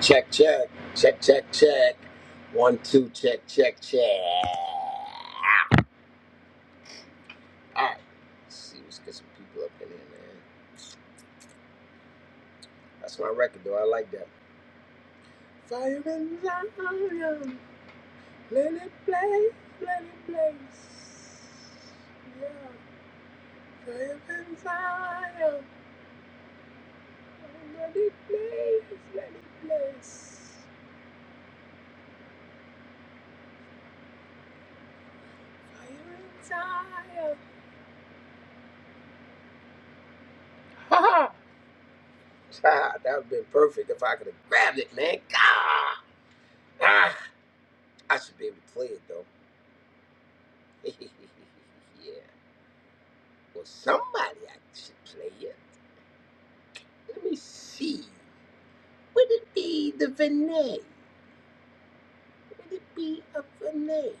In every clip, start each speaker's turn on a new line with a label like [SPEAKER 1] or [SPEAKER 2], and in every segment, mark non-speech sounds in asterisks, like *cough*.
[SPEAKER 1] Check, check, check, check, check. One, two, check, check, check. All right. Let's see, let's get some people up in here, man. That's my record, though. I like that. Fire in Zion. Let it blaze, let it blaze. Yeah, fire in Zion. Let it blaze, let it blaze. Fire in Zion. Ha ha! *laughs* Ha, That would have been perfect if I could have grabbed it, man. Gah! Ah! I should be able to play it though. *laughs* yeah. Well, somebody I should play it. Let me see. Would it be the Vinay? Would it be a Vinay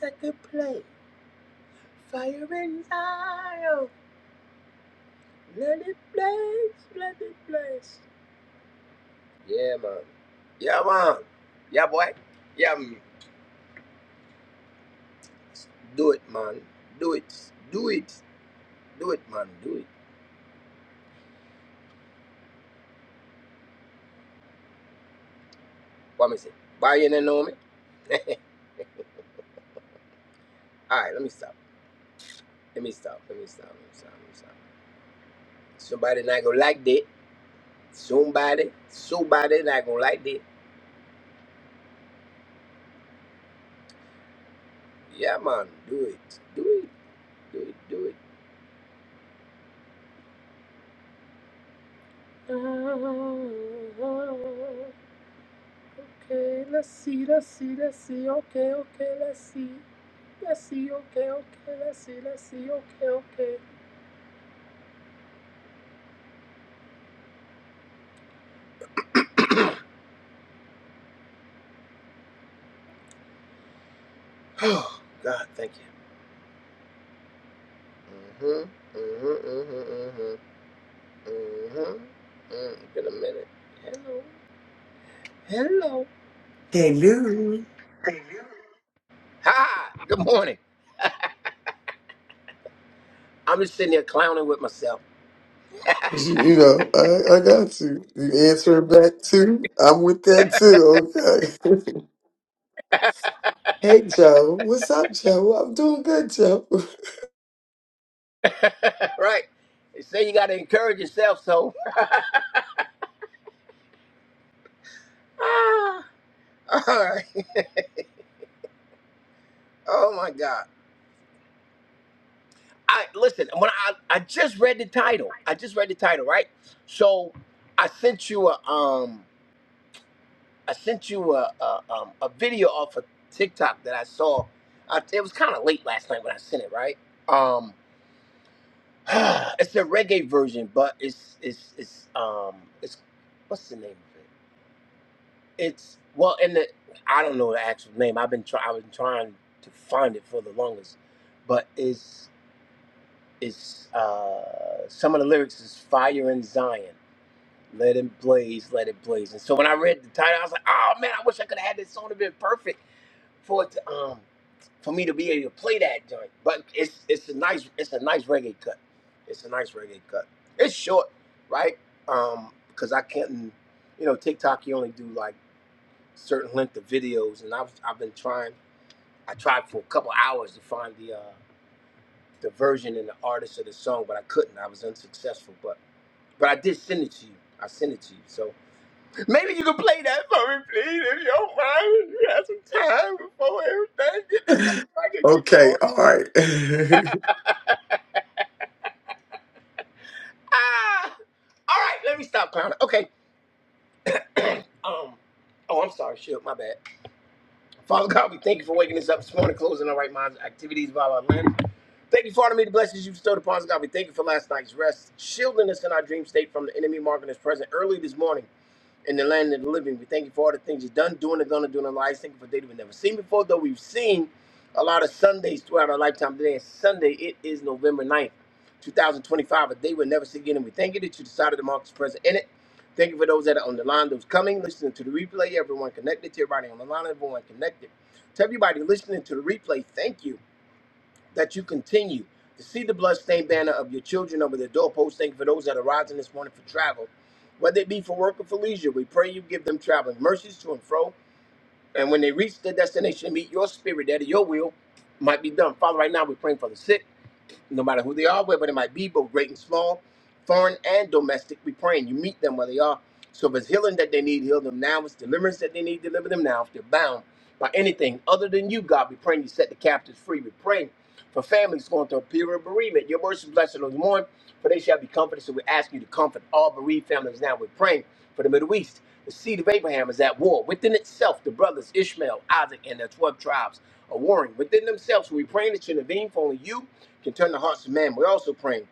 [SPEAKER 1] that could play Fire and Zion? Let it blaze, let it blaze. Yeah, man. Yeah, man. Yeah, boy. Yeah, man. Do it, man. Do it. Do it. Do it, man. Do it. What me say? Why you don't know me? *laughs* All right, let me stop. Let me stop. Let me stop. Let me stop. Let me stop. Somebody not gonna like that. Somebody, somebody not gonna like that. Yeah, man, do it, do it, do it, do it. Ah, Okay, let's see, let's see, let's see. Okay, okay, let's see, let's see. Okay, okay, let's see, let's see. Okay, okay. *sighs* Oh God, thank you. Mhm, mhm, mhm, mhm, mhm. Mm, Been a minute. Hello, hello.
[SPEAKER 2] Hello.
[SPEAKER 1] Hi. Good morning. I'm just sitting there clowning with myself.
[SPEAKER 2] You answer back too? I'm with that too, okay. *laughs* hey Joe. What's up, Joe? I'm doing good, Joe.
[SPEAKER 1] *laughs* right? They say you got to encourage yourself, so. *laughs* Ah, all right. Oh my God. I listen. When I I just read the title, I just read the title, right? So I sent you a um I sent you a a, um, a video off of TikTok that I saw. Uh, it was kind of late last night when I sent it, right? Um, *sighs* it's a reggae version, but it's it's it's um it's what's the name of it? It's well, and the I don't know the actual name. I've been try I've been trying to find it for the longest, but it's it's uh, some of the lyrics is fire in Zion, let it blaze, let it blaze. And so when I read the title, I was like, oh man, I wish I could have had this song to been perfect for it to um for me to be able to play that joint. But it's it's a nice it's a nice reggae cut. It's a nice reggae cut. It's short, right? Um, because I can't, you know, TikTok you only do like certain length of videos, and I've I've been trying. I tried for a couple hours to find the uh, the version and the artist of the song, but I couldn't. I was unsuccessful. But but I did send it to you. I sent it to you. So maybe you can play that for me, please, if you don't mind. If you have some time before everything get to go, I can
[SPEAKER 2] *laughs*
[SPEAKER 1] get going.
[SPEAKER 2] okay, all right. *laughs*
[SPEAKER 1] Ah! All right, let me stop clowning. Okay. *clears throat* um. Oh, I'm sorry. Shit, my bad. Father God, we thank you for waking us up this morning, closing our right minds, activities of our land. Thank you for honoring me the blessings you bestowed upon us, God. We thank you for last night's rest, shielding us in our dream state from the enemy marking us present early this morning in the land of the living. We thank you for all the things you've done, doing, and gonna do in our lives. Thank you for data we've never seen before, though we've seen a lot of Sundays throughout our lifetime. Today is Sunday. It is November ninth, 2025, a day we'll never see again. And we thank you that you decided to mark us present in it. Thank you for those that are on the line, those coming, listening to the replay, everyone connected to everybody on the line, everyone connected. To everybody listening to the replay, thank you that you continue to see the bloodstained banner of your children over the doorpost. Thank you for those that are rising this morning for travel, whether it be for work or for leisure. We pray you give them traveling mercies to and fro, and when they reach their destination, meet your spirit that your will might be done. Father, right now we're praying for the sick no matter who they are, wherever they might be, both great and small, foreign and domestic. We praying you meet them where they are. So if it's healing that they need, heal them now. If it's deliverance that they need, deliver them now. If they're bound by anything other than you, God, we praying you set the captives free. We praying for families going through a period of bereavement. Your words is blessed on those who mourn, for they shall be comforted. So we ask you to comfort all bereaved families now. We're praying. For the Middle East, the seed of Abraham is at war within itself. The brothers Ishmael, Isaac, and their 12 tribes are warring within themselves. So We praying that you intervene, for only you can turn the hearts of man. We're also praying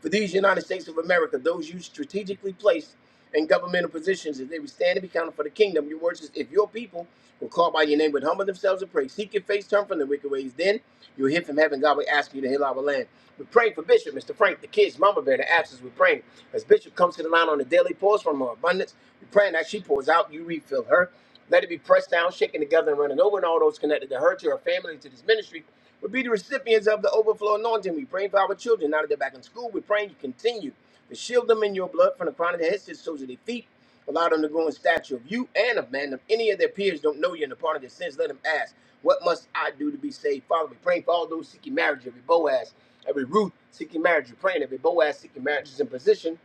[SPEAKER 1] for these United States of America, those you strategically placed in governmental positions, if they would stand and be counted for the kingdom, your word says, if your people will call by your name, would humble themselves and pray, seek your face, turn from the wicked ways, then you'll hear from heaven. God will ask you to heal our land. We're praying for Bishop, Mr. Frank, the kids, Mama Bear, the absence. We're praying. As Bishop comes to the line on a daily Pours from her abundance, we're praying that she pours out, you refill her. Let it be pressed down, shaken together, and running over, and all those connected to her, to her family, to this ministry. Would be the recipients of the overflow anointing. We are praying for our children now that they're back in school. We're praying you continue to shield them in your blood from the crown of their heads to the soles of their feet. Allow them to grow in stature of you and of man. If any of their peers don't know you and the part of their sins, let them ask, What must I do to be saved? Father, we pray for all those seeking marriage, every Boaz, every Ruth seeking marriage. We're praying every Boaz seeking marriage is in position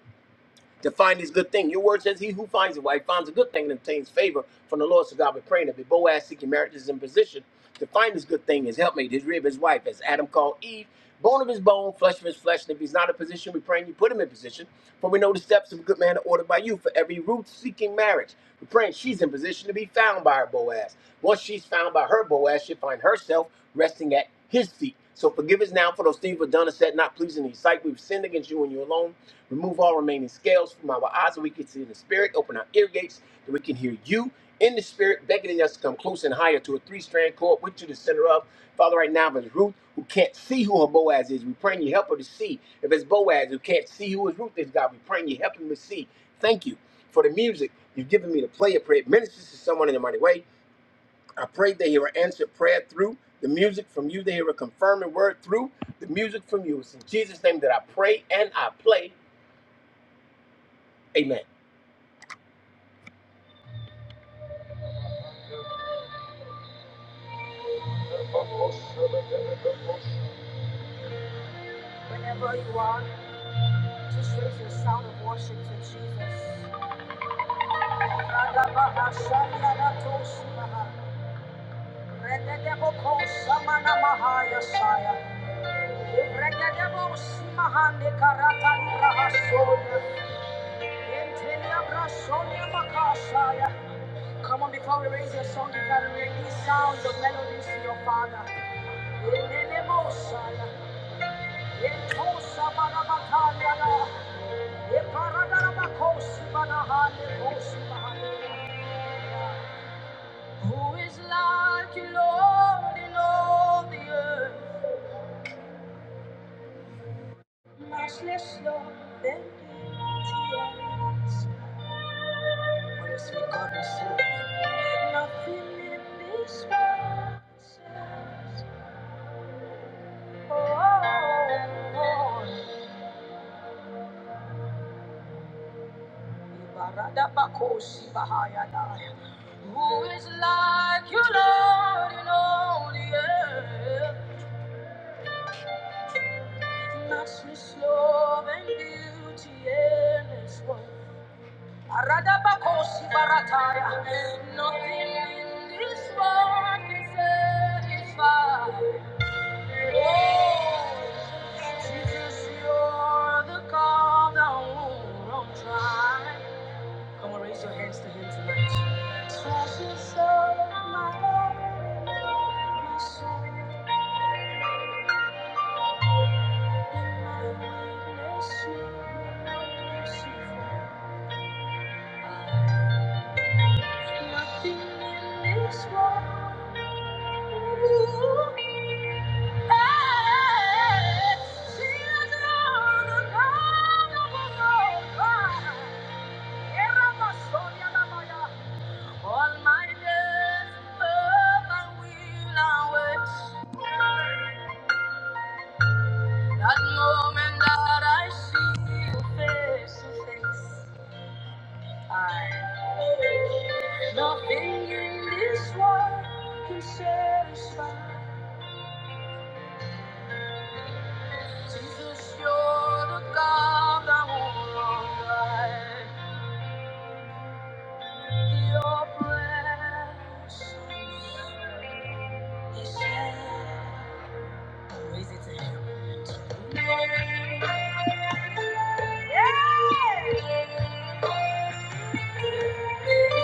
[SPEAKER 1] to find this good thing. Your word says, He who finds a wife finds a good thing and obtains favor from the Lord. So God, we're praying that if Boaz seeking marriage is in position to find this good thing, his helpmate, his rib, his wife, as Adam called Eve, bone of his bone, flesh of his flesh. And if he's not in position, we're praying you put him in position. For we know the steps of a good man are ordered by you. For every root seeking marriage, we're praying she's in position to be found by her Boaz. Once she's found by her Boaz, she'll find herself resting at his feet. So forgive us now for those things we've done and said not pleasing in your sight. We've sinned against you and you alone. Remove all remaining scales from our eyes so we can see in the spirit. Open our ear gates that we can hear you in the spirit, beckoning us to come close and higher to a three-strand cord which you the center of. Father, right now, if it's Ruth who can't see who her Boaz is, we praying you help her to see. If it's Boaz who can't see who his Ruth is, God, we praying you help him to see. Thank you for the music you've given me to play. I pray it ministers to someone in the mighty way. I pray they hear an answered prayer through the music from you. They hear a confirming word through the music from you. It's in Jesus' name that I pray and I play. Amen. Whenever you are, just raise your sound of worship to Jesus. Come on, before we raise your song, you can make these sounds of melodies to your Father. Elelemosaya, etosabarabakandala, eparadarabakoshibanaha, lekoshibaha. Who is like you, Lord, in all the earth? Much less Lord than thee. What is with God yourself? Nothing in this world says, oh. oh, oh. Who is like you, Lord, in all the earth? Matchless love and beauty, endless worth. Aradabakosi barataya. Nothing in this world can satisfy. Oh, Jesus, you're the calm down won't try. Come on, raise your hands to Him tonight. Precious Lord, my Lord, my soul, in my weakness, you are merciful. Nothing in this world. Hey, Jesus, you're the God of all God. Era my soul, All my days, love and will and wait. That moment that I see you face to face, I nothing in this world can satisfy. Jesus, you're the God that will provide your presence. is here. Raise it to Him. Yeah. Thank you.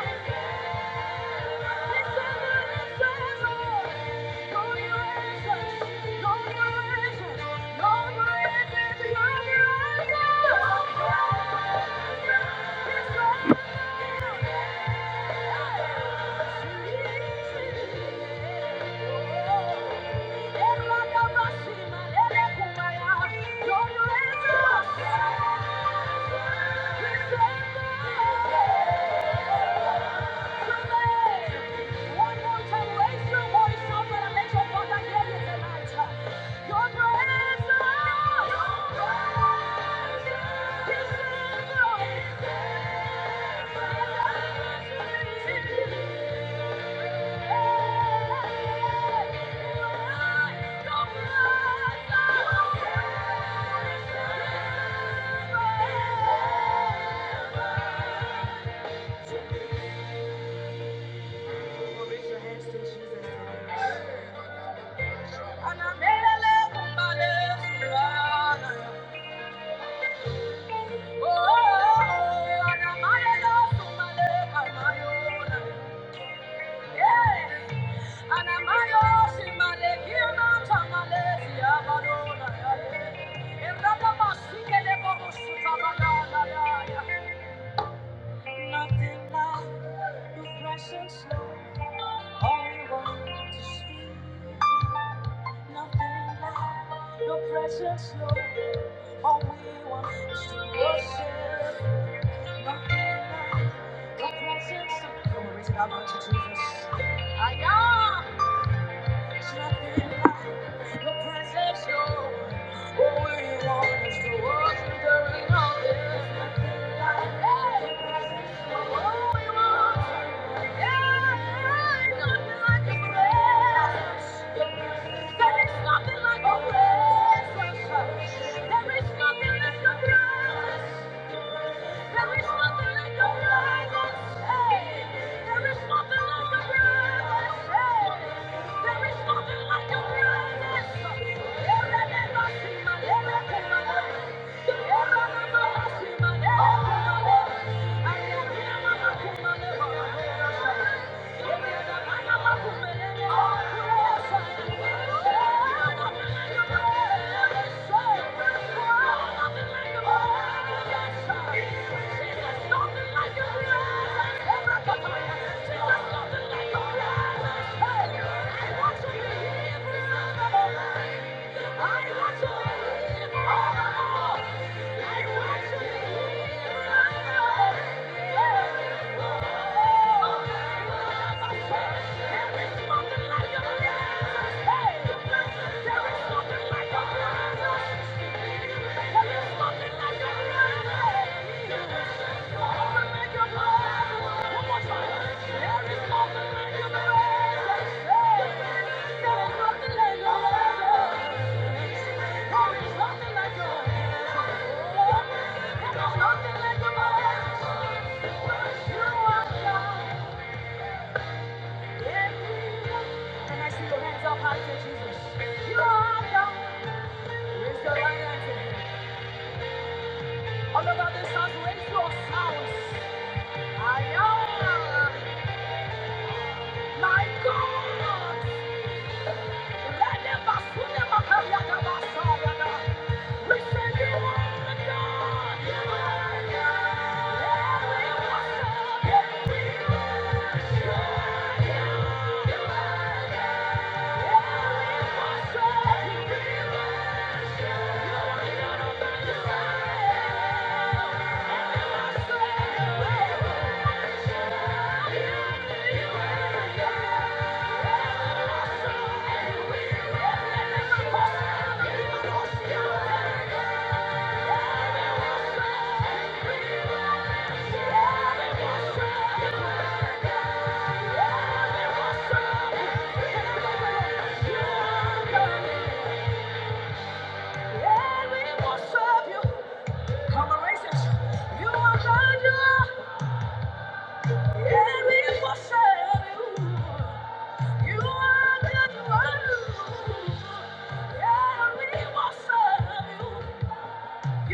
[SPEAKER 1] Your breath, Thank you. Raise your hands to Jesus. And I made a love for Oh, and I made a love Yeah. And I made a love yeah, my own. Yeah, yeah. And that yeah, yeah. Nothing like your presence, Lord. we want to speak. Nothing like your presence, Lord. All we want is to worship. Nothing like your presence. Lord. Come on, raise it up unto Jesus. Aya! There's nothing like your presence, Lord. Oh, we want is to walk through the rain of There's nothing like your presence, Lord. Oh, we want, yeah, nothing like your presence. there is nothing like your presence. There is nothing like your presence. There is nothing like your presence. Hey, there is nothing like your presence. Hey. Thank you. There is Nothing like your Thank you. Can I see your hands up high to Jesus? You are the raise your right hand All about this house, raise your sounds. I am my God. Let them basuna makaria da basarada. We say you are the God. You are God. Yeah, we worship. Yeah, yeah, we worship. Yeah, we worship. You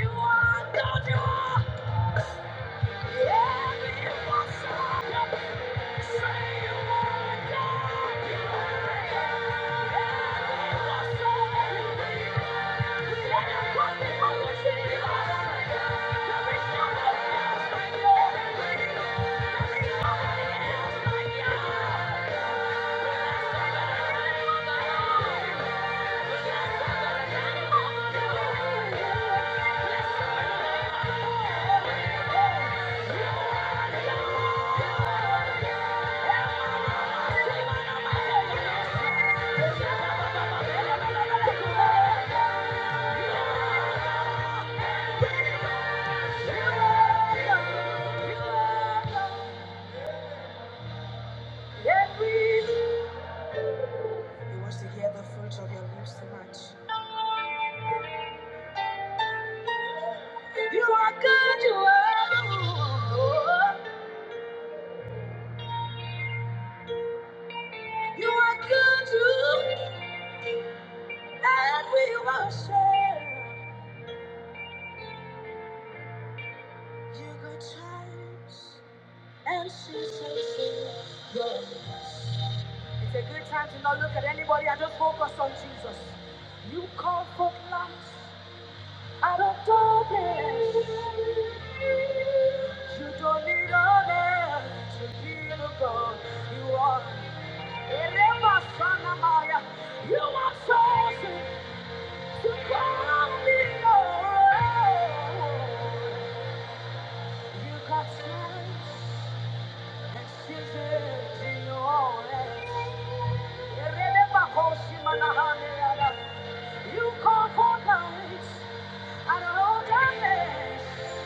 [SPEAKER 1] are God, you are. Yeah, we worship you. Yeah. Yes, please. He wants to hear the fruits of your lips so much. You are good, you are good. You are good, you and we worship you good times and seasons of goodness. It's a good time to not look at anybody and just focus on Jesus. You call for light. Out of darkness, you don't need a man to be the God you are. Ereba Sanamaya, You are chosen to call me your own. You got strength and seasons in your own hands. Ereba Koshimanahaneada, You call for nights out of darkness.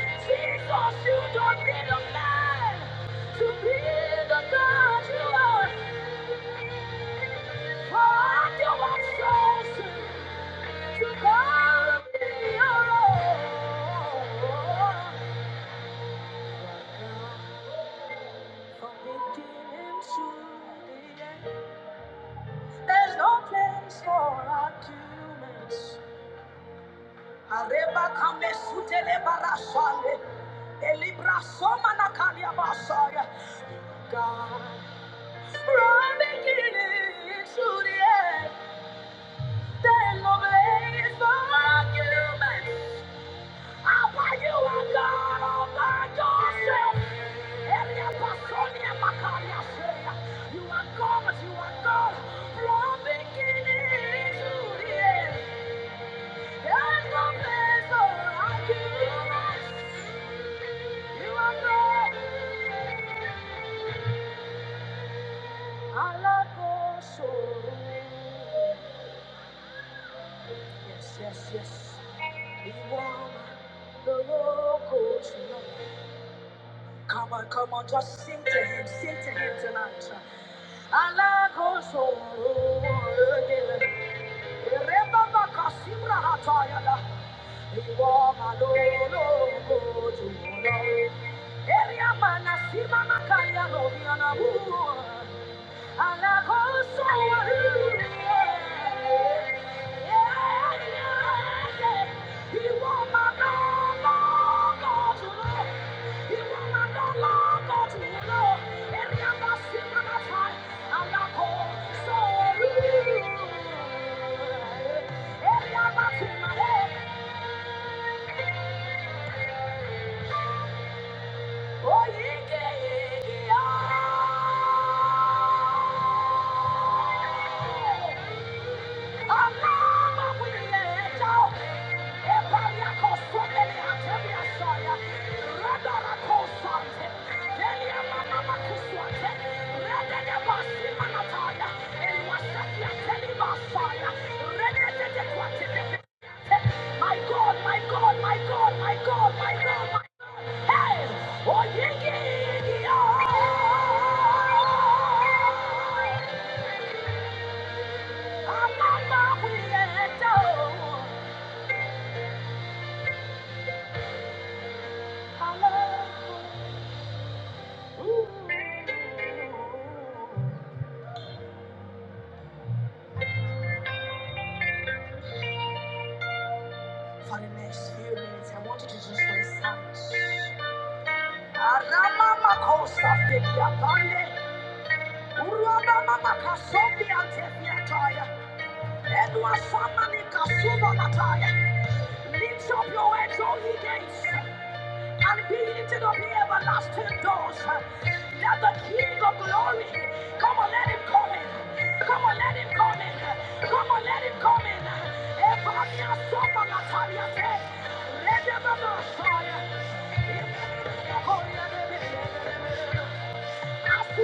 [SPEAKER 1] Jesus, you don't need a man to be the God you are. For you are chosen to call me your own. From beginning to the end, there's no place for arguments. Areba kame sutele barasale, elibra soma na kalia God. From beginning to the end, there's no place for argument. Abba, you are God all by yourself. Elia Basonia Makaria Seya. You are God, you are God. From beginning to the end, there's no place for argument. You are God, Alakoso. Yes, yes, yes. We want the local tonight. Come on, come on, just sing to him, sing to him tonight. Allah goes on. Remember Kasimra Hatayada. Iwama lolo kojuro. Eria mana sima makaria lobiana Oh, yeah, yeah, yeah. My God, my God, my God, my God, my God, my God. Hey! Oh, yeah, yeah, yeah. For the next few minutes, I want you to just wait silent. Aramama kosa fibia pande. Uramama kasobi antefia Edwa samani kasuba mataya. Lift up your heads, all ye gates. And be unbeaten of the everlasting doors. That the King of glory, come on, let him come in. Come on, let him come in. Come on, let him come in. Evania sopa la talia te. Rede mama soya. Thank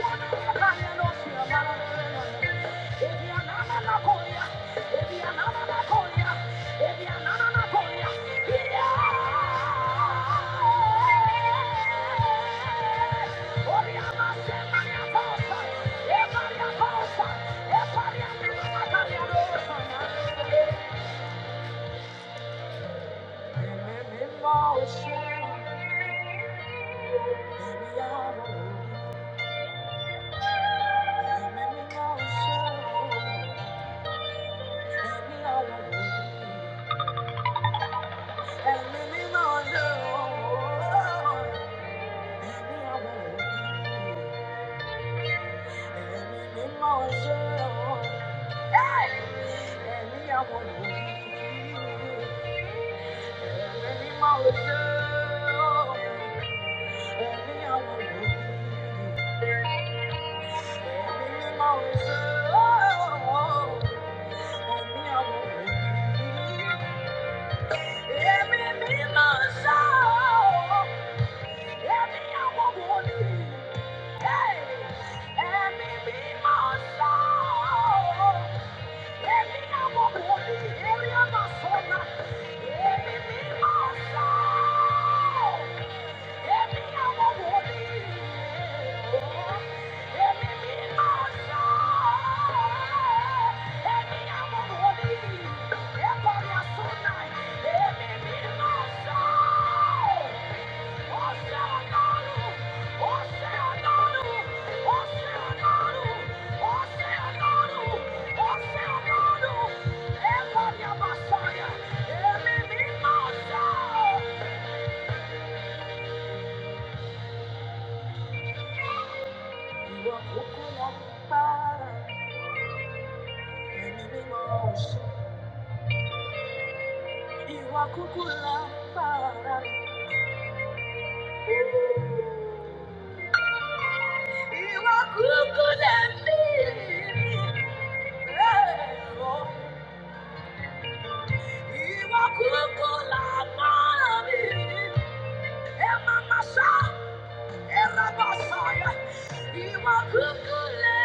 [SPEAKER 1] you. Let me, Yeah. Yeah. Iwa kuku lampara, iwa kuku lembiri, eh, oh. Iwa kuku lampara, Emamasa, erabasaya, iwakukule,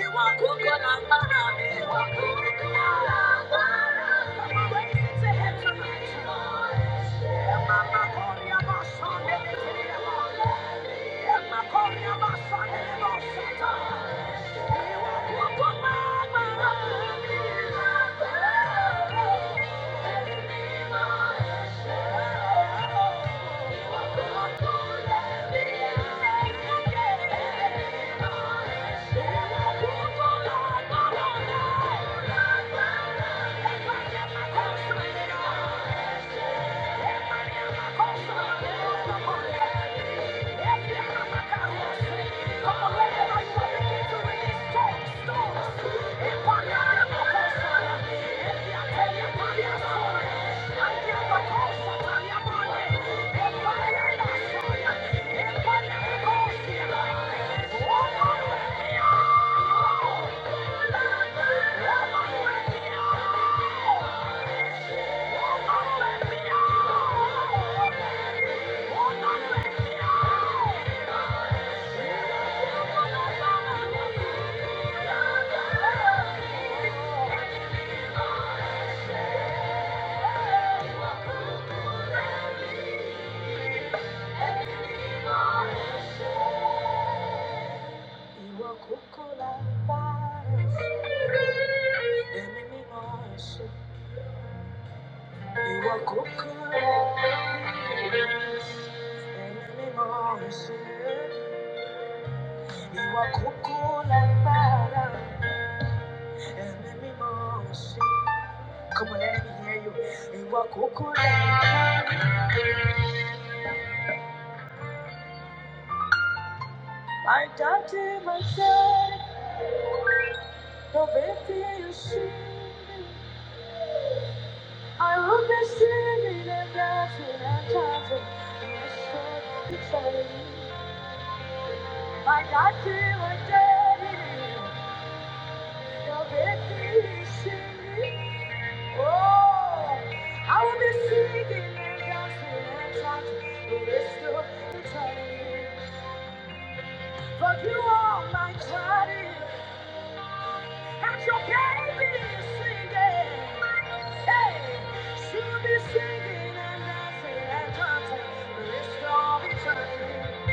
[SPEAKER 1] iwakukula marami, iwakukula marami. Come on, raise it to heaven tonight. Emamakoria basane, emamakoria basane, emamakoria basane. Come on, Oh, Ìwọ kókó lágbára, ẹ̀mí mímọ́ ẹ̀ṣẹ̀. Ìwọ kókó lágbára, ẹ̀mí mímọ́ ẹ̀ṣẹ̀. Come on, let me hear you. Ìwọ kókó lágbára. My daddy, my daddy, no baby, you see I will be singing and dancing and chanting in the street exciting. My God my daddy, the victory is singing. Oh, I will be singing and dancing and chanting in the street exciting. For you are my daddy, How's your baby singing? Hey, she'll be singing and dancing and dancing the rest of eternity.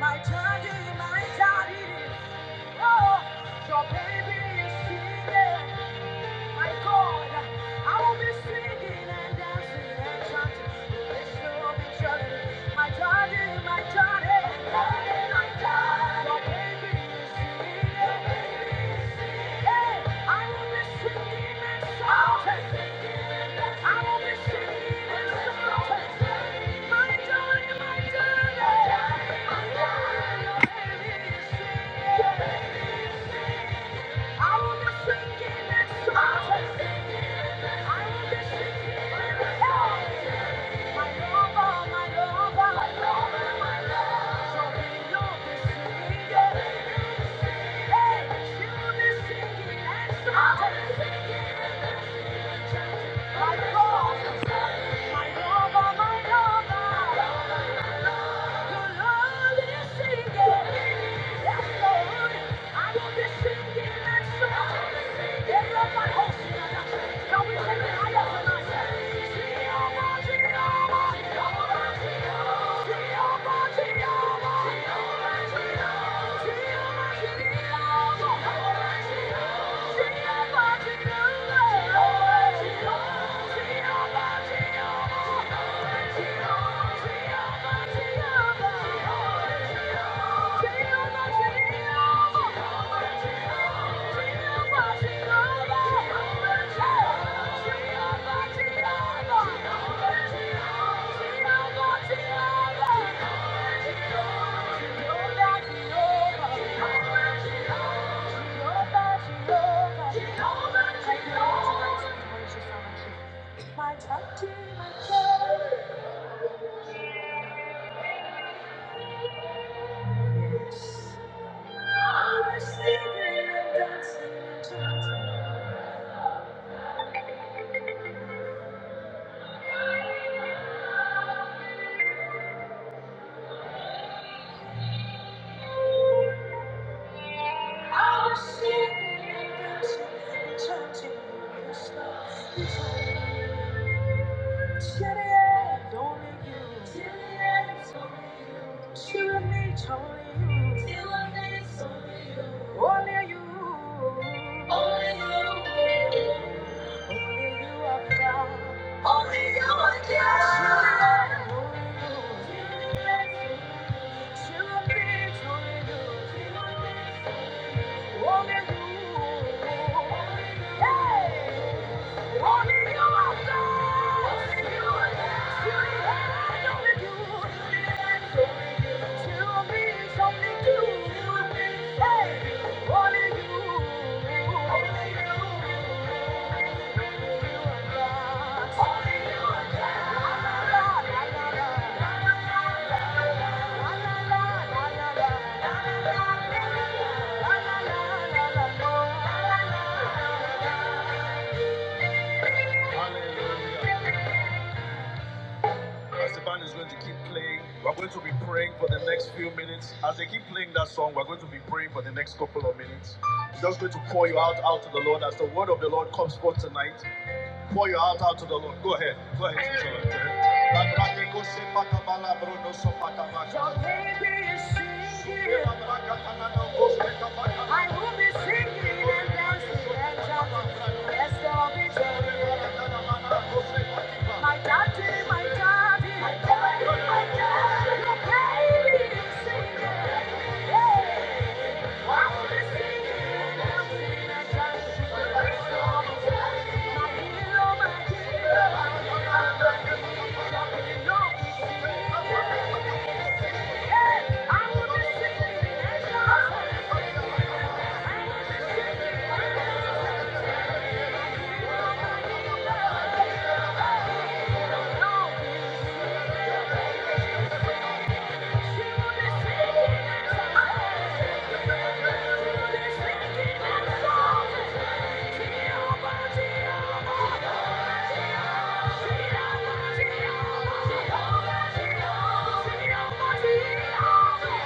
[SPEAKER 1] My daddy, my daddy, oh, your baby is singing. My God, I will be singing and dancing and chanting. This will be journey. My daddy, my daddy, my daddy, my baby is singing. Hey, I will be singing and shouting. I will be singing and shouting. My daddy, my daddy, my daddy, my baby I will be singing and shouting. I will be singing and shouting. My lover, my lover, my lover, my lover. So we will be singing. Hey, she will be singing and shouting. My God, my lover, my lover. Thank you. My touch, my touch. Yes. I was sleeping and dancing and chanting. Only you. Only you. Only you are God. Only you are God. Only you. Hey! Only you. Hallelujah. As the band is going to keep playing, we're going to be praying for the next few minutes. As they keep playing that song, we're going to be praying for the next couple of minutes. Just going to pour you out out to the Lord as the word of the Lord comes forth tonight. Pour your heart out to the Lord. Go ahead. Go ahead. Go ahead. I will be singing and dancing and shouting. Yes, I'll be joyful. My daddy, my daddy, my daddy, my daddy. Your baby is singing. Yeah. Thank you. Jehovah, Jehovah, Jehovah, Jehovah, Jehovah.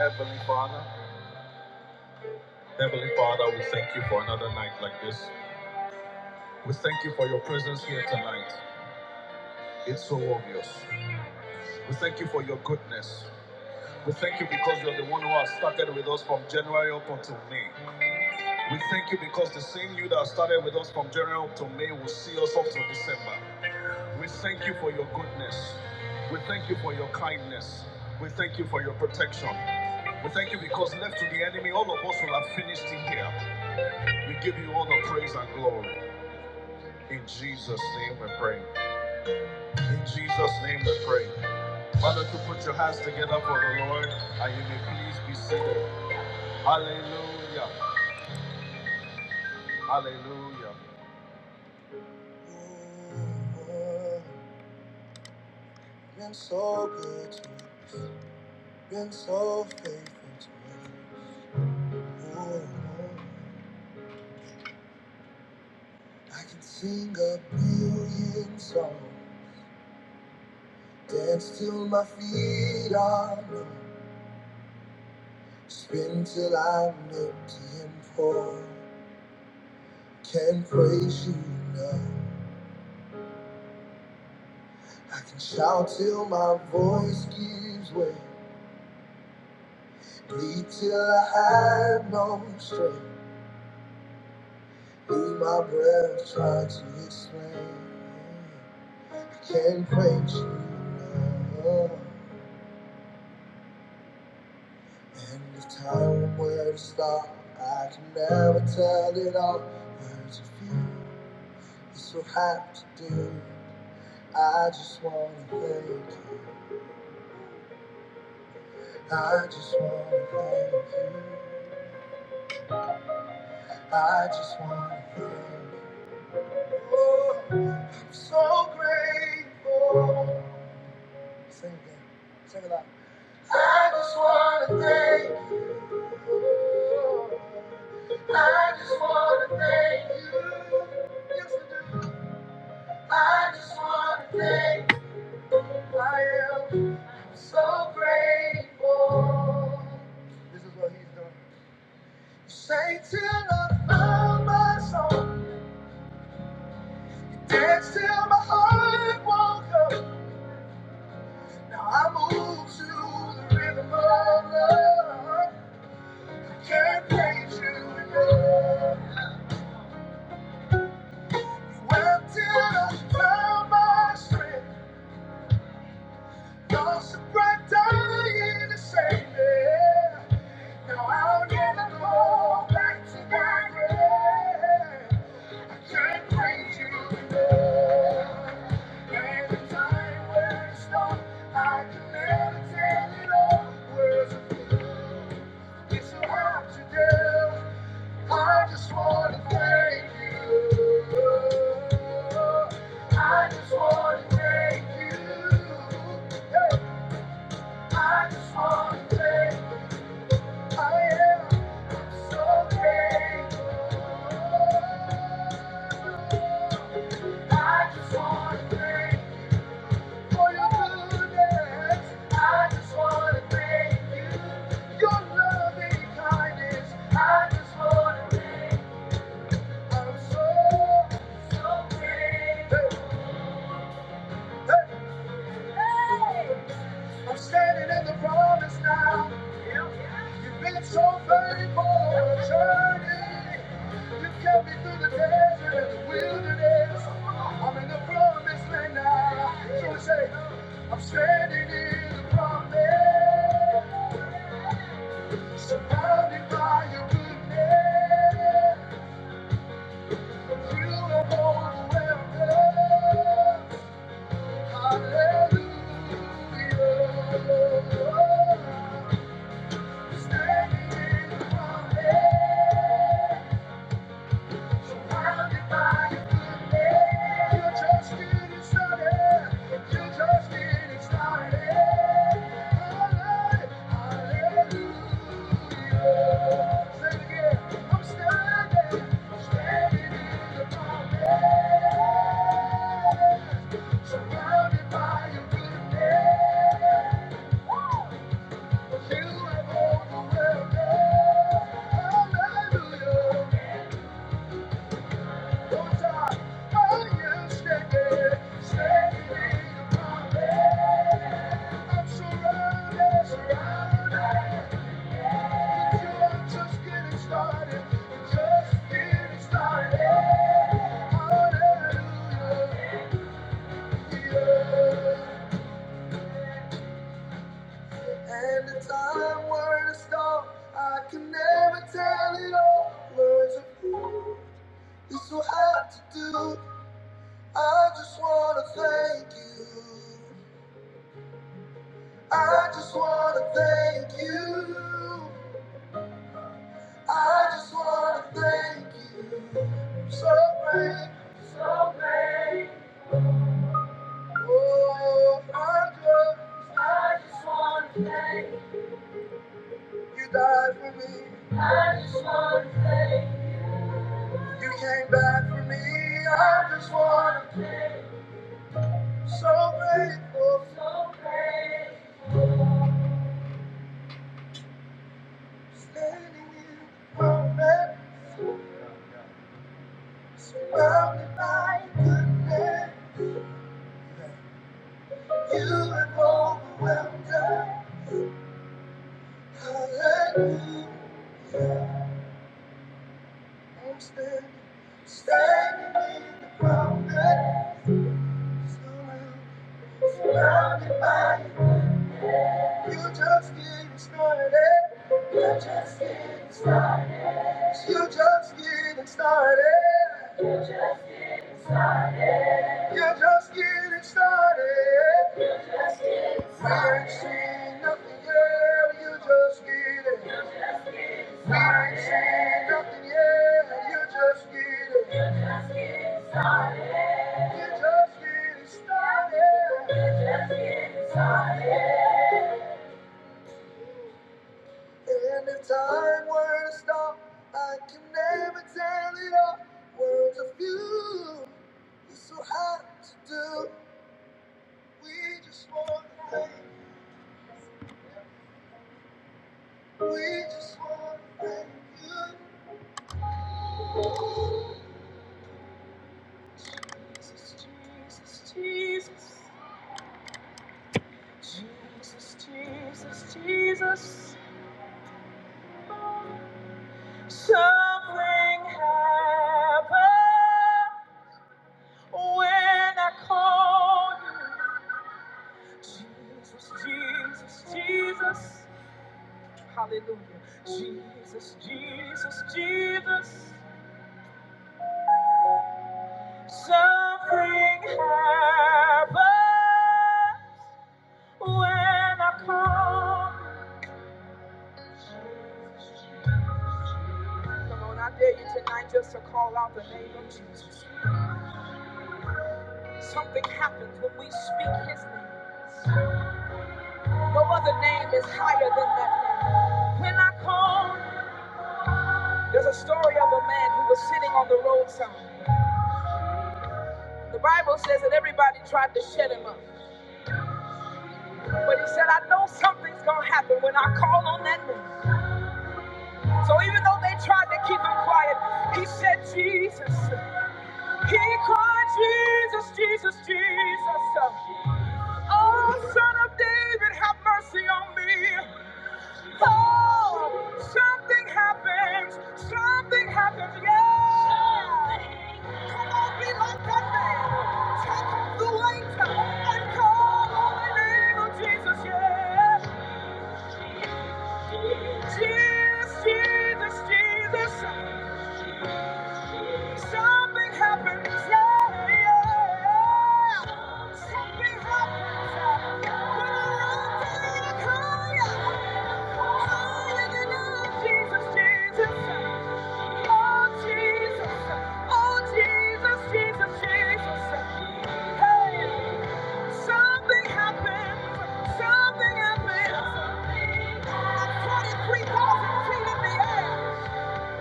[SPEAKER 1] Heavenly Father, Heavenly Father, we thank you for another night like this. We thank you for your presence here tonight. It's so obvious. We thank you for your goodness. We thank you because you're the one who has started with us from January up until May. We thank you because the same you that started with us from January up to May will see us up to December. We thank you for your goodness. We thank you for your kindness. We thank you for your protection. We thank you because left to the enemy, all of us will have finished in here. We give you all the praise and glory. In Jesus' name we pray. In Jesus' name we pray. Father, to put your hands together for the Lord, and you may please be seated. Hallelujah. Hallelujah. Lord, Been so good to me, You've been so faithful to me. Oh, I can sing a billion songs, dance till my feet are numb, spin till I'm empty and poor. Can't praise you enough. I can shout till my voice gives way, bleed till I have no strength. Be my breath, try to explain. I can't praise you enough. And the time where to start, I can never tell it all. Hurt to feel, this will have to do. I just wanna thank you. I just wanna thank you. I just wanna thank you. Oh, I'm so grateful. Sing it, sing it out. I just wanna thank you. I just wanna thank you. Yes, I do. I just wanna thank you. I am so grateful. This is what he's doing. You sang till I found my soul. You danced till my heart woke up. Now I move to the rhythm of love. I can't praise you enough. Well, till my strength, lost the breath, dying to save Now I'll never go back to that I can't praise you enough. I just wanna thank for your goodness. I just wanna thank you, your loving kindness. I just wanna thank I'm so, so grateful. I'm standing in the promise now. You've been so faithful on a journey. You kept me through the desert and the wilderness. I'm in the promised land now. So we say, I'm standing in the promise. Surrounded by your goodness. You have overwhelmed us. Hallelujah. Yeah. And the time were to stop, I can never tell it all. Words of you, it's so hard to do. I just wanna thank you. I just wanna thank you. I just wanna thank you. So great, so great. Oh, I just, I just wanna thank you. You died for me. I just wanna thank you. You came back for me. I just wanna be so grateful. So grateful. Standing in the moment, surrounded by goodness. You have overwhelmed us. Hallelujah. I'm standing, standing in the moment. Surrounded surrounded by you. You just get started. You just get started. You're just getting started. You're just getting started. We ain't seen nothing yet. You're just getting. We ain't seen nothing yet. You're just getting. You're just getting started. And if time were to stop, I can never tell it all. Words of you, it's so hard to do. We just want to thank you. We just want to thank you. Jesus, Jesus, Jesus. Jesus, Jesus, Jesus. Something happened when I called you. Jesus, Jesus, Jesus. Hallelujah. Jesus, Jesus, Jesus. Something happened when I called you. Come on, I dare you tonight just to call out the name of Jesus. Something happens when we speak his name. No other name is higher than that name. When I call, there's a story of a man who was sitting on the roadside. The Bible says that everybody tried to shut him up. But he said, I know something's going to happen when I call on that name. So even though they tried to keep him quiet, he said, Jesus. He cried, Jesus, Jesus, Jesus. Oh, son of David, have mercy on me. Oh, something happens. Something happens. Yeah. Come on, be like that man. Take off the weight and call on the name of Jesus. Yeah. Jesus, Jesus, Jesus. Something happens, yeah, yeah. Something happens. When I look to you, cry, cry in the name of Jesus, Jesus. Oh, Jesus. Oh, Jesus, Jesus, Jesus. Hey, something happens. Something happens. I'm 23,000 feet in the air.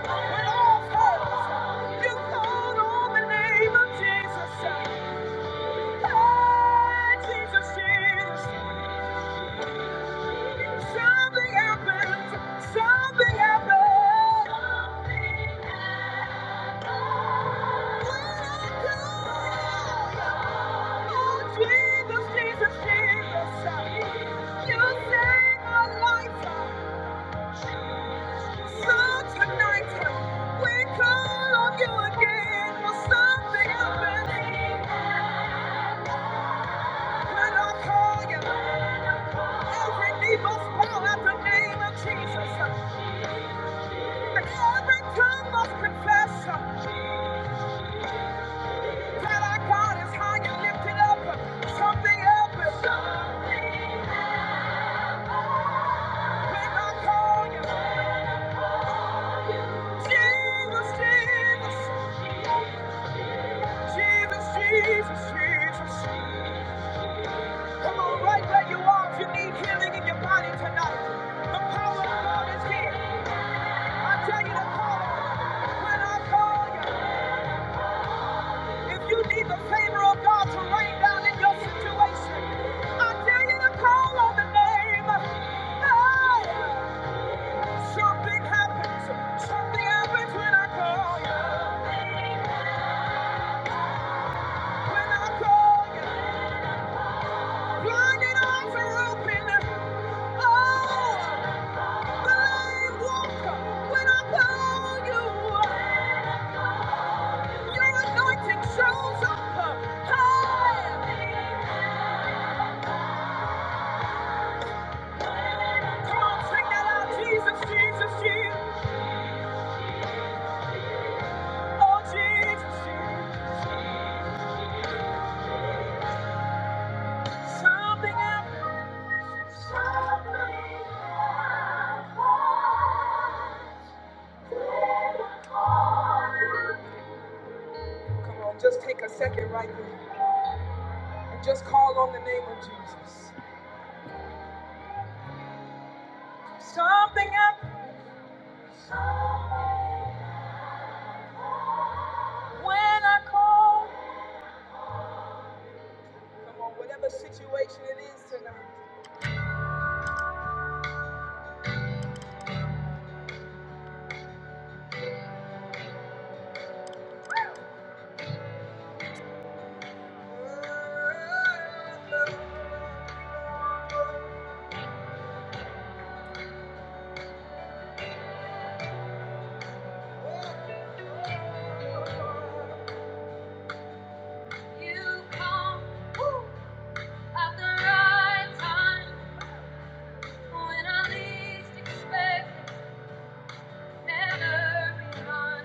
[SPEAKER 1] When all fails, you called on the name of Jesus. Ah, Jesus, Jesus. Something happened. Something happened. Something happened. Oh, Jesus, Jesus, Jesus. You saved my life. So tonight, we call on you again. Will something happen? When I call you, every knee must bow at the name of Jesus. every tongue must confess that our God is high and lifted up. Something happens. When I call you, Jesus, Jesus, Jesus, Jesus. Come on, right where you are, if you need healing in your body tonight. The power of God is here. I tell you to call on Him. When I call you, if you need the favor of God to rain down in your situation, I tell you to call on the name. Hey, something happens. Something happens when I call you. When I call you, blinded eyes are open. Oh. Just take a second right there and just call on the name of Jesus. Something up when I call. Come on, whatever situation it is tonight. You come. Woo. At the right time, when I least expect it, never begun.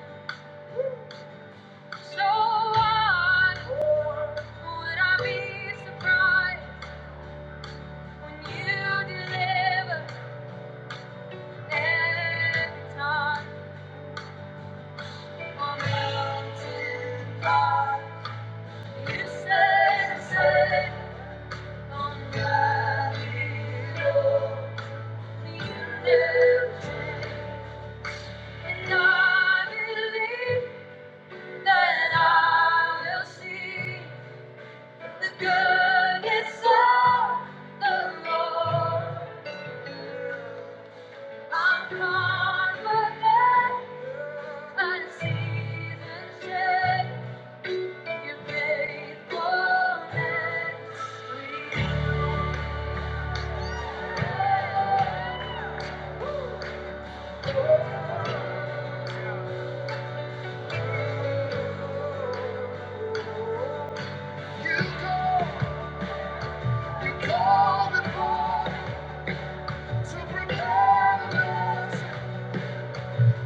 [SPEAKER 1] So why would I be surprised when you deliver every time? On mountain top, you said, I said, on valley low, you never and I believe that I will see. The goodness of the Lord. I'm confident I see the shade. Your faithfulness renews. You go, you call the Lord to prepare us.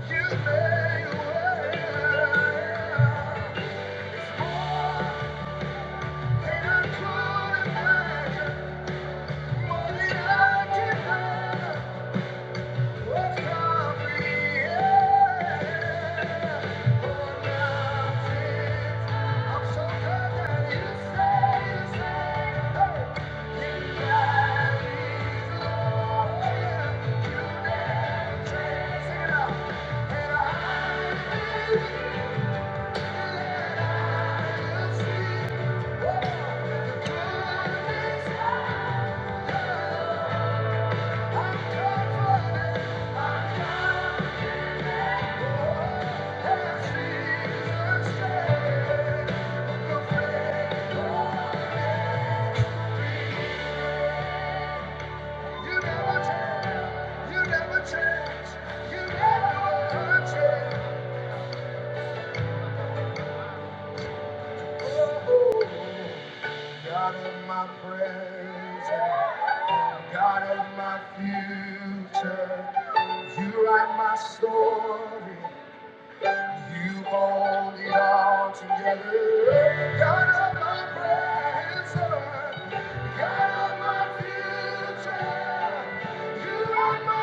[SPEAKER 1] Yeah. *laughs* God of my present, God of my future, you write my story, you hold it all together. God of my present, God of my future, you write my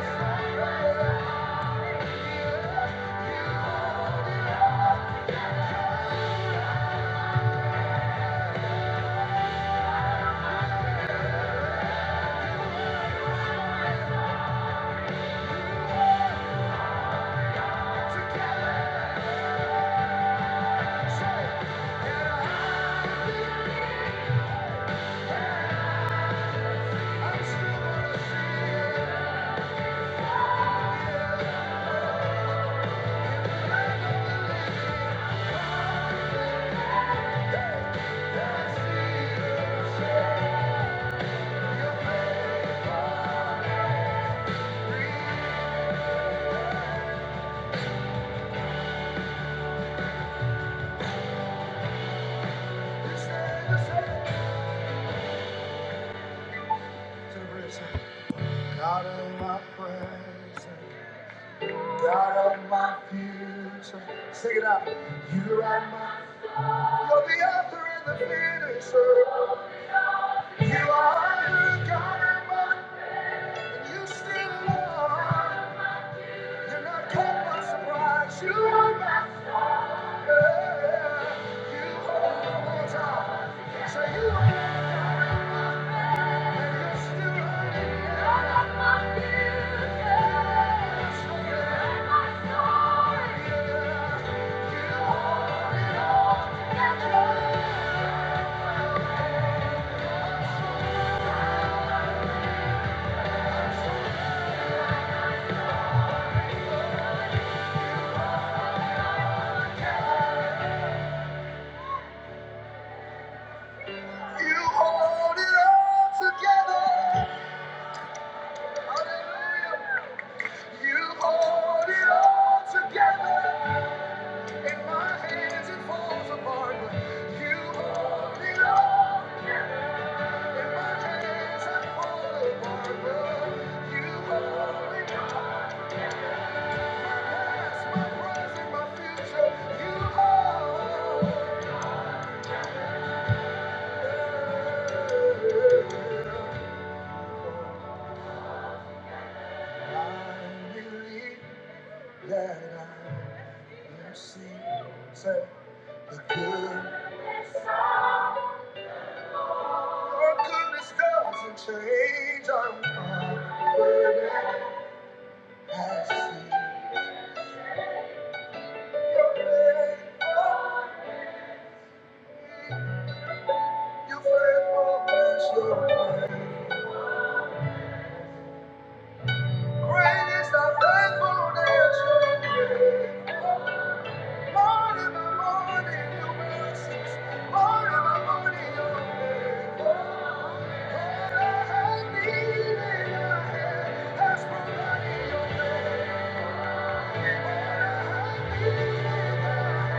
[SPEAKER 1] story. God of my present, God of my future. Sing it out. You are my, you're the author and the finisher. You are the God of my, and you still are. You're not caught by surprise. You are my fair. You are my time. So you are. You hold it all together. You hold it all together. In my hands it falls apart. but You hold it all. In my hands I fall apart. but You hold it Change I'm proud. I see your great love. Your faithfulness, your greatest of faithfulness. Morning by morning, your mercies. Morning by morning, your favor. All I have needed, your hand has provided. Your favor. All I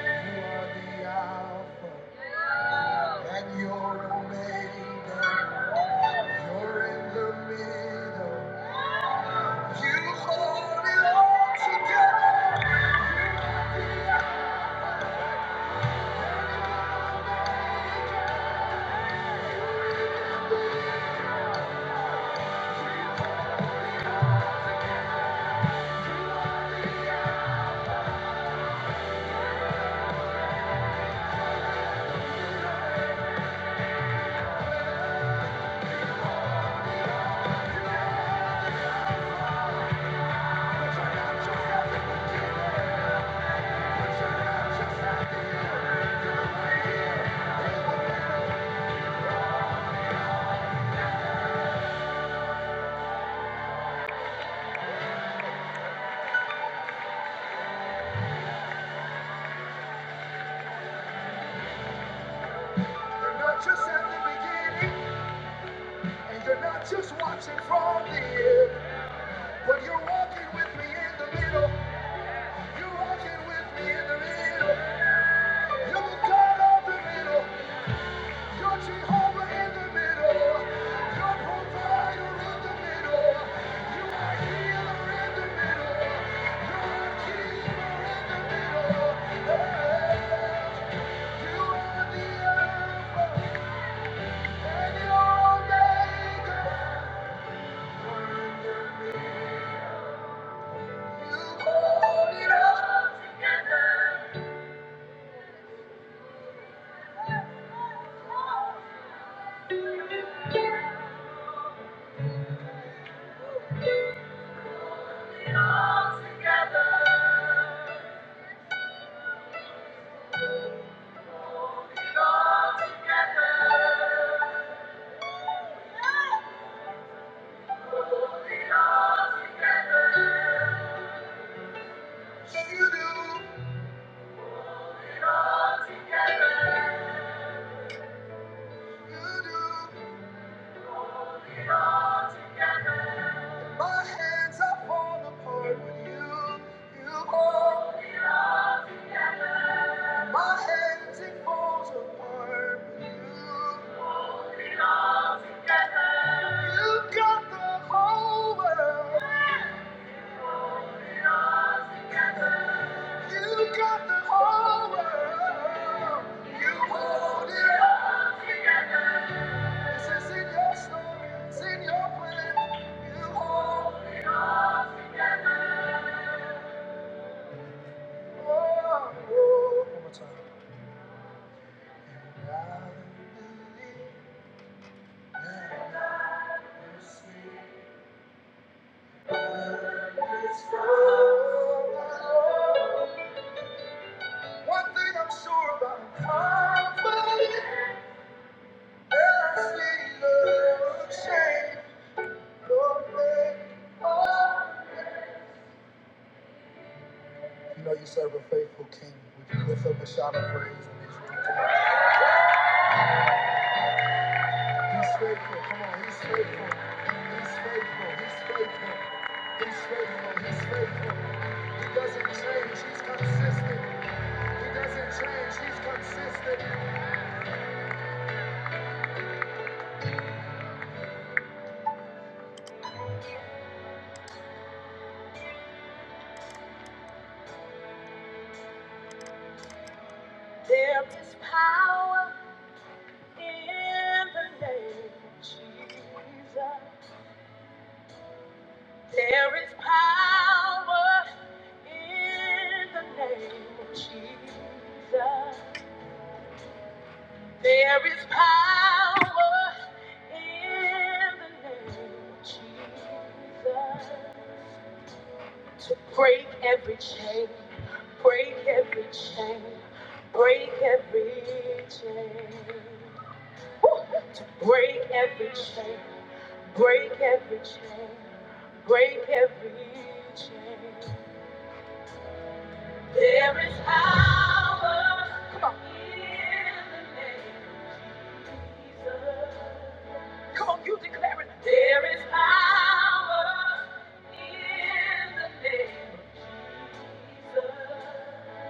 [SPEAKER 1] have needed, you are the Alpha and your Omega. You're in the middle. You're not just at the beginning, and you're not just watching from the end, but you're walking with me in the middle. You're walking with me in the middle. You're God of the middle. You're Jehovah in the middle. You're provider in the middle. in the middle. You are the Alpha and You do. My hands are falling apart with you. You are. My hands it falls apart with you. You got the whole world. You got the whole world. You hold it all. for yourself. This is in your story. It's in your plan. You hold it all. One more time. Rather believe than see it's from the Lord. One thing I'm sure about, I'm confident that I see love change your way. You know you serve a faithful king. Would you lift up a shout of praise in this room? Come on. He's faithful. Come on. He's faithful. He's faithful. He's faithful. He's faithful. He's faithful. He doesn't change. He's consistent. He doesn't change. He's consistent. There is power in the name of Jesus. There is power in the name of Jesus. There is power in the name of Jesus to break every chain, break every chain, break every chain, break every chain, break every chain, break every chain. There is power Come on. in the name of Jesus. Come on, you declare it. There is power in the name of Jesus.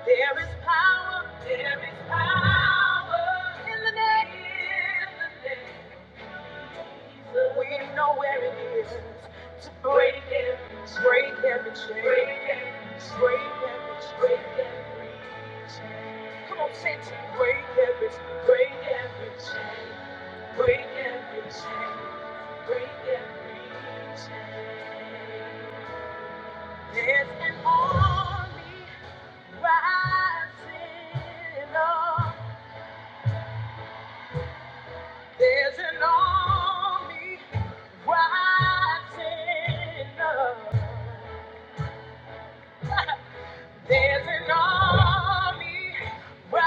[SPEAKER 1] There is power. There is power in the name. In the name. We know where it is to break it, break every chain, break every chain, break every chain. Come on, say it. Break every, chain, break every chain, break every chain, break every chain. There's an army rising up. There's an army rising up. There's an army rising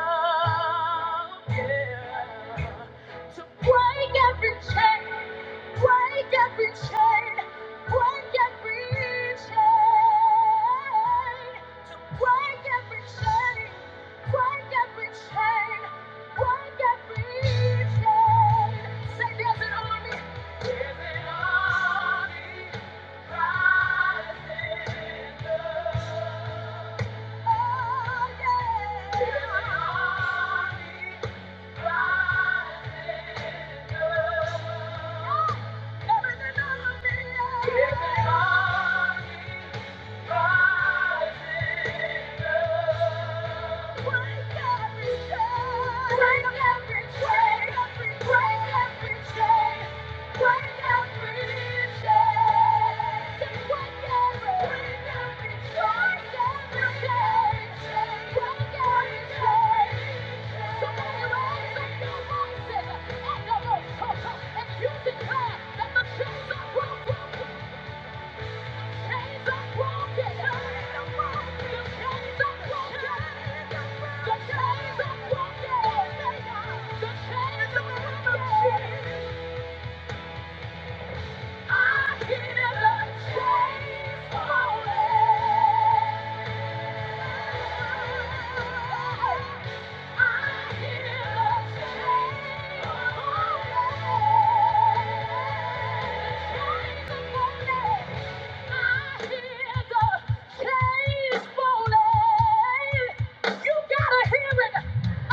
[SPEAKER 1] up, yeah, to break every chain, break every chain, break every chain, to break every chain, break every chain, break every chain. Say there's an army, there's an army. Yeah. Somebody raise up your voices and you declare that the chains are broken. I hear the chains falling.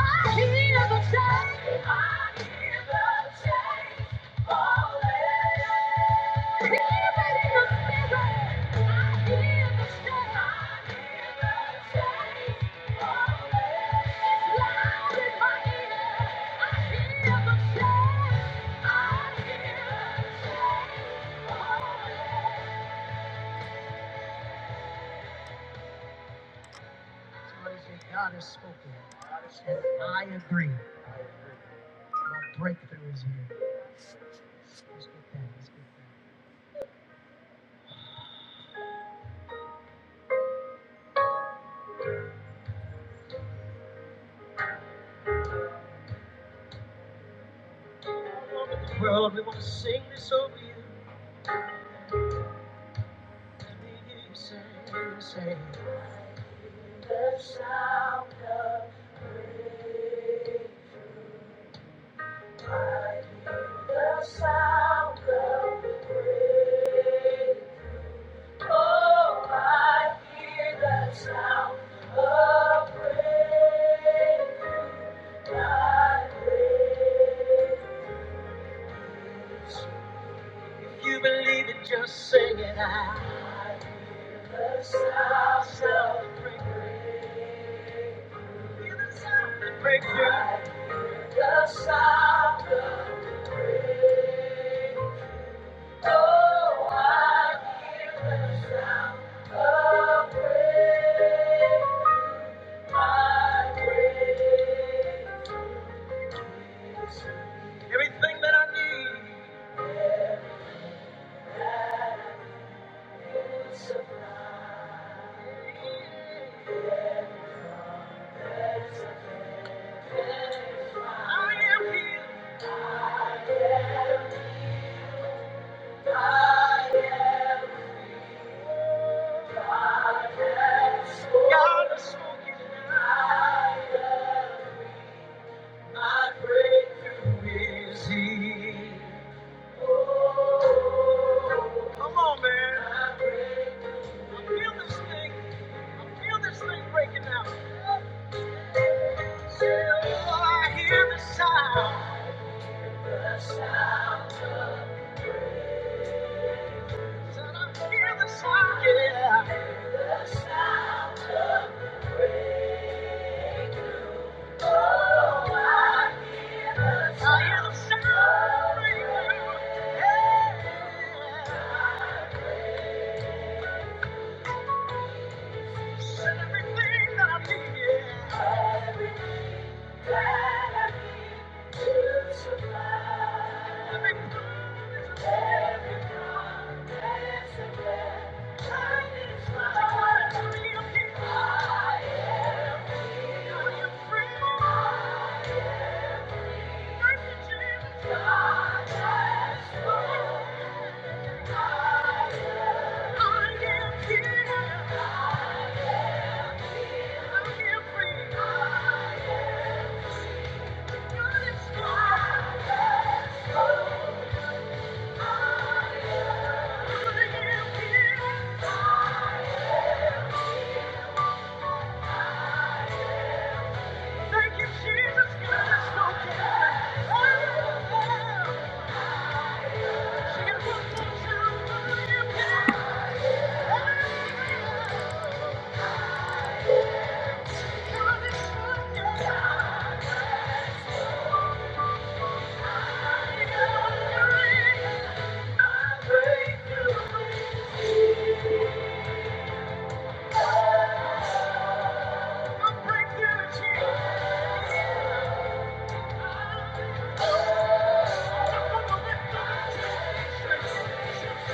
[SPEAKER 1] I hear the chains falling. Well, the man, feel this thing, feel this thing breaking down. Oh, I hear the sound, I hear the sound, yeah. I hear the sound and everything that I need, yeah. Thank you.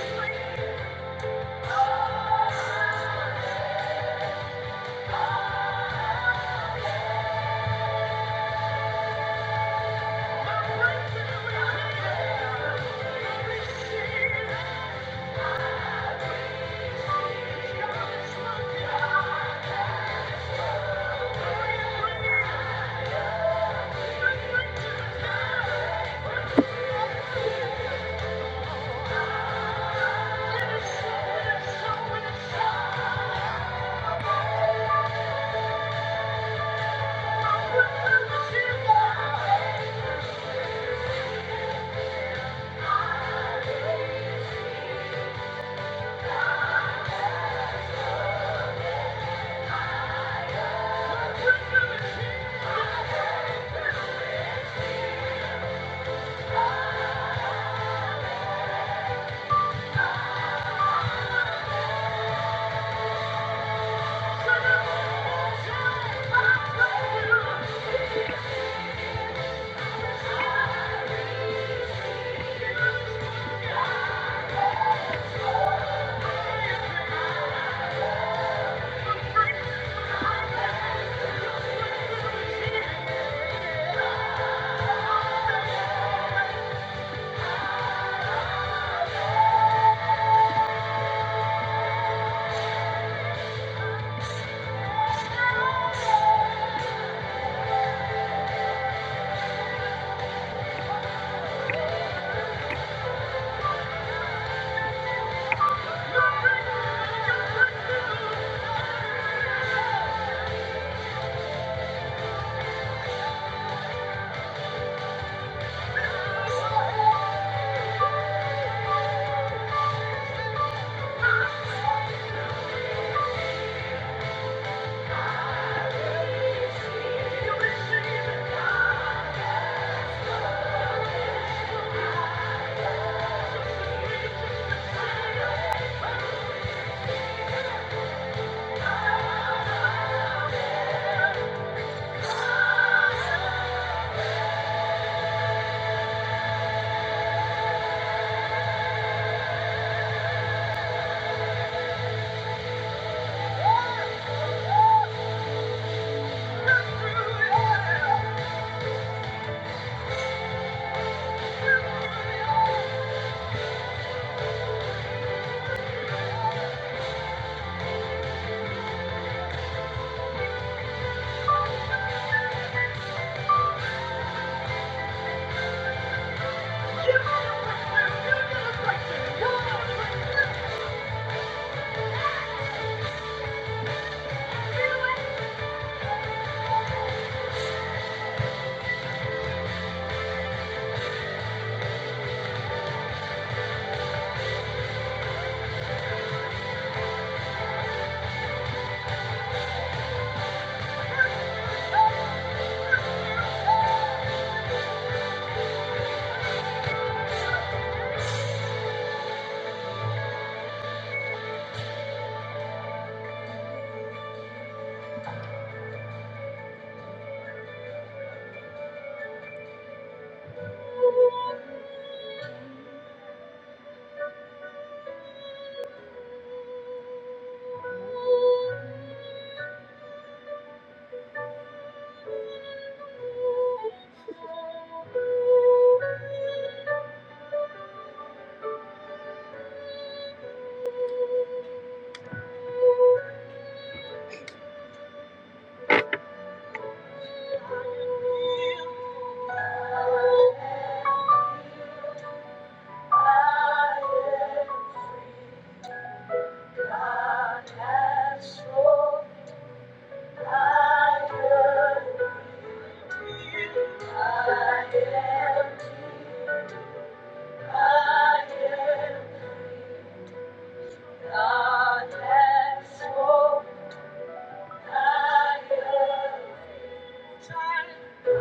[SPEAKER 1] Thank you. Higher,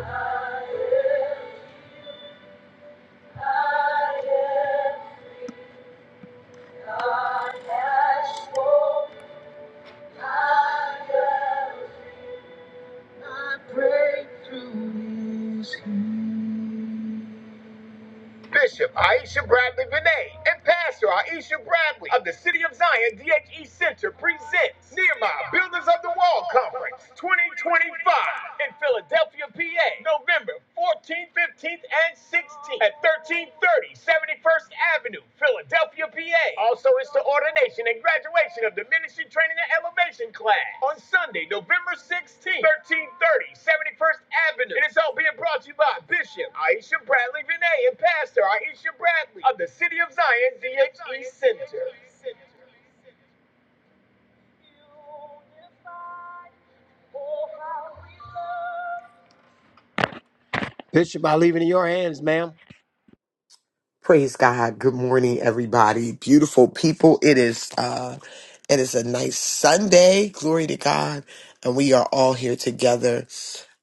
[SPEAKER 1] higher, higher. Bishop Aisha Bradley Vinay and Pastor Aisha Bradley of the City of Zion DHE Center presents Nehemiah Builders of the Wall Conference 2025 in Philadelphia, PA, November 14th, 15th, and 16th at 1330 71st Avenue, Philadelphia, PA. Also, it's the ordination and graduation. presentation of Diminishing Training and Elevation class on Sunday, November 16th, thirty, seventy first Avenue. And It is all being brought to you by Bishop Aisha Bradley Vinay and Pastor Aisha Bradley of the City of Zion DHE Center. Bishop, I leave it in your hands, ma'am.
[SPEAKER 2] Praise God. Good morning, everybody. Beautiful people. It is uh it is a nice Sunday. Glory to God. And we are all here together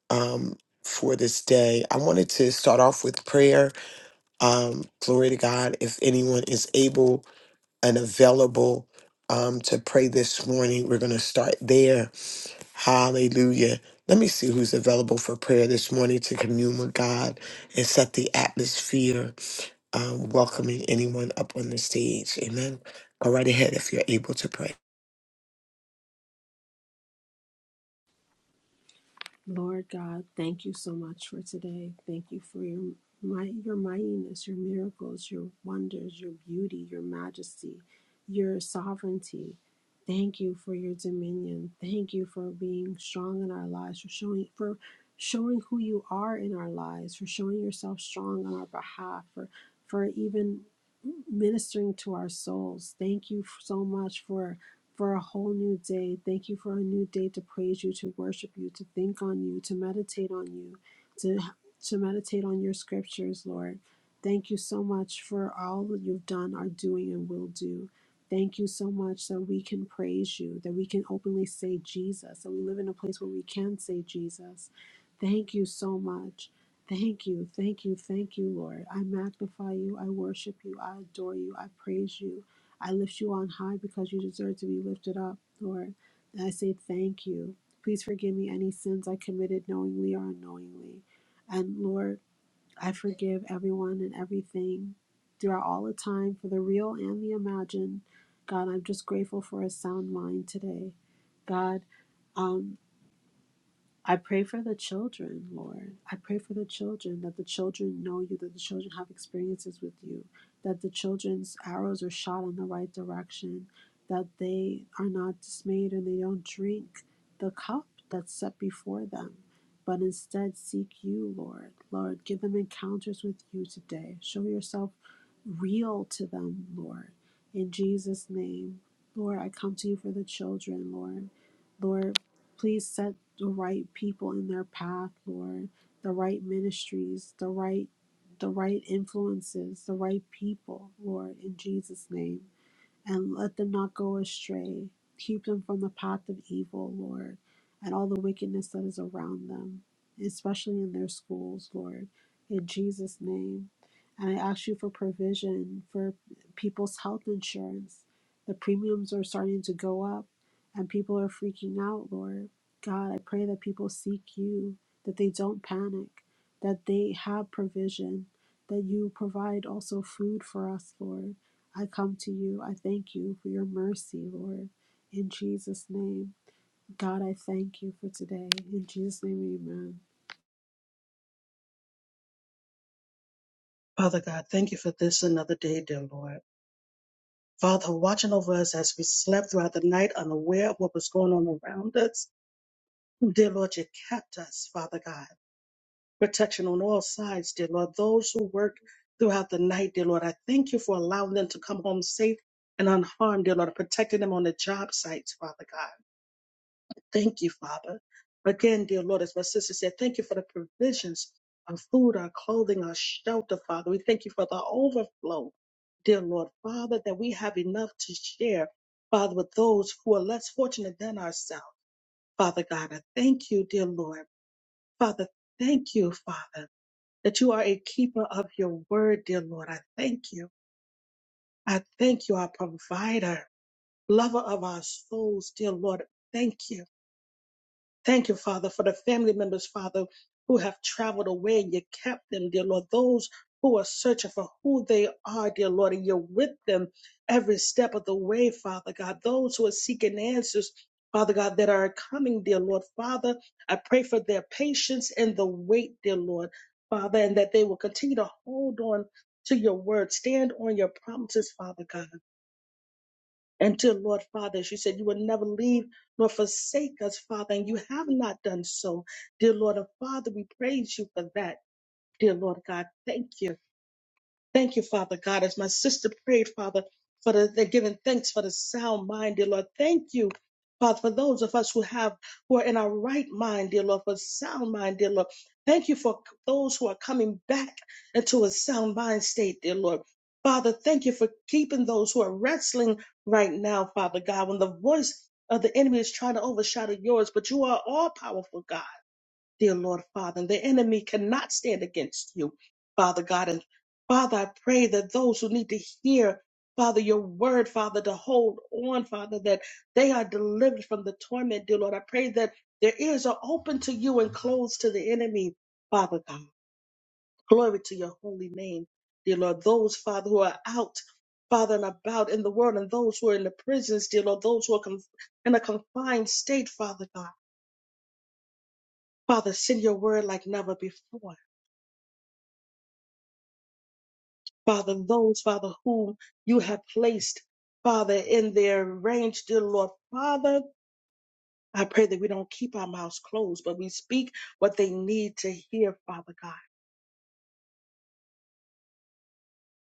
[SPEAKER 2] um for this day. I wanted to start off with prayer. Um, glory to God. If anyone is able and available um, to pray this morning. We're going to start there. Hallelujah. Let me see who's available for prayer this morning to commune with God and set the atmosphere, um, welcoming anyone up on the stage. Amen. Go right ahead if you're able to pray.
[SPEAKER 3] Lord God, thank you so much for today. Thank you for your might, your mightiness, your miracles, your wonders, your beauty, your majesty, your sovereignty. Thank you for your dominion. Thank you for being strong in our lives, for showing for showing who you are in our lives, for showing yourself strong on our behalf, for for even ministering to our souls. Thank you so much for for a whole new day. Thank you for a new day to praise you, to worship you, to think on you, to meditate on you, to to meditate on your scriptures, Lord. Thank you so much for all that you've done, are doing, and will do. Thank you so much that we can praise you, that we can openly say Jesus, that we live in a place where we can say Jesus. Thank you so much. Thank you, thank you, thank you, Lord. I magnify you, I worship you, I adore you, I praise you. I lift you on high because you deserve to be lifted up, Lord. And I say thank you. Please forgive me any sins I committed knowingly or unknowingly. And Lord, I forgive everyone and everything throughout all the time for the real and the imagined. God, I'm just grateful for a sound mind today. God, um. I pray for the children, Lord. I pray for the children that the children know you, that the children have experiences with you, that the children's arrows are shot in the right direction, that they are not dismayed and they don't drink the cup that's set before them, but instead seek you, Lord. Lord, give them encounters with you today. Show yourself real to them, Lord. In Jesus' name, Lord, I come to you for the children, Lord. Lord, please set the right people in their path, Lord, the right ministries, the right the right influences, the right people, Lord, in Jesus' name and let them not go astray. Keep them from the path of evil, Lord, and all the wickedness that is around them, especially in their schools, Lord, in Jesus' name. And I ask you for provision for people's health insurance. The premiums are starting to go up, and people are freaking out, Lord. God, I pray that people seek you, that they don't panic, that they have provision, that you provide also food for us, Lord I come to you. I thank you for your mercy, Lord. In Jesus' name, God, I thank you for today. In Jesus' name, amen.
[SPEAKER 4] Father God, thank you for this another day, dear Lord. Father, watching over us as we slept throughout the night, unaware of what was going on around us. Dear Lord, you kept us, Father God. Protection on all sides, dear Lord. Those who work throughout the night, dear Lord, I thank you for allowing them to come home safe and unharmed, dear Lord, protecting them on the job sites, Father God. Thank you, Father. Again, dear Lord, as my sister said, thank you for the provisions of food, our clothing, our shelter, Father. We thank you for the overflow, dear Lord, Father, that we have enough to share, Father, with those who are less fortunate than ourselves. Father God, I thank you, dear Lord. Father, thank you, Father, that you are a keeper of your word, dear Lord. I thank you. I thank you, our provider, lover of our souls, dear Lord. Thank you. Thank you, Father, for the family members, Father, who have traveled away and you kept them, dear Lord. Those who are searching for who they are, dear Lord, and you're with them every step of the way, Father God. Those who are seeking answers, Father God, that are coming, dear Lord. Father, I pray for their patience and the wait, dear Lord, Father, and that they will continue to hold on to your word, stand on your promises, Father God until Lord Father, as you said, you will never leave nor forsake us, Father, and you have not done so. Dear Lord of Father, we praise you for that. Dear Lord God, thank you. Thank you, Father God, as my sister prayed, Father, for the, they're giving thanks for the sound mind, dear Lord. Thank you, Father, for those of us who have who are in our right mind, dear Lord, for sound mind, dear Lord. Thank you for those who are coming back into a sound mind state, dear Lord. Father, thank you for keeping those who are wrestling right now, Father God, when the voice of the enemy is trying to overshadow yours, but you are all powerful, God dear Lord Father. And the enemy cannot stand against you, Father God. And Father, I pray that those who need to hear, Father, your word, Father, to hold on, Father, that they are delivered from the torment, dear Lord. I pray that their ears are open to you and closed to the enemy, Father God. Glory to your holy name, dear Lord. Those, Father, who are out, Father, and about in the world, and those who are in the prisons, dear Lord, those who are conf- in a confined state, Father God. Father, send your word like never before. Father, those, Father, whom you have placed, Father, in their range, dear Lord. Father, I pray that we don't keep our mouths closed, but we speak what they need to hear, Father God.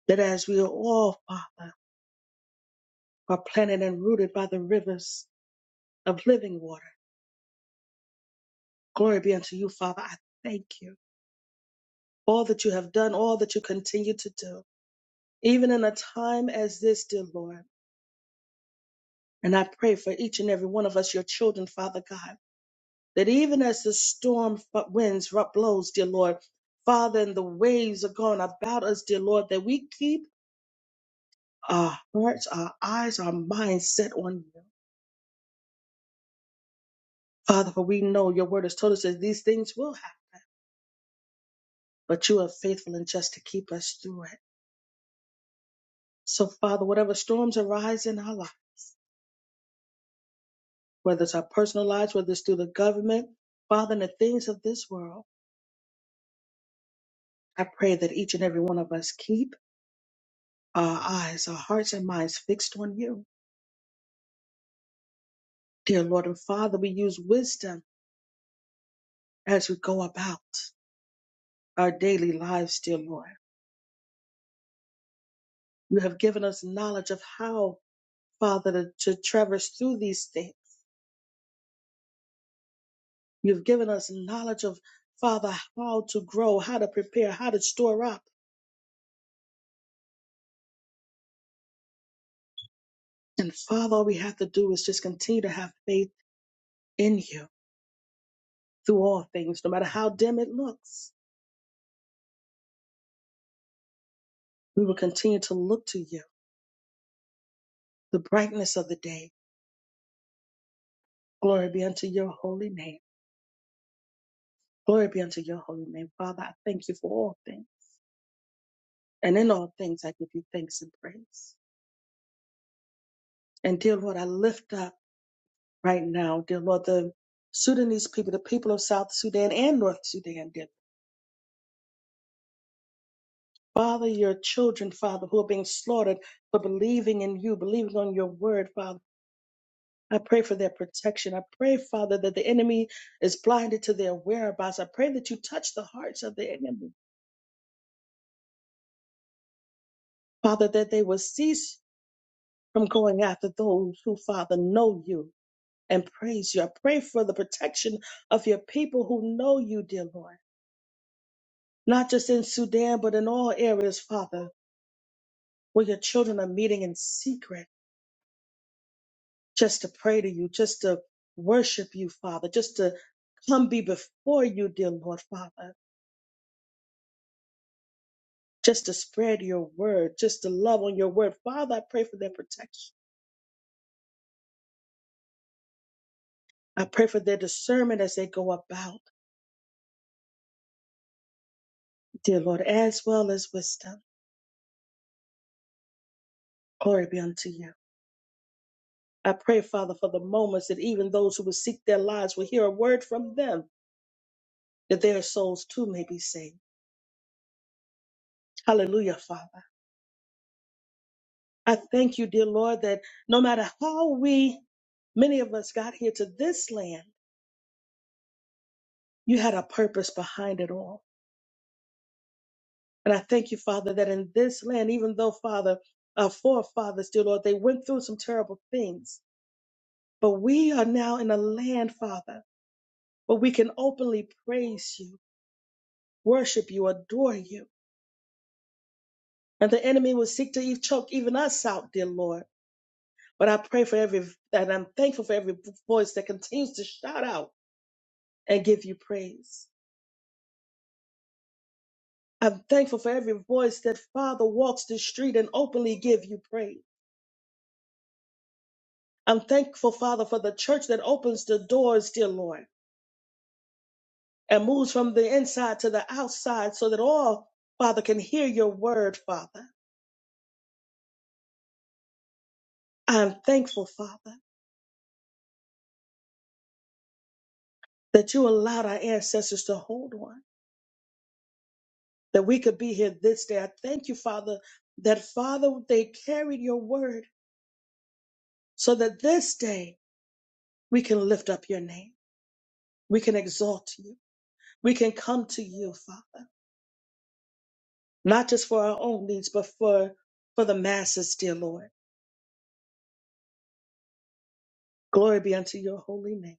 [SPEAKER 4] That as we are all, Father, are planted and rooted by the rivers of living water, glory be unto you, Father. I thank you. All that you have done, all that you continue to do, even in a time as this, dear Lord. And I pray for each and every one of us, your children, Father God. that even as the storm f- winds ru- blows, dear Lord, Father, and the waves are going about us, dear Lord, that we keep our hearts, our eyes, our minds set on you. Father, for we know your word has told us that these things will happen, but you are faithful and just to keep us through it. So, Father, whatever storms arise in our life, whether it's our personal lives, whether it's through the government, Father, and the things of this world, I pray that each and every one of us keep our eyes, our hearts, and minds fixed on you Dear Lord and Father, we use wisdom as we go about our daily lives, dear Lord. You have given us knowledge of how, Father, to, to traverse through these things. You've given us knowledge of, Father, how to grow, how to prepare, how to store up. And Father, all we have to do is just continue to have faith in you through all things, no matter how dim it looks. We will continue to look to you, the brightness of the day. Glory be unto your holy name. Glory be unto your holy name. Father, I thank you for all things. And in all things, I give you thanks and praise. And dear Lord, I lift up right now, dear Lord, the Sudanese people, the people of South Sudan and North Sudan, dear Father, your children, Father, who are being slaughtered for believing in you, believing on your word, Father. I pray for their protection. I pray, Father, that the enemy is blinded to their whereabouts. I pray that you touch the hearts of the enemy, Father, that they will cease from going after those who, Father, know you and praise you. I pray for the protection of your people who know you, dear Lord, not just in Sudan, but in all areas, Father, where your children are meeting in secret just to pray to you, just to worship you, Father, just to come be before you, dear Lord, Father, just to spread your word, just to love on your word. Father, I pray for their protection. I pray for their discernment as they go about, dear Lord, as well as wisdom. Glory be unto you. I pray, Father, for the moments that even those who would seek their lives will hear a word from them, that their souls too may be saved. Hallelujah, Father. I thank you, dear Lord, that no matter how we, many of us, got here to this land, you had a purpose behind it all. And I thank you, Father, that in this land, even though, Father, our forefathers, dear Lord, they went through some terrible things, but we are now in a land, Father, where we can openly praise you, worship you, adore you. And the enemy will seek to eve- choke even us out, dear Lord. But I pray for every, and I'm thankful for every voice that continues to shout out and give you praise. I'm thankful for every voice that Father walks the street and openly give you praise. I'm thankful, Father, for the church that opens the doors, dear Lord, and moves from the inside to the outside so that all, Father, can hear your word, Father. I'm thankful, Father, that you allowed our ancestors to hold on. that we could be here this day. I thank you, Father, that Father, they carried your word so that this day we can lift up your name. We can exalt you. We can come to you, Father, not just for our own needs, but for, for the masses, dear Lord. Glory be unto your holy name.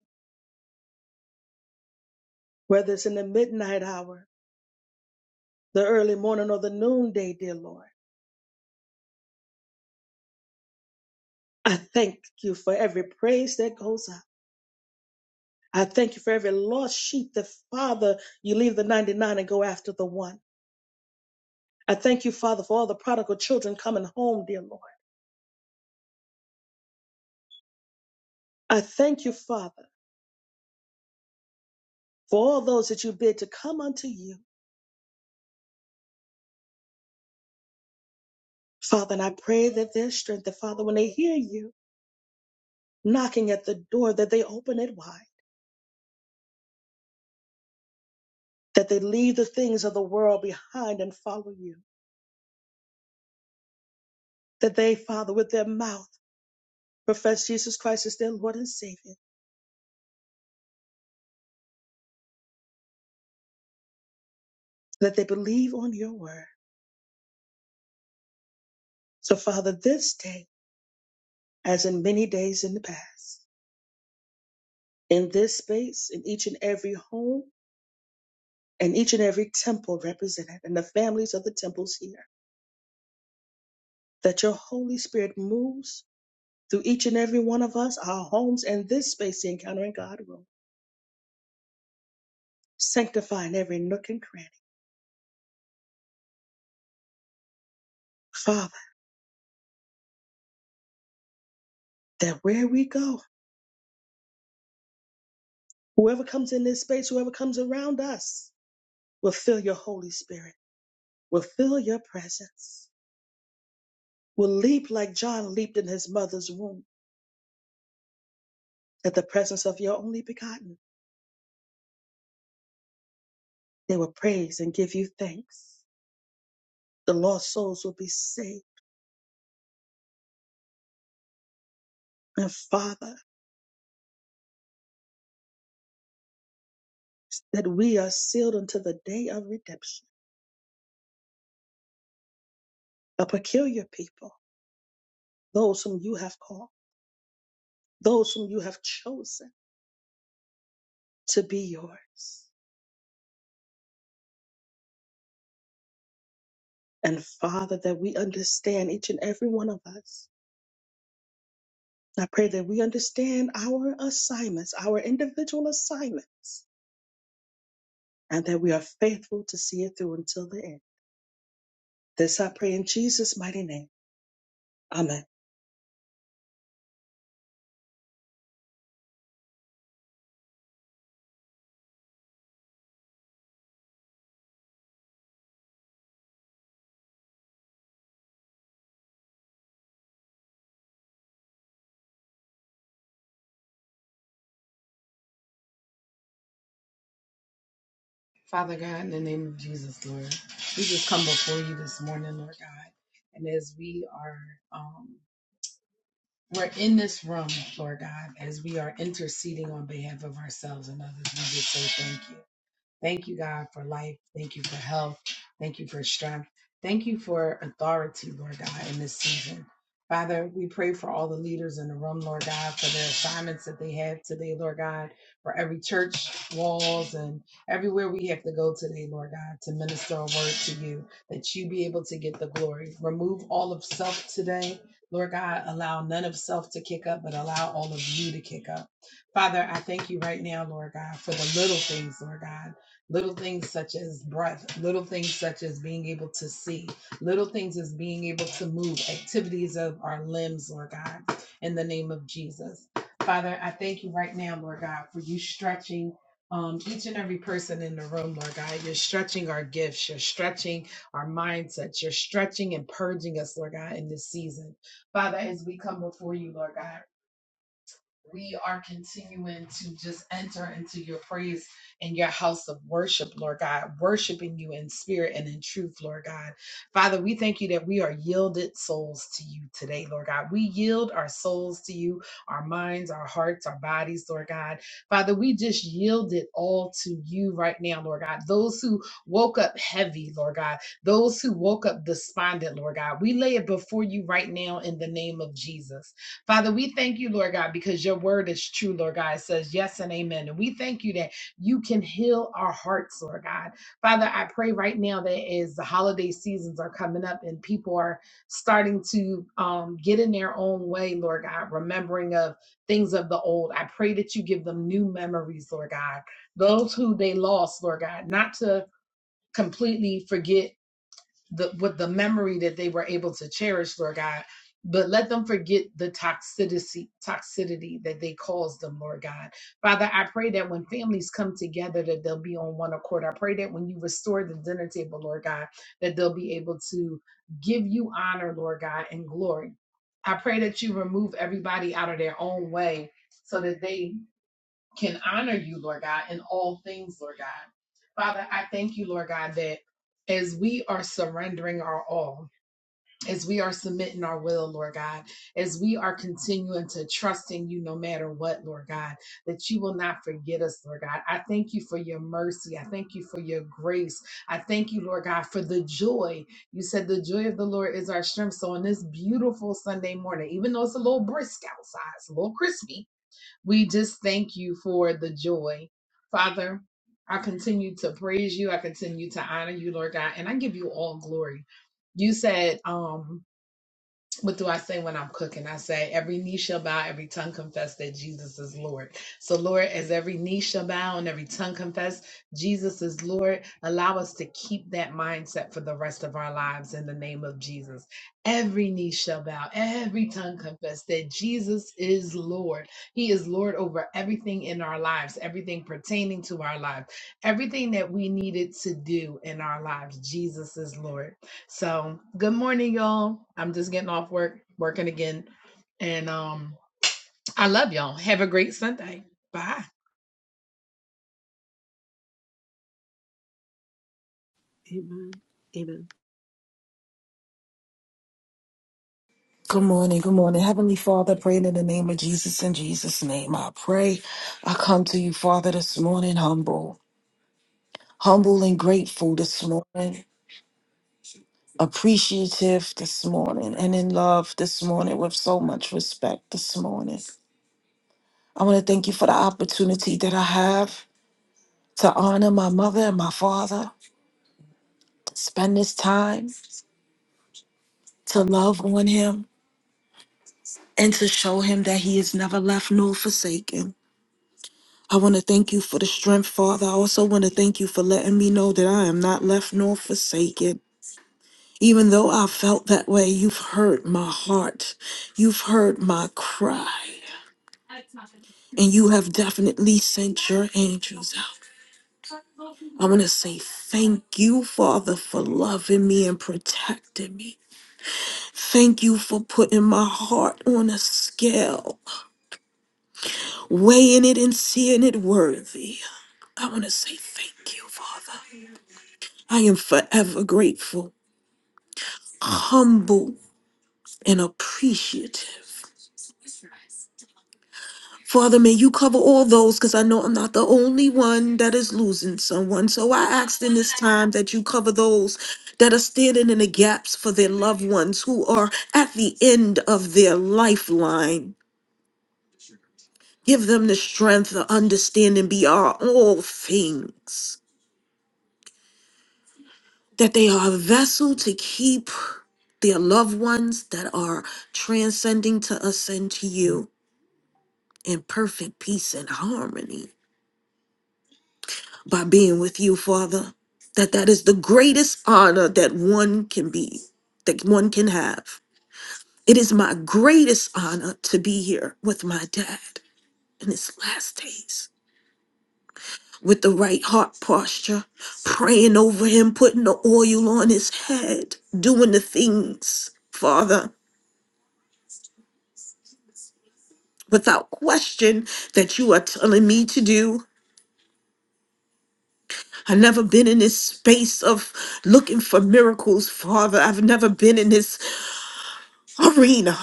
[SPEAKER 4] Whether it's in the midnight hour, the early morning, or the noonday, dear Lord, I thank you for every praise that goes up. I thank you for every lost sheep that, Father, you leave the 99 and go after the one. I thank you, Father, for all the prodigal children coming home, dear Lord. I thank you, Father, for all those that you bid to come unto you. Father, and I pray that their strength, that Father, when they hear you knocking at the door, that they open it wide, that they leave the things of the world behind and follow you, that they, Father, with their mouth profess Jesus Christ as their Lord and Savior, that they believe on your word. So, Father, this day, as in many days in the past, in this space, in each and every home, and each and every temple represented and the families of the temples here. That your Holy Spirit moves through each and every one of us, our homes, and this space, the Encountering God room, sanctifying every nook and cranny. Father, that where we go, whoever comes in this space, whoever comes around us, will feel your Holy Spirit, will feel your presence, will leap like John leaped in his mother's womb at the presence of your only begotten. They will praise and give you thanks. The lost souls will be saved. And Father, that we are sealed until the day of redemption, a peculiar people, those whom you have called, those whom you have chosen to be yours. And Father, that we understand each and every one of us. I pray that we understand our assignments, our individual assignments, and that we are faithful to see it through until the end. This I pray in Jesus' mighty name. Amen.
[SPEAKER 5] Father God, in the name of Jesus, Lord, we just come before you this morning, Lord God. And as we are, um, we're in this room, Lord God, as we are interceding on behalf of ourselves and others, we just say thank you. Thank you, God, for life. Thank you for health. Thank you for strength. Thank you for authority, Lord God, in this season. Father, we pray for all the leaders in the room, Lord God, for their assignments that they have today, Lord God, for every church, walls, and everywhere we have to go today, Lord God, to minister a word to you, that you be able to get the glory. Remove all of self today, Lord God. Allow none of self to kick up, but allow all of you to kick up. Father, I thank you right now, Lord God, for the little things, Lord God little things such as breath, little things such as being able to see, little things as being able to move, activities of our limbs, Lord God, in the name of Jesus. Father, I thank you right now, Lord God, for you stretching. Um, each and every person in the room, Lord God, you're stretching our gifts, you're stretching our mindsets, you're stretching and purging us, Lord God, in this season. Father, as we come before you, Lord God we are continuing to just enter into your praise and your house of worship, Lord God, worshiping you in spirit and in truth, Lord God. Father, we thank you that we are yielded souls to you today, Lord God. We yield our souls to you, our minds, our hearts, our bodies, Lord God. Father, we just yield it all to you right now, Lord God. Those who woke up heavy, Lord God, those who woke up despondent, Lord God, we lay it before you right now in the name of Jesus. Father, we thank you, Lord God, because your word is true, Lord God. It says yes and amen. And we thank you that you can heal our hearts, Lord God. Father, I pray right now that as the holiday seasons are coming up and people are starting to um, get in their own way, Lord God, remembering of things of the old, I pray that you give them new memories, Lord God. Those who they lost, Lord God, not to completely forget the with the memory that they were able to cherish, Lord God. But let them forget the toxicity toxicity that they caused them, Lord God. Father, I pray that when families come together, that they'll be on one accord. I pray that when you restore the dinner table, Lord God, that they'll be able to give you honor, Lord God, and glory. I pray that you remove everybody out of their own way so that they can honor you, Lord God, in all things, Lord God. Father, I thank you, Lord God, that as we are surrendering our all, as we are submitting our will, Lord God, as we are continuing to trusting you no matter what, Lord God, that you will not forget us, Lord God. I thank you for your mercy. I thank you for your grace. I thank you, Lord God, for the joy. You said the joy of the Lord is our strength. So on this beautiful Sunday morning, even though it's a little brisk outside, it's a little crispy, we just thank you for the joy. Father, I continue to praise you. I continue to honor you, Lord God, and I give you all glory. You said, um, what do I say when I'm cooking? I say, every knee shall bow, every tongue confess that Jesus is Lord. So, Lord, as every knee shall bow and every tongue confess Jesus is Lord, allow us to keep that mindset for the rest of our lives in the name of Jesus. Every knee shall bow, every tongue confess that Jesus is Lord. He is Lord over everything in our lives, everything pertaining to our lives, everything that we needed to do in our lives. Jesus is Lord. So good morning, y'all. I'm just getting off work, working again. And um, I love y'all. Have a great Sunday. Bye.
[SPEAKER 3] Amen. Amen.
[SPEAKER 6] Good morning, good morning. Heavenly Father, praying in the name of Jesus, in Jesus' name I pray. I come to you, Father, this morning, humble, humble and grateful this morning, appreciative this morning, and in love this morning with so much respect this morning. I want to thank you for the opportunity that I have to honor my mother and my father, spend this time to love on him, and to show him that he is never left nor forsaken. I want to thank you for the strength, Father. I also want to thank you for letting me know that I am not left nor forsaken. Even though I felt that way, you've heard my heart, you've heard my cry, and you have definitely sent your angels out. I want to say thank you, Father, for loving me and protecting me. Thank you for putting my heart on a scale, weighing it and seeing it worthy. I want to say thank you, Father. I am forever grateful. humble and appreciative. Father, may you cover all those because I know I'm not the only one that is losing someone. So I ask in this time that you cover those that are standing in the gaps for their loved ones who are at the end of their lifeline. Give them the strength, the understanding beyond all things, that they are a vessel to keep their loved ones that are transcending to ascend to you in perfect peace and harmony. by being with you, Father. That that is the greatest honor that one can be, that one can have. It is my greatest honor to be here with my dad in his last days with the right heart posture, praying over him, putting the oil on his head, doing the things, Father, without question that you are telling me to do. I've never been in this space of looking for miracles, Father. I've never been in this arena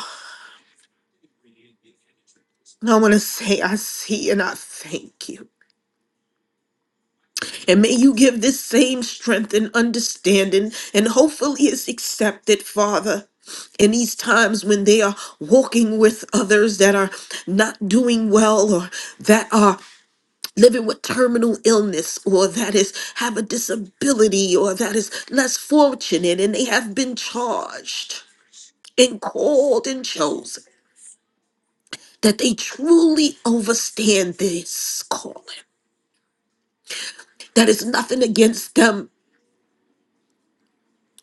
[SPEAKER 6] I want to say, I see and I thank you. And may you give this same strength and understanding, and hopefully it's accepted, Father, in these times when they are walking with others that are not doing well or that are living with terminal illness or that is have a disability or that is less fortunate and they have been charged and called and chosen that they truly overstand this calling That is nothing against them,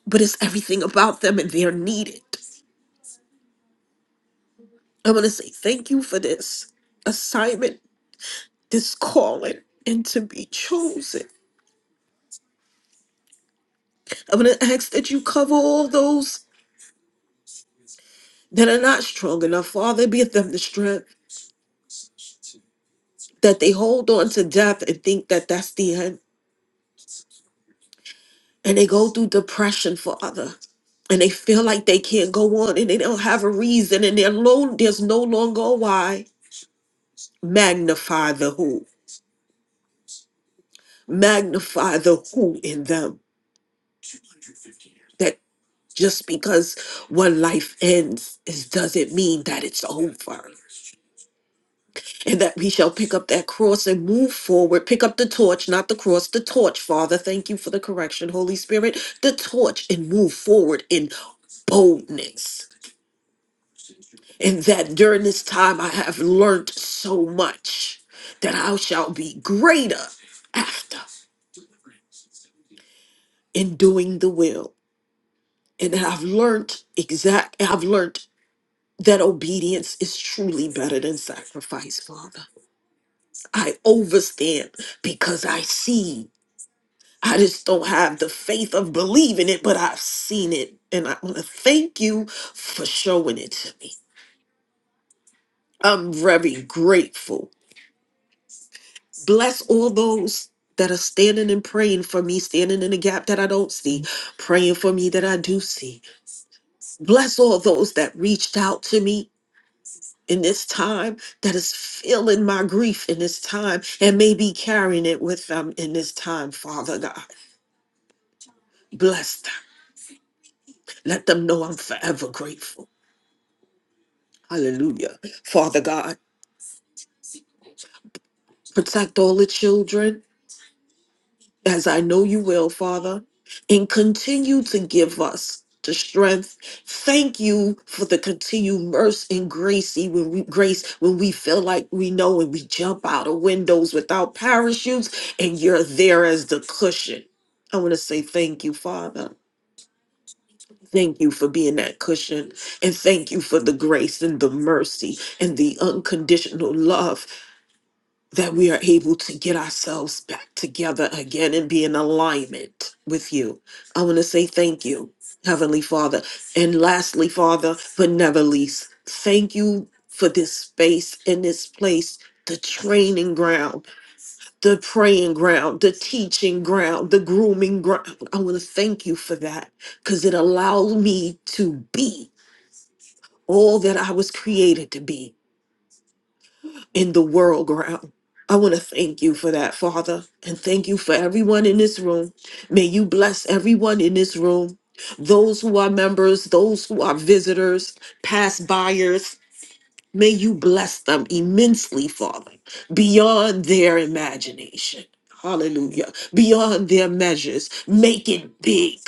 [SPEAKER 6] but it's everything about them and they are needed. I want to say thank you for this assignment, this calling, and to be chosen. I'm going to ask that you cover all those that are not strong enough, Father. Give them the strength that they hold on to death and think that that's the end. And they go through depression, Father. And they feel like they can't go on and they don't have a reason and they're low, there's no longer a why. Magnify the who. magnify the who in them. That just because one life ends is doesn't mean that it's over. And that we shall pick up that cross and move forward. Pick up the torch, not the cross, the torch, Father. Thank you for the correction, Holy Spirit. The torch and move forward in boldness. And that during this time I have learned so much that I shall be greater after in doing the will. And that I've learned exact I've learned that obedience is truly better than sacrifice, Father. I overstand because I see. I just don't have the faith of believing it, but I've seen it. And I want to thank you for showing it to me. I'm very grateful. Bless all those that are standing and praying for me, standing in the gap that I don't see, praying for me that I do see. Bless all those that reached out to me in this time that is feeling my grief in this time and maybe carrying it with them in this time, Father God. Bless them. Let them know I'm forever grateful. Hallelujah. Father God, protect all the children as I know you will, Father, and continue to give us the strength. Thank you for the continued mercy and grace when we grace when we feel like we know and we jump out of windows without parachutes, and you're there as the cushion. I want to say thank you, Father. Thank you for being that cushion. And thank you for the grace and the mercy and the unconditional love that we are able to get ourselves back together again and be in alignment with you. I want to say thank you, Heavenly Father. And lastly, Father, but never least, thank you for this space and this place. The training ground, the praying ground, the teaching ground, the grooming ground. I want to thank you for that because it allowed me to be all that I was created to be in the world ground. I want to thank you for that, Father, and thank you for everyone in this room. May you bless everyone in this room, those who are members, those who are visitors, past buyers. May you bless them immensely, Father, beyond their imagination. Hallelujah. Beyond their measures. Make it big,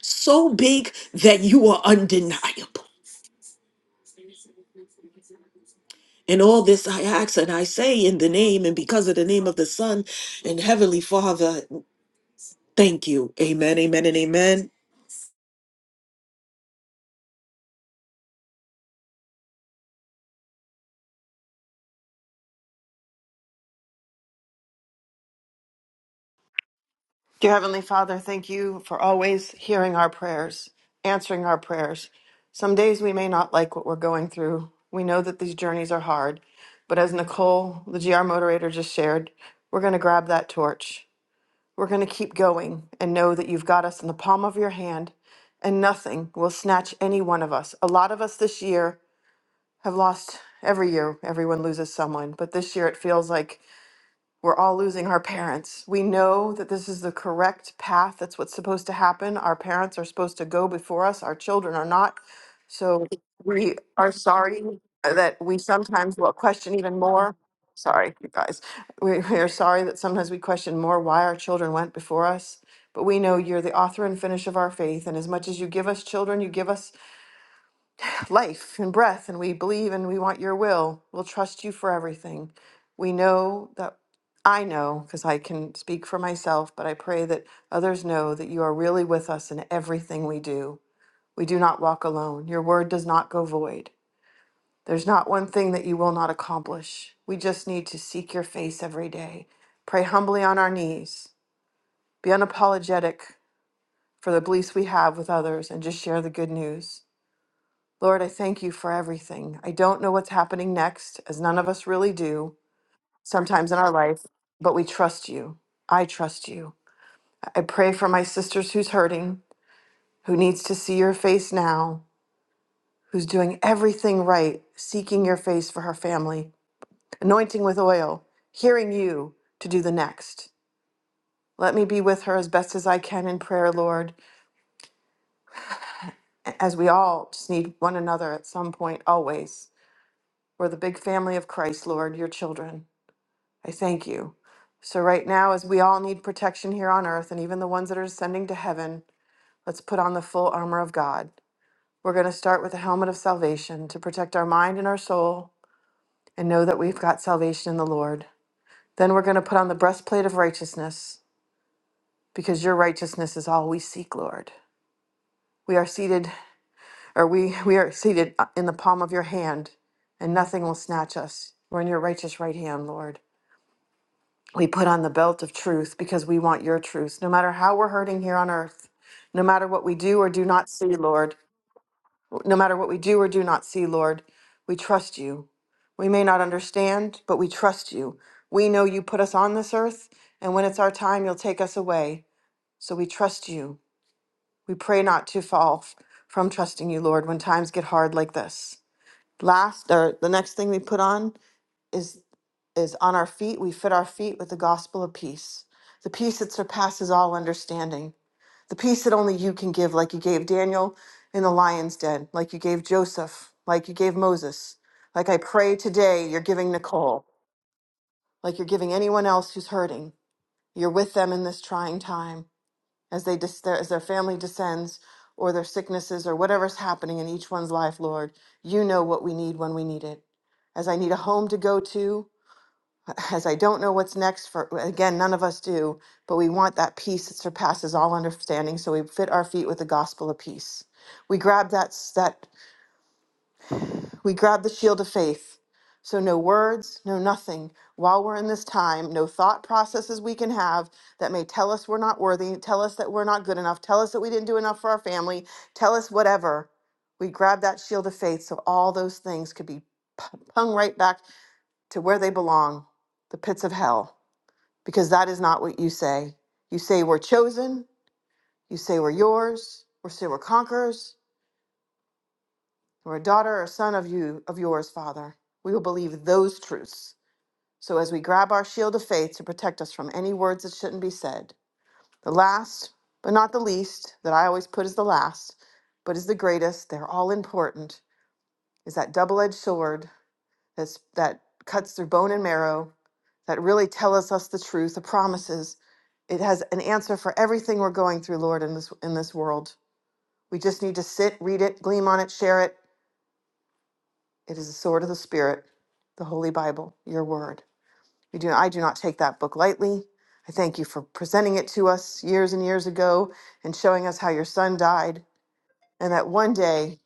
[SPEAKER 6] so big that you are undeniable. And all this I ask and I say in the name and because of the name of the Son and Heavenly Father, thank you. Amen, amen, and amen.
[SPEAKER 7] Dear Heavenly Father, thank you for always hearing our prayers, answering our prayers. Some days we may not like what we're going through. We know that these journeys are hard, but as Nicole, the GR moderator, just shared, we're going to grab that torch. We're going to keep going and know that you've got us in the palm of your hand and nothing will snatch any one of us. A lot of us this year have lost every year, everyone loses someone, but this year it feels like we're all losing our parents. We know that this is the correct path. That's what's supposed to happen. Our parents are supposed to go before us, our children are not. So we are sorry that we sometimes will question even more. Sorry, you guys. We, we are sorry that sometimes we question more why our children went before us. But we know you're the author and finish of our faith. And as much as you give us children, you give us life and breath, and we believe and we want your will. We'll trust you for everything. We know that I know, because I can speak for myself, but I pray that others know that you are really with us in everything we do. We do not walk alone. Your word does not go void. There's not one thing that you will not accomplish. We just need to seek your face every day. Pray humbly on our knees. Be unapologetic for the beliefs we have with others and just share the good news. Lord, I thank you for everything. I don't know what's happening next, as none of us really do sometimes in our life, but we trust you. I trust you. I pray for my sisters who's hurting, who needs to see your face now, who's doing everything right, seeking your face for her family, anointing with oil, hearing you to do the next. Let me be with her as best as I can in prayer, Lord, as we all just need one another at some point, always. We're the big family of Christ, Lord, your children. I thank you. So, right now, as we all need protection here on earth and even the ones that are ascending to heaven, let's put on the full armor of God. We're going to start with the helmet of salvation to protect our mind and our soul and know that we've got salvation in the Lord. Then we're going to put on the breastplate of righteousness because your righteousness is all we seek, Lord. We are seated, or we, we are seated uh, in the palm of your hand, and nothing will snatch us. We're in your righteous right hand, Lord. We put on the belt of truth because we want your truth, no matter how we're hurting here on earth, no matter what we do or do not see, Lord, no matter what we do or do not see, Lord, we trust you. We may not understand, but we trust you. We know you put us on this earth, and when it's our time, you'll take us away. So we trust you. We pray not to fall f- from trusting you, Lord, when times get hard like this. Last, or the next thing we put on is is on our feet we fit our feet with the gospel of peace the peace that surpasses all understanding the peace that only you can give like you gave daniel in the lion's den like you gave joseph like you gave moses like i pray today you're giving nicole like you're giving anyone else who's hurting you're with them in this trying time as they dis- their, as their family descends or their sicknesses or whatever's happening in each one's life lord you know what we need when we need it as i need a home to go to as I don't know what's next for, well, again, none of us do, but we want that peace that surpasses all understanding. So we fit our feet with the gospel of peace. We grab that, s- that we grab the shield of faith. So no words, no nothing. While we're in this time, no thought processes we can have that may tell us we're not worthy, tell us that we're not good enough, tell us that we didn't do enough for our family, tell us whatever. We grab that shield of faith so all those things could be p- hung right back to where they belong, the pits of hell because that is not what you say. You say we're chosen, you say we're yours, We say we're conquerors, we're a daughter or son of you of yours, Father. We will believe those truths. So as we grab our shield of faith to protect us from any words that shouldn't be said. The last, but not the least, that I always put as the last, but is the greatest, they're all important, is that double-edged sword that's that cuts through bone and marrow that really tell us, us the truth, the promises. It has an answer for everything we're going through, Lord, in this in this world. We just need to sit, read it, gleam on it, share it. It is the sword of the spirit, the Holy Bible, your word. We do I do not take that book lightly. I thank you for presenting it to us years and years ago and showing us how your son died and that one day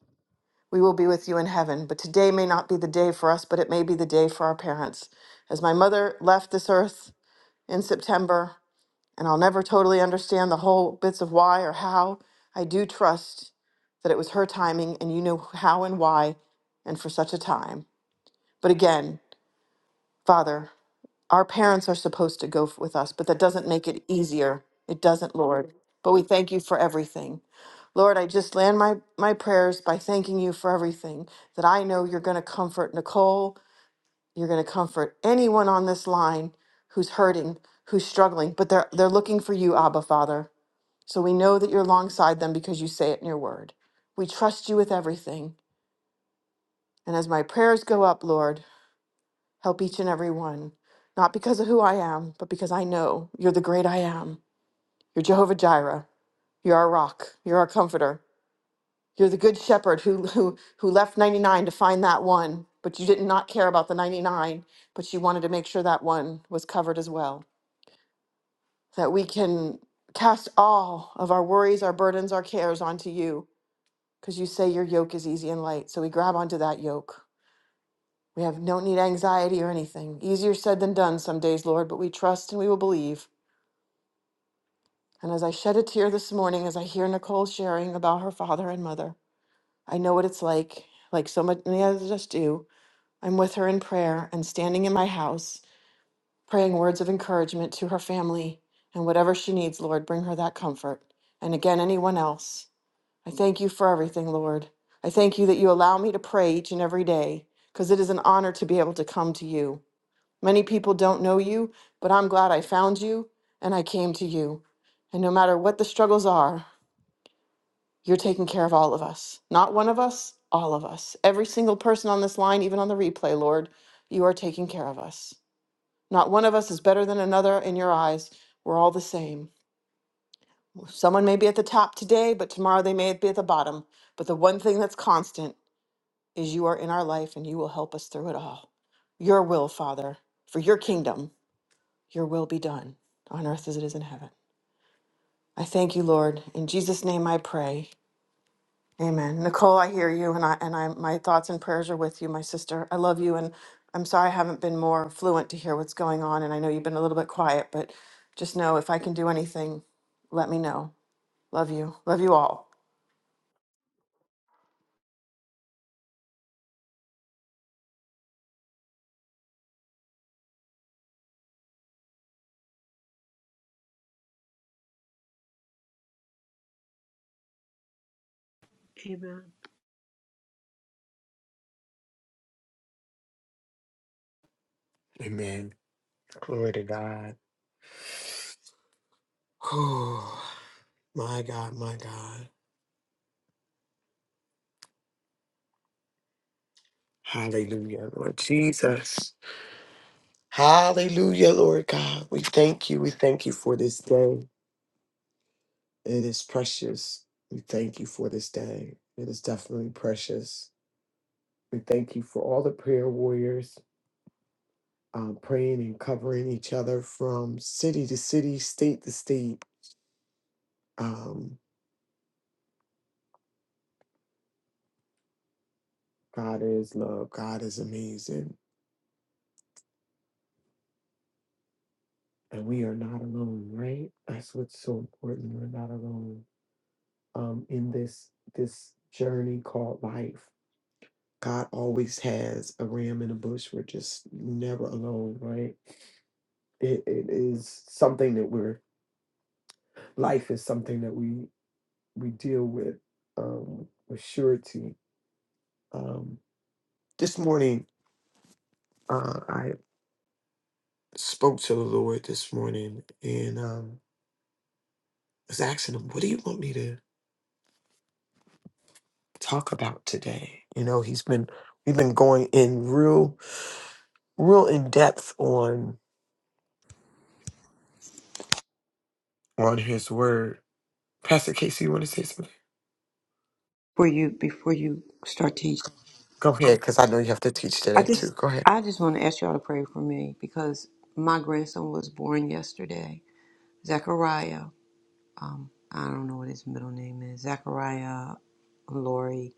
[SPEAKER 7] we will be with you in heaven. But today may not be the day for us, but it may be the day for our parents. As my mother left this earth in September, and I'll never totally understand the whole bits of why or how. I do trust that it was her timing and you know how and why and for such a time. But again, Father, our parents are supposed to go f- with us, but that doesn't make it easier. It doesn't, Lord. But we thank you for everything. Lord, I just land my, my prayers by thanking you for everything that I know you're going to comfort Nicole. You're going to comfort anyone on this line who's hurting, who's struggling, but they're, they're looking for you, Abba Father. So we know that you're alongside them because you say it in your word. We trust you with everything. And as my prayers go up, Lord, help each and every one, not because of who I am, but because I know you're the great I am. You're Jehovah Jireh. You're our rock. You're our comforter. You're the good shepherd who, who, who left 99 to find that one, but you did not care about the 99, but you wanted to make sure that one was covered as well. That we can cast all of our worries, our burdens, our cares onto you because you say your yoke is easy and light. So we grab onto that yoke. We have don't need anxiety or anything. Easier said than done some days, Lord, but we trust and we will believe. And as I shed a tear this morning, as I hear Nicole sharing about her father and mother, I know what it's like, like so many others of us do. I'm with her in prayer and standing in my house, praying words of encouragement to her family and whatever she needs, Lord, bring her that comfort. And again, anyone else. I thank you for everything, Lord. I thank you that you allow me to pray each and every day because it is an honor to be able to come to you. Many people don't know you, but I'm glad I found you and I came to you. And no matter what the struggles are, you're taking care of all of us. Not one of us, all of us. Every single person on this line, even on the replay, Lord, you are taking care of us. Not one of us is better than another in your eyes. We're all the same. Someone may be at the top today, but tomorrow they may be at the bottom. But the one thing that's constant is you are in our life and you will help us through it all. Your will, Father, for your kingdom, your will be done on earth as it is in heaven. I thank you, Lord. In Jesus' name I pray. Amen. Nicole, I hear you and I and I my thoughts and prayers are with you, my sister. I love you and I'm sorry I haven't been more fluent to hear what's going on and I know you've been a little bit quiet, but just know if I can do anything, let me know. Love you. Love you all.
[SPEAKER 3] Amen.
[SPEAKER 2] Amen. Glory to God. Oh, my God, my God. Hallelujah, Lord Jesus. Hallelujah, Lord God. We thank you. We thank you for this day. It is precious. We thank you for this day. It is definitely precious. We thank you for all the prayer warriors um, praying and covering each other from city to city, state to state. Um, God is love. God is amazing. And we are not alone, right? That's what's so important. We're not alone um, in this this journey called life. God always has a ram in a bush. We're just never alone, right? it, it is something that we're life is something that we we deal with um with surety um this morning uh i spoke to the lord this morning and um was asking him what do you want me to talk about today you know he's been we've been going in real real in depth on on his word pastor casey you want to say something
[SPEAKER 8] before you before you start teaching
[SPEAKER 2] Go ahead, because I know you have to teach
[SPEAKER 8] i
[SPEAKER 2] today too.
[SPEAKER 8] just
[SPEAKER 2] Go ahead.
[SPEAKER 8] i just want to ask y'all to pray for me because my grandson was born yesterday zachariah um i don't know what his middle name is zachariah Lori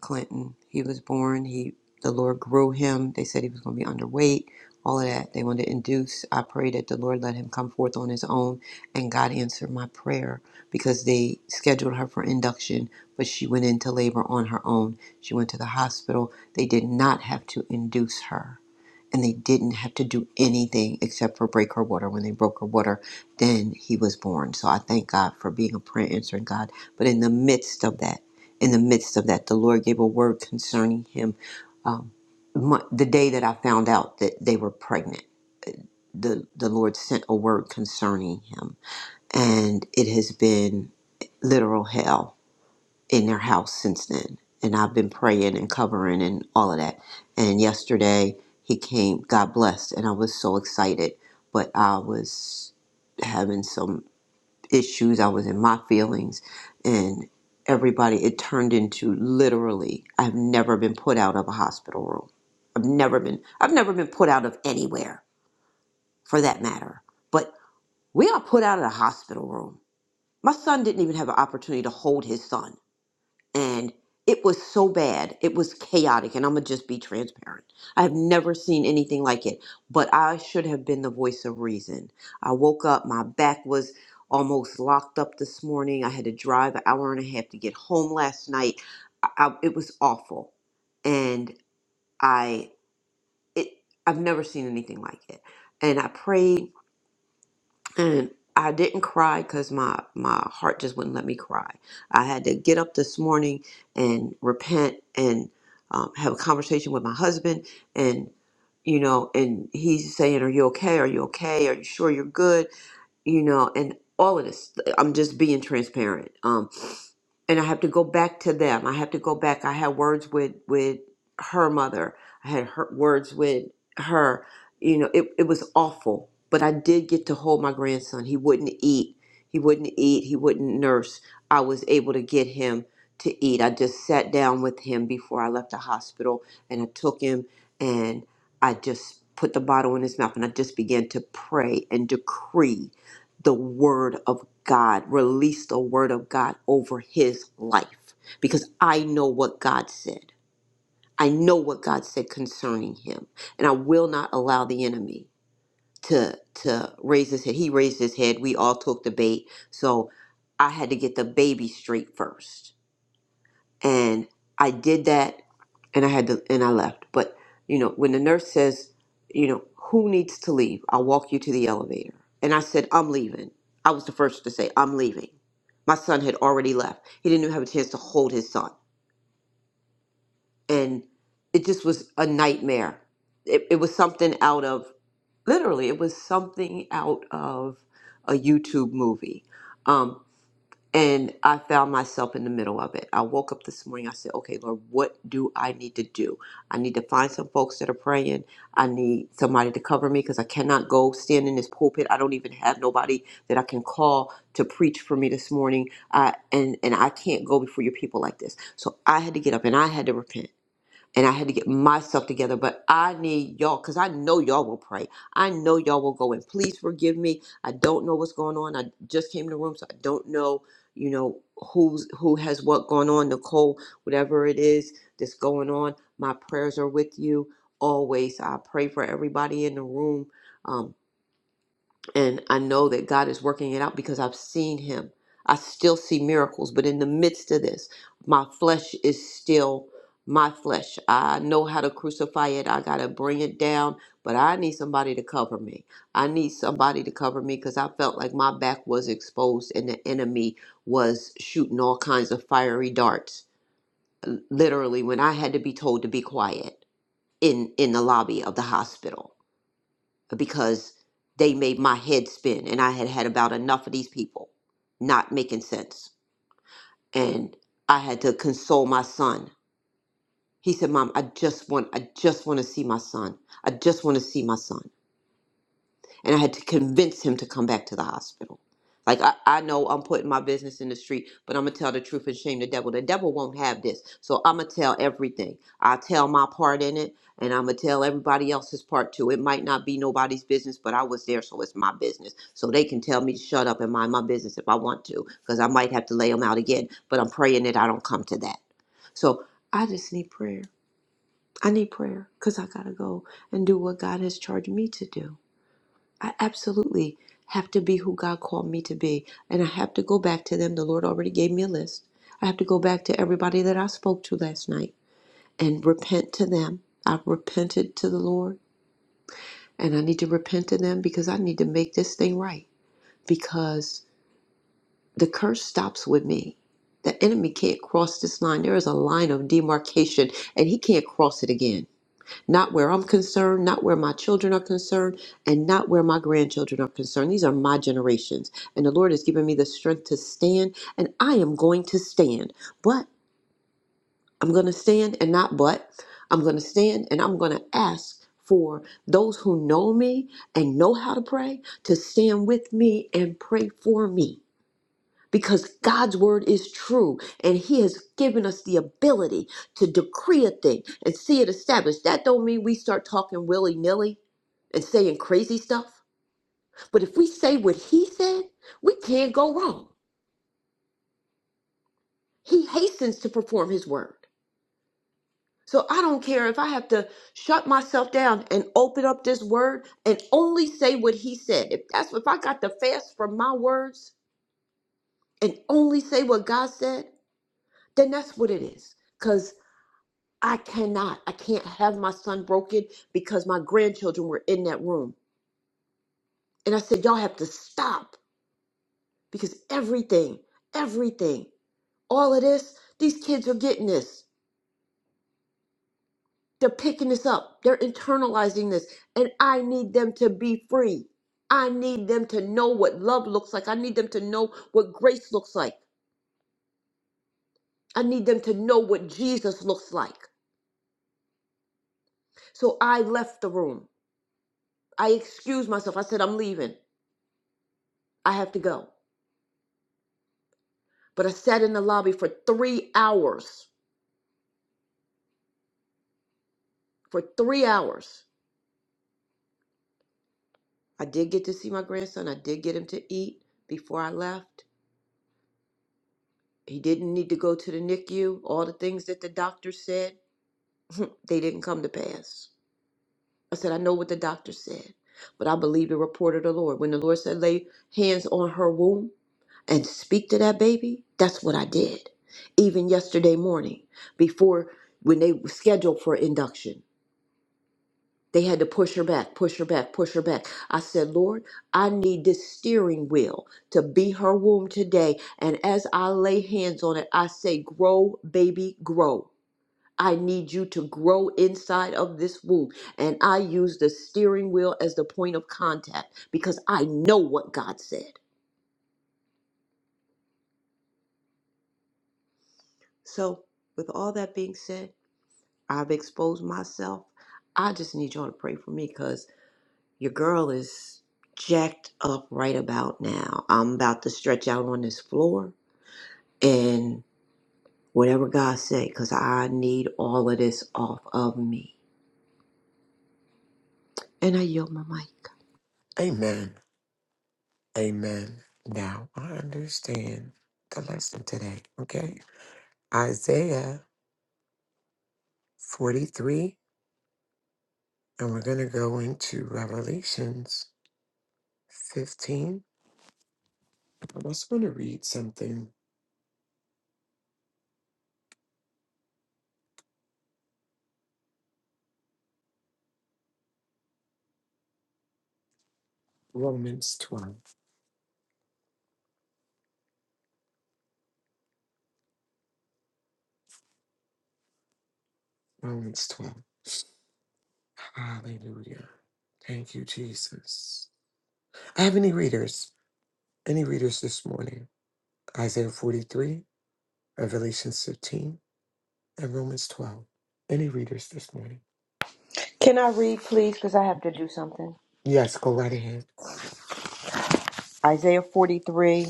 [SPEAKER 8] Clinton. He was born. He the Lord grew him. They said he was going to be underweight. All of that. They wanted to induce. I prayed that the Lord let him come forth on his own, and God answered my prayer because they scheduled her for induction, but she went into labor on her own. She went to the hospital. They did not have to induce her and they didn't have to do anything except for break her water. When they broke her water, then he was born. So I thank God for being a prayer answering God. But in the midst of that, in the midst of that, the Lord gave a word concerning him. Um, my, the day that I found out that they were pregnant, the, the Lord sent a word concerning him. And it has been literal hell in their house since then. And I've been praying and covering and all of that. And yesterday he came, God blessed, and I was so excited, but I was having some issues. I was in my feelings and everybody it turned into literally I've never been put out of a hospital room. I've never been I've never been put out of anywhere for that matter. But we are put out of the hospital room. My son didn't even have an opportunity to hold his son and it was so bad. It was chaotic, and I'm gonna just be transparent. I have never seen anything like it, but I should have been the voice of reason. I woke up, my back was almost locked up this morning. I had to drive an hour and a half to get home last night. I, I, it was awful, and I it I've never seen anything like it. And I prayed and I didn't cry because my my heart just wouldn't let me cry. I had to get up this morning and repent and um, have a conversation with my husband, and you know, and he's saying, "Are you okay? Are you okay? Are you sure you're good?" you know, and all of this. I'm just being transparent. Um, and I have to go back to them. I have to go back. I had words with with her mother. I had her, words with her. You know, it it was awful. But I did get to hold my grandson. He wouldn't eat. He wouldn't eat. He wouldn't nurse. I was able to get him to eat. I just sat down with him before I left the hospital, and I took him and I just put the bottle in his mouth, and I just began to pray and decree the word of God, release the word of God over his life because I know what God said. I know what God said concerning him, and I will not allow the enemy to to raise his head. He raised his head. We all took the bait, so I had to get the baby straight first and I did that and I had to and I left. But you know, when the nurse says, you know, who needs to leave? I'll walk you to the elevator. And I said, I'm leaving. I was the first to say, I'm leaving. My son had already left. He didn't even have a chance to hold his son. And it just was a nightmare. It, it was something out of literally it was something out of a YouTube movie. Um, and I found myself in the middle of it. I woke up this morning. I said, okay, Lord, what do I need to do? I need to find some folks that are praying. I need somebody to cover me because I cannot go stand in this pulpit. I don't even have nobody that I can call to preach for me this morning. I, and, and I can't go before your people like this. So I had to get up and I had to repent and I had to get myself together. But I need y'all because I know y'all will pray. I know y'all will go and please forgive me. I don't know what's going on. I just came in the room, so I don't know, you know, who's who has what going on. Nicole, whatever it is that's going on, my prayers are with you always. I pray for everybody in the room. Um, and I know that God is working it out because I've seen him. I still see miracles, but in the midst of this, my flesh is still my flesh. I know how to crucify it. I got to bring it down, but I need somebody to cover me. I need somebody to cover me because I felt like my back was exposed and the enemy was shooting all kinds of fiery darts. Literally, when I had to be told to be quiet in in the lobby of the hospital because they made my head spin and I had had about enough of these people not making sense. And I had to console my son. He said, "Mom, I just want I just want to see my son. I just want to see my son." and I had to convince him to come back to the hospital. Like I, I know I'm putting my business in the street, but I'm gonna tell the truth and shame the devil. The devil won't have this, so I'm gonna tell everything. I will tell my part in it, and I'm gonna tell everybody else's part too. It might not be nobody's business, but I was there, so it's my business. So they can tell me to shut up and mind my business if I want to, because I might have to lay them out again. But I'm praying that I don't come to that. So I just need prayer. I need prayer, cause I gotta go and do what God has charged me to do. I absolutely have to be who God called me to be. And I have to go back to them. The Lord already gave me a list. I have to go back to everybody that I spoke to last night and repent to them. I've repented to the Lord and I need to repent to them because I need to make this thing right because the curse stops with me. The enemy can't cross this line. There is a line of demarcation and he can't cross it again. Not where I'm concerned, not where my children are concerned, and not where my grandchildren are concerned. These are my generations. And the Lord has given me the strength to stand, and I am going to stand. But I'm going to stand and not but. I'm going to stand and I'm going to ask for those who know me and know how to pray to stand with me and pray for me because God's word is true and he has given us the ability to decree a thing and see it established. That don't mean we start talking willy-nilly and saying crazy stuff, but if we say what he said, we can't go wrong. He hastens to perform his word. So I don't care if I have to shut myself down and open up this word and only say what he said. If that's if I got to fast from my words and only say what God said, then that's what it is. is. Cause I cannot. I can't have my son broken because my grandchildren were in that room. And I said, Y'all have to stop because everything, everything, all of this, these kids are getting this. They're picking this up, they're internalizing this. And I need them to be free. I need them to know what love looks like. I need them to know what grace looks like. I need them to know what Jesus looks like. So I left the room. I excused myself. I said, I'm leaving. I have to go. But I sat in the lobby for three hours. For three hours. I did get to see my grandson. I did get him to eat before I left. He didn't need to go to the NICU. All the things that the doctor said, *laughs* they didn't come to pass. I said, I know what the doctor said, but I believe the report of the Lord. When the Lord said, lay hands on her womb and speak to that baby, that's what I did. Even yesterday morning, before when they were scheduled for induction, They had to push her back, push her back, push her back. I said, Lord, I need this steering wheel to be her womb today. And as I lay hands on it, I say, Grow, baby, grow. I need you to grow inside of this womb. And I use the steering wheel as the point of contact because I know what God said. So, with all that being said, I've exposed myself. I just need y'all to pray for me cause. Your girl is jacked up right about now. I'm about to stretch out on this floor and whatever God say, because I need all of this off of me. And I yield my mic.
[SPEAKER 2] Amen. Amen. Now I understand the lesson today. Okay. Isaiah 43, and we're going to go into Revelations 15. I'm also going to read something Romans 12. Romans 12. Hallelujah. Thank you, Jesus. I have any readers? Any readers this morning? Isaiah 43, Revelations 15, and Romans 12. Any readers this morning?
[SPEAKER 8] Can I read, please? Because I have to do something.
[SPEAKER 2] Yes, go right ahead.
[SPEAKER 8] Isaiah 43.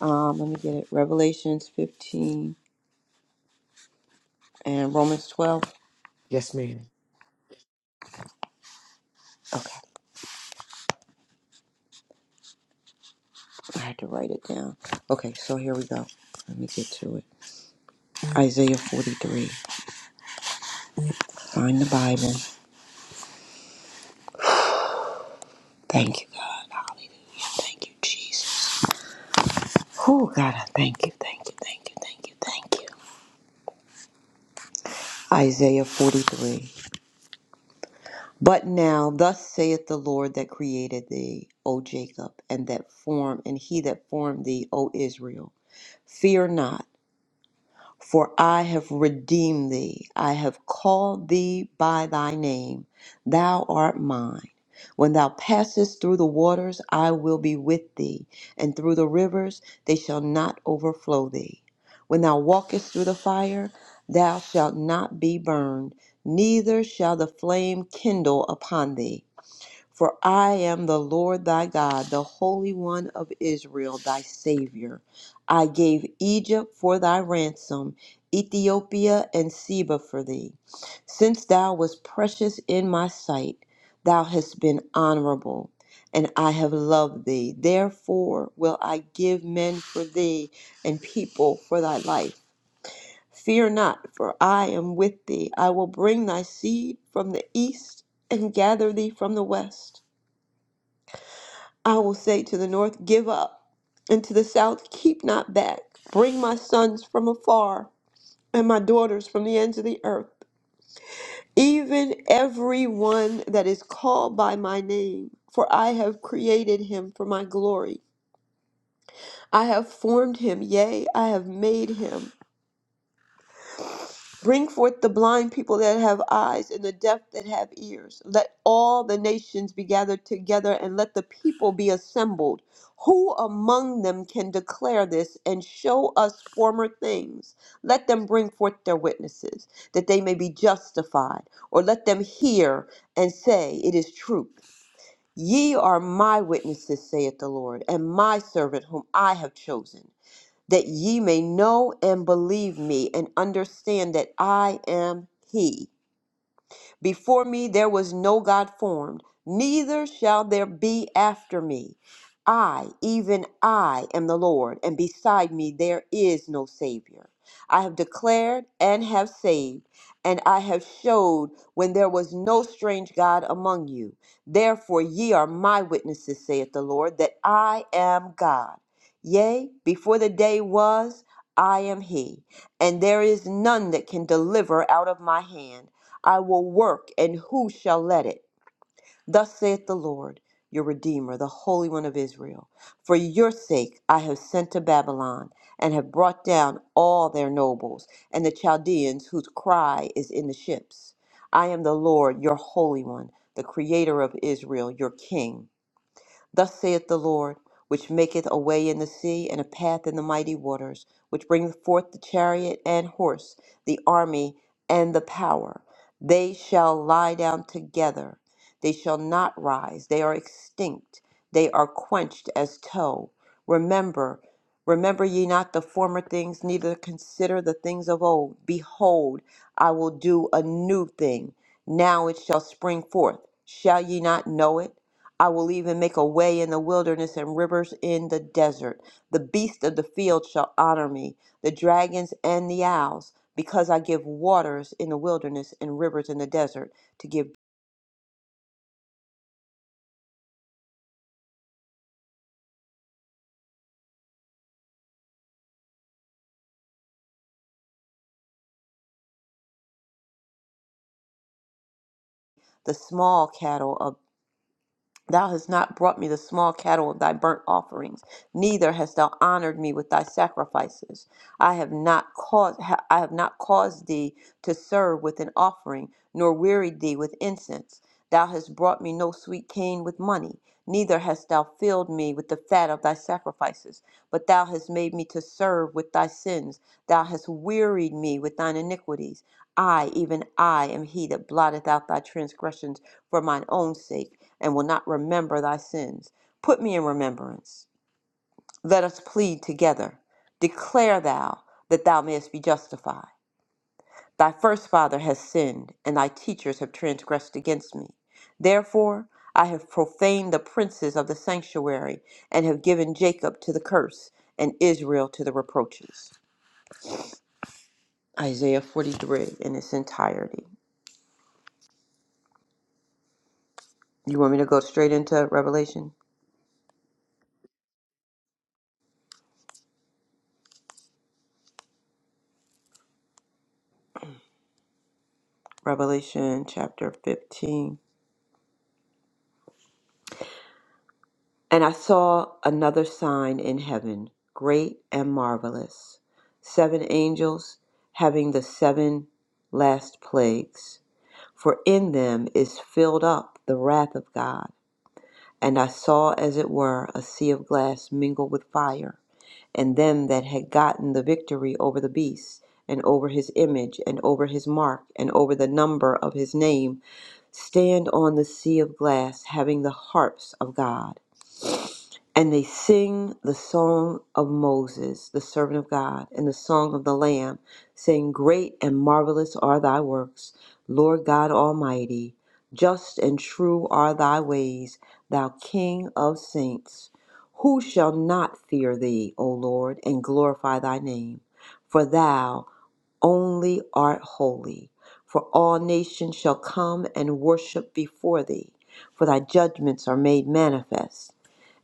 [SPEAKER 8] Um, let me get it. Revelations 15 and Romans 12.
[SPEAKER 2] Yes, ma'am.
[SPEAKER 8] Okay, I had to write it down. Okay, so here we go. Let me get to it. Isaiah 43. Find the Bible. Thank you, God. Hallelujah. Thank you, Jesus. Oh, God, I thank you, thank you, thank you, thank you, thank you. Isaiah 43. But now, thus saith the Lord that created thee, O Jacob, and that formed, and he that formed thee, O Israel. Fear not, For I have redeemed thee, I have called thee by thy name, thou art mine. When thou passest through the waters, I will be with thee, and through the rivers, they shall not overflow thee. When thou walkest through the fire, thou shalt not be burned, neither shall the flame kindle upon thee. For I am the Lord thy God, the Holy One of Israel, thy Savior. I gave Egypt for thy ransom, Ethiopia and Seba for thee. Since thou wast precious in my sight, thou hast been honorable, and I have loved thee. Therefore will I give men for thee, and people for thy life. Fear not, for I am with thee. I will bring thy seed from the east, and gather thee from the west. I will say to the north, Give up, and to the south, Keep not back. Bring my sons from afar, and my daughters from the ends of the earth, even every one that is called by my name. For I have created him for my glory. I have formed him, yea, I have made him. Bring forth the blind people that have eyes and the deaf that have ears. Let all the nations be gathered together and let the people be assembled. Who among them can declare this and show us former things? Let them bring forth their witnesses, that they may be justified, or let them hear and say, It is truth. Ye are my witnesses, saith the Lord, and my servant whom I have chosen that ye may know and believe me and understand that I am he. Before me there was no God formed, neither shall there be after me. I, even I, am the Lord, and beside me there is no Savior. I have declared and have saved, and I have showed when there was no strange God among you. Therefore ye are my witnesses, saith the Lord, that I am God. Yea, before the day was, I am He, and there is none that can deliver out of my hand. I will work, and who shall let it? Thus saith the Lord, your Redeemer, the Holy One of Israel. For your sake I have sent to Babylon, and have brought down all their nobles, and the Chaldeans whose cry is in the ships. I am the Lord, your Holy One, the Creator of Israel, your King. Thus saith the Lord, which maketh a way in the sea and a path in the mighty waters, which bringeth forth the chariot and horse, the army and the power. They shall lie down together. They shall not rise. They are extinct. They are quenched as tow. Remember, remember ye not the former things, neither consider the things of old. Behold, I will do a new thing. Now it shall spring forth. Shall ye not know it? I will even make a way in the wilderness and rivers in the desert. The beasts of the field shall honor me, the dragons and the owls, because I give waters in the wilderness and rivers in the desert to give the small cattle of Thou hast not brought me the small cattle of thy burnt offerings, neither hast thou honored me with thy sacrifices. I have not caused ha- I have not caused thee to serve with an offering, nor wearied thee with incense. Thou hast brought me no sweet cane with money, neither hast thou filled me with the fat of thy sacrifices. But thou hast made me to serve with thy sins, thou hast wearied me with thine iniquities. I, even I, am he that blotteth out thy transgressions for mine own sake and will not remember thy sins. Put me in remembrance. Let us plead together. Declare thou that thou mayest be justified. Thy first father has sinned, and thy teachers have transgressed against me. Therefore, I have profaned the princes of the sanctuary, and have given Jacob to the curse, and Israel to the reproaches. Isaiah 43 in its entirety. You want me to go straight into Revelation? Revelation chapter 15. And I saw another sign in heaven, great and marvelous, seven angels having the seven last plagues, for in them is filled up the wrath of God. And I saw, as it were, a sea of glass mingled with fire, and them that had gotten the victory over the beast, and over his image, and over his mark, and over the number of his name, stand on the sea of glass, having the harps of God. And they sing the song of Moses, the servant of God, and the song of the Lamb, saying, Great and marvelous are thy works, Lord God Almighty. Just and true are thy ways, thou King of saints. Who shall not fear thee, O Lord, and glorify thy name? For thou only art holy. For all nations shall come and worship before thee, for thy judgments are made manifest.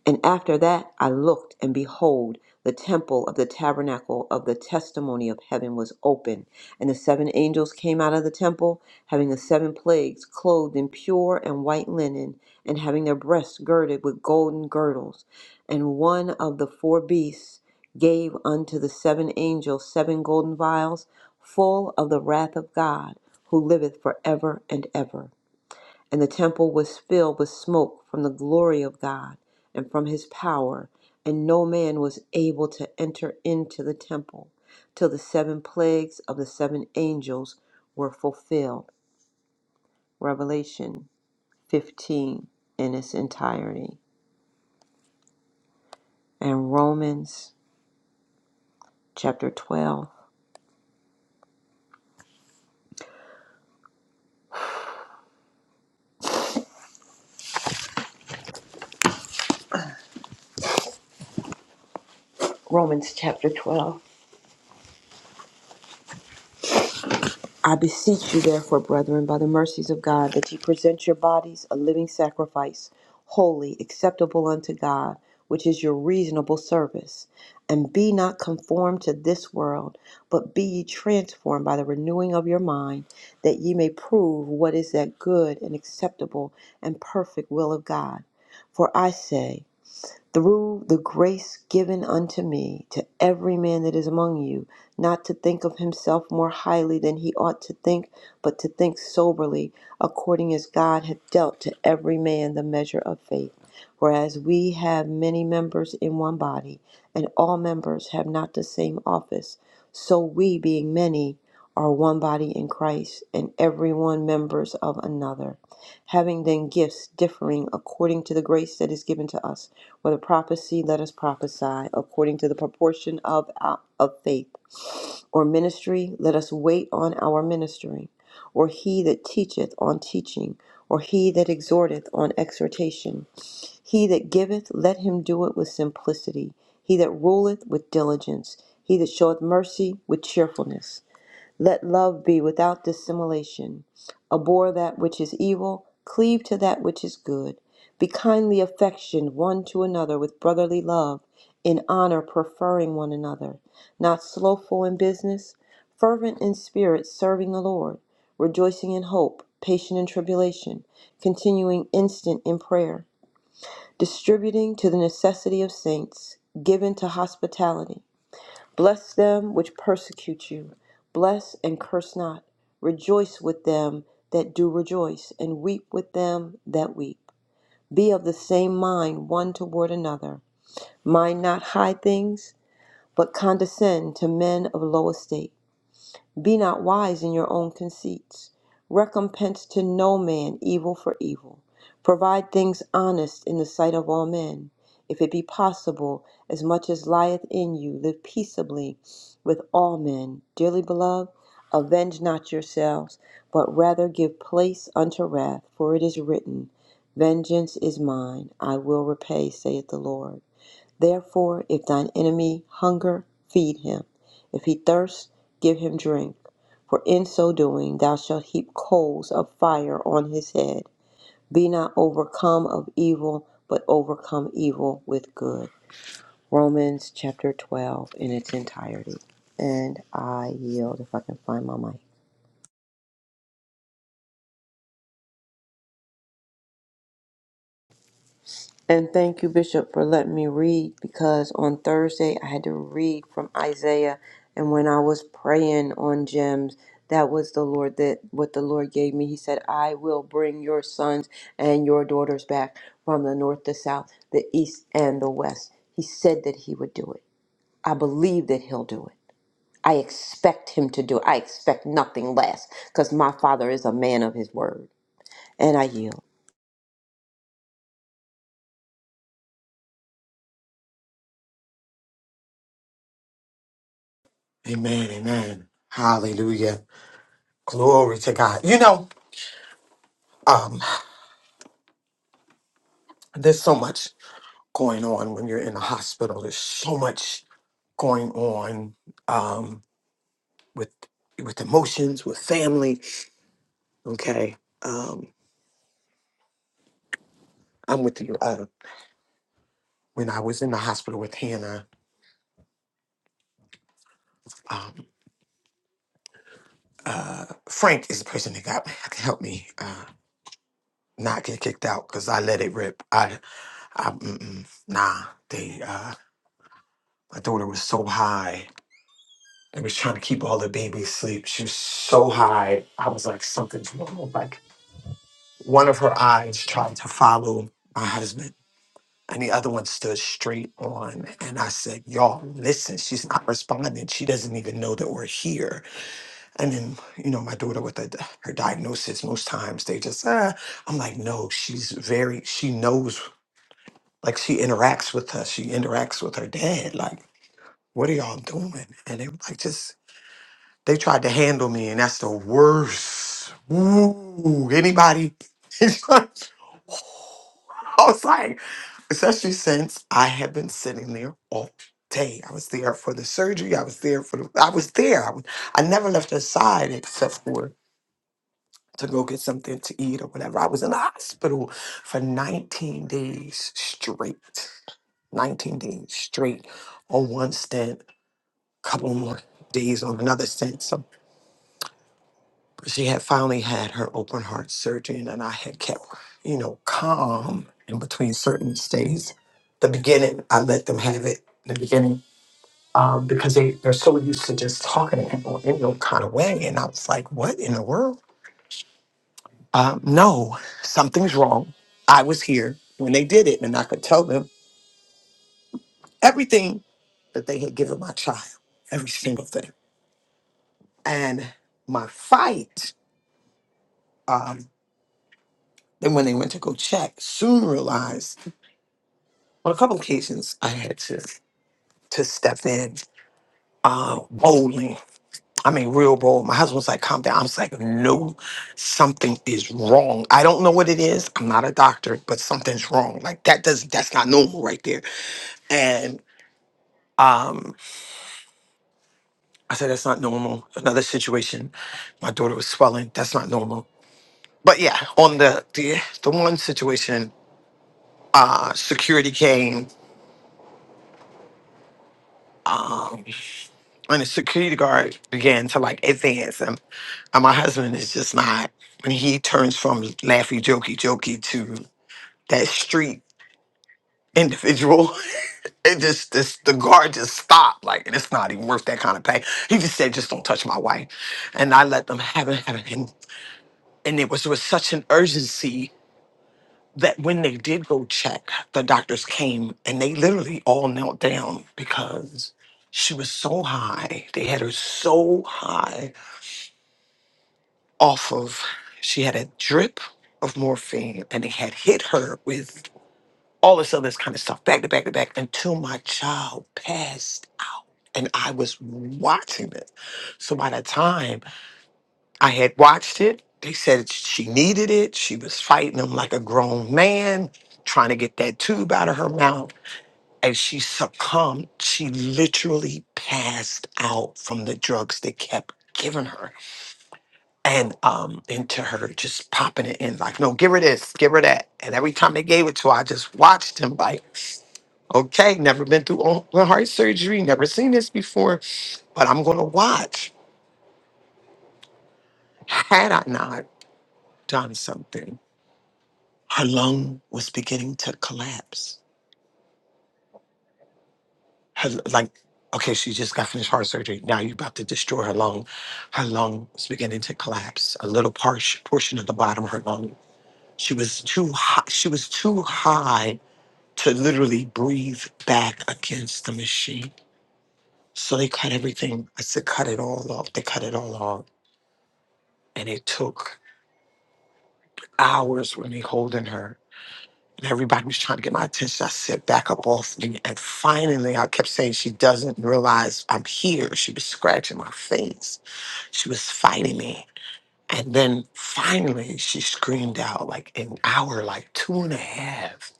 [SPEAKER 8] And after that I looked, and behold, the temple of the tabernacle of the testimony of heaven was open. And the seven angels came out of the temple, having the seven plagues, clothed in pure and white linen, and having their breasts girded with golden girdles. And one of the four beasts gave unto the seven angels seven golden vials, full of the wrath of God, who liveth for ever and ever. And the temple was filled with smoke from the glory of God and from his power, and no man was able to enter into the temple till the seven plagues of the seven angels were fulfilled. Revelation 15 in its entirety. And Romans chapter 12. Romans chapter 12. I beseech you, therefore, brethren, by the mercies of God, that ye present your bodies a living sacrifice, holy, acceptable unto God, which is your reasonable service. And be not conformed to this world, but be ye transformed by the renewing of your mind, that ye may prove what is that good and acceptable and perfect will of God. For I say, through the grace given unto me to every man that is among you, not to think of himself more highly than he ought to think, but to think soberly, according as God hath dealt to every man the measure of faith. Whereas we have many members in one body, and all members have not the same office, so we, being many, are one body in Christ, and every one members of another. Having then gifts differing according to the grace that is given to us for the prophecy, let us prophesy according to the proportion of, uh, of faith. Or ministry, let us wait on our ministering. Or he that teacheth on teaching. Or he that exhorteth on exhortation. He that giveth, let him do it with simplicity. He that ruleth with diligence. He that showeth mercy with cheerfulness. Let love be without dissimulation. Abhor that which is evil, cleave to that which is good. Be kindly affectioned one to another with brotherly love, in honor preferring one another, not slothful in business, fervent in spirit, serving the Lord, rejoicing in hope, patient in tribulation, continuing instant in prayer, distributing to the necessity of saints, given to hospitality. Bless them which persecute you. Bless and curse not. Rejoice with them that do rejoice, and weep with them that weep. Be of the same mind one toward another. Mind not high things, but condescend to men of low estate. Be not wise in your own conceits. Recompense to no man evil for evil. Provide things honest in the sight of all men. If it be possible, as much as lieth in you, live peaceably with all men. Dearly beloved, avenge not yourselves, but rather give place unto wrath, for it is written, Vengeance is mine, I will repay, saith the Lord. Therefore, if thine enemy hunger, feed him. If he thirst, give him drink. For in so doing thou shalt heap coals of fire on his head. Be not overcome of evil, but overcome evil with good. Romans chapter 12 in its entirety. And I yield if I can find my mic. And thank you, Bishop, for letting me read because on Thursday I had to read from Isaiah. And when I was praying on gems, that was the Lord that what the Lord gave me. He said, I will bring your sons and your daughters back from the north, the south, the east, and the west. He said that he would do it. I believe that he'll do it. I expect him to do it. I expect nothing less because my father is a man of his word. And I yield.
[SPEAKER 2] Amen. Amen. Hallelujah. Glory to God. You know, um, there's so much going on when you're in the hospital. There's so much going on. Um, with with emotions, with family. Okay, um, I'm with you. Uh, when I was in the hospital with Hannah, um, uh, Frank is the person that got *laughs* that helped me uh, not get kicked out because I let it rip. I, I mm-mm, nah. They uh, my daughter was so high. They was trying to keep all the babies asleep. She was so high. I was like, something's wrong. Like one of her eyes tried to follow my husband And the other one stood straight on. And I said, Y'all, listen, she's not responding. She doesn't even know that we're here. And then, you know, my daughter with the, her diagnosis, most times they just, ah. I'm like, No, she's very, she knows, like, she interacts with us. She interacts with her dad. Like, what are y'all doing? And they were like, Just, they tried to handle me. And that's the worst. Ooh, anybody? *laughs* I was like, especially since I have been sitting there all day. I was there for the surgery. I was there for the. I was there. I, was, I never left her side except for to go get something to eat or whatever. I was in the hospital for 19 days straight. 19 days straight on one stent, couple more days on another stent. So she had finally had her open heart surgery, and then I had kept, you know, calm in between certain stays. The beginning, I let them have it. The beginning um, because they, they're so used to just talking to people in no kind of way. And I was like, what in the world? Um, no, something's wrong. I was here when they did it, and I could tell them everything that they had given my child, every single thing. And my fight, um, then when they went to go check, soon realized on a couple occasions I had to to step in uh, boldly I mean, real bold. My husband's like, calm down. I was like, no, something is wrong. I don't know what it is. I'm not a doctor, but something's wrong. Like that does that's not normal right there. And um, I said, that's not normal. Another situation. My daughter was swelling. That's not normal. But yeah, on the the, the one situation, uh, security came, um, and the security guard began to like advance him. And my husband is just not when he turns from laughy jokey jokey to. that street individual. *laughs* it just this the guard just stopped like and it's not even worth that kind of pay he just said just don't touch my wife and i let them have it, have it. And, and it was with such an urgency that when they did go check the doctors came and they literally all knelt down because she was so high they had her so high off of she had a drip of morphine and they had hit her with all this other kind of stuff, back to back to back, until my child passed out. And I was watching it. So by the time I had watched it, they said she needed it. She was fighting him like a grown man, trying to get that tube out of her mouth. And she succumbed. She literally passed out from the drugs they kept giving her and um into her just popping it in like no give her this give her that and every time they gave it to her i just watched him like Okay, never been through open heart surgery, never seen this before, but I'm going to watch. Had I not done something, her lung was beginning to collapse. Her, like, okay, she just got finished heart surgery. Now you're about to destroy her lung. Her lung was beginning to collapse. A little portion, portion of the bottom of her lung. She was too high. She was too high to literally breathe back against the machine. So they cut everything. I said, cut it all off. They cut it all off and it took hours with me holding her. And everybody was trying to get my attention. I said, back up off me. And finally, I kept saying, she doesn't realize I'm here. She was scratching my face. She was fighting me. And then finally, she screamed out like an hour, like two and a half,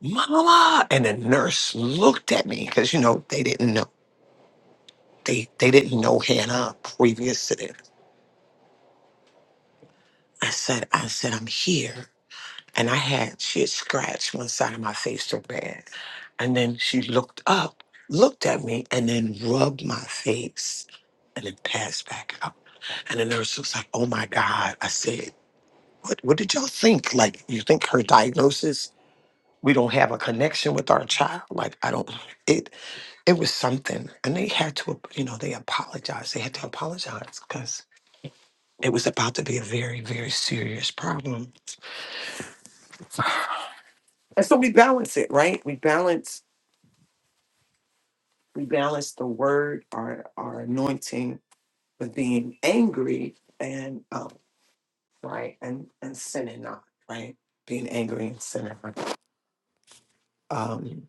[SPEAKER 2] Mama. And the nurse looked at me because, you know, they didn't know. They, they didn't know Hannah previous to this. I said, I said, I'm here. And I had, she had scratched one side of my face so bad. And then she looked up, looked at me, and then rubbed my face and then passed back out. And the nurse was like, oh my God. I said, what, what did y'all think? Like, you think her diagnosis, we don't have a connection with our child? Like, I don't, it, it was something. And they had to, you know, they apologized. They had to apologize because it was about to be a very, very serious problem. The word, our, our anointing being angry and um right and and sinning not right being angry and sinning not. um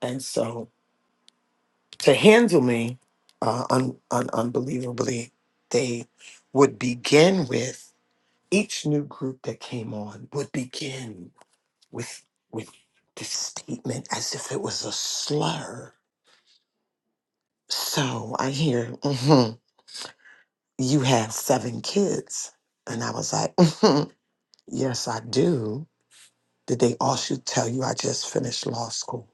[SPEAKER 2] and so to handle me uh un, un, unbelievably they would begin with each new group that came on would begin with with this statement as if it was a slur so i hear hmm you have seven kids and i was like *laughs* yes i do Did they all should tell you I just finished law school?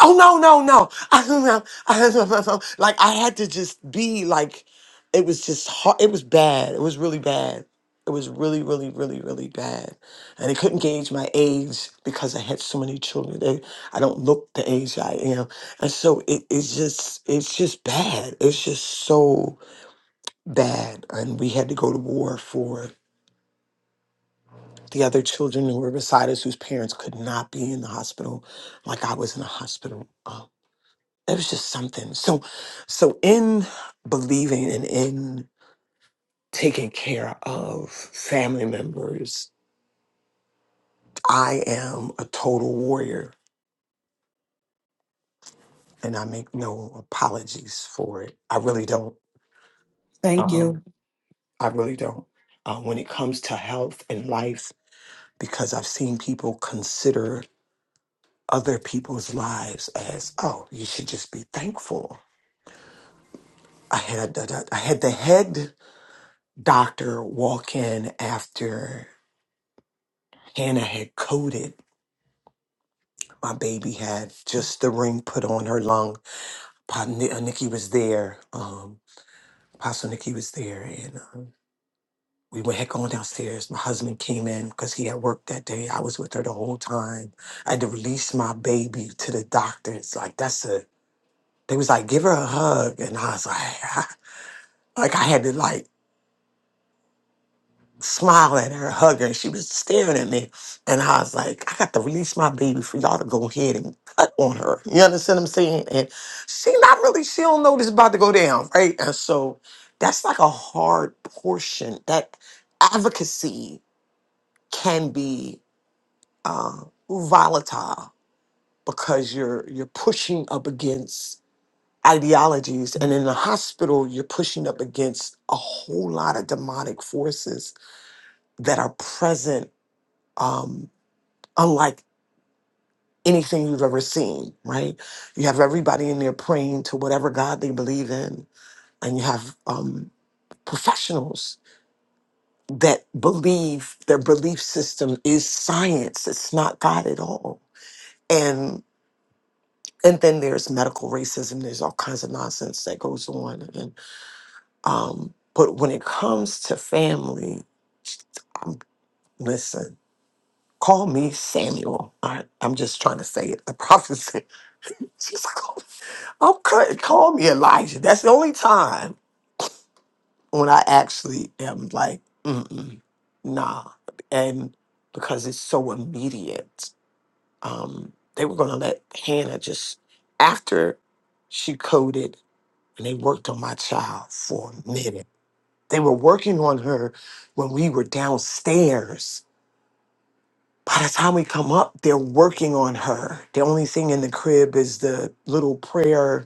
[SPEAKER 2] Oh no, no, no. *laughs* I do I do Like I had to just be like it was just hard. It was bad. It was really bad. It was really, really, really, really bad. And they couldn't gauge my age because I had so many children. They, I don't look the age I am. And so it, it's just it's just bad. It's just so bad. And we had to go to war for the other children who were reciters whose parents could not be in the hospital like i was in a hospital uh, it was just something so so in believing and in taking care of family members i am a total warrior and i make no apologies for it i really don't
[SPEAKER 6] Thank
[SPEAKER 2] um
[SPEAKER 6] you.
[SPEAKER 2] i really don't uh, when it comes to health and life because i've seen people consider other people's lives as oh you should just be thankful I had the, I had the head doctor walk in after Hannah had coded. My baby had just the ring put on her lung. Pa- Ni- uh, Nikki was there. Um, Pastor Nikki was there, and uh, we went had gone downstairs. My husband came in because he had work that day. I was with her the whole time. I had to release my baby to the doctor. It's like that's a. They was like, give her a hug, and I was like, *laughs* like I had to like. smiling at her, hugging She was staring at me. And I was like, I got to release my baby for y'all to go ahead and cut on her. You understand what I'm saying? And she not really, she don't know this is about to go down, right? And so that's like a hard portion. That advocacy can be uh, volatile because you're you're pushing up against ideologies and in the hospital you're pushing up against a whole lot of demonic forces that are present um, unlike anything you've ever seen, right? You have everybody in there praying to whatever God they believe in, and you have um, professionals that believe their belief system is science, it's not God at all. And and then there's medical racism, there's all kinds of nonsense that goes on. And um, but when it comes to family, um, listen, call me Samuel. All right, I'm just trying to say it. I promise it. *laughs* prophesy. I'm cra- call me Elijah. That's the only time when I actually am like, Mm-mm, nah, and because it's so immediate. Um, they were gonna let Hannah just after she coded and they worked on my child for a minute. They were working on her when we were downstairs. By the time we come up, they're working on her. The only thing in the crib is the little prayer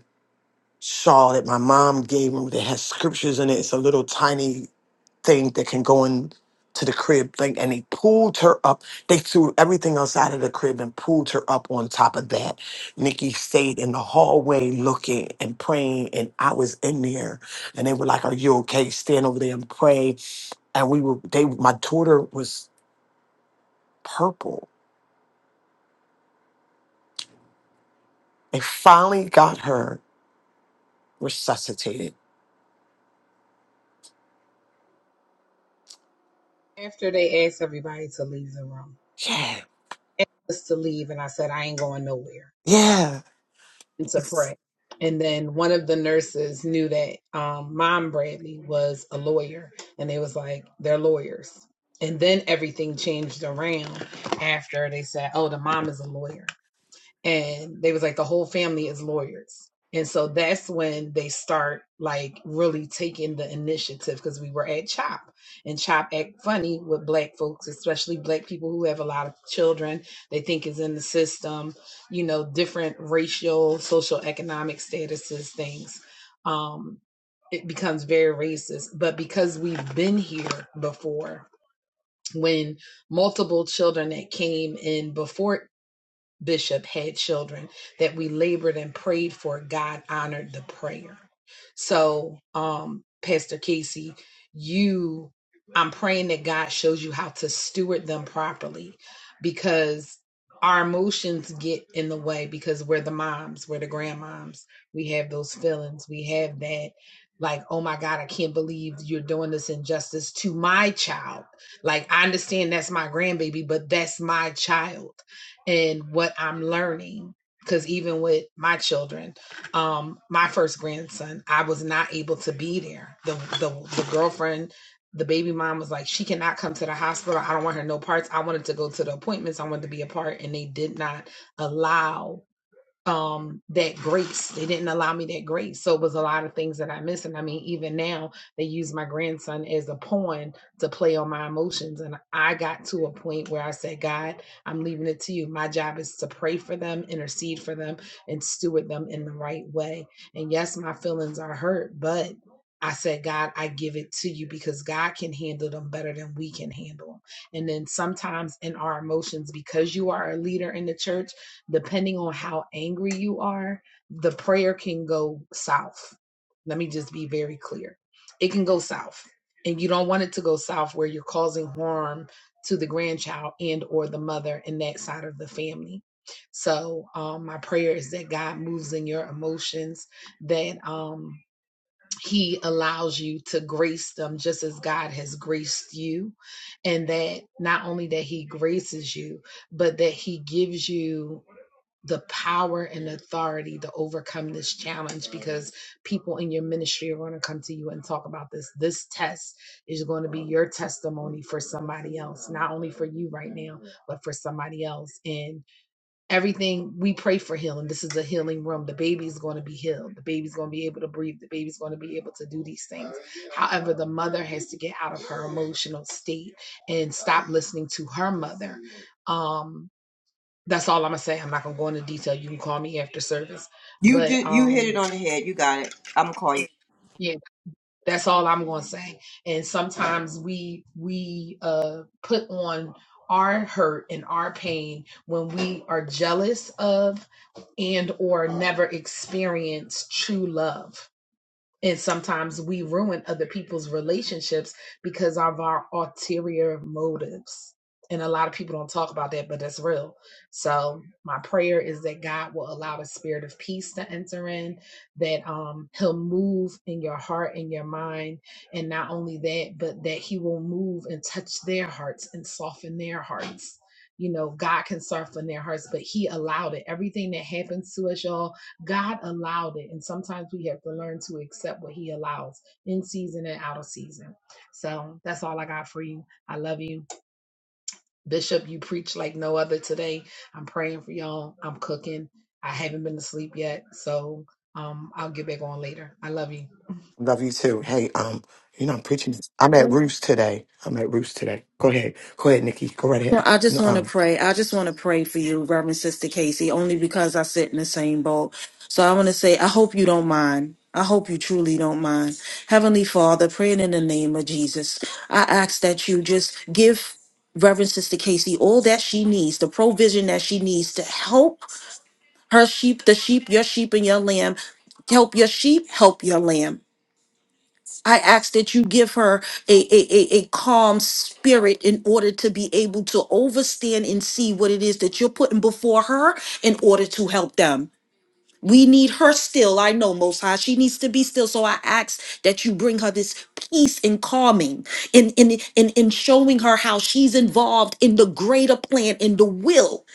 [SPEAKER 2] shawl that my mom gave me that has scriptures in it. It's a little tiny thing that can go in to the crib thing. And they pulled her up. They threw everything else out of the crib and pulled her up on top of that. Nikki stayed in the hallway looking and praying. And I was in there. And they were like, Are you okay? Stand over there and pray. And we were they my daughter was purple. They finally got her resuscitated.
[SPEAKER 5] After they asked everybody to leave the room,
[SPEAKER 2] Yeah.
[SPEAKER 5] asked us to leave, and I said, I ain't going nowhere
[SPEAKER 2] Yeah.
[SPEAKER 5] and to pray. And then one of the nurses knew that um, Mom Bradley was a lawyer, and they was like, they're lawyers. And then everything changed around after they said, oh, the mom is a lawyer. and they was like the whole family is lawyers and so that's when they start like really taking the initiative because we were at chop and chop act funny with black folks especially black people who have a lot of children they think is in the system you know different racial social economic statuses things um it becomes very racist but because we've been here before when multiple children that came in before bishop had children that we labored and prayed for god honored the prayer so um pastor casey you i'm praying that god shows you how to steward them properly because our emotions get in the way because we're the moms we're the grandmoms we have those feelings we have that like oh my god i can't believe you're doing this injustice to my child like i understand that's my grandbaby but that's my child and what I'm learning. Because even with my children, um, my first grandson, I was not able to be there. The, the the girlfriend, the baby mom was like, she cannot come to the hospital. I don't want her no parts. I wanted to go to the appointments. I wanted to be a part, and they did not allow um that grace. They didn't allow me that grace. So it was a lot of things that I missed. And I mean, even now they use my grandson as a pawn to play on my emotions. And I got to a point where I said, God, I'm leaving it to you. My job is to pray for them, intercede for them, and steward them in the right way. And yes, my feelings are hurt, but I said, God, I give it to you because God can handle them better than we can handle them. And then sometimes in our emotions, because you are a leader in the church depending on how angry you are, the prayer can go south. Let me just be very clear. It can go south. And you don't want it to go south where you're causing harm to the grandchild and or the mother in that side of the family. So um, my prayer is that God moves in your emotions, that um, he allows you to grace them just as God has graced you. And that not only that he graces you, but that he gives you the power and authority to overcome this challenge because people in your ministry are going to come to you and talk about this. This test is going to be your testimony for somebody else, not only for you right now, but for somebody else. And everything we pray for healing. This is a healing room. The baby's going to be healed. The baby's going to be able to breathe. The baby's going to be able to do these things. However, the mother has to get out of her emotional state and stop listening to her mother. Um, that's all I'm gonna say. I'm not gonna go into detail. You can call me after service,
[SPEAKER 8] You
[SPEAKER 5] but
[SPEAKER 8] just you hit
[SPEAKER 5] um,
[SPEAKER 8] it on the head. You got it. I'm gonna call you.
[SPEAKER 5] yeah, that's all I'm gonna say. And sometimes we we uh put on our hurt and our pain when we are jealous of and or never experience true love and sometimes we ruin other people's relationships because of our ulterior motives. And a lot of people don't talk about that, but that's real. So my prayer is that God will allow a spirit of peace to enter in, that um he'll move in your heart and your mind. And not only that, but that he will move and touch their hearts and soften their hearts. You know, God can soften their hearts, but he allowed it. Everything that happens to us, y'all, God allowed it. And sometimes we have to learn to accept what He allows in season and out of season. So that's all I got for you. I love you. Bishop, you preach like no other today. I'm praying for y'all. I'm cooking. I haven't been to sleep yet. So um, I'll get back on later. I love you.
[SPEAKER 2] Love you too. Hey, um, you know I'm preaching. this- I'm at Roost today. I'm at Roost today. Go ahead. Go ahead, Nikki. Go right
[SPEAKER 6] Well,
[SPEAKER 2] ahead.
[SPEAKER 6] I just
[SPEAKER 2] No,
[SPEAKER 6] want to
[SPEAKER 2] um,
[SPEAKER 6] pray. I just want to pray for you, Reverend Sister Casey, only because I sit in the same boat. So I want to say, I hope you don't mind. I hope you truly don't mind. Heavenly Father, praying in the name of Jesus, I ask that you just give Reverend Sister Casey all that she needs, the provision that she needs to help her sheep, the sheep, your sheep, and your lamb. Help your sheep, help your lamb. I ask that you give her a, a, a, a calm spirit in order to be able to overstand and see what it is that you're putting before her in order to help them. We need her still. I know, Most High. She needs to be still. So I ask that you bring her this peace and calming and in, in, in, in showing her how she's involved in the greater plan and the will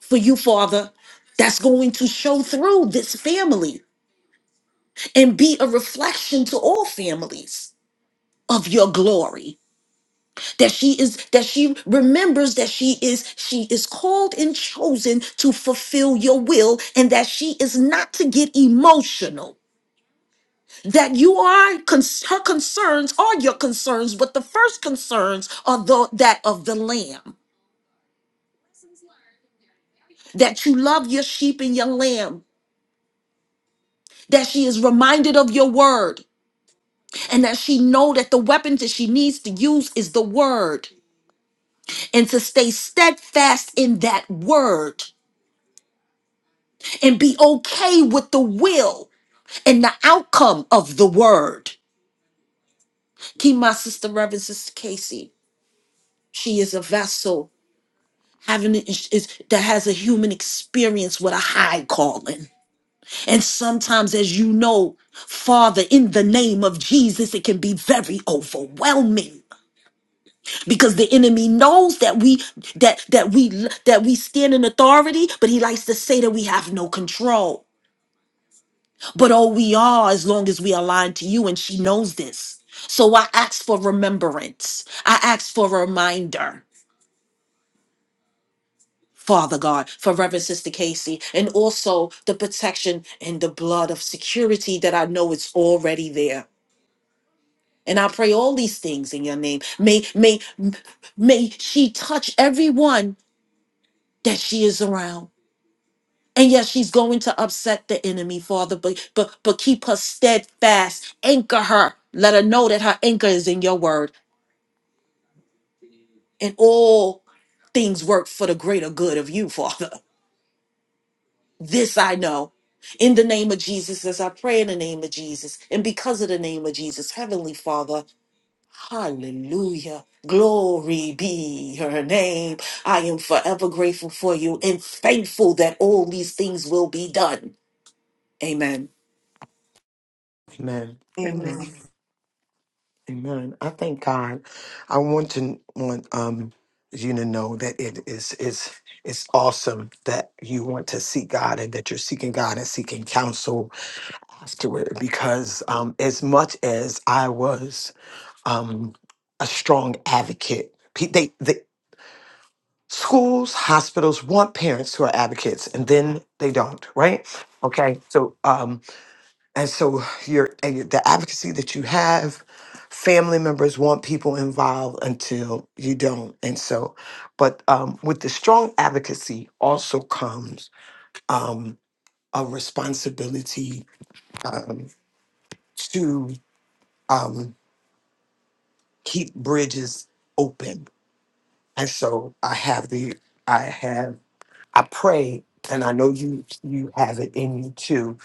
[SPEAKER 6] for you, Father, that's going to show through this family and be a reflection to all families of your glory. that she is that she remembers that she is she is called and chosen to fulfill your will and that she is not to get emotional that you are cons- her concerns are your concerns but the first concerns are the, that of the lamb that you love your sheep and your lamb that she is reminded of your word and that she know that the weapon that she needs to use is the word and to stay steadfast in that word and be okay with the will and the outcome of the word. Keep my sister, Reverend Sister Casey. She is a vessel having is, is- that has a human experience with a high calling. And sometimes, as you know, Father, in the name of Jesus, it can be very overwhelming because the enemy knows that we that that we that we stand in authority, but he likes to say that we have no control. But oh, we are as long as we align to you, and she knows this. So I ask for remembrance. I ask for a reminder, Father God, for Reverend Sister Casey, and also the protection and the blood of security that I know is already there. And I pray all these things in your name. May may may she touch everyone that she is around. And yes, she's going to upset the enemy, Father, but but but keep her steadfast. Anchor her. Let her know that her anchor is in your word. And all things work for the greater good of you, *laughs* Father. This I know. In the name of Jesus, as I pray in the name of Jesus, and because of the name of Jesus, Heavenly Father, hallelujah. Glory be her name. I am forever grateful for you and thankful that all these things will be done. Amen.
[SPEAKER 2] amen.
[SPEAKER 8] Amen.
[SPEAKER 2] Amen. Amen. I thank God. I want to want um you to know that it is is it's awesome that you want to seek God and that you're seeking God and seeking counsel to it because um, as much as I was um, a strong advocate, pe- they the schools, hospitals want parents who are advocates, and then they don't, right? Okay, so um, and so your and your- the advocacy that you have, family members want people involved until you don't, and so, but um, with the strong advocacy also comes um, a responsibility um, to. Um, keep bridges open. And so I have the I have I pray and I know you you have it in you too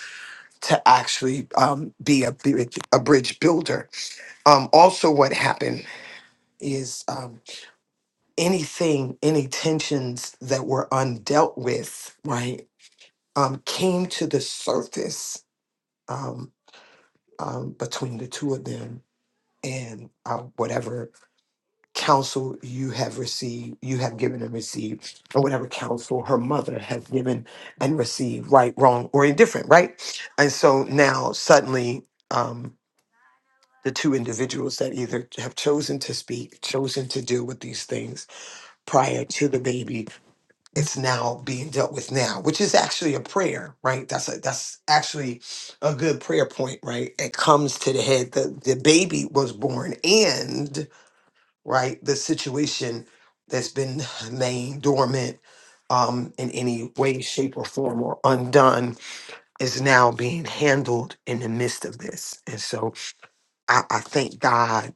[SPEAKER 2] to actually um, be a bridge, a bridge builder. Um, also, what happened is um, anything any tensions that were undealt with right um, came to the surface um, um, between the two of them and uh, whatever counsel you have received, you have given and received, or whatever counsel her mother has given and received, right, wrong, or indifferent, right? And so now suddenly, um, the two individuals that either have chosen to speak, chosen to deal with these things prior to the baby, it's now being dealt with now, which is actually a prayer, right? That's a, that's actually a good prayer point, right? It comes to the head. The the baby was born, and right? The situation that's been *sighs* laying dormant um, in any way, shape, or form or undone is now being handled in the midst of this. And so I, I thank God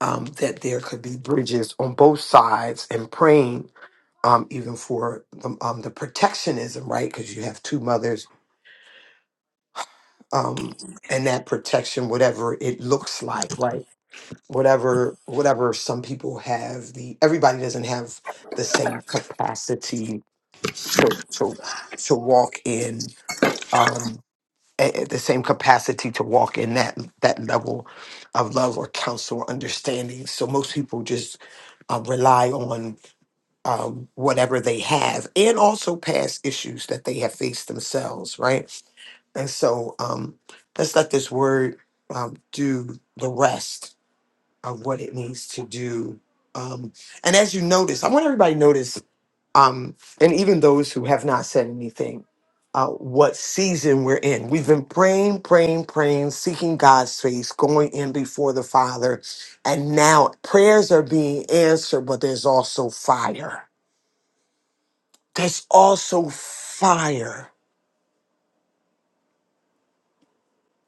[SPEAKER 2] um, that there could be bridges on both sides and praying um, even for the, um, the protectionism, right? Because you have two mothers um, and that protection, whatever it looks like, right? whatever whatever some people have the everybody doesn't have the same capacity to to to walk in um a- a- the same capacity to walk in that that level of love or counsel or understanding so most people just uh, rely on um, whatever they have and also past issues that they have faced themselves right and so um, let's let this word um, do the rest of what it needs to do. Um, and as you notice, I want everybody to notice, um, and even those who have not said anything, uh, what season we're in. We've been praying, praying, praying, seeking God's face, going in before the Father. And now prayers are being answered, but there's also fire. There's also fire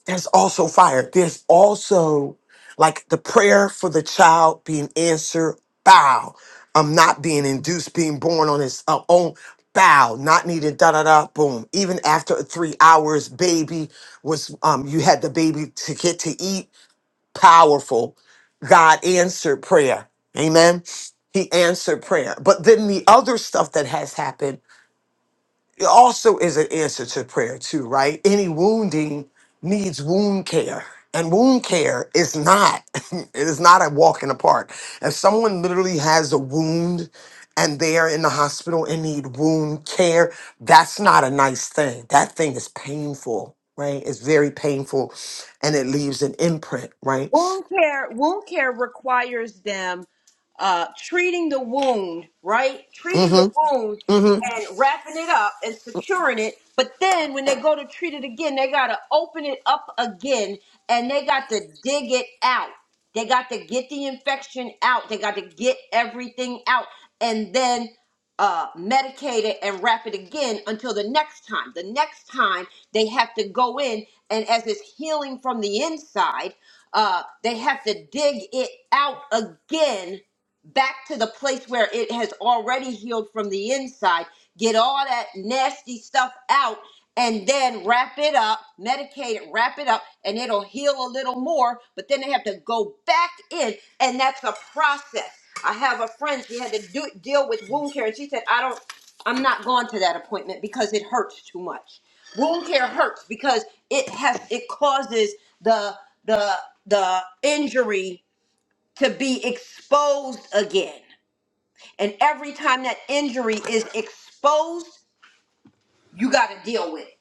[SPEAKER 2] There's also fire. There's also like the prayer for the child being answered, bow. I'm not being induced, being born on his uh, own, bow, not needed, da da da, boom. Even after three hours, baby was, um, you had the baby to get to eat, powerful. God answered prayer. Amen. He answered prayer. But then the other stuff that has happened it also is an answer to prayer, too, right? Any wounding needs wound care. And wound care is not, *laughs* it is not a walk in the park. If someone literally has a wound and they are in the hospital and need wound care, that's not a nice thing. That thing is painful, right? It's very painful and it leaves an imprint, right?
[SPEAKER 8] wound care wound care requires them uh, treating the wound right treating the
[SPEAKER 2] Mm-hmm.
[SPEAKER 8] wound
[SPEAKER 2] Mm-hmm.
[SPEAKER 8] and wrapping it up and securing it but then when they go to treat it again they got to open it up again and they got to dig it out they got to get the infection out they got to get everything out and then uh, medicate it and wrap it again until the next time the next time they have to go in and as it's healing from the inside uh, they have to dig it out again back to the place where it has already healed from the inside get all that nasty stuff out and then wrap it up, medicate it, wrap it up, and it'll heal a little more. But then they have to go back in, and that's a process. I have a friend, she had to do, deal with wound care, and she said, I don't, I'm not going to that appointment because it hurts too much. Wound care hurts because it has, it causes the, the, the injury to be exposed again. And every time that injury is exposed, you got to deal with it.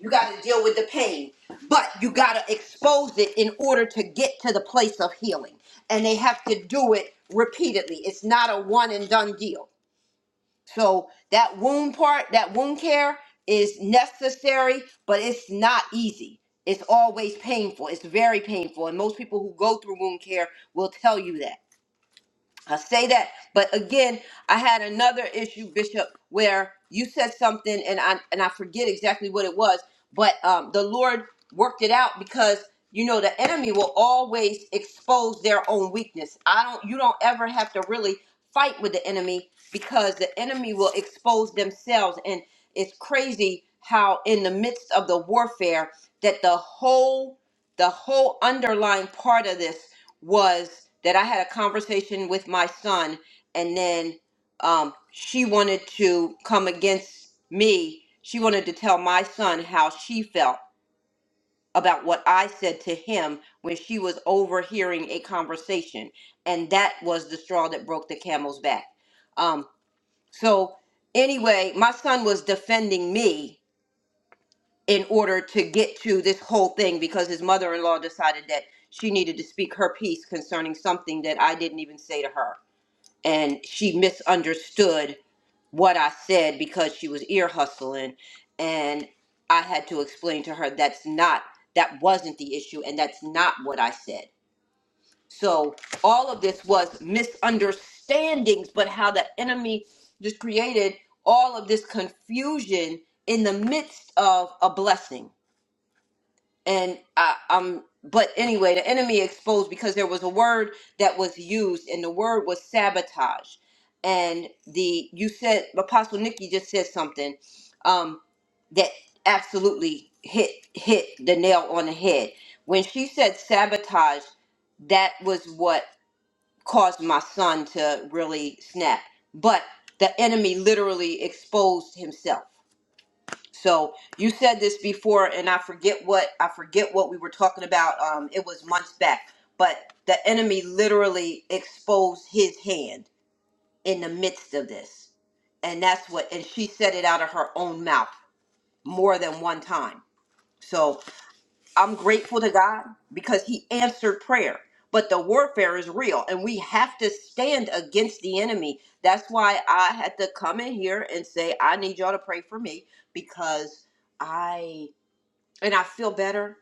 [SPEAKER 8] You got to deal with the pain, but you got to expose it in order to get to the place of healing. And they have to do it repeatedly. It's not a one and done deal. So that wound part, that wound care is necessary, but it's not easy. It's always painful. It's very painful. And most people who go through wound care will tell you that. I say that, but again, I had another issue, Bishop, where you said something, and I and I forget exactly what it was, but um, the Lord worked it out because you know the enemy will always expose their own weakness. I don't, you don't ever have to really fight with the enemy because the enemy will expose themselves, and it's crazy how in the midst of the warfare that the whole the whole underlying part of this was that I had a conversation with my son, and then um, she wanted to come against me. She wanted to tell my son how she felt about what I said to him when she was overhearing a conversation. And that was the straw that broke the camel's back. Um, so, anyway, my son was defending me in order to get to this whole thing because his mother-in-law decided that she needed to speak her piece concerning something that I didn't even say to her and she misunderstood what I said because she was ear hustling and I had to explain to her that's not that wasn't the issue and that's not what I said. So all of this was misunderstandings but how the enemy just created all of this confusion in the midst of a blessing and I, um but anyway the enemy exposed because there was a word that was used and the word was sabotage and the you said apostle nikki just said something um that absolutely hit hit the nail on the head when she said sabotage that was what caused my son to really snap but the enemy literally exposed himself so you said this before, and I forget what I forget what we were talking about. Um, it was months back, but the enemy literally exposed his hand in the midst of this, and that's what. And she said it out of her own mouth more than one time. So I'm grateful to God because He answered prayer. But the warfare is real, and we have to stand against the enemy. That's why I had to come in here and say, I need y'all to pray for me because I and I feel better.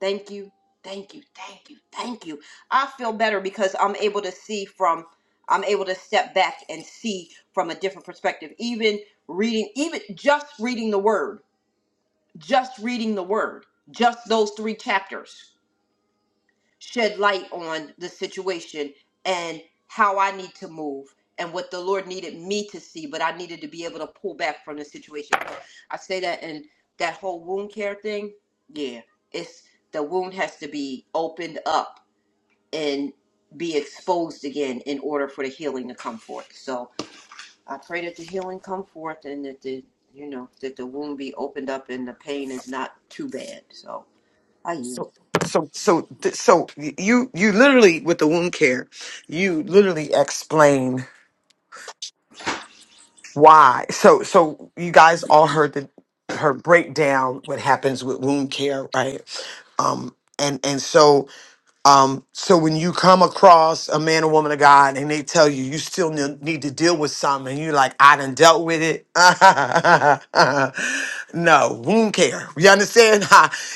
[SPEAKER 8] Thank you. Thank you. Thank you. Thank you. I feel better because I'm able to see from I'm able to step back and see from a different perspective. Even reading even just reading the word, just reading the word, just those 3 chapters shed light on the situation and how I need to move and what the Lord needed me to see, but I needed to be able to pull back from the situation. So I say that and that whole wound care thing, yeah, it's the wound has to be opened up and be exposed again in order for the healing to come forth. So I pray that the healing come forth and that the you know that the wound be opened up and the pain is not too bad. So I yield.
[SPEAKER 2] So so so th- so y- you you literally with the wound care, you literally explain. Why? So so you guys all heard the her breakdown what happens with wound care, right? Um and and so um, so when you come across a man or woman of God and they tell you you still ne- need to deal with something, and you're like, I done dealt with it. *laughs* no, we don't care. You understand? *laughs*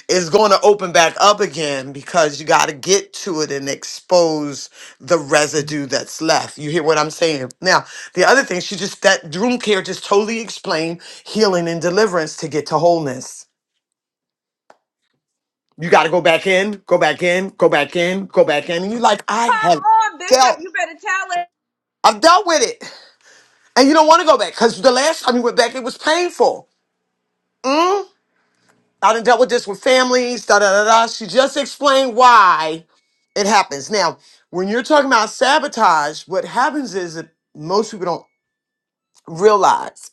[SPEAKER 2] it's going to open back up again because you got to get to it and expose the residue that's left. You hear what I'm saying? Now, the other thing, she just that room care just totally explained healing and deliverance to get to wholeness. You got to go back in, go back in, go back in, go back in. And you're like, I have dealt, I've dealt with it. And you don't want to go back because the last time you went back, it was painful. Mm? I done dealt with this with families, da da da da. She just explained why it happens. Now, when you're talking about sabotage, what happens is that most people don't realize.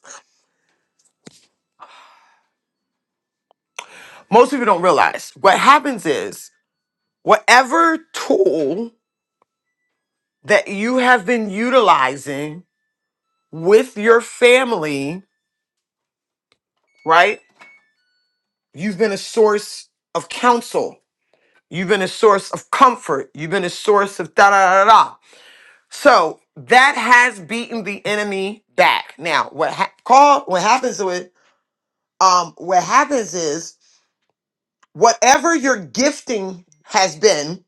[SPEAKER 2] Most people don't realize. What happens is whatever tool that you have been utilizing with your family, right? You've been a source of counsel. You've been a source of comfort. You've been a source of da da da da. So that has beaten the enemy back. Now, what ha- call what happens to it? Um, what happens is whatever your gifting has been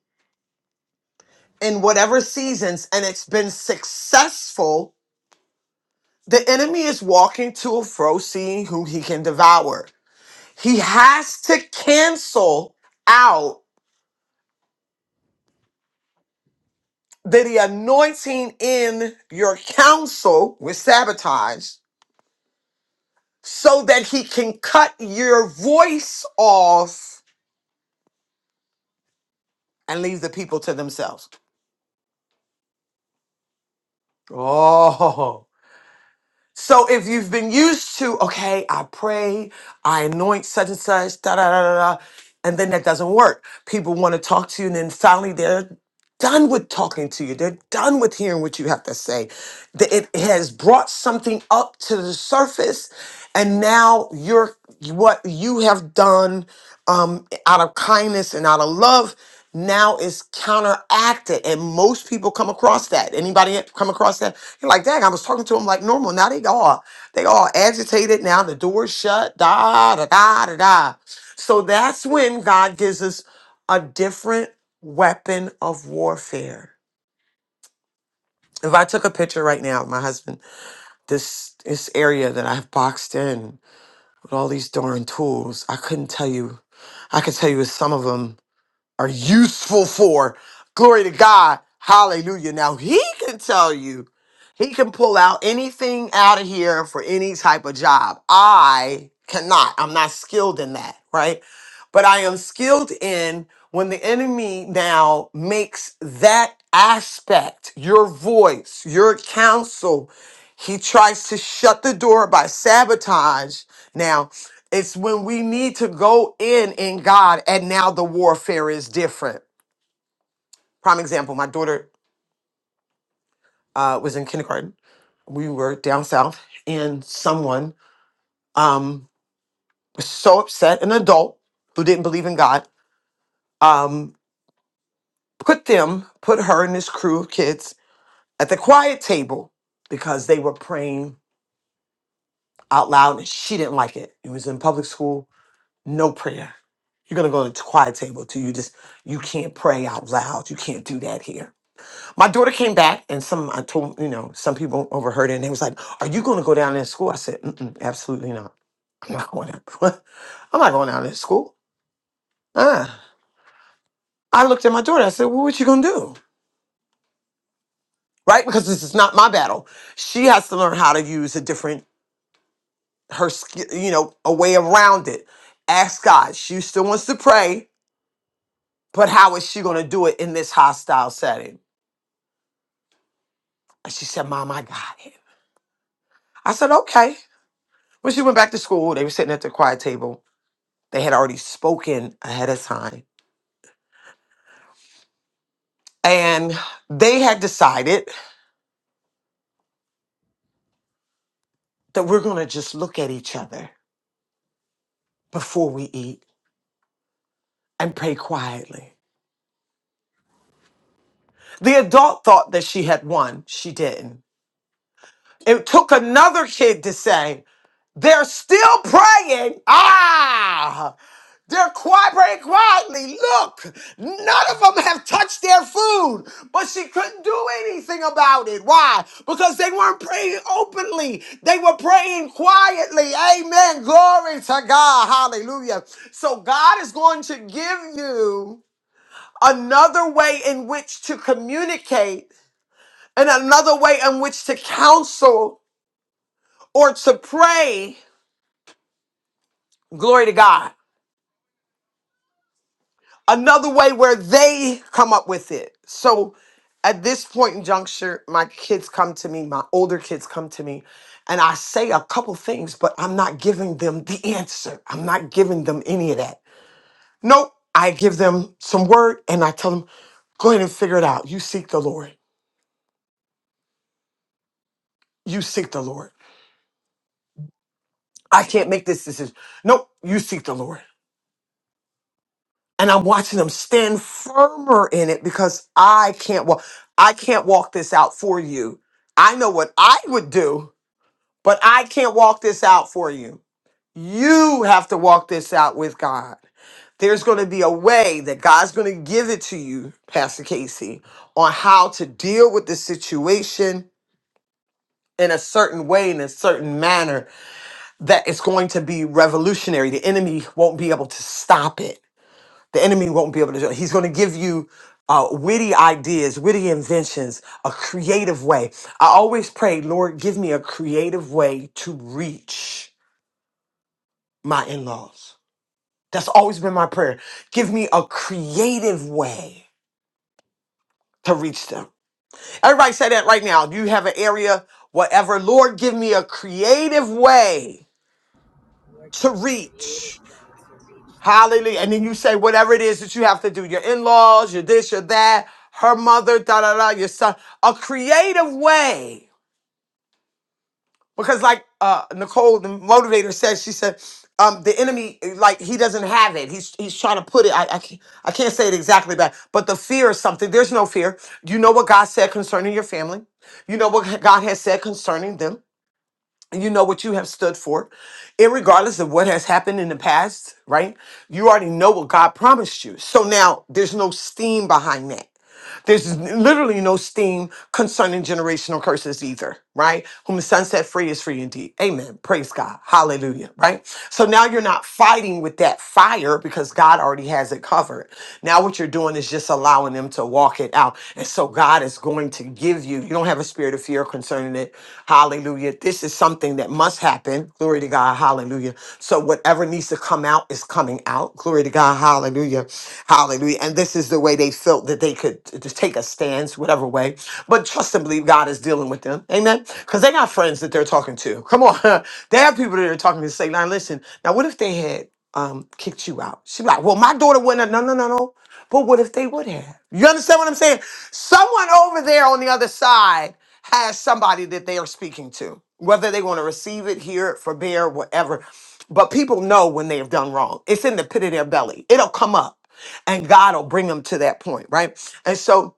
[SPEAKER 2] in whatever seasons, and it's been successful. The enemy is walking to and fro, seeing who he can devour. He has to cancel out that the anointing in your counsel was sabotaged so that he can cut your voice off and leave the people to themselves. Oh, So if you've been used to, okay, I pray, I anoint such and such, da da da da, da, and then that doesn't work. People want to talk to you, and then finally they're done with talking to you. They're done with hearing what you have to say. The- It has brought something up to the surface, and now you're what you have done um, out of kindness and out of love now is counteracted and most people come across that anybody come across that and like, dang, I was talking to them like normal. Now they all they all agitated. Now the door's shut. Da da da da da. So that's when God gives us a different weapon of warfare. If I took a picture right now of my husband, this this area that I've boxed in with all these darn tools, I couldn't tell you. I could tell you some of them are useful for. Glory to God. Hallelujah. Now he can tell you, he can pull out anything out of here for any type of job. I cannot. I'm not skilled in that, right? But I am skilled in when the enemy now makes that aspect, your voice, your counsel, he tries to shut the door by sabotage. It's when we need to go in in God, and now the warfare is different. Prime example: my daughter uh, was in kindergarten. We were down south, and someone um, was so upset, an adult who didn't believe in God, um, put them, put her and this crew of kids at the quiet table because they were praying out loud, and she didn't like it. It was in public school, no prayer. You're gonna go to the quiet table till you just you can't pray out loud. You can't do that here My daughter came back, and some I told you know some people overheard it, and they was like, "Are you going to go down in school?" I said, Mm-mm, "Absolutely not. I'm not going out. *laughs* I'm not going down in school." Uh. I looked at my daughter. I said, "Well, what you going to do?" Right? Because this is not my battle. She has to learn how to use a different her sk- you know a way around it. Ask God. She still wants to pray, but how is she going to do it in this hostile setting? And she said, "Mom, I got it." I said, "Okay." When she went back to school, they were sitting at the quiet table They had already spoken ahead of time. And they had decided that we're going to just look at each other before we eat and pray quietly. The adult thought that she had won. She didn't. It took another kid to say, they're still praying. Ah! They're cooperating quietly. Look, none of them have touched their food, but she couldn't do anything about it. Why? Because they weren't praying openly. They were praying quietly. Amen. Glory to God. Hallelujah. So God is going to give you another way in which to communicate and another way in which to counsel or to pray. Glory to God. another way where they come up with it. So at this point in juncture, my kids come to me, my older kids come to me, and I say a couple things, but I'm not giving them the answer. I'm not giving them any of that. Nope. I give them some word and I tell them, go ahead and figure it out. You seek the Lord. You seek the Lord. I can't make this decision. Nope. You seek the Lord. and I'm watching them stand firmer in it because I can't walk. I can't walk this out for you. I know what I would do, but I can't walk this out for you. You have to walk this out with God. There's going to be a way that God's going to give it to you, Pastor Casey, on how to deal with the situation in a certain way, in a certain manner, that it's going to be revolutionary. The enemy won't be able to stop it the enemy won't be able to do it. He's going to give you uh, witty ideas, witty inventions, a creative way. I always pray, Lord, give me a creative way to reach my in laws. That's always been my prayer. Give me a creative way to reach them. Everybody say that right now. you have an area, whatever? Lord, give me a creative way
[SPEAKER 9] Lord, give
[SPEAKER 2] to
[SPEAKER 9] me a creative
[SPEAKER 2] reach.
[SPEAKER 9] way to reach them.
[SPEAKER 2] Hallelujah. And then you say whatever it is that you have to do, your in-laws, your this, your that, her mother, da da da, your son. A creative way. Because like uh Nicole, the motivator said, she said, um, the enemy, like he doesn't have it. He's he's trying to put it. I, I can't I can't say it exactly back, but the fear is something. There's no fear. You know what God said concerning your family. You know what God has said concerning them you know what you have stood for, regardless of what has happened in the past, right? You already know what God promised you. So now there's no steam behind that. There's literally no steam concerning generational curses either, right? Whom the sun set free is free indeed. Amen. Praise God. Hallelujah, right? So now you're not fighting with that fire because God already has it covered. Now what you're doing is just allowing them to walk it out. And so God is going to give you, you don't have a spirit of fear concerning it. Hallelujah. Hallelujah. This is something that must happen. Glory to God. Hallelujah. So whatever needs to come out is coming out. Glory to God. Hallelujah. Hallelujah. And this is the way they felt that they could t- just take a stance, whatever way. But trust and believe God is dealing with them. Amen. Because they got friends that they're talking to. Come on. *laughs* they have people that they are talking to say, now listen, now what if they had um kicked you out? She's like, well, my daughter wouldn't have. No, no, no, no. But what if they would have? You understand what I'm saying? Someone over there on the other side has somebody that they are speaking to, whether they want to receive it, hear it, forbear, whatever. But people know when they have done wrong. It's in the pit of their belly. It'll come up and God will bring them to that point, right? And so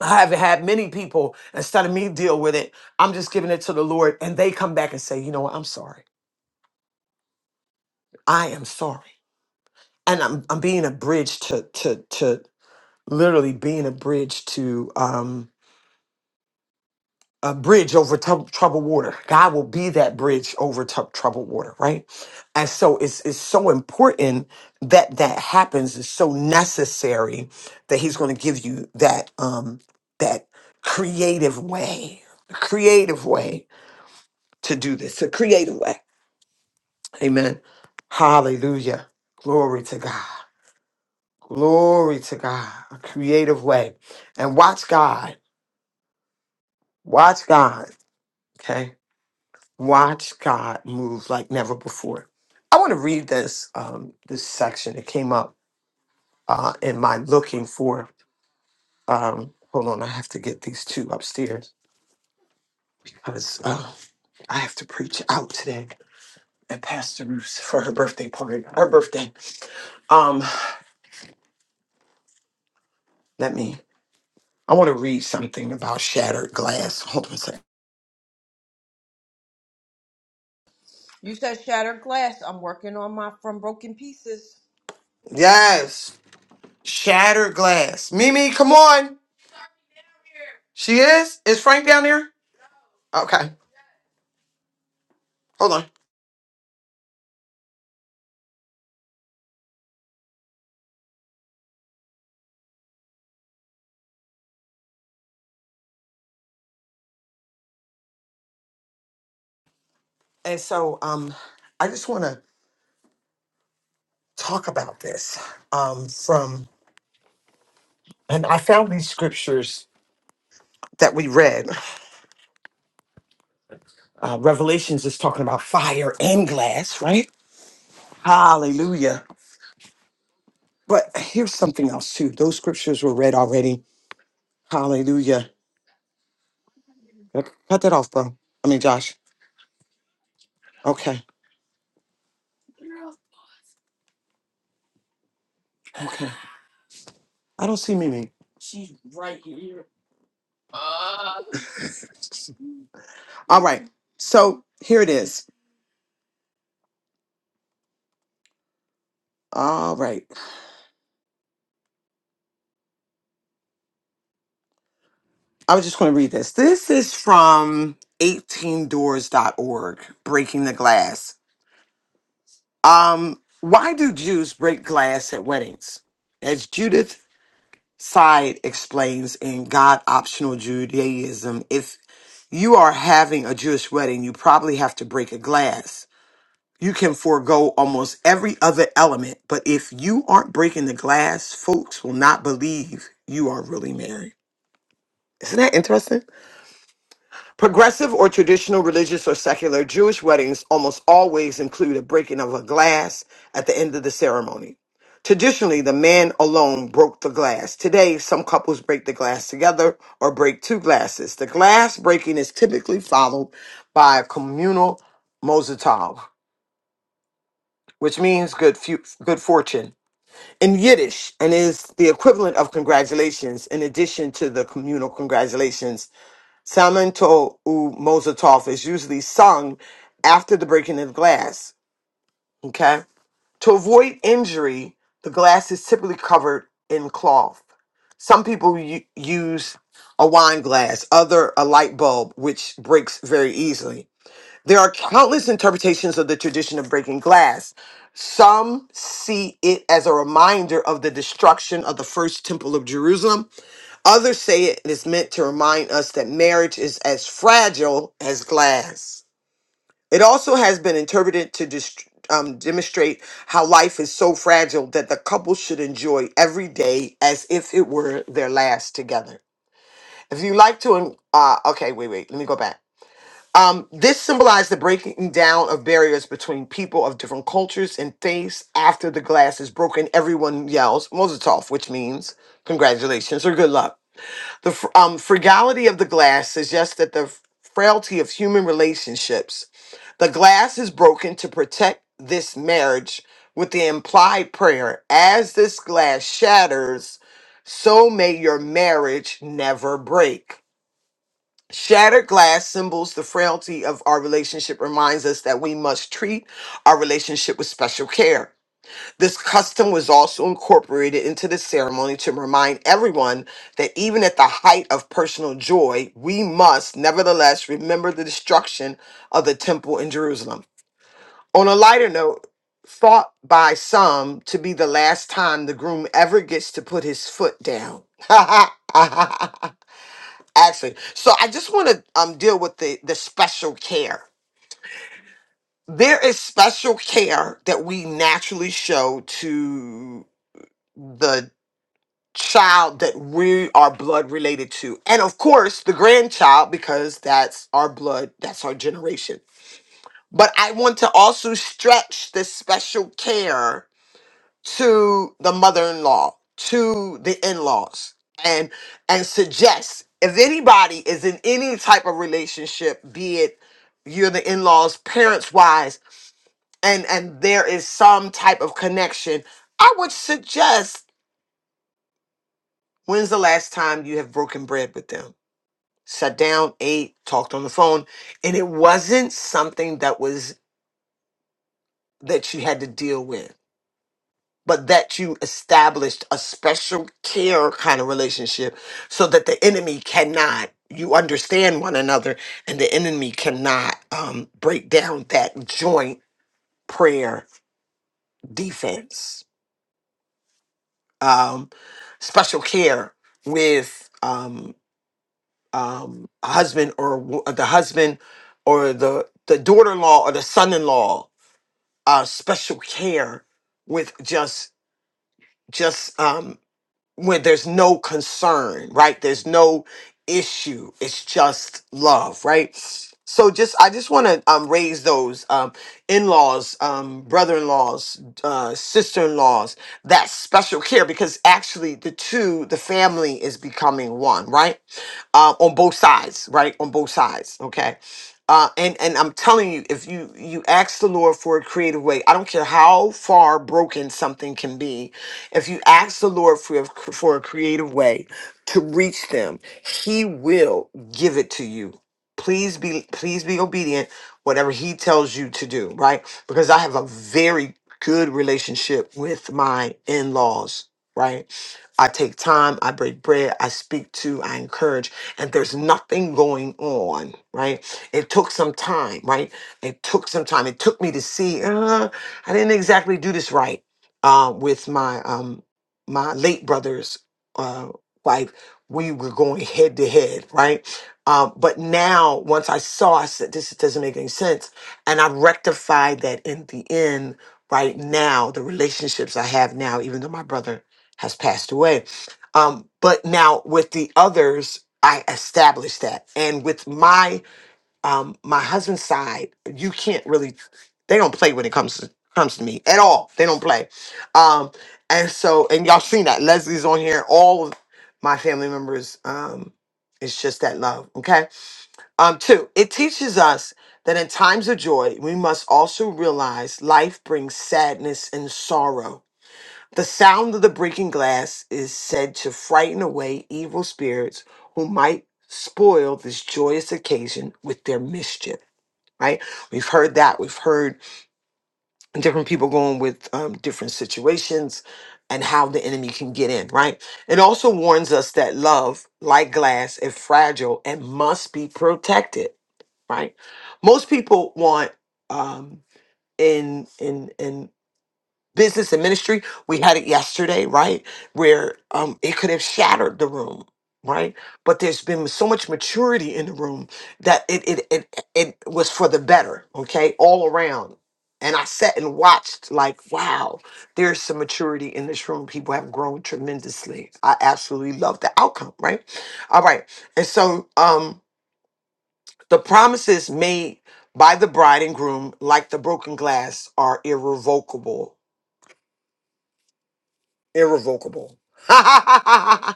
[SPEAKER 2] I have had many people, instead of me deal with it, I'm just giving it to the Lord and they come back and say, you know what, I'm sorry. I am sorry. And I'm, I'm being a bridge to, to, to literally being a bridge to um, a bridge over tou- troubled water. God will be that bridge over tou- troubled water, right? And so it's it's so important that that happens. It's so necessary that He's going to give you that um that creative way, creative way to do this, a creative way. Amen. Hallelujah. Glory to God. Glory to God. A creative way, and watch God. Watch God. Okay Watch God move like never before. I want to read this um, this section. It came up uh, in my looking for. Um, hold on, I have to get these two upstairs because uh, I have to preach out today at Pastor Ruth's for her birthday party. Her birthday. Um, let me. I want to read something about shattered glass. Hold on a second.
[SPEAKER 8] You said shattered glass. I'm working on my from broken pieces.
[SPEAKER 2] Yes, shattered glass. Mimi, come on. She is. Is Frank down there? Okay. Hold on. And so, um, I just want to talk about this um, from, and I found these scriptures that we read. Uh, Revelations is talking about fire and glass, right? Hallelujah. But here's something else too. Those scriptures were read already. Hallelujah. Yep. Cut that off, bro. I mean, Josh. Okay. Okay. I don't see Mimi. All right. So here it is. All right. I was just going to read this. This is from 18doors.org, Breaking the Glass. Um, why do Jews break glass at weddings? As Judith Side explains in God Optional Judaism, if you are having a Jewish wedding, you probably have to break a glass. You can forego almost every other element, but if you aren't breaking the glass, folks will not believe you are really married. Isn't that interesting? Progressive or traditional religious or secular Jewish weddings almost always include a breaking of a glass at the end of the ceremony. Traditionally, the man alone broke the glass. Today, some couples break the glass together or break two glasses. The glass breaking is typically followed by a communal mozatov, which means good fu- good fortune in Yiddish and is the equivalent of congratulations in addition to the communal congratulations Samento u Mozatov is usually sung after the breaking of glass. Okay. To avoid injury, the glass is typically covered in cloth. Some people u- use a wine glass, other a light bulb, which breaks very easily. There are countless interpretations of the tradition of breaking glass. Some see it as a reminder of the destruction of the first temple of Jerusalem Others say it is meant to remind us that marriage is as fragile as glass. It also has been interpreted to dist- um, demonstrate how life is so fragile that the couple should enjoy every day as if it were their last together. If you like to, en- uh, okay, wait, wait, let me go back. Um, this symbolized the breaking down of barriers between people of different cultures and faiths. After the glass is broken, everyone yells "Mozatov," which means congratulations or good luck. The fr- um, frugality of the glass suggests that the frailty of human relationships. The glass is broken to protect this marriage with the implied prayer as this glass shatters, so may your marriage never break. Shattered glass symbols the frailty of our relationship, reminds us that we must treat our relationship with special care this custom was also incorporated into the ceremony to remind everyone that even at the height of personal joy, we must nevertheless remember the destruction of the temple in Jerusalem. On a lighter note, thought by some to be the last time the groom ever gets to put his foot down. *laughs* Actually, so I just want to um, deal with the, the special care. There is special care that we naturally show to the. child that we are blood related to. And of course, the grandchild, because that's our blood, that's our generation. But I want to also stretch this special care to the mother in law, to the in laws, and and suggest if anybody is in any type of relationship, be it you're the in laws, parents wise, and and there is some type of connection, I would suggest when's the last time you have broken bread with them? sat down, ate, talked on the phone, and it wasn't something that was that you had to deal with, but that you established a special care kind of relationship so that the enemy cannot you understand one another and the enemy cannot um, break down that joint prayer defense um, special care with um, um, a husband or a wo- the husband or the the daughter-in-law or the son-in-law uh, special care with just just um, when there's no concern, right? There's no issue. It's just love, right? So just I just want to um, raise those um, in-laws, um, brother-in-laws, uh, sister-in-laws, that special care because actually the two, the family is becoming one, right? Uh, on both sides, right? On both sides, okay. Uh, and and I'm telling you, if you you ask the Lord for a creative way, I don't care how far broken something can be, if you ask the Lord for a, for a creative way to reach them, He will give it to you. Please be please be obedient whatever he tells you to do, right? Because I have a very good relationship with my in-laws, right? I take time, I break bread, I speak to, I encourage, and there's nothing going on, right? It took some time, right? It took some time. It took me to see, uh, I didn't exactly do this right uh, with my um, my late brother's uh, wife. We were going head to head, right? Um, but now, once I saw, I said, this doesn't make any sense. And I rectified that in the end, right now, the relationships I have now, even though my brother has passed away. Um, but now with the others, I established that, and with my um, my husband's side, you can't really. They don't play when it comes to comes to me at all. They don't play, um, and so and y'all seen that Leslie's on here. All of my family members. Um, it's just that love. Okay. Um, two. It teaches us that in times of joy, we must also realize life brings sadness and sorrow the sound of the breaking glass is said to frighten away evil spirits who might spoil this joyous occasion with their mischief. Right? We've heard that. We've heard different people going with um, different situations and how the enemy can get in. Right? It also warns us that love, like glass, is fragile and must be protected. Right? Most people want um, in in in business and ministry. We had it yesterday, right? Where um, it could have shattered the room, right? But there's been so much maturity in the room that it it it, it was for the better, okay, all around. And I sat and watched, like, wow, there's some maturity in this room. People have grown tremendously. I absolutely love the outcome, right? All right. And so um, the promises made by the bride and groom, like the broken glass, are irrevocable irrevocable. *laughs*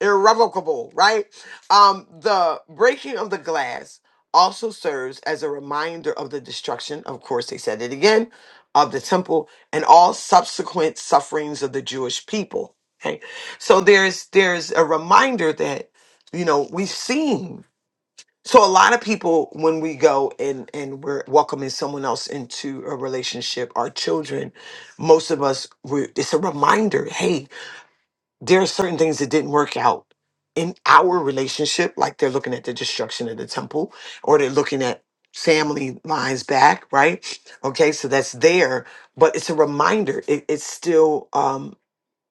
[SPEAKER 2] irrevocable, right? Um, the breaking of the glass also serves as a reminder of the destruction, of course, they said it again, of the temple and all subsequent sufferings of the Jewish people. Okay. So there's there's a reminder that, you know, we've seen. So a lot of people when we go and and we're welcoming someone else into a relationship, our children, most of us we it's a reminder, Hey there are certain things that didn't work out in our relationship, like they're looking at the destruction of the temple, or they're looking at family lines back, right? Okay, so that's there, but it's a reminder. It, it's still um,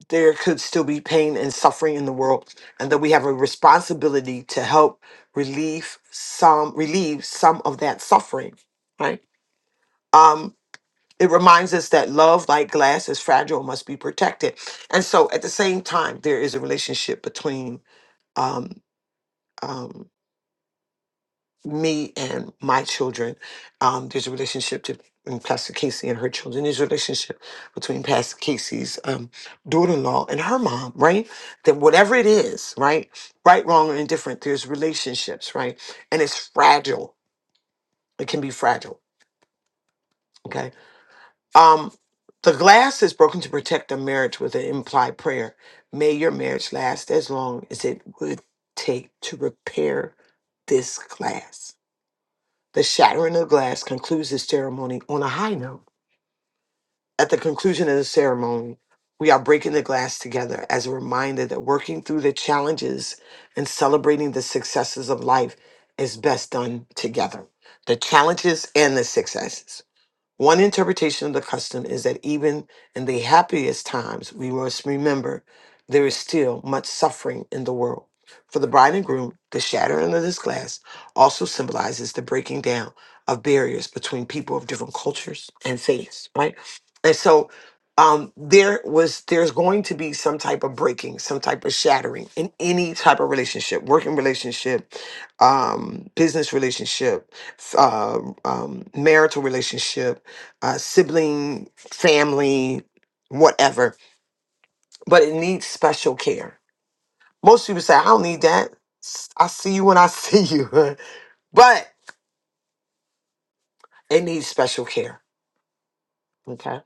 [SPEAKER 2] there could still be pain and suffering in the world, and that we have a responsibility to help relieve some relieve some of that suffering, right? Um, it reminds us that love, like glass, is fragile, and must be protected. And so at the same time, there is a relationship between um, um, me and my children. Um, there's a relationship to between Pastor Casey and her children. There's a relationship between Pastor Casey's um, daughter-in-law and her mom, right? That whatever it is, right? Right, wrong, or indifferent, there's relationships, right? And it's fragile. It can be fragile. Okay Um, the glass is broken to protect the marriage with an implied prayer. May your marriage last as long as it would take to repair this glass. The shattering of glass concludes the ceremony on a high note. At the conclusion of the ceremony, we are breaking the glass together as a reminder that working through the challenges and celebrating the successes of life is best done together. The challenges and the successes. One interpretation of the custom is that even in the happiest times, we must remember there is still much suffering in the world. For the bride and groom, the shattering of this glass also symbolizes the breaking down of barriers between people of different cultures and faiths, right? And so um, there was there's going to be some type of breaking, some type of shattering in any type of relationship, working relationship, um, business relationship, f- uh, um, marital relationship, uh, sibling, family, whatever, but it needs special care. Most people say, I don't need that. S- I see you when I see you, *laughs* but it needs special care. Okay.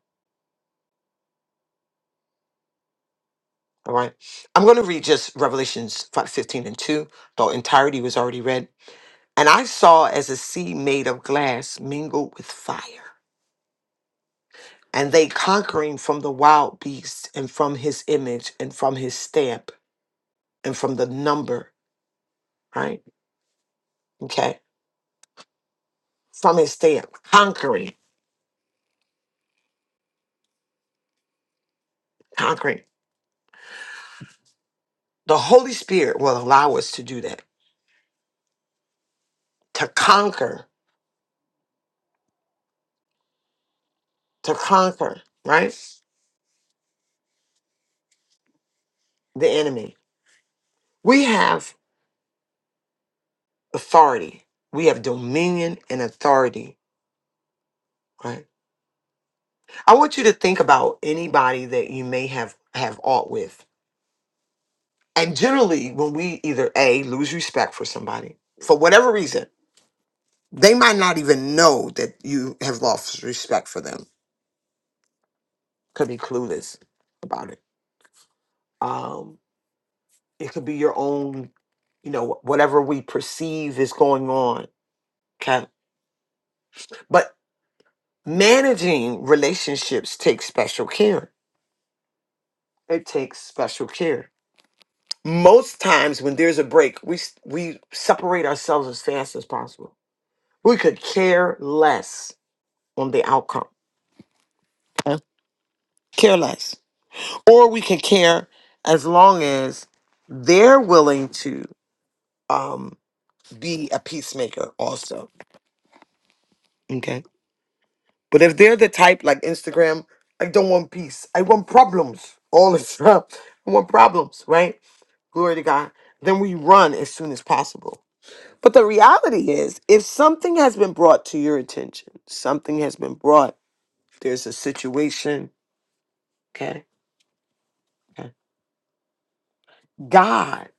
[SPEAKER 2] All right. I'm going to read just Revelations 5, 15, and 2. The entirety was already read. And I saw as a sea made of glass mingled with fire, and they conquering from the wild beast and from his image and from his stamp and from the number, right? Okay from his stand, conquering, conquering. The Holy Spirit will allow us to do that, to conquer, to conquer, right? The enemy. We have authority, we have dominion and authority, right? I want you to think about anybody that you may have have aught with. And generally, when we either A, lose respect for somebody, for whatever reason, they might not even know that you have lost respect for them. Could be clueless about it. Um. It could be your own, you know, whatever we perceive is going on. Okay. But managing relationships takes special care. It takes special care. Most times when there's a break, we s- we separate ourselves as fast as possible. We could care less on the outcome. okay? Care less. Or we can care as long as they're willing to um be a peacemaker also. Okay But if they're the type like Instagram, I don't want peace. I want problems all the time. *laughs* I want problems, right? Glory to God. Then we run as soon as possible. But the reality is, if something has been brought to your attention, something has been brought, there's a situation, okay? okay. God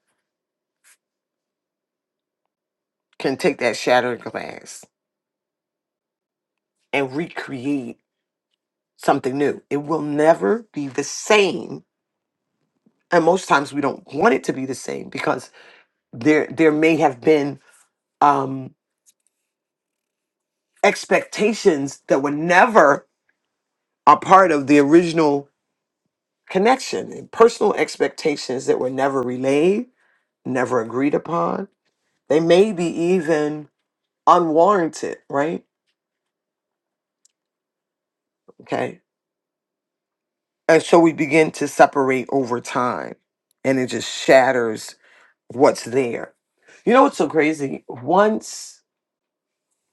[SPEAKER 2] can take that shattered glass and recreate something new. It will never be the same. And most times we don't want it to be the same because there there may have been um, expectations that were never a part of the original connection and personal expectations that were never relayed, never agreed upon. They may be even unwarranted, right? Okay. And so we begin to separate over time and it just shatters what's there. You know what's so crazy? Once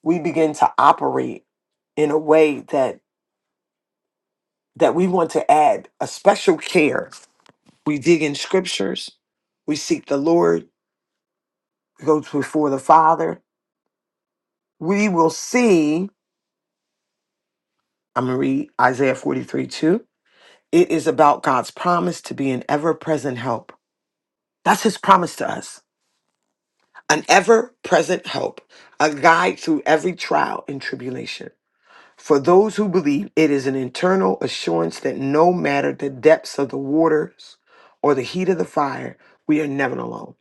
[SPEAKER 2] we begin to operate in a way that that we want to add a special care, we dig in scriptures, we seek the Lord, goes before the Father, we will see. I'm going to read Isaiah 43 2. It is about God's promise to be an ever present help. That's his promise to us an ever present help, a guide through every trial and tribulation. For those who believe, it is an internal assurance that no matter the depths of the waters or the heat of the fire, we are never alone.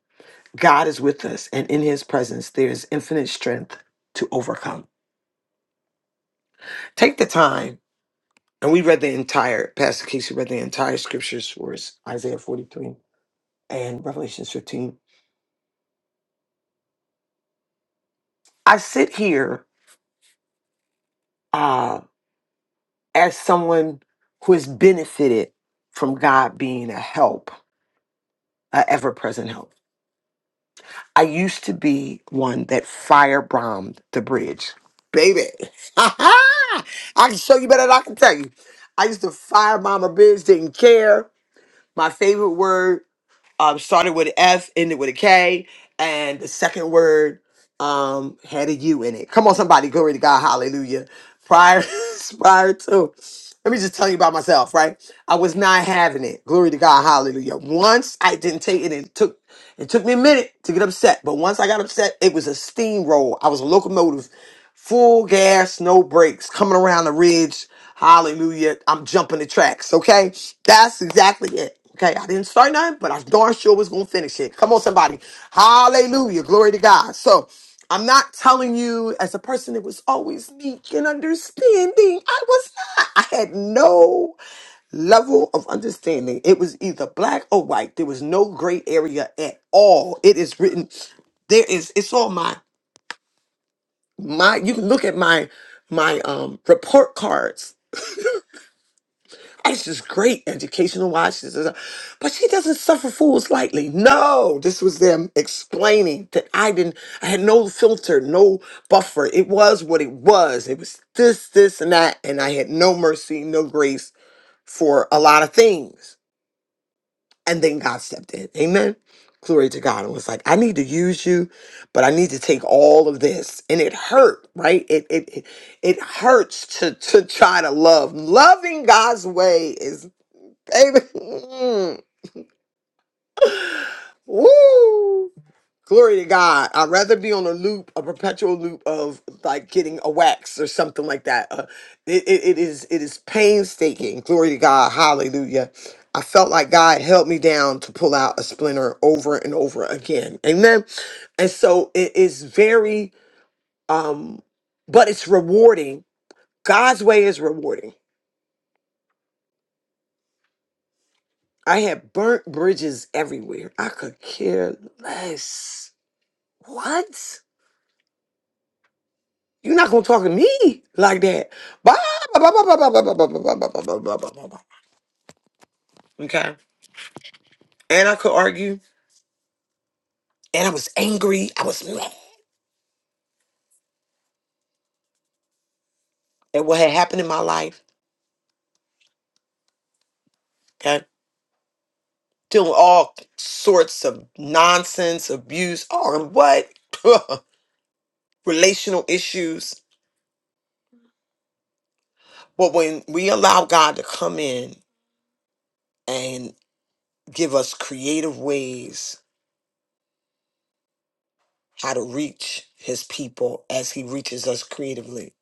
[SPEAKER 2] God is with us, and in his presence, there is infinite strength to overcome. Take the time And we read the entire, Pastor Casey read the entire scriptures for us, Isaiah 43 and Revelations 15. I sit here uh, as someone who has benefited from God being a help, a ever present help. I used to be one that firebombed the bridge. Baby, *laughs* I can show you better than I can tell you. I used to firebomb a bridge, didn't care. My favorite word um, started with an F, ended with a K, and the second word um, had a U in it. Come on, somebody, glory to God, hallelujah. Prior, *laughs* prior to, let me just tell you about myself, right? I was not having it. Glory to God, hallelujah. Once I didn't take it, and it took it took me a minute to get upset, but once I got upset, it was a steamroll. I was a locomotive. Full gas, no brakes, coming around the ridge. Hallelujah. I'm jumping the tracks, okay? That's exactly it. Okay, I didn't start nothing, but I darn sure was gonna finish it. Come on, somebody. Hallelujah. Glory to God. So I'm not telling you as a person that was always meek and understanding. I was not. I had no level of understanding. It was either black or white. There was no gray area at all. It is written. There is. It's on mine my you can look at my my um report cards it's just great educational watches but she doesn't suffer fools lightly no this was them explaining that i didn't i had no filter no buffer it was what it was it was this this and that and i had no mercy no grace for a lot of things And then God stepped in. Amen. Glory to God. And was like, I need to use you, but I need to take all of this. And it hurt, right? It it it, it hurts to to try to love. Loving God's way is baby. *laughs* mm, Woo! Glory to God. I'd rather be on a loop, a perpetual loop of like getting a wax or something like that. Uh, it, it, it is it is painstaking. Glory to God. Hallelujah. I felt like God held me down to pull out a splinter over and over again. Amen. And so it is very um but it's rewarding. God's way is rewarding. I had burnt bridges everywhere. I could care less. What? You're not gonna talk to me like that. Bah, bah, bah, bah, bah, bah, bah, bah, bah, bah, bah, bah, bah, bah, bah, bah, bah. Okay. And I could argue. And I was angry. I was mad at what had happened in my life. Okay. Doing all sorts of nonsense, abuse, all and what? *laughs* Relational issues. But when we allow God to come in and give us creative ways how to reach his people as he reaches us creatively,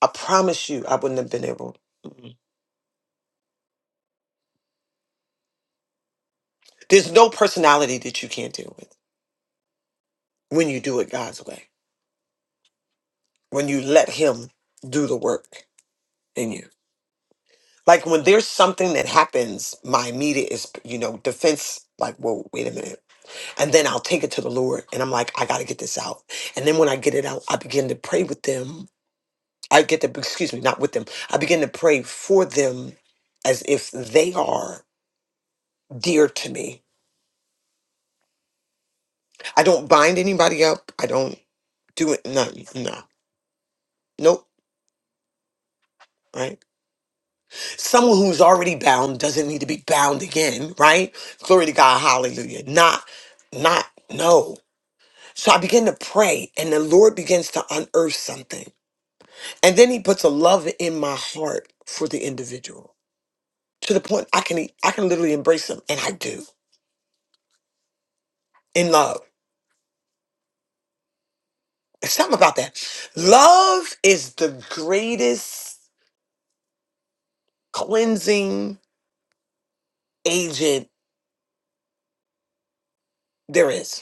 [SPEAKER 2] I promise you I wouldn't have been able. There's no personality that you can't deal with when you do it God's way, when you let Him do the work in you. Like when there's something that happens, my immediate is, you know, defense, like, whoa, wait a minute. And then I'll take it to the Lord and I'm like, I got to get this out. And then when I get it out, I begin to pray with them. I get to, excuse me, not with them. I begin to pray for them as if they are dear to me. I don't bind anybody up. I don't do it. No, no, nope. Right someone who's already bound doesn't need to be bound again, right? Glory to God, hallelujah. Not, not, no. So I begin to pray, and the Lord begins to unearth something. And then he puts a love in my heart for the individual. To the point I can I can literally embrace them, and I do in love. It's something about that. Love is the greatest cleansing agent there is.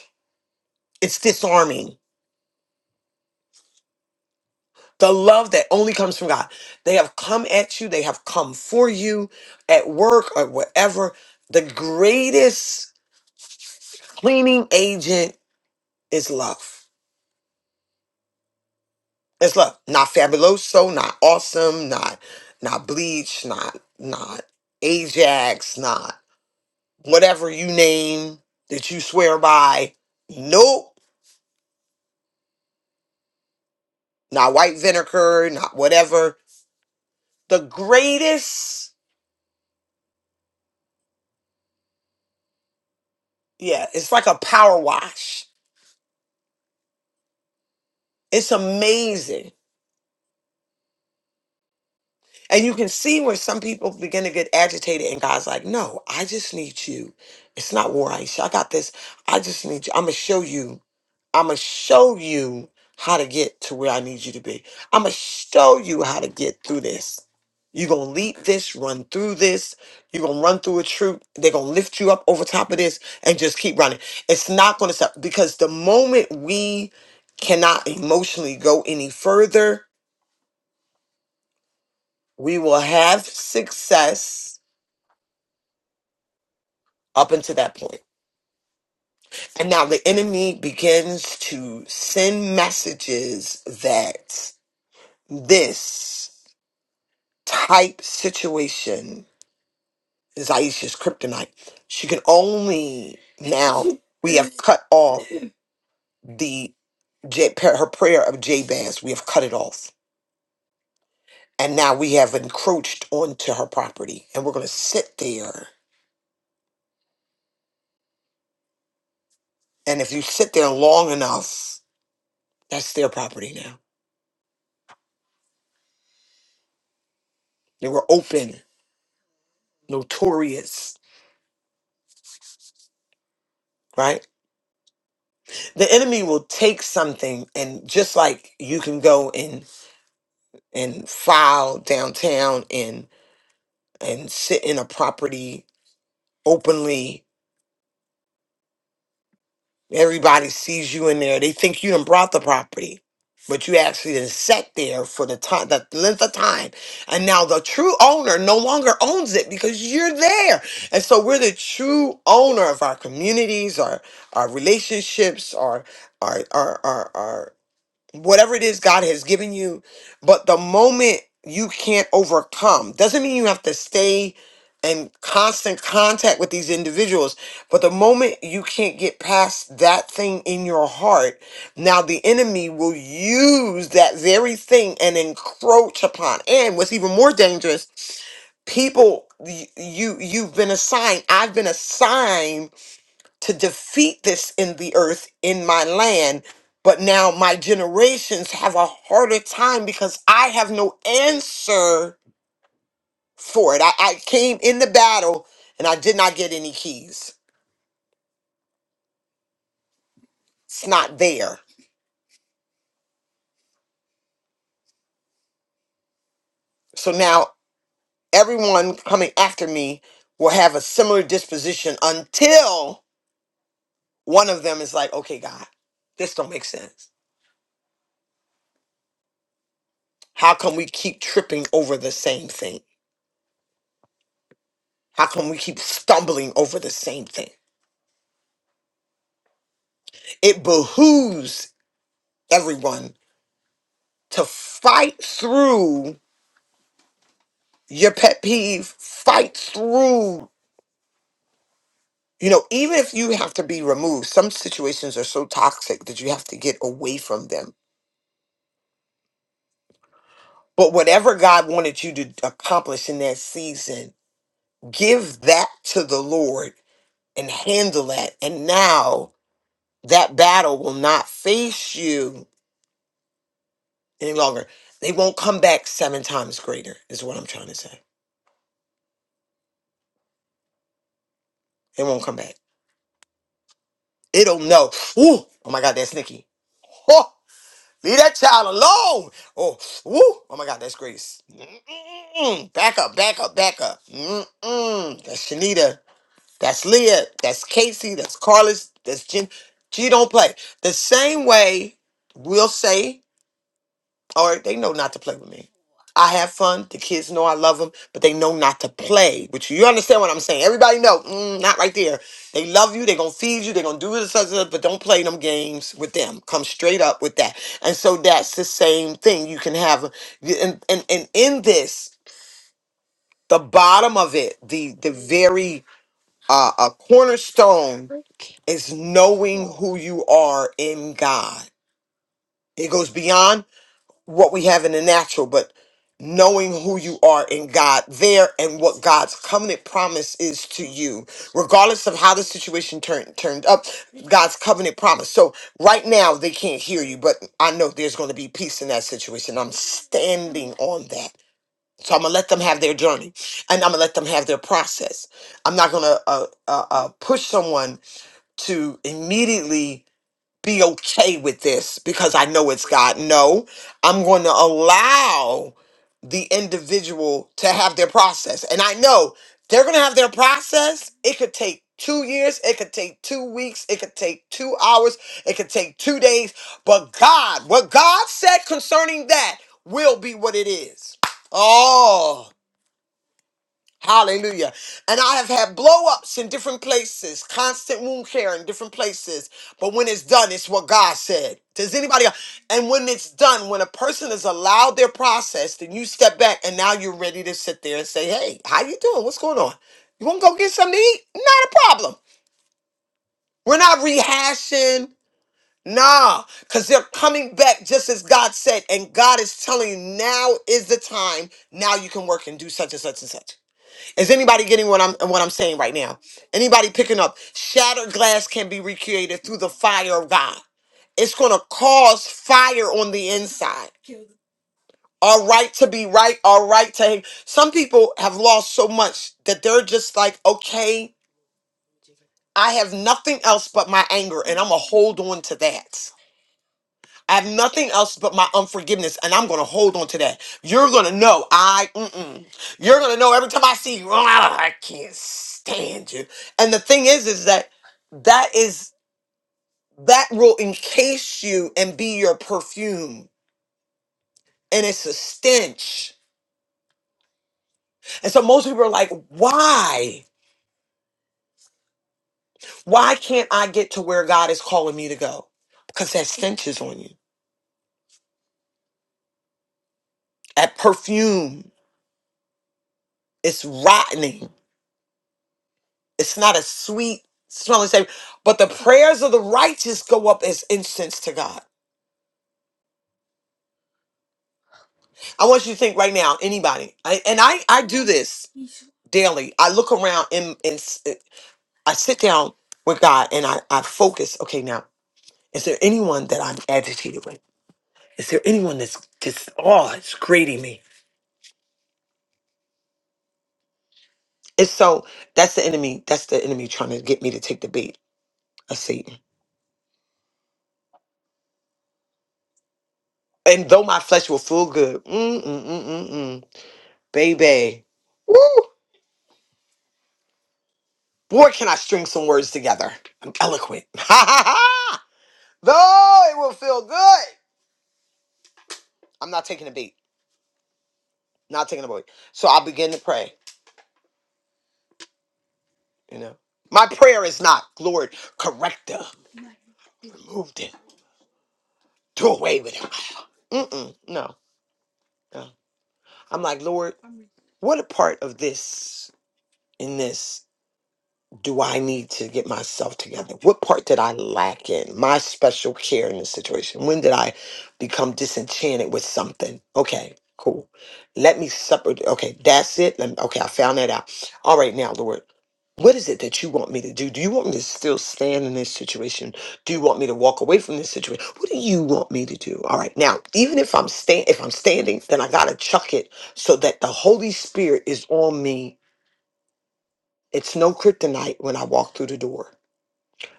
[SPEAKER 2] It's disarming the love that only comes from God. They have come at you, they have come for you at work or wherever. The greatest cleaning agent is love. It's love. Not fabuloso, not awesome, not not bleach, not not Ajax, not whatever you name that you swear by. Nope. Not white vinegar, not whatever. The greatest, yeah, it's like a power wash. It's amazing And you can see where some people begin to get agitated, and God's like, No, I just need you. It's not war, Aisha. I got this. I just need you. I'm going to show you. I'm going to show you how to get to where I need you to be. I'm going to show you how to get through this. You're going to leap this, run through this. You're going to run through a troop. They're going to lift you up over top of this and just keep running. It's not going to stop because the moment we cannot emotionally go any further, we will have success up until that point. And now the enemy begins to send messages that this type situation is Aisha's kryptonite. She can only now we have cut off the J- her prayer of Jabez. We have cut it off, and now we have encroached onto her property, and we're going to sit there. And if you sit there long enough, that's their property now. They were open, notorious, right? the enemy will take something and just like you can go and and file downtown and and sit in a property openly everybody sees you in there they think you done brought the property but you actually done sat there for the time the length of time and now the true owner no longer owns it because you're there and so we're the true owner of our communities our our relationships our our our our, our whatever it is God has given you. But the moment you can't overcome doesn't mean you have to stay in constant contact with these individuals. But the moment you can't get past that thing in your heart, now the enemy will use that very thing and encroach upon. And what's even more dangerous, people y- you you've been assigned, I've been assigned to defeat this in the earth in my land. But now my generations have a harder time because I have no answer for it. I, I came in the battle and I did not get any keys. It's not there. So now everyone coming after me will have a similar disposition until one of them is like, okay, God, this don't make sense. How come we keep tripping over the same thing? How come we keep stumbling over the same thing? It behooves everyone to fight through your pet peeve, fight through, you know, even if you have to be removed. Some situations are so toxic that you have to get away from them. But whatever God wanted you to accomplish in that season, give that to the Lord and handle that. And now that battle will not face you any longer. They won't come back seven times greater, is what I'm trying to say. They won't come back. It will know. Woo! Oh my God, that's Nikki. Oh, leave that child alone. Oh, woo! Oh my God, that's Grace. Mm-mm. Back up, back up, back up. Mm-mm. That's Shanita. That's Leah. That's Casey. That's Carlos. That's Jen. G don't play. The same way we'll say all right, they know not to play with me. I have fun. The kids know I love them, but they know not to play with you. You understand what I'm saying? Everybody know, mm, not right there. They love you. They're gonna feed you. They're gonna do this, this, such. but don't play them games with them. Come straight up with that. And so that's the same thing. You can have, and and, and in this, the bottom of it, the the very uh, a cornerstone is knowing who you are in God. It goes beyond what we have in the natural, but knowing who you are in God there and what God's covenant promise is to you, regardless of how the situation turned turned up, God's covenant promise. So right now they can't hear you, but I know there's going to be peace in that situation. I'm standing on that. So I'm gonna let them have their journey, and I'm gonna let them have their process. I'm not gonna uh, uh, uh, push someone to immediately be okay with this because I know it's God. No, I'm going to allow the individual to have their process. And I know they're going to have their process. It could take two years, it could take two weeks, it could take two hours, it could take two days. But God, what God said concerning that will be what it is. Oh. Hallelujah. And I have had blow ups in different places, constant wound care in different places. But when it's done, it's what God said. Does anybody else? And when it's done, when a person is allowed their process, then you step back and now you're ready to sit there and say, Hey, how you doing? What's going on? You want to go get something to eat? Not a problem. We're not rehashing. Nah, because they're coming back just as God said. And God is telling you now is the time. Now you can work and do such and such and such. Is anybody getting what I'm what I'm saying right now? Anybody picking up? Shattered glass can be recreated through the fire of God. It's gonna cause fire on the inside. Our right to be right, our right to some people have lost so much that they're just like, okay, I have nothing else but my anger, and I'm gonna hold on to that. I have nothing else but my unforgiveness, and I'm going to hold on to that. You're going to know I, mm-mm. you're going to know every time I see you, *laughs* "Oh, I can't stand you. And the thing is, is that that is that will encase you and be your perfume, and it's a stench. And so most people are like, why? Why can't I get to where God is calling me to go? Because that stench is on you. That perfume it's rotting. It's not a sweet smelling savor, but the prayers of the righteous go up as incense to God. I want you to think right now, anybody, I, and I, I do this daily. I look around and, and s- uh, I sit down with God and I, I focus. Okay, now, is there anyone that I'm agitated with? Is there anyone that's just, oh, it's grating me? And so that's the enemy. That's the enemy trying to get me to take the bait of Satan. And though my flesh will feel good, mm, mm, mm, mm, mm, baby. woo, Boy, can I string some words together. I'm eloquent. *laughs* Ha ha ha! Though it will feel good. I'm not taking a beat. Not taking a beat. So I begin to pray, you know. My prayer is not, Lord, correct her. Remove them. Do away with them. Mm-mm. No, no. I'm like, Lord, what a part of this in this. do I need to get myself together? What part did I lack in? My special care in the situation? When did I become disenchanted with something? Okay, cool. Let me separate. Okay, that's it. Let me, okay, I found that out. All right, now, Lord, what is it that you want me to do? Do you want me to still stand in this situation? Do you want me to walk away from this situation? What do you want me to do? All right, now, even if I'm stand, if I'm standing, then I gotta chuck it so that the Holy Spirit is on me. It's no kryptonite when I walk through the door.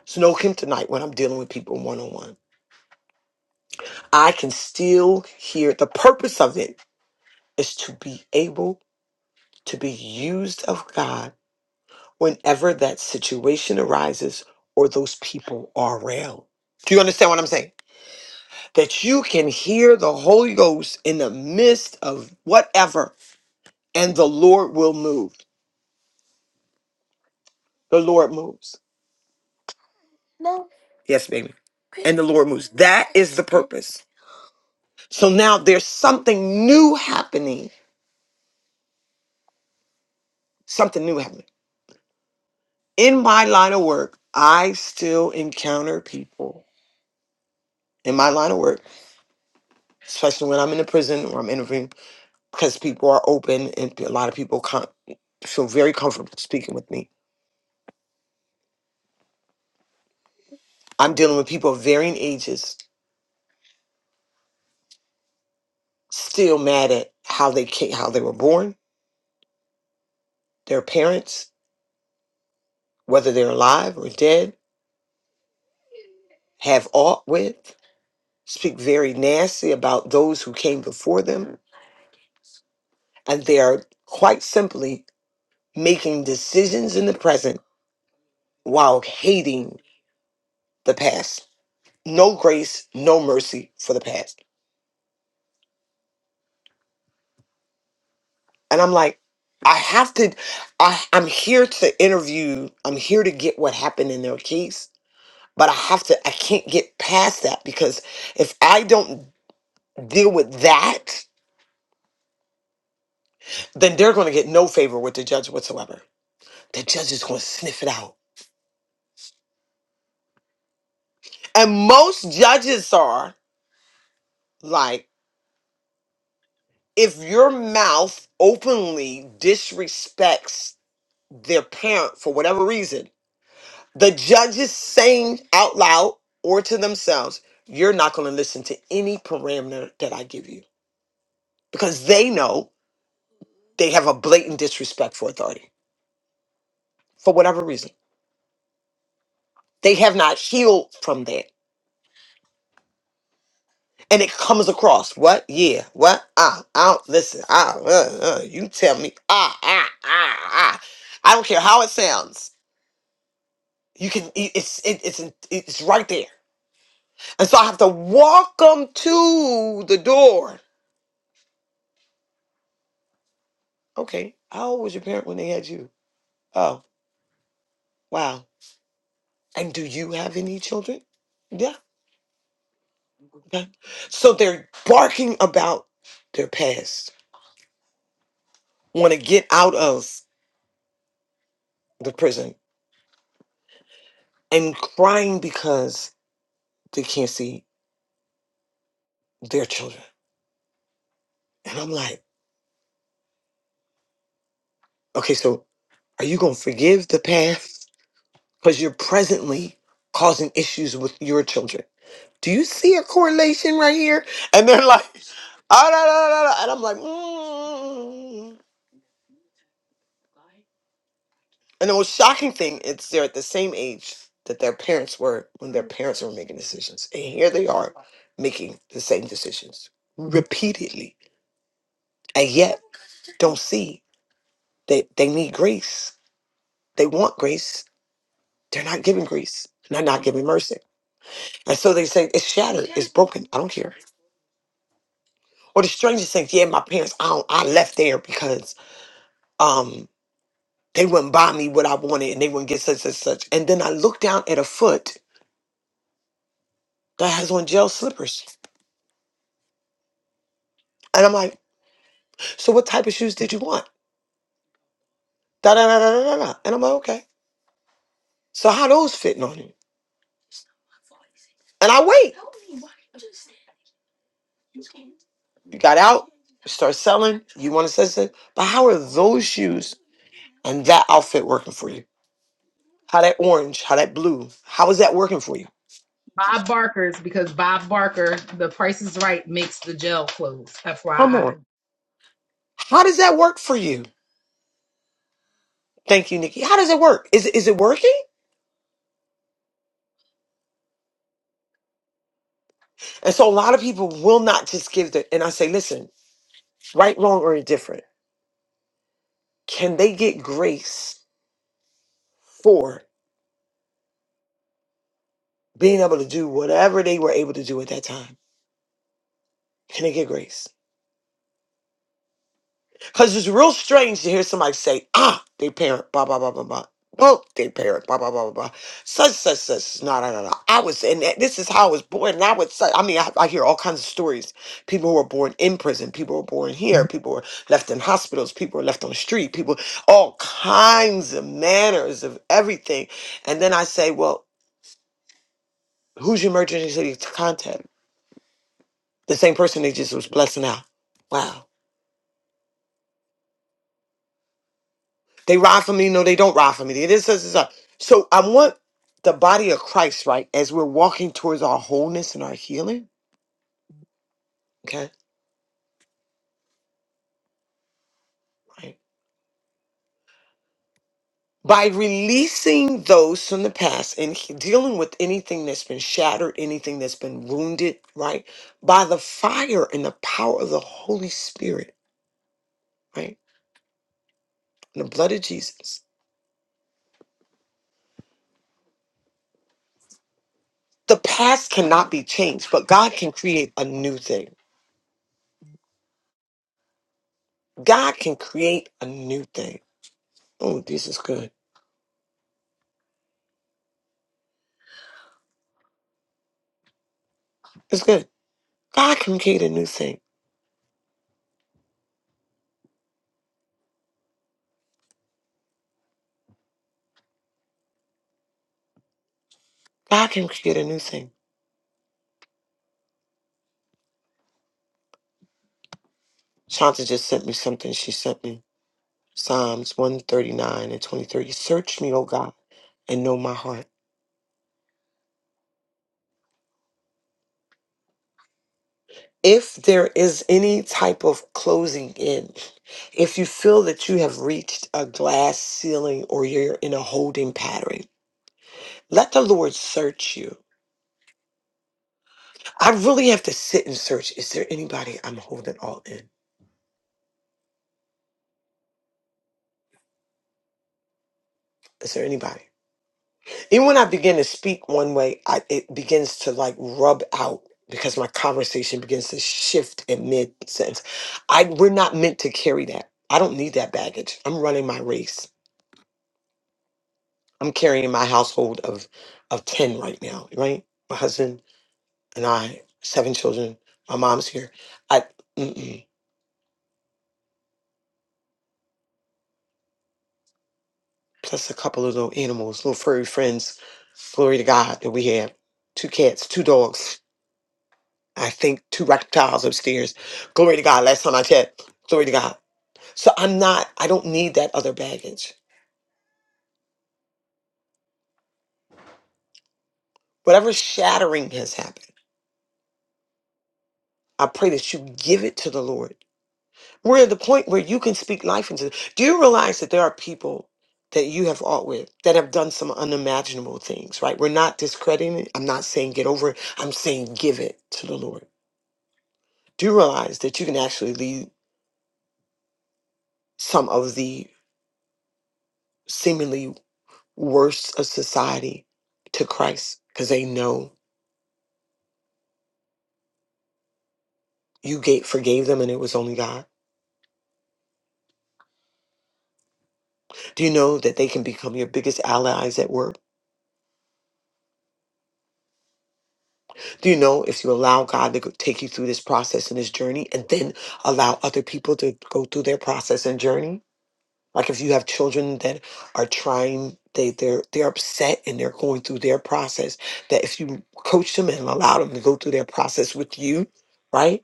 [SPEAKER 2] Snow him tonight when I'm dealing with people one on one. I can still hear the purpose of it is to be able to be used of God whenever that situation arises or those people are around. Do you understand what I'm saying? That you can hear the Holy Ghost in the midst of whatever, and the Lord will move. The Lord moves. Yes, baby. And the Lord moves. That is the purpose. So now there's something new happening. Something new happening in my line of work, I still encounter people in my line of work, especially when I'm in a prison or I'm interviewing, because people are open and a lot of people con- feel very comfortable speaking with me. I'm dealing with people of varying ages, still mad at how they came, how they were born, their parents, whether they're alive or dead, have aught with, speak very nasty about those who came before them, and they are quite simply making decisions in the present while hating the past. No grace, no mercy for the past. And I'm like, I have to, I, I'm here to interview, I'm here to get what happened in their case, but I have to, I can't get past that because if I don't deal with that, then they're going to get no favor with the judge whatsoever. The judge is going to sniff it out. And most judges are like, if your mouth openly disrespects their parent for whatever reason, The judges saying out loud or to themselves, you're not going to listen to any parameter that I give you because they know they have a blatant disrespect for authority for whatever reason. They have not healed from that. And it comes across what? Yeah, what? Ah, I don't listen. Ah, uh, uh, you tell me. Ah, ah, ah, ah. I don't care how it sounds. You can. it- It's it, it's it's right there. And so I have to walk them to the door Okay. How old was your parent when they had you? Oh, wow. And do you have any children? Yeah. Okay. So they're barking about their past, want to get out of the prison and crying because they can't see their children. And I'm like, okay, so are you going to forgive the past? Because you're presently causing issues with your children. Do you see a correlation right here? And they're like, ah, da, da, da, da. and I'm like, mm. And the most shocking thing is they're at the same age that their parents were when their parents were making decisions. And here they are making the same decisions repeatedly. And yet don't see that they need grace. They want grace. They're not giving grace. And they're not giving mercy. And so they say it's shattered, it's broken. I don't care. Or the stranger saying, Yeah, my parents, I don't, I left there because um they wouldn't buy me what I wanted and they wouldn't get such such such. And then I look down at a foot that has on gel slippers. and I'm like. So what type of shoes did you want? Da da da da da da. And I'm like, okay. So how those fitting on you? And I wait. You got out, you start selling. You want to sell, but how are those shoes and that outfit working for you? How that orange? How that blue? How is that working for you?
[SPEAKER 5] Bob Barker's because Bob Barker, the price is right, makes the gel close.
[SPEAKER 2] Come
[SPEAKER 5] FYI.
[SPEAKER 2] on. How does that work for you? Thank you, Nikki. How does it work? Is it, is it working? And so a lot of people will not just give the. And I say, listen, right, wrong, or indifferent. Can they get grace for? being able to do whatever they were able to do at that time. Can they get grace? Because it's real strange to hear somebody say, ah, they parent, blah, blah, blah, blah, blah. Oh, they parent, blah, blah, blah, blah, blah. Such, such, such. No, no, no, no. I was, and that- this is how I was born. And I would say, I mean, I, I hear all kinds of stories. People who were born in prison, people who were born here, Mhm. people who were left in hospitals, people who were left on the street, people, all kinds of manners of everything. And then I say, well, who's your emergency contact? The same person they just was blessing out. Wow They ride for me. No, they don't ride for me. They This, this, this. that. So I want the body of Christ, right, as we're walking towards our wholeness and our healing, okay, right, by releasing those from the past and he- dealing with anything that's been shattered, anything that's been wounded, right, by the fire and the power of the Holy Spirit, right, and the blood of Jesus. The past cannot be changed, but God can create a new thing. God can create a new thing. Oh, this is good. It's good. God can create a new thing. God can create a new thing. Shanta just sent me something. She sent me Psalms 139 and 23. Search me, O God, and know my heart. If there is any type of closing in, if you feel that you have reached a glass ceiling or you're in a holding pattern, let the Lord search you. I really have to sit and search. Is there anybody I'm holding all in? Is there anybody? Even when I begin to speak one way, I, it begins to like rub out because my conversation begins to shift in mid sentence. I we're not meant to carry that. I don't need that baggage. I'm running my race. I'm carrying my household of of ten right now. Right, my husband and I, seven children. My mom's here. I mm-mm, plus a couple of little animals, little furry friends. Glory to God that we have two cats, two dogs. *laughs* I think two reptiles upstairs. Glory to God. Last time I checked, glory to God. So I'm not, I don't need that other baggage. Whatever shattering has happened, I pray that you give it to the Lord. We're at the point where you can speak life into. Do you realize that there are people that you have fought with that have done some unimaginable things, right? We're not discrediting it. I'm not saying get over it. I'm saying give it to the Lord. Do you realize that you can actually lead some of the seemingly worst of society to Christ because they know you gave, forgave them and it was only God. Do you know that they can become your biggest allies at work? Do you know if you allow God to go, take you through this process and this journey and then allow other people to go through their process and journey? Like if you have children that are trying, they, they're, they're upset and they're going through their process, that if you coach them and allow them to go through their process with you, right?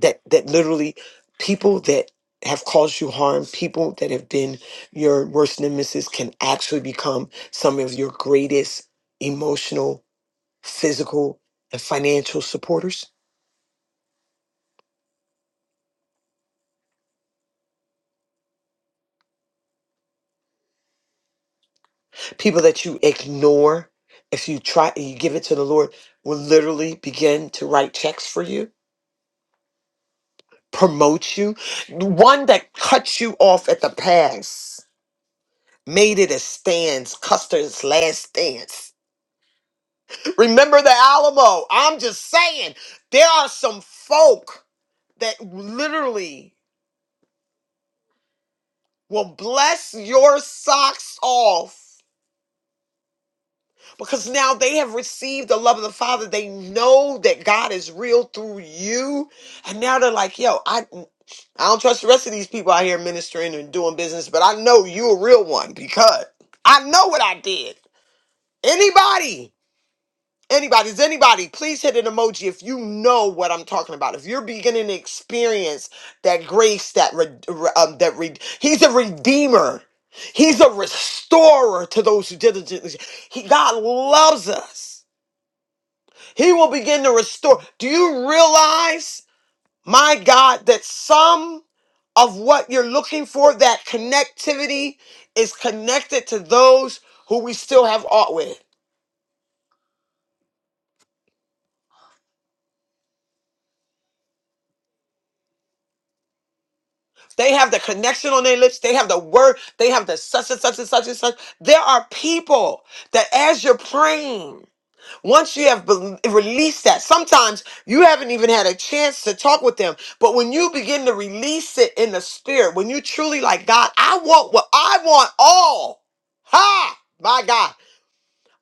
[SPEAKER 2] that that literally people that have caused you harm, people that have been your worst nemesis can actually become some of your greatest emotional, physical, and financial supporters. People that you ignore, if you try and you give it to the Lord, will literally begin to write checks for you, promote you. One that cuts you off at the pass, made it a stance, Custer's last stance Remember the Alamo. I'm just saying, there are some folk that literally will bless your socks off because now they have received the love of the Father. They know that God is real through you. And now they're like, yo, I. I don't trust the rest of these people out here ministering and doing business, but I know you a real one because I know what I did. Anybody? Anybody, is anybody, please hit an emoji if you know what I'm talking about. If you're beginning to experience that grace, that re, re- um, that re, he's a redeemer, he's a restorer to those who diligently. He God loves us. He will begin to restore. Do you realize, my God, that some of what you're looking for, that connectivity, is connected to those who we still have aught with. They have the connection on their lips. They have the word. They have the such and such and such and such. There are people that, as you're praying, once you have bel released that, sometimes you haven't even had a chance to talk with them. But when you begin to release it in the spirit, when you truly like God, I want what I want all. Ha! My God.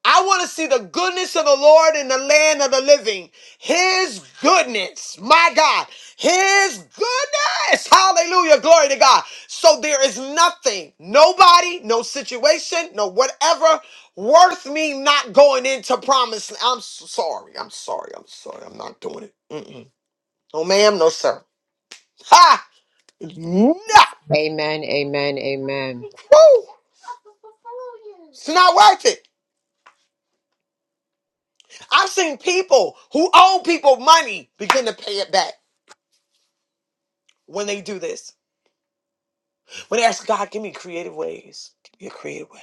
[SPEAKER 2] I want to see the goodness of the Lord in the land of the living. His goodness, my God, His goodness. Hallelujah. Glory to God. So there is nothing, nobody, no situation, no whatever worth me not going into promise. I'm s- sorry. I'm sorry. I'm sorry. I'm not doing it. Mm-mm. No, ma'am. No, sir. Ha! No.
[SPEAKER 9] Amen, amen, amen.
[SPEAKER 2] Woo! It's not worth it. I've seen people who owe people money begin to pay it back when they do this. When they ask God, give me creative ways, give me a creative way.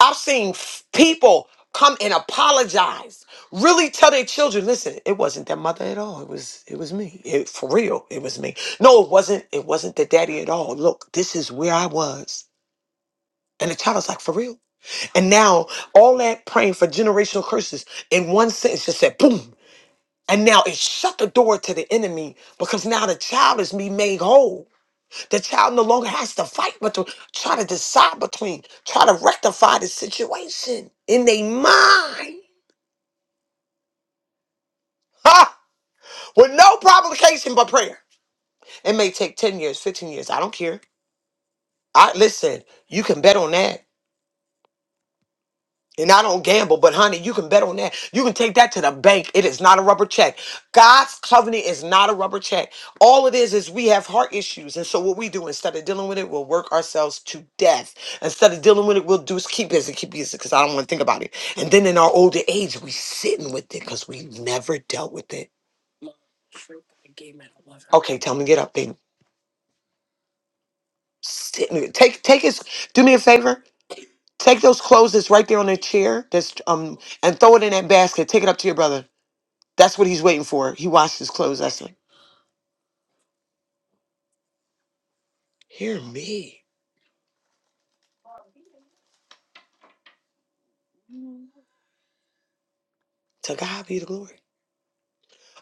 [SPEAKER 2] I've seen f- people come and apologize, really tell their children, listen, it wasn't their mother at all. It was it was me. It, for real, it was me. No, it wasn't. It wasn't the daddy at all. Look, this is where I was. And the child is like, for real. And now all that praying for generational curses in one sentence just said, boom. And now it shut the door to the enemy because now the child is being made whole. The child no longer has to fight, but to try to decide between, try to rectify the situation in their mind. Ha! With no provocation but prayer. It may take 10 years, 15 years. I don't care. I listen, you can bet on that. And I don't gamble, but honey, you can bet on that. You can take that to the bank. It is not a rubber check. God's covenant is not a rubber check. All it is is we have heart issues. And so what we do instead of dealing with it, we'll work ourselves to death. Instead of dealing with it, we'll do is keep busy, keep busy, because I don't want to think about it. And then in our older age, we sitting with it because we never dealt with it. Okay, tell me get up, baby. Sit in it. Take take his do me a favor. Take those clothes that's right there on the chair that's um and throw it in that basket. Take it up to your brother. That's what he's waiting for. He washed his clothes. I said, Hear me. To God be the glory.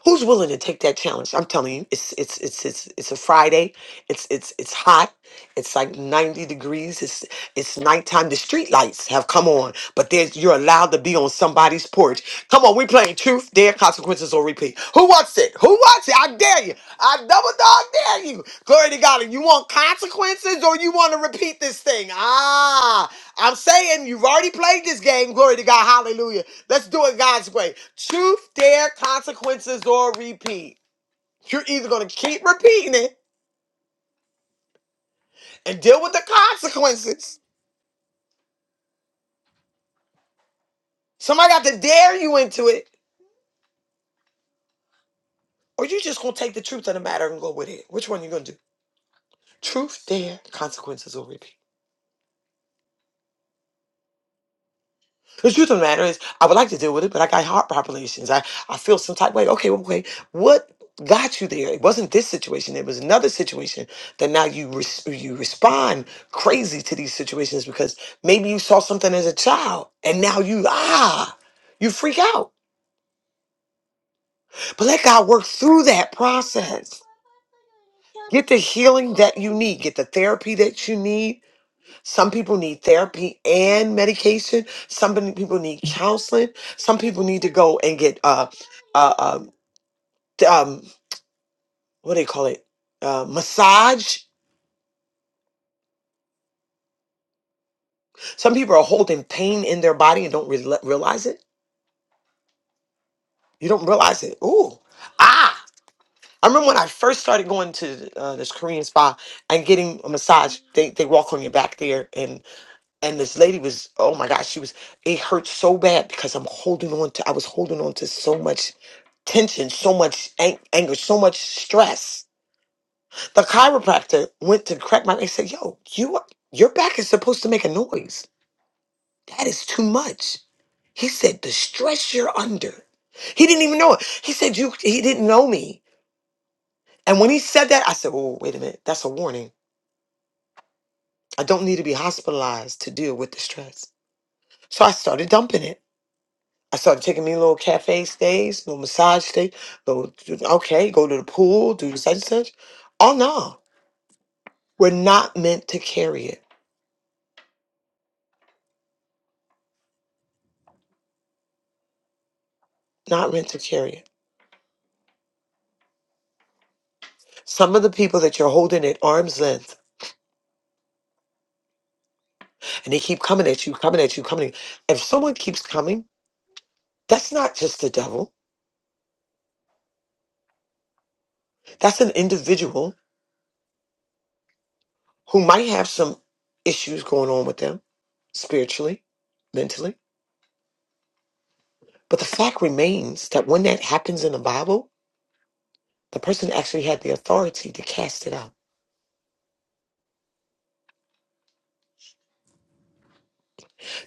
[SPEAKER 2] Who's willing to take that challenge? I'm telling you, it's it's it's it's it's a Friday. It's it's it's hot. It's like 90 degrees. It's it's nighttime. The street lights have come on, but there's you're allowed to be on somebody's porch. Come on, we playing truth, dare, consequences, or repeat. Who wants it? Who wants it? I dare you. I double dog dare you. Glory to God. And you want consequences or you want to repeat this thing? Ah, I'm saying you've already played this game. Glory to God. Hallelujah. Let's do it God's way. Truth, dare, consequences, or repeat. You're either going to keep repeating it and deal with the consequences. Somebody got to dare you into it, or you just going to take the truth of the matter and go with it. Which one you going to do? Truth, dare, consequences, or repeat. The truth of the matter is, I would like to deal with it, but I got heart palpitations. I, I feel some type of way. Okay, well, okay, what got you there? It wasn't this situation. It was another situation that now you res- you respond crazy to these situations because maybe you saw something as a child and now you ah you freak out. But let God work through that process. Get the healing that you need. Get the therapy that you need Some people need therapy and medication. Some pe- people need counseling. Some people need to go and get uh, uh, um, th- um, what do they call it? Uh, massage. Some people are holding pain in their body and don't re- realize it. You don't realize it. Ooh, ah. I remember when I first started going to uh, this Korean spa and getting a massage. They they walk on your back there, and this lady was oh my gosh she was it hurt so bad because i'm holding on to i was holding on to so much tension so much ang- anger so much stress the chiropractor went to crack my neck and said yo you are- your back is supposed to make a noise that is too much he said the stress you're under he didn't even know it he said you he didn't know me and when he said that i said oh wait a minute that's a warning i don't need to be hospitalized to deal with the stress so i started dumping it I started taking me little cafe stays, little massage stays, little, okay, go to the pool, do such and such. Oh, no, we're not meant to carry it. Not meant to carry it. Some of the people that you're holding at arm's length and they keep coming at you, coming at you, coming. If someone keeps coming, that's not just the devil. That's an individual who might have some issues going on with them spiritually, mentally. But the fact remains that when that happens in the Bible, the person actually had the authority to cast it out.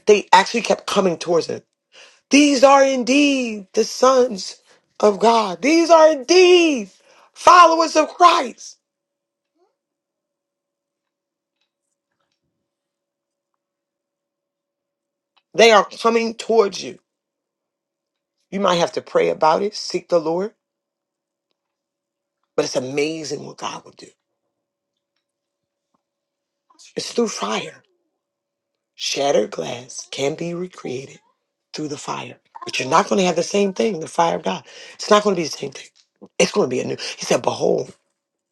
[SPEAKER 2] They actually kept coming towards him. These are indeed the sons of God. These are indeed followers of Christ. They are coming towards you. You might have to pray about it, seek the Lord, but it's amazing what God will do. It's through fire. Shattered glass can be recreated through the fire, but you're not going to have the same thing, the fire of God. It's not going to be the same thing. It's going to be a new. He said, Behold,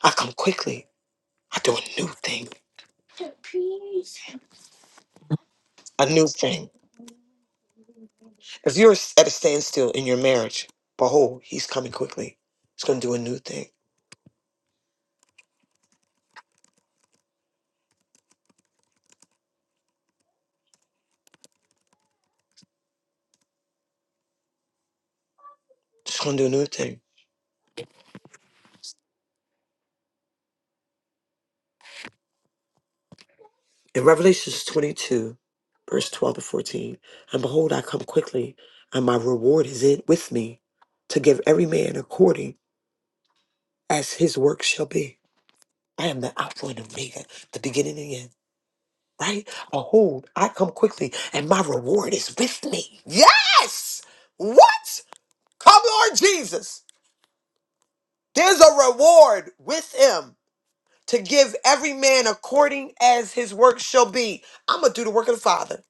[SPEAKER 2] I come quickly. I do a new thing, a new thing. If you're at a standstill in your marriage, behold, he's coming quickly. He's going to do a new thing. He's going to do a new thing. In Revelations 22, verse 12 to 14, and behold, I come quickly, and my reward is in with me to give every man according as his work shall be. I am the Alpha and Omega, the beginning and the end, right? Behold, I come quickly, and my reward is with me. Yes! What? Come, Lord Jesus. There's a reward with him. to give every man according as his work shall be. I'm gonna do the work of the Father.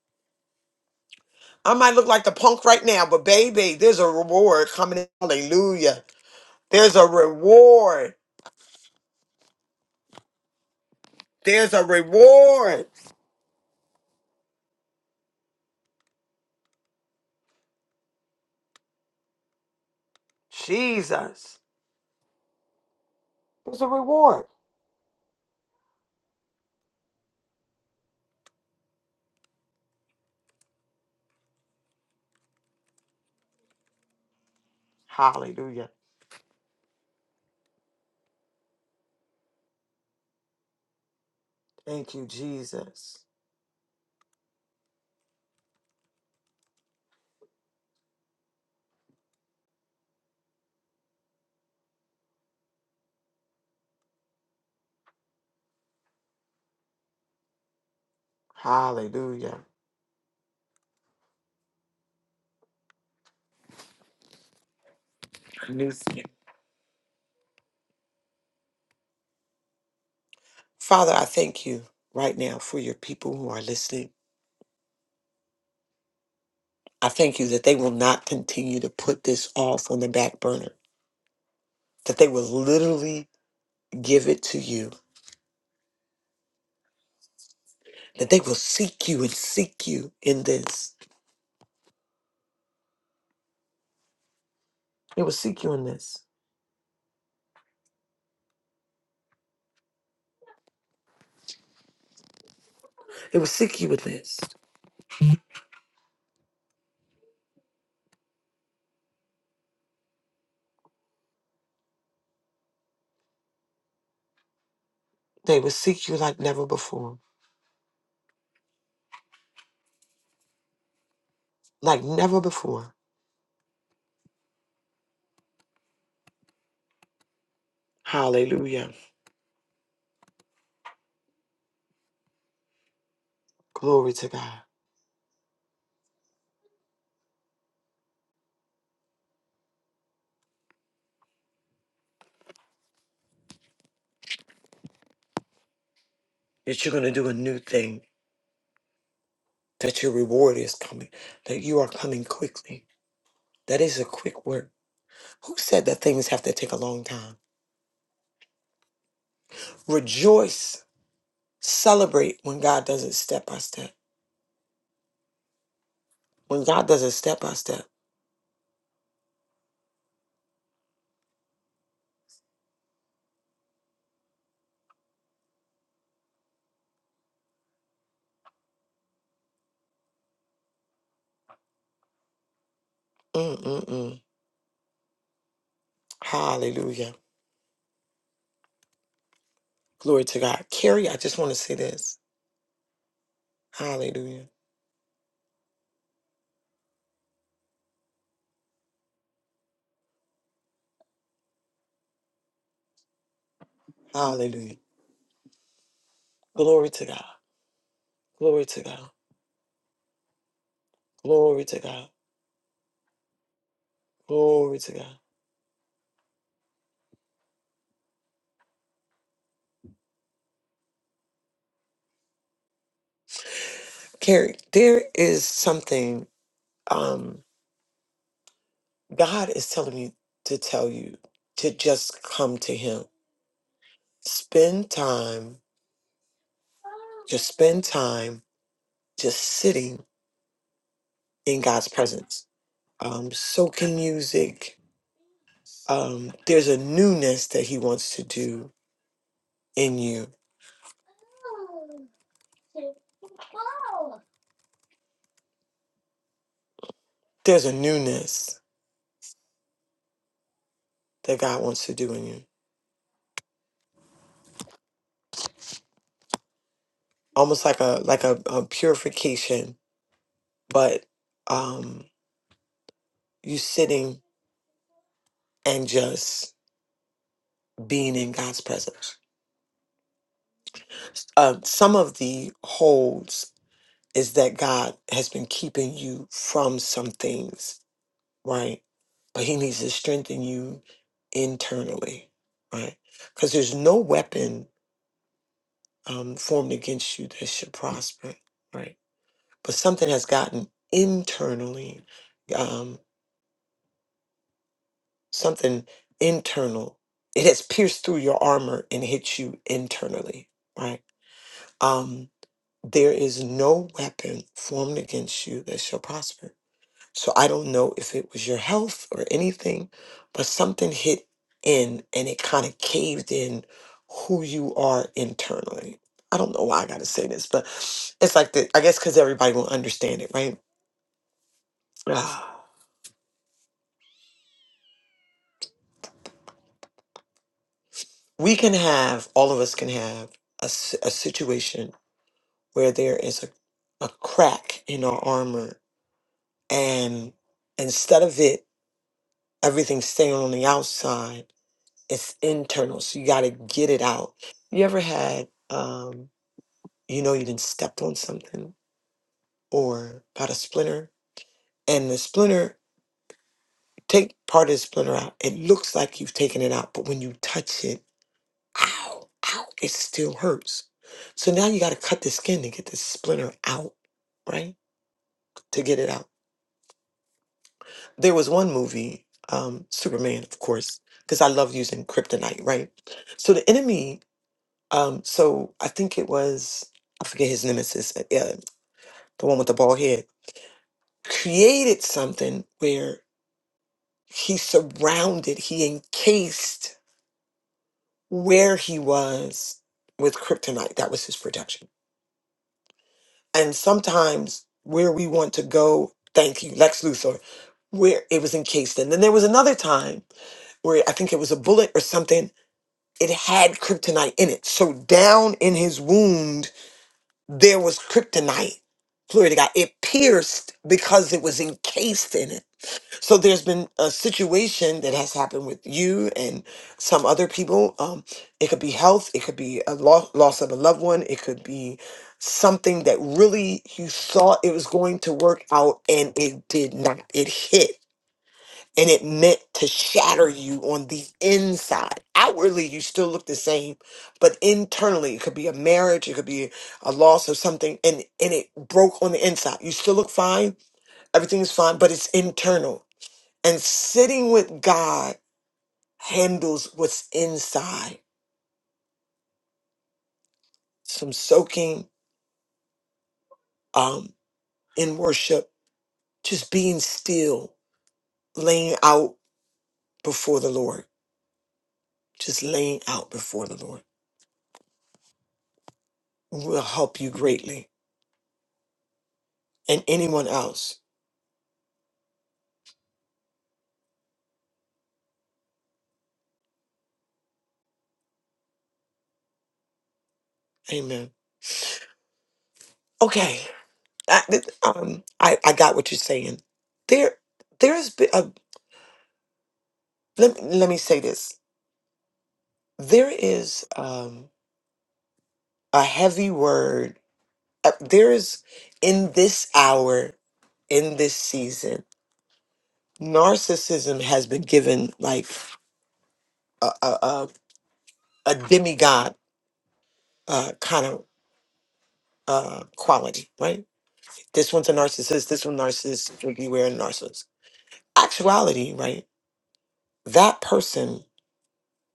[SPEAKER 2] I might look like the punk right now, but baby, there's a reward coming. in. Hallelujah. There's a reward. There's a reward. Jesus. There's a reward. Hallelujah. Thank you, Jesus. Hallelujah. Father, I thank you right now for your people who are listening. I thank you that they will not continue to put this off on the back burner, that they will literally give it to you. That they will seek you and seek you in this. They will seek you in this. They will seek you in this. They will seek you like never before. Like never before. Hallelujah. Glory to God. That you're going to do a new thing. That your reward is coming. That you are coming quickly. That is a quick work. Who said that things have to take a long time? Rejoice. Celebrate when God does it step by step. When God does it step by step. Mm-mm-mm. Hallelujah. Glory to God. Carrie, I just want to say this. Hallelujah. Hallelujah. Glory to God. Glory to God. Glory to God. Glory to God. Carrie, there is something um God is telling me to tell you to just come to him. Spend time, just spend time just sitting in God's presence. Um soaking music. Um there's a newness that he wants to do in you. There's a newness that God wants to do in you. Almost like a like a, a purification, but um you sitting and just being in God's presence. Um, some of the holds is that God has been keeping you from some things, right? But He needs to strengthen you internally, right? Because there's no weapon um, formed against you that should prosper, right? But something has gotten internally. um, something internal. It has pierced through your armor and hit you internally, right? Um, there is no weapon formed against you that shall prosper. So I don't know if it was your health or anything, but something hit in and it kind of caved in who you are internally. I don't know why I got to say this, but it's like the, I guess because everybody will understand it, right? Ah. We can have, all of us can have a, s- a situation where there is a, a crack in our armor and instead of it everything staying on the outside it's internal so you got to get it out you ever had um you know you didn't step on something or got a splinter and the splinter take part of the splinter out it looks like you've taken it out but when you touch it ow ow it still hurts so now you got to cut the skin to get the splinter out right to get it out There was one movie, um, Superman, of course, because I love using kryptonite, right? So the enemy, um, so I think it was, I forget his nemesis, uh, yeah, the one with the bald head, created something where he surrounded, he encased where he was with kryptonite. That was his protection. And sometimes where we want to go, thank you, Lex Luthor, where it was encased in. Then there was another time where I think it was a bullet or something it had kryptonite in it. So down in his wound, there was kryptonite. Glory to God. It pierced because it was encased in it. So there's been a situation that has happened with you and some other people. Um, it could be health, it could be a lo- loss of a loved one, it could be something that really you thought it was going to work out and it did not. It hit and it meant to shatter you on the inside. Outwardly, you still look the same, but internally, it could be a marriage, it could be a loss of something, and, and it broke on the inside. You still look fine, everything is fine, but it's internal. And sitting with God handles what's inside. Some soaking um, in worship, just being still, laying out before the Lord, just laying out before the Lord will help you greatly and anyone else Amen. Okay. I, th- um, I, I got what you're saying. There, there is, b- a, let, me- let me say this. There is um, a heavy word. Uh, there is, in this hour, in this season, narcissism has been given like a, a, a, a demigod uh, kind of uh, quality, right? This one's a narcissist, this one narcissist, beware a narcissist. Actuality, right? That person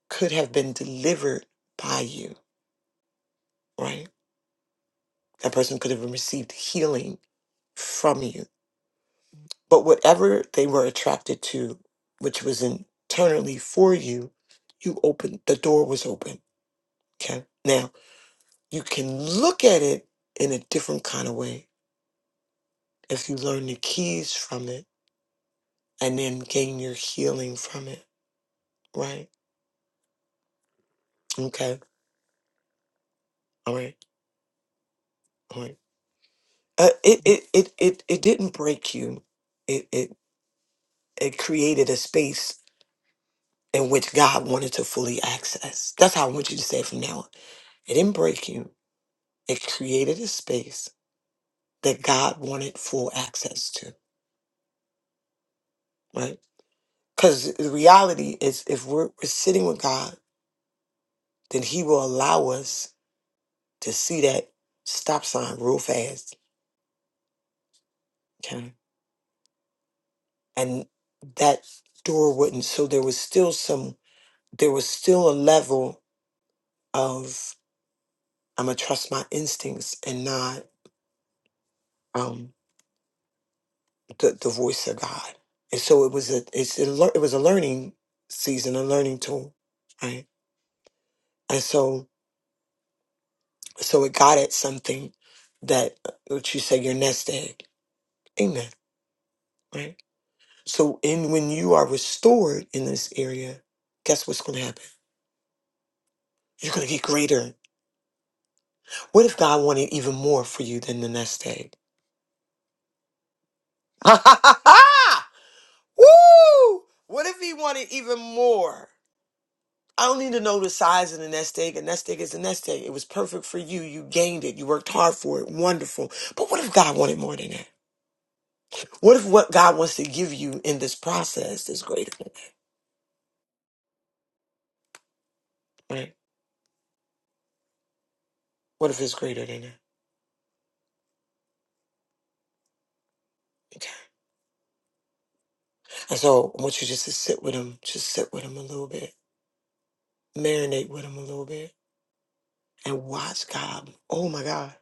[SPEAKER 2] could have been delivered by you, right? That person could have received healing from you. But whatever they were attracted to, which was internally for you, you opened, the door was open. Okay. Now you can look at it in a different kind of way if you learn the keys from it and then gain your healing from it, right? Okay. All right. All right. Uh, it, it, it, it, it didn't break you. It, it, it created a space and which God wanted to fully access. That's how I want you to say it from now on. It didn't break you. It created a space that God wanted full access to, right? Because the reality is, if we're, we're sitting with God, then He will allow us to see that stop sign real fast, okay? And that door wouldn't. So there was still some, there was still a level of I'm gonna trust my instincts and not. um, the, the voice of God. And so it was a it's a, lear- it was a learning season, a learning tool, right? And so so it got at something that uh, what you say your nest egg, amen, right? So in when you are restored in this area, guess what's going to happen? You're going to get greater. What if God wanted even more for you than the nest egg? *laughs* Woo! What if He wanted even more? I don't need to know the size of the nest egg. A nest egg is a nest egg. It was perfect for you. You gained it. You worked hard for it. Wonderful. But what if God wanted more than that? What if what God wants to give you in this process is greater? Right? What if it's greater than that? Okay. And so I want you just to sit with him. Just sit with him a little bit. Marinate with him a little bit. And watch God. Oh my God.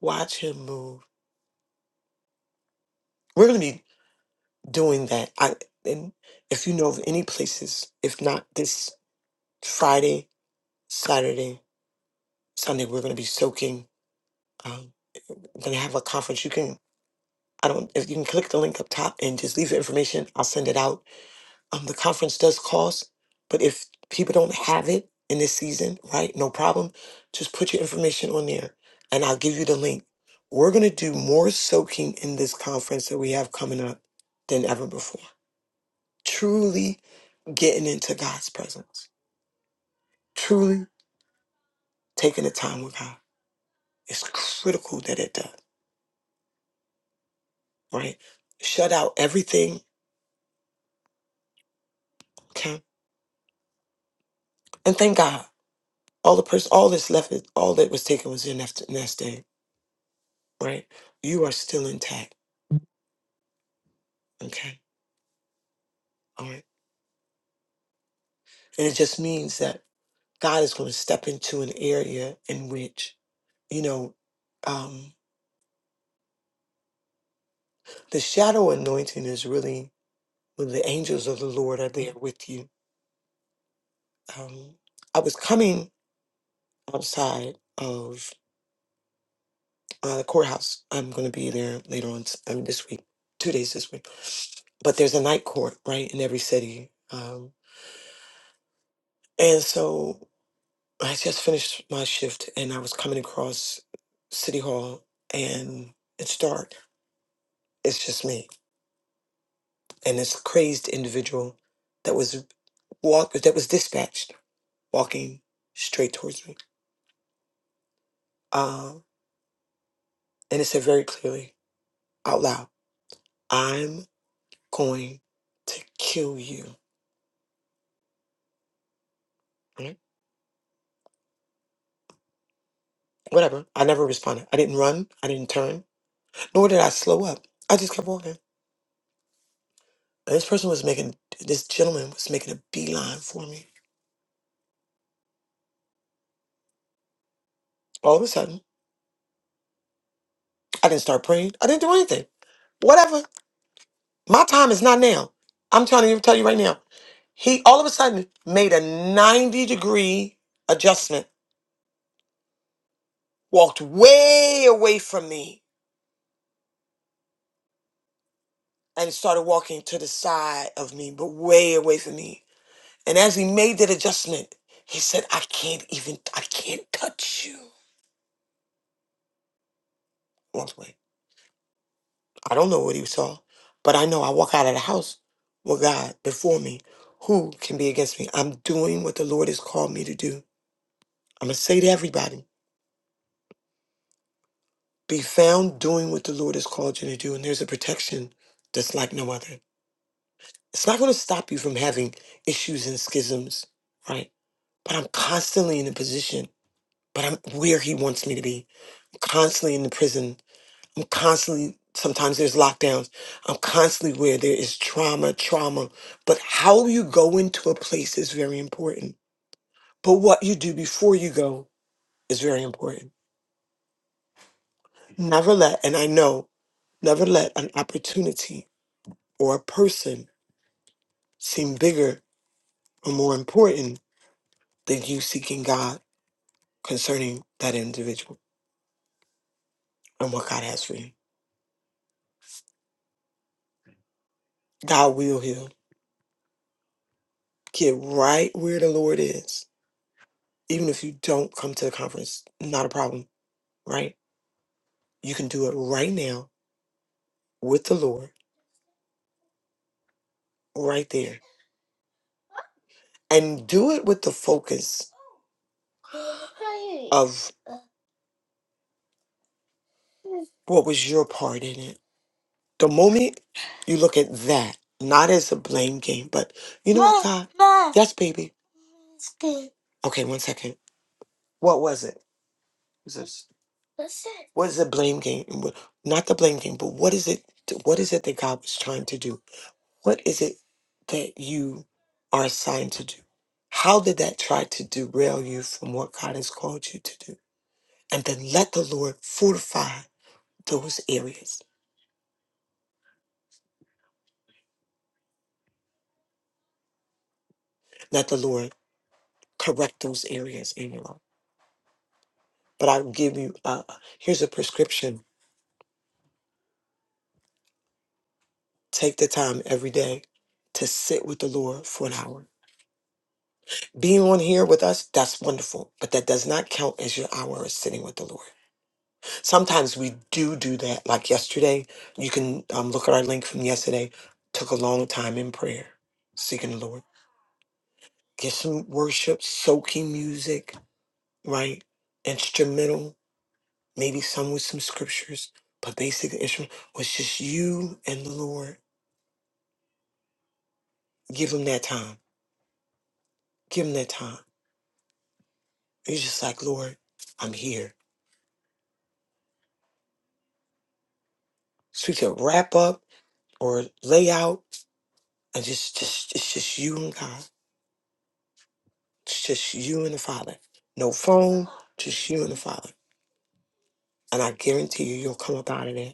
[SPEAKER 2] Watch him move. We're gonna be doing that. I and if you know of any places, if not this Friday, Saturday. Sunday we're going to be soaking. Um, we're going to have a conference. You can I don't if you can click the link up top and just leave your information. I'll send it out. Um, the conference does cost, but if people don't have it in this season, right? No problem. Just put your information on there, and I'll give you the link. We're going to do more soaking in this conference that we have coming up than ever before. Truly getting into God's presence. Truly taking the time with God. It's critical that it does, right? shut out everything Okay. And thank God. All the person all that's left is all that was taken was your nest, nest egg, right? You are still intact. Okay. All right. And it just means that God is going to step into an area in which, you know, um, the shadow anointing is really when the angels of the Lord are there with you. Um, I was coming outside of uh, the courthouse. I'm going to be there later on t- um, this week, two days this week but there's a night court right in every city Um, And so I just finished my shift and I was coming across City Hall and it's dark. It's just me and this crazed individual that was walk that was dispatched walking straight towards me. Um, and it said very clearly out loud, I'm going to kill you. Right? Whatever. I never responded. I didn't run. I didn't turn. Nor did I slow up. I just kept walking. And this person was making this gentleman was making a beeline for me All of a sudden, I didn't start praying. I didn't do anything. Whatever. My time is not now. I'm telling you, tell you right now. He all of a sudden made a 90 degree adjustment, walked way away from me, and started walking to the side of me, but way away from me. And as he made that adjustment, he said, I can't even, I can't touch you. I don't know what he saw, but I know I walk out of the house with God before me. Who can be against me? I'm doing what the Lord has called me to do. I'm going to say to everybody be found doing what the Lord has called you to do. And there's a protection that's like no other. It's not going to stop you from having issues and schisms, right? But I'm constantly in a position, but I'm where He wants me to be. I'm constantly in the prison I'm constantly, sometimes there's lockdowns. I'm constantly where there is trauma, trauma. But how you go into a place is very important. But what you do before you go is very important. Never let, and I know, never let an opportunity or a person seem bigger or more important than you seeking God concerning that individual and what God has for you. God will heal. Get right where the Lord is. Even if you don't come to the conference, not a problem, right? You can do it right now with the Lord, right there. And do it with the focus of what was your part in it. The moment you look at that, not as a blame game, but you know what, God? Yes, baby. Okay, one second. What was it? Is this- What is the blame game? And what- Not the blame game, but what is it? What is it that God was trying to do? What is it that you are assigned to do? How did that try to derail you from what God has called you to do? And then let the Lord fortify those areas. Let the Lord correct those areas in your life. But I give you, uh, here's a prescription. Take the time every day to sit with the Lord for an hour. Being on here with us, that's wonderful, but that does not count as your hour of sitting with the Lord. Sometimes we do do that. Like yesterday, you can um, look at our link from yesterday. Took a long time in prayer, seeking the Lord. Get some worship, soaking music, right? Instrumental maybe some with some scriptures, but basically the instrument was just you and the Lord. Give him that time. Give him that time. He's just like, Lord, I'm here. So we could wrap up or lay out and just just it's just you and God. It's just you and the Father. No phone, just you and the Father. And I guarantee you you'll come up out of that.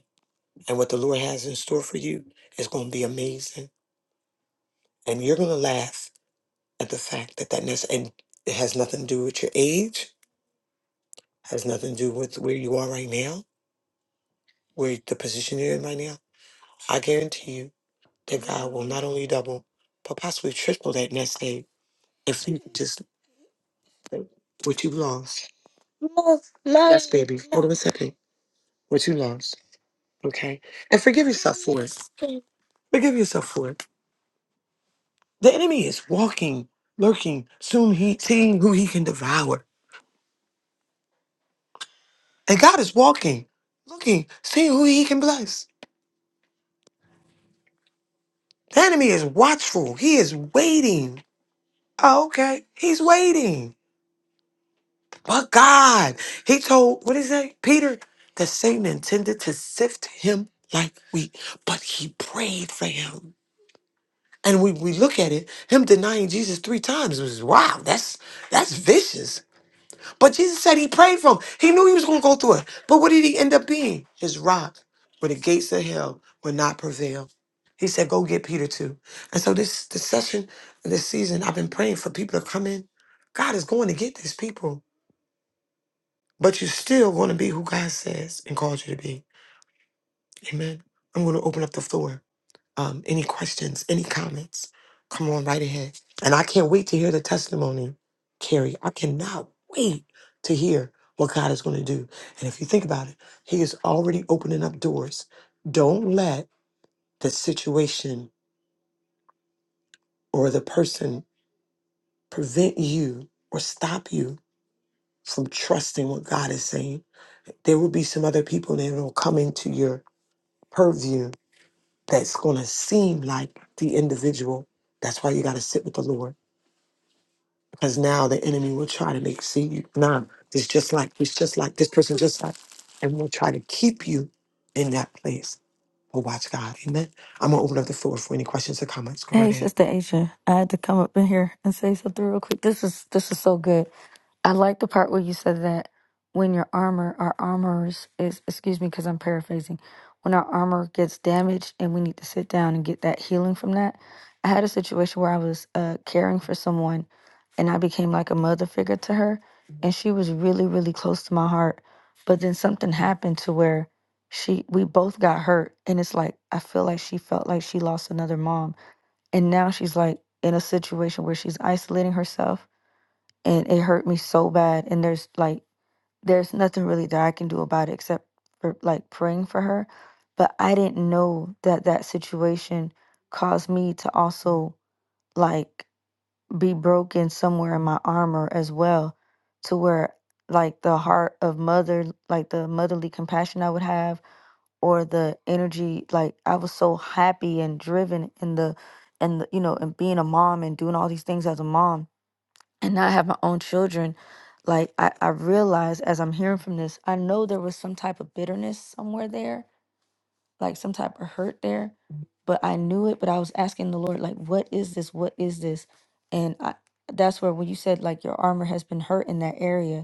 [SPEAKER 2] And what the Lord has in store for you is gonna be amazing. And you're gonna laugh at the fact that that ness and it has nothing to do with your age has nothing to do with where you are right now, where the position you're in right now. I guarantee you that God will not only double, but possibly triple that next day if you just what you lost. Mom, Mom, yes, baby. Hold on a second. What you lost, okay? And forgive yourself for it. Forgive yourself for it. The enemy is walking, lurking, soon he seeing who he can devour. And God is walking, looking, seeing who he can bless. The enemy is watchful. He is waiting. Oh, okay. He's waiting. But God, he told, what did he say? Peter, that Satan intended to sift him like wheat, but he prayed for him. And we, we look at it, him denying Jesus three times was wow, that's that's vicious. But Jesus said he prayed for him. He knew he was going to go through it. But what did he end up being? His rock, where the gates of hell would not prevail. He said, go get Peter too. And so this, this session, this season, I've been praying for people to come in. God is going to get these people, but you're still going to be who God says and called you to be. Amen. I'm going to open up the floor. Um, any questions, any comments? Come on right ahead. And I can't wait to hear the testimony, Carrie. I cannot wait to hear what God is going to do. And if you think about it, He is already opening up doors. Don't let the situation or the person prevent you or stop you from trusting what God is saying. There will be some other people that will come into your purview that's going to seem like the individual. That's why you got to sit with the Lord because now the enemy will try to make see you Nah, it's just like it's just like this person just like and will try to keep you in that place oh watch god amen i'm gonna open up the floor for any questions or comments go
[SPEAKER 10] Hey,
[SPEAKER 2] right ahead
[SPEAKER 10] Sister Asia, I had to come up in here and say something real quick. This is this is so good. I like the part where you said that when your armor, our armors is excuse me, because I'm paraphrasing. When our armor gets damaged and we need to sit down and get that healing from that. I had a situation where I was uh, caring for someone, and I became like a mother figure to her, and she was really really close to my heart. But then something happened to where she we both got hurt, and it's like I feel like she felt like she lost another mom and now she's like in a situation where she's isolating herself and it hurt me so bad. And there's like there's nothing really that I can do about it except for like praying for her. But I didn't know that that situation caused me to also like be broken somewhere in my armor as well to where like the heart of mother like the motherly compassion I would have or the energy like i was so happy and driven in the and the, you know and being a mom and doing all these things as a mom and not have my own children like i i realized as i'm hearing from this i know there was some type of bitterness somewhere there like some type of hurt there but i knew it but i was asking the lord like what is this what is this and i that's where when you said like your armor has been hurt in that area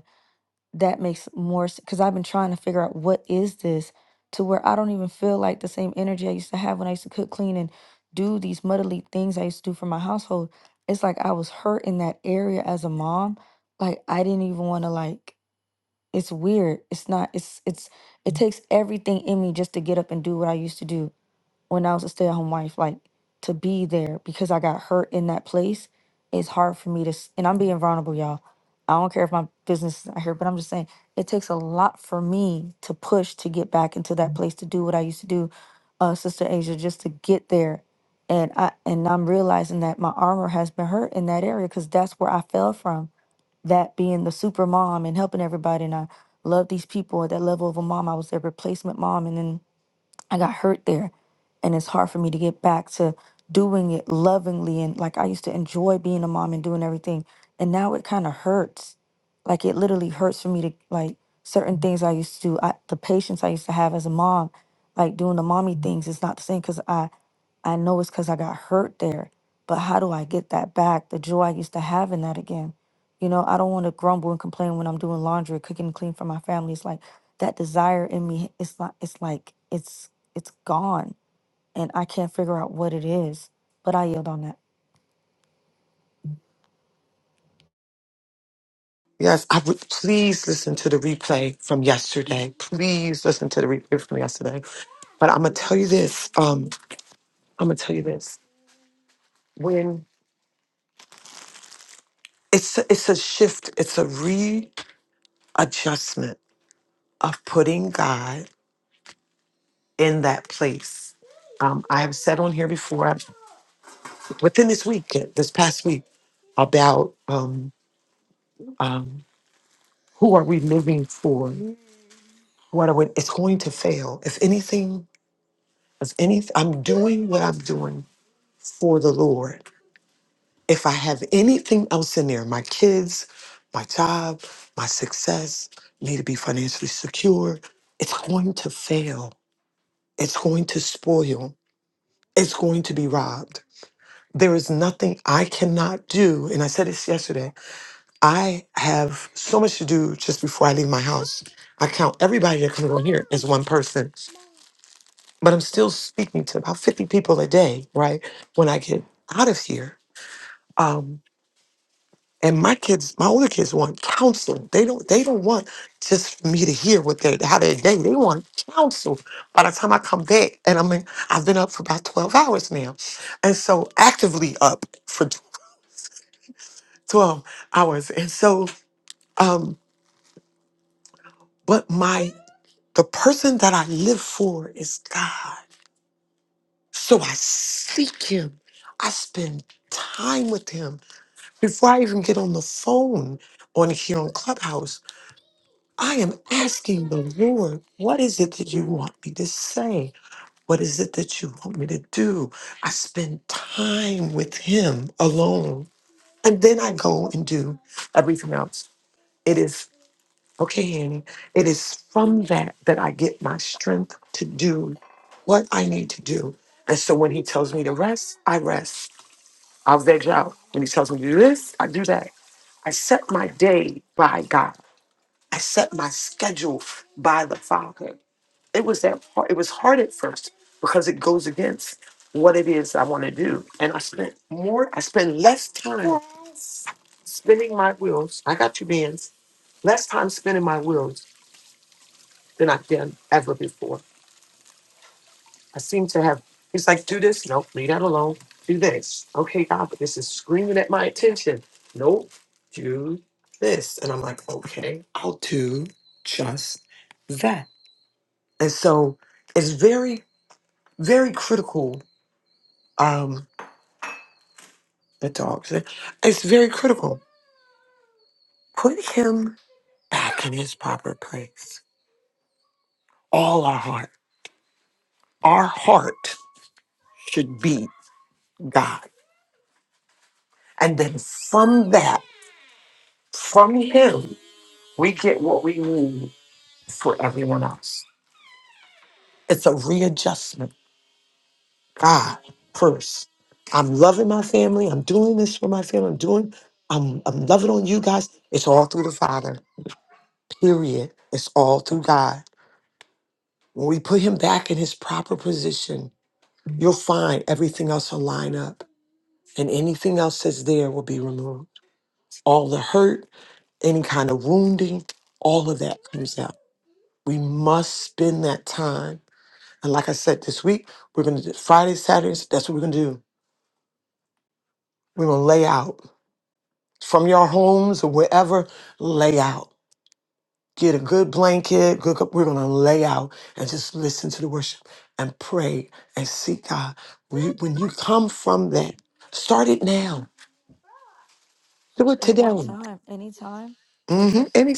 [SPEAKER 10] that makes more sense because I've been trying to figure out what is this to where I don't even feel like the same energy I used to have when I used to cook, clean, and do these motherly things I used to do for my household. It's like I was hurt in that area as a mom. Like I didn't even want to like it's weird. It's not it's it's it takes everything in me just to get up and do what I used to do when I was a stay at home wife, like to be there because I got hurt in that place, it's hard for me to, s- and I'm being vulnerable, y'all. I don't care if my business is not here, but I'm just saying it takes a lot for me to push to get back into that place to do what I used to do, uh, Sister Asia, just to get there. And I and I'm realizing that my armor has been hurt in that area because that's where I fell from. That being the super mom and helping everybody, and I love these people at that level of a mom. I was their replacement mom, and then I got hurt there. And it's hard for me to get back to doing it lovingly. And like I used to enjoy being a mom and doing everything. And now it kind of hurts. Like it literally hurts for me to, like, certain things I used to do, I, the patience I used to have as a mom, like doing the mommy things, is not the same because I I know it's because I got hurt there, but how do I get that back? The joy I used to have in that again. You know, I don't want to grumble and complain when I'm doing laundry, cooking and clean for my family. It's like that desire in me, it's like it's like it's it's gone and I can't figure out what it is. But I yield on that.
[SPEAKER 2] yes i would please listen to the replay from yesterday please listen to the replay from yesterday but i'm gonna tell you this um i'm gonna tell you this when it's a, it's a shift it's a readjustment of putting god in that place. Um, I have said on here before, i within this week, uh, this past week, about um, um, who are we living for? What are we, it's going to fail. If anything, if anything, I'm doing what I'm doing for the Lord. If I have anything else in there, my kids, my job, my success, me to be financially secure, it's going to fail. It's going to spoil. It's going to be robbed There is nothing I cannot do. And I said this yesterday. I have so much to do just before I leave my house. I count everybody that comes on here as one person, but I'm still speaking to about 50 people a day, right? When I get out of here. Um, and my kids, my older kids want counsel. They don't they don't want just for me to hear what they how they day. They want counsel. By the time I come back and I'm I've been up for about 12 hours now. And so actively up for 12 hours. And so, um, but my the person that I live for is God. So I seek him. I spend time with him before I even get on the phone on here on Clubhouse. I am asking the Lord, what is it that you want me to say? What is it that you want me to do? I spend time with him alone. And then I go and do everything else. It is Okay, Annie. It is from that that I get my strength to do what I need to do. And so when he tells me to rest, I rest. I'll veg out. When he tells me to do this, I do that. I set my day by God. I set my schedule by the Father. It was that hard. It was hard at first because it goes against what it is I want to do. And I spent more, I spend less time spinning my wheels. I got two bands. Less time spinning my wheels than I've done ever before. I seem to have, he's like, do this. Nope, leave that alone. Do this. Okay, God, but this is screaming at my attention. Nope, do this. And I'm like, okay, I'll do just that. And so it's very, very critical. Um, the dogs. it's very critical. Put him back in his proper place. All our heart, our heart should be God. And then from that, From Him, we get what we need for everyone else. It's a readjustment. God first. I'm loving my family. I'm doing this for my family. I'm doing. I'm, I'm loving on you guys. It's all through the Father. Period. It's all through God. When we put Him back in His proper position, you'll find everything else will line up, and anything else that's there will be removed. All the hurt, any kind of wounding, all of that comes out. We must spend that time. And like I said, this week, we're going to do Friday, Saturdays. That's what we're going to do. We're going to lay out from your homes or wherever, lay out. Get a good blanket. Good, cup- we're going to lay out and just listen to the worship and pray and seek God. When you, when you come from that, start it now. Do it
[SPEAKER 10] At
[SPEAKER 2] today.
[SPEAKER 10] what
[SPEAKER 2] Mm-hmm.
[SPEAKER 10] time? Anytime? Cause
[SPEAKER 2] Any,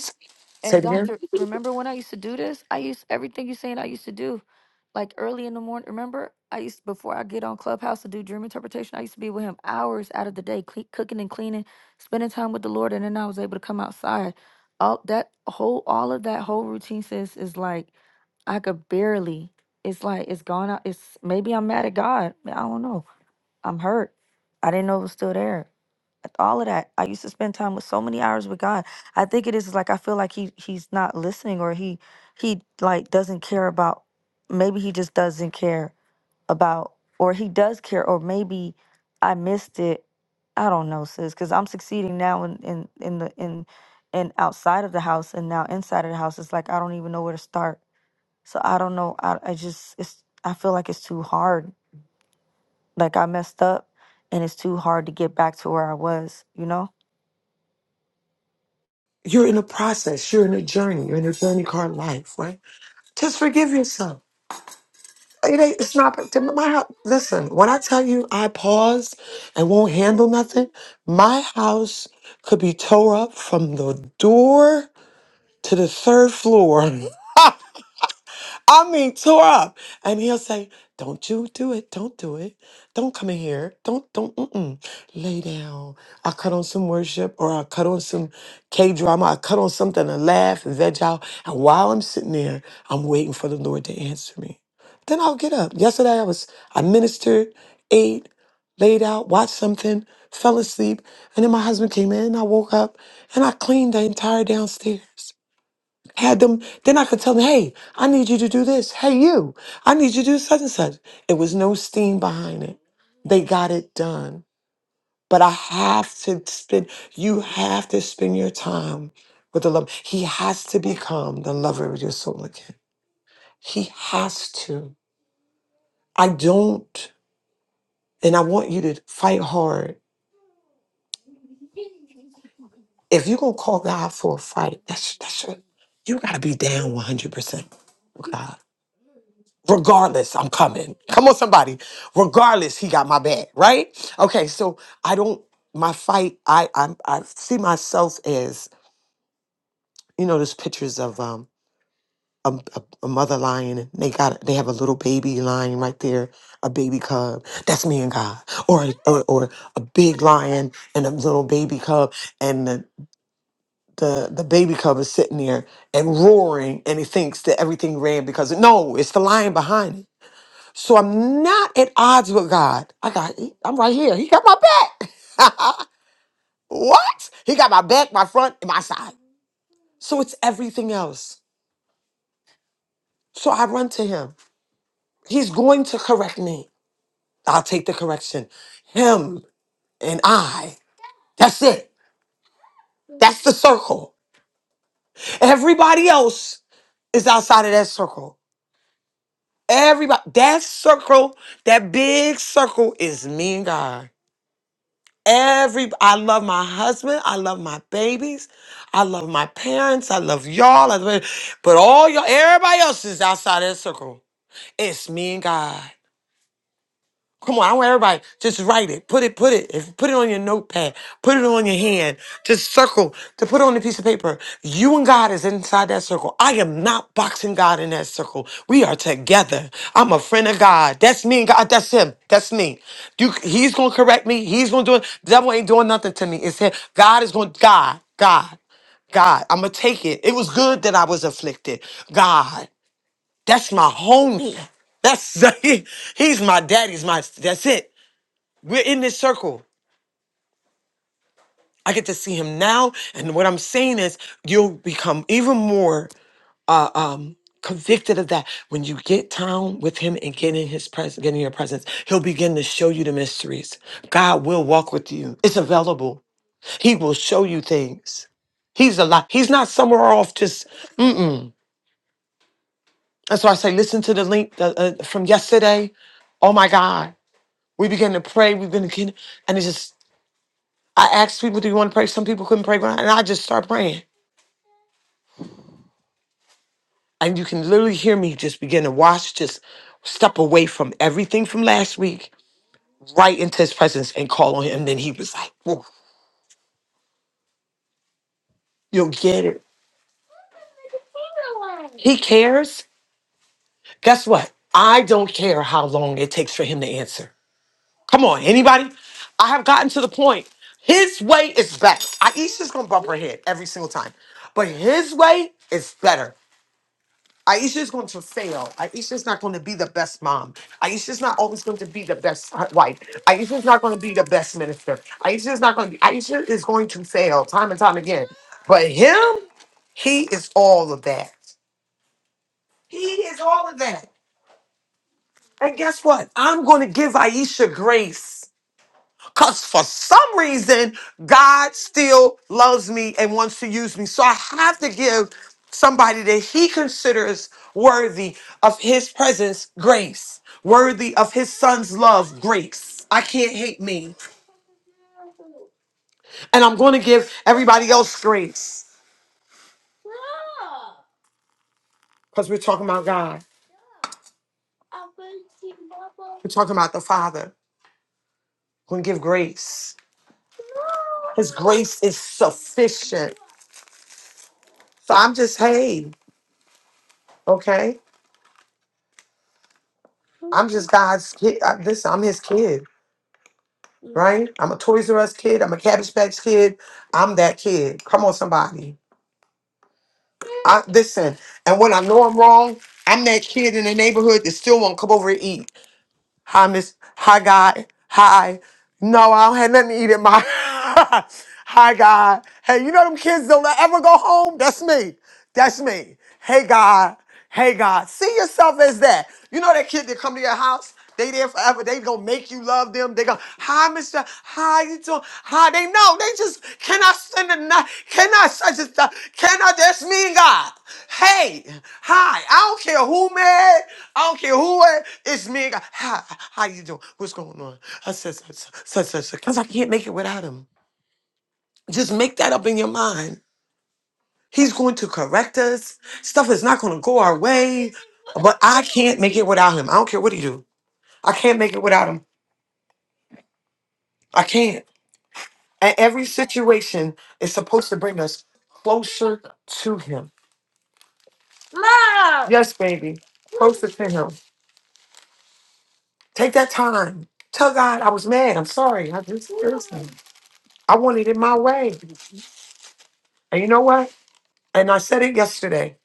[SPEAKER 2] say
[SPEAKER 10] And
[SPEAKER 2] it again.
[SPEAKER 10] doctor, remember when I used to do this? I used everything you're saying I used to do. Like early in the morning, remember? I used before I get on Clubhouse to do dream interpretation, I used to be with him hours out of the day, cle cooking and cleaning, spending time with the Lord, and then I was able to come outside. All that whole all of that whole routine sis is like I could barely. It's like it's gone out. It's maybe I'm mad at God. I don't know. I'm hurt. I didn't know it was still there all of that. I used to spend time with so many hours with God. I think it is like I feel like he he's not listening or he he like doesn't care about maybe he just doesn't care about or he does care or maybe I missed it. I don't know, sis, because I'm succeeding now in, in in the in and outside of the house and now inside of the house. It's like I don't even know where to start. So I don't know. I I just it's I feel like it's too hard. Like I messed up and it's too hard to get back to where I was, you know?
[SPEAKER 2] You're in a process. You're in a journey. You're in a journey called life, right? Just forgive yourself. It ain't, it's not to my house. Listen, when I tell you I pause and won't handle nothing, my house could be tore up from the door to the third floor. *laughs* I mean, tore up. And he'll say, "Don't you do it? Don't do it. Don't come in here. Don't don't mm-mm. lay down." I cut on some worship, or I cut on some K drama. I cut on something to laugh and veg out. And while I'm sitting there, I'm waiting for the Lord to answer me. Then I'll get up. Yesterday, I was I ministered, ate, laid out, watched something, fell asleep, and then my husband came in. I woke up and I cleaned the entire downstairs. Had them, then I could tell them, hey, I need you to do this. Hey, you, I need you to do such and such. It was no steam behind it. They got it done. But I have to spend, you have to spend your time with the love. He has to become the lover of your soul again. He has to. I don't, and I want you to fight hard. If you're going to call God for a fight, that's, that's your, you got to be down 100% with God. regardless i'm coming come on somebody regardless he got my back right okay so i don't my fight i i, I see myself as you know there's pictures of um a, a, a mother lion and they got they have a little baby lion right there a baby cub that's me and god or or, or a big lion and a little baby cub and the the, the baby cub is sitting there and roaring and he thinks that everything ran because no it's the lion behind it So I'm not at odds with God. I got, he- I'm right here. He got my back. *laughs* what? He got my back, my front, and my side. So it's everything else. So I run to him. He's going to correct me. I'll take the correction. Him and I. That's it. That's the circle. Everybody else is outside of that circle. Everybody, that circle, that big circle is me and God. Every I love my husband, I love my babies, I love my parents, I love y'all, I love- but all y'all, everybody else is outside of the circle. It's me and God. Come on, I want everybody just write it, put it, put it, if put it on your notepad, put it on your hand, just circle to put on a piece of paper. You and God is inside that circle. I am not boxing God in that circle. We are together. I'm a friend of God. That's me and God. That's him. That's me. You, he's gonna correct me. He's gonna do it. The devil ain't doing nothing to me. It's him. God is gonna God, God. God, I'm gonna take it. It was good that I was afflicted. God. That's my homie. That's *laughs* he's my daddy's my that's it. We're in this circle. I get to see him now, and what I'm saying is, you'll become even more uh, um, convicted of that when you get down with him and get in his presence, get in your presence. He'll begin to show you the mysteries. God will walk with you. It's available. He will show you things. He's a lot. He's not somewhere off. Just mm-mm. That's why I say, listen to the link uh, uh, from yesterday. Oh my God. We began to pray. We began, and it just, I asked people, do you want to pray? Some people couldn't pray, and I just start praying. And you can literally hear me just begin to watch, just step away from everything from last week, right into his presence and call on him. And then he was like, "Whoa, you'll get it. He cares. Guess what? I don't care how long it takes for him to answer. Come on, anybody? I have gotten to the point. His way is better. I Aisha's gonna bump her head every single time. But his way is better. Aisha's going to fail. Aisha's not going to be the best mom. Aisha's not always going to be the best hu- wife. Aisha's not going to be the best minister. Aisha's not going to be, Aisha is going to fail time and time again. But him, he is all of that. He is all of that. And guess what? I'm going to give Aisha grace. Because for some reason, God still loves me and wants to use me. So I have to give somebody that he considers worthy of his presence grace, worthy of his son's love grace. I can't hate me. And I'm going to give everybody else grace because we're talking about God. We're talking about the Father. We're going to give grace. His grace is sufficient. So I'm just, hey, okay? I'm just God's kid. I, listen, I'm his kid, right? I'm a Toys R Us kid. I'm a Cabbage Patch kid. I'm that kid. Come on, somebody. I listen, and when I know I'm wrong, I'm that kid in the neighborhood that still won't come over and eat. Hi, Miss. Hi, God. Hi. No, I don't have nothing to eat in my. *laughs* Hi, God. Hey, you know them kids don't ever go home? That's me. That's me. Hey, God. Hey, God. See yourself as that. You know that kid that come to your house? They there forever. They gonna make you love them. They go. Hi, Mister. Hi, you doing? Hi, they know. They just cannot send a night. Cannot such a stuff. Cannot. That's me and God. Hey, hi. I don't care who mad. I don't care who it. It's me and God. Hi, how you doing? What's going on? I said such such such because I can't make it without him. Just make that up in your mind. He's going to correct us. Stuff is not going to go our way, but I can't make it without him. I don't care what he do. I can't make it without him. I can't. And every situation is supposed to bring us closer to Him. Love. Yes, baby. Closer to Him. Take that time. Tell God I was mad. I'm sorry. I just listen. I wanted it my way. And you know what? And I said it yesterday.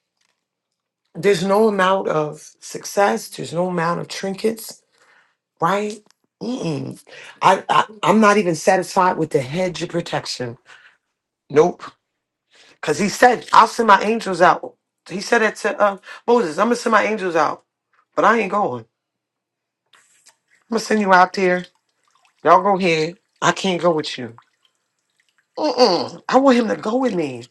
[SPEAKER 2] There's no amount of success. There's no amount of trinkets, right? Mm-mm. I, I I'm not even satisfied with the hedge of protection. Nope. Because he said, I'll send my angels out. He said that to uh, Moses, I'm going to send my angels out, but I ain't going. I'm going to send you out there. Y'all go ahead. I can't go with you. Mm-mm. I want him to go with me.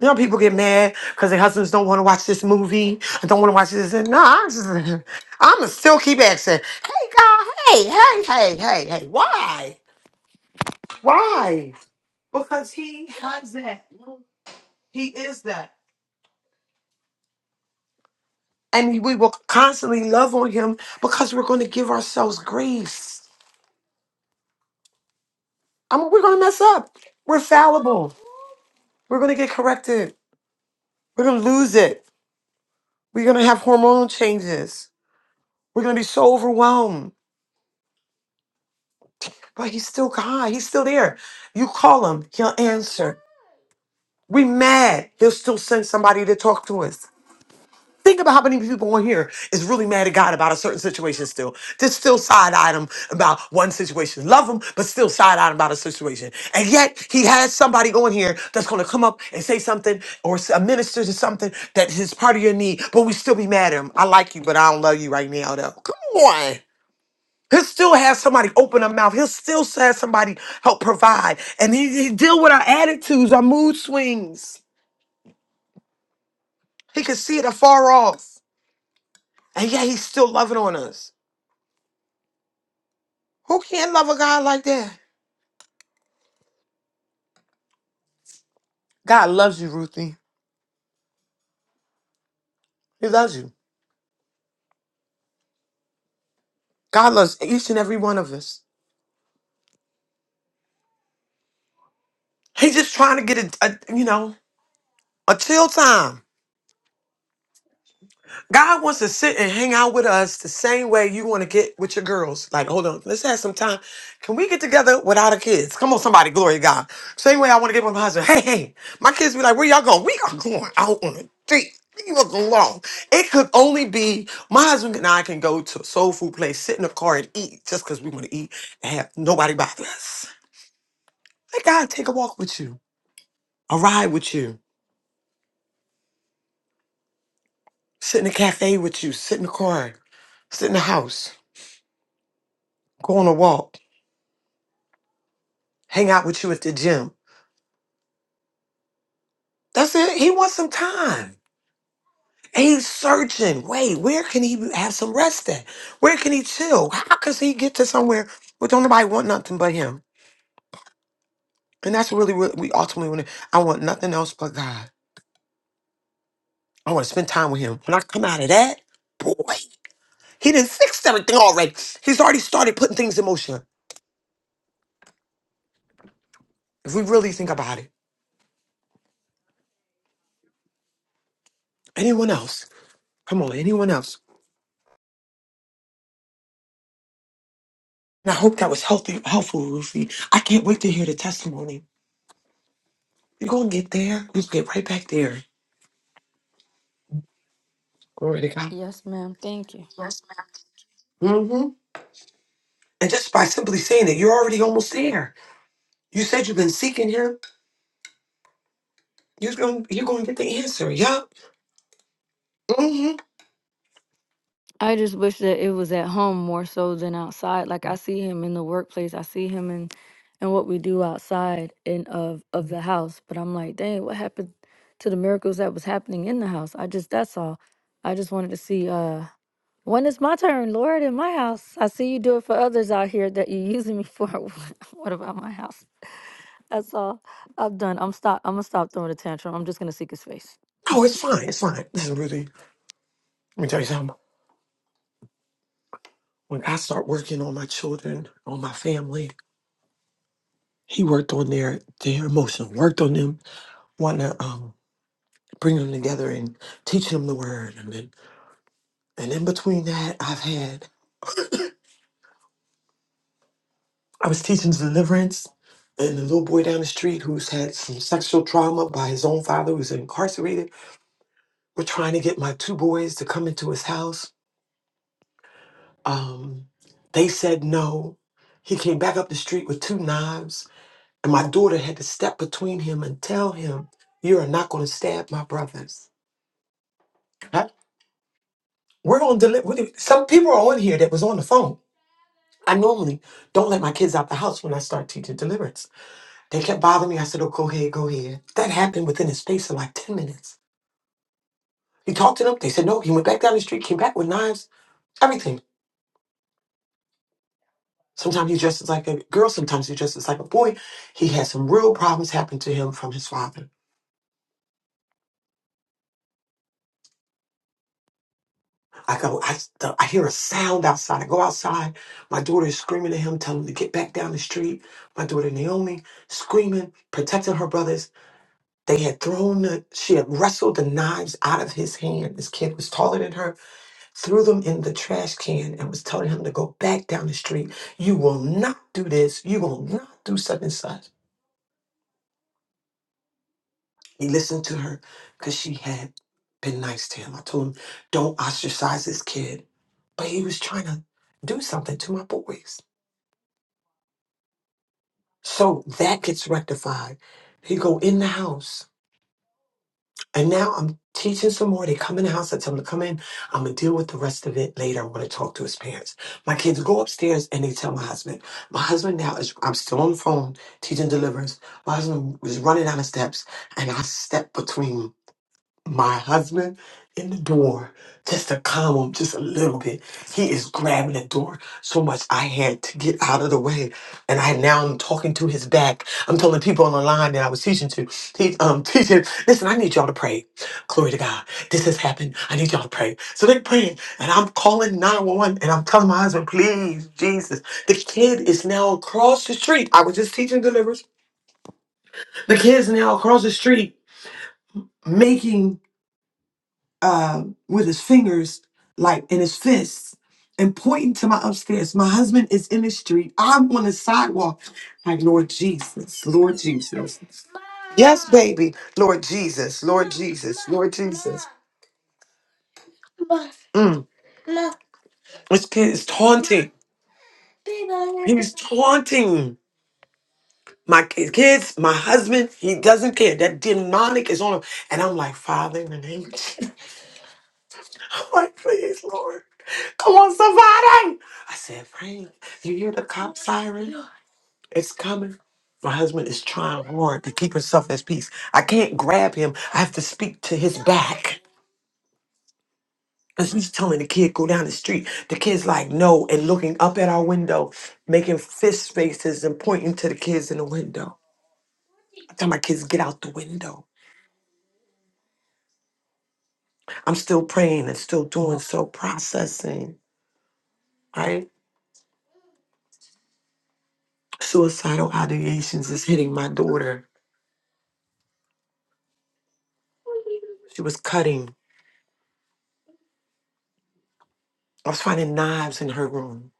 [SPEAKER 2] You know, people get mad because their husbands don't want to watch this movie. I don't want to watch this. No, I'm just, *laughs* I'm gonna still keep asking. Hey, God, hey, hey, hey, hey, hey. Why? Why? Because he has that. He is that. and we will constantly love on him because we're going to give ourselves grace. I mean, we're going to mess up. We're fallible. We're going to get corrected. We're going to lose it. We're going to have hormonal changes. We're going to be so overwhelmed. But he's still God. He's still there. You call him, he'll answer. We mad, he'll still send somebody to talk to us. Think about how many people on here is really mad at God about a certain situation still. Just still side item about one situation. Love him, but still side item about a situation. And yet he has somebody on here that's going to come up and say something or s- a minister to something that is part of your need, but we still be mad at him. I like you, but I don't love you right now though. Come on. He'll still have somebody open their mouth. He'll still have somebody help provide. And he, he deal with our attitudes, our mood swings. He can see it afar off. And yet he's still loving on us. Who can not love a God like that? God loves you, Ruthie. He loves you. God loves each and every one of us. He's just trying to get a, a you know, a chill time. God wants to sit and hang out with us the same way you want to get with your girls. Like, hold on, let's have some time. Can we get together without our kids? Come on, somebody, glory to God. Same way I want to get with my husband. Hey, hey, my kids be like, where y'all going? We are going out on a date. Leave us alone. It could only be my husband and I can go to a soul food place, sit in the car and eat just because we want to eat and have nobody bother us. Let God take a walk with you, a ride with you, sit in a cafe with you, sit in the car, sit in the house, go on a walk. hang out with you at the gym. That's it. He wants some time. And he's searching. Wait, where can he have some rest at? Where can he chill? How can he get to somewhere where don't nobody want nothing but him? And that's really what we ultimately want. I want nothing else but God. I want to spend time with him. When I come out of that, boy, he didn't fix everything already. He's already started putting things in motion. If we really think about it, anyone else? Come on, anyone else? And I hope that was healthy, helpful, Ruthie. I can't wait to hear the testimony You're gonna get there. You can get right back there. Glory to God.
[SPEAKER 10] Yes, ma'am. Thank you.
[SPEAKER 2] hmm And just by simply saying it, you're already almost there. You said you've been seeking him. You're gonna you're gonna get the answer. Yup. hmm
[SPEAKER 10] I just wish that it was at home more so than outside. Like I see him in the workplace. I see him in and what we do outside and of of the house. But I'm like, dang, what happened to the miracles that was happening in the house? I just that's all. I just wanted to see uh when is my turn, Lord, in my house. I see you do it for others out here that you're *laughs* using me for. *laughs* what about my house? *laughs* That's all. I'm done. I'm stop I'm gonna stop throwing a tantrum. I'm just gonna seek his face.
[SPEAKER 2] Oh, it's fine. It's fine. Listen, Ruthie. Let me tell you something. When I start working on my children, on my family, he worked on their their emotions, worked on them, wanting to um bring them together and teach them the word. And then and in between that, I've had I was teaching deliverance, and the little boy down the street who's had some sexual trauma by his own father, who's incarcerated. We're trying to get my two boys to come into his house. Um, they said no. He came back up the street with two knives, and my daughter had to step between him and tell him, "You are not going to stab my brothers." Huh? We're on deli- what do Some people are on here that was on the phone. I normally don't let my kids out the house when I start teaching deliverance. They kept bothering me. I said, oh, go ahead, go ahead. That happened within a space of like 10 minutes. He talked to them. They said no. He went back down the street, came back with knives, everything. Sometimes he dresses like a girl. Sometimes he dresses like a boy. He had some real problems happen to him from his father. I go, I, the, I hear a sound outside. I go outside. My daughter is screaming at him, telling him to get back down the street. My daughter Naomi screaming, protecting her brothers. They had thrown the, she had wrestled the knives out of his hand. This kid was taller than her threw them in the trash can and was telling him to go back down the street. You will not do this. You will not do such and such. He listened to her because she had been nice to him. I told him, don't ostracize this kid. But he was trying to do something to my boys. So that gets rectified. He go in the house And now I'm teaching some more. They come in the house. I tell them to come in. I'm going to deal with the rest of it later. I want to talk to his parents. My kids go upstairs and they tell my husband. My husband now is, I'm still on the phone teaching deliverance. My husband was running down the steps and I stepped between my husband in the door just to calm him just a little bit. He is grabbing the door so much I had to get out of the way. And I now I'm talking to his back. I'm telling people on the line that I was teaching to, te- um, *laughs* teaching, listen, I need y'all to pray. Glory to God. This has happened. I need y'all to pray. So they're praying and I'm calling 911 and I'm telling my husband, please, Jesus. The kid is now across the street. I was just teaching deliverance. The kid is now across the street making um, with his fingers, like in his fists, and pointing to my upstairs. My husband is in the street. I'm on the sidewalk. Like, Lord Jesus, Lord Jesus. Yes, baby. Lord Jesus, Lord Jesus, Lord Jesus. Mm. This kid is taunting. He's taunting my ki- kids, my husband. He doesn't care. That demonic is on him. And I'm like, Father, in the name of Jesus. *laughs* I'm like, please, Lord. Come on, somebody. I said, Frank, you hear the cop siren? It's coming. My husband is trying hard to keep himself at peace. I can't grab him. I have to speak to his back. And he's telling the kid, go down the street. The kid's like, no, and looking up at our window, making fist faces and pointing to the kids in the window. I tell my kids, get out the window. I'm still praying and still doing so processing, right? Suicidal ideations is hitting my daughter. She was cutting. I was finding knives in her room.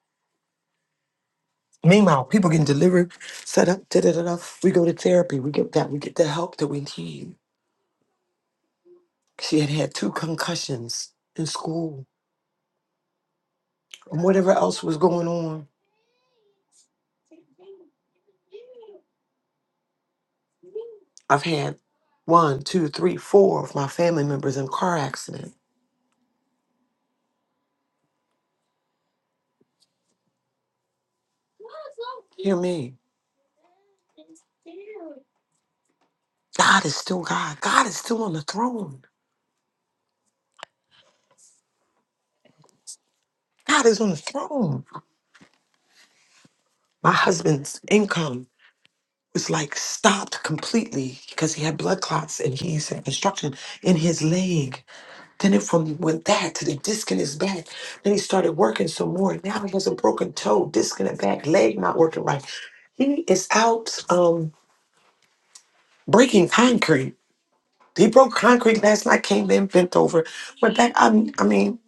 [SPEAKER 2] Meanwhile, people getting delivered, set up, da da da da. We go to therapy. We get that. We get the help that we need. She had had two concussions in school and whatever else was going on. I've had one, two, three, four of my family members in car accident. Hear me. God is still God. God is still on the throne. God is on the throne. My husband's income. was like stopped completely because he had blood clots and he's had construction in his leg. Then it from went that to the disc in his back. Then he started working some more. Now he has a broken toe, disc in the back, leg not working right. He is out um breaking concrete. He broke concrete last night, came in, bent over, went back. I, I mean,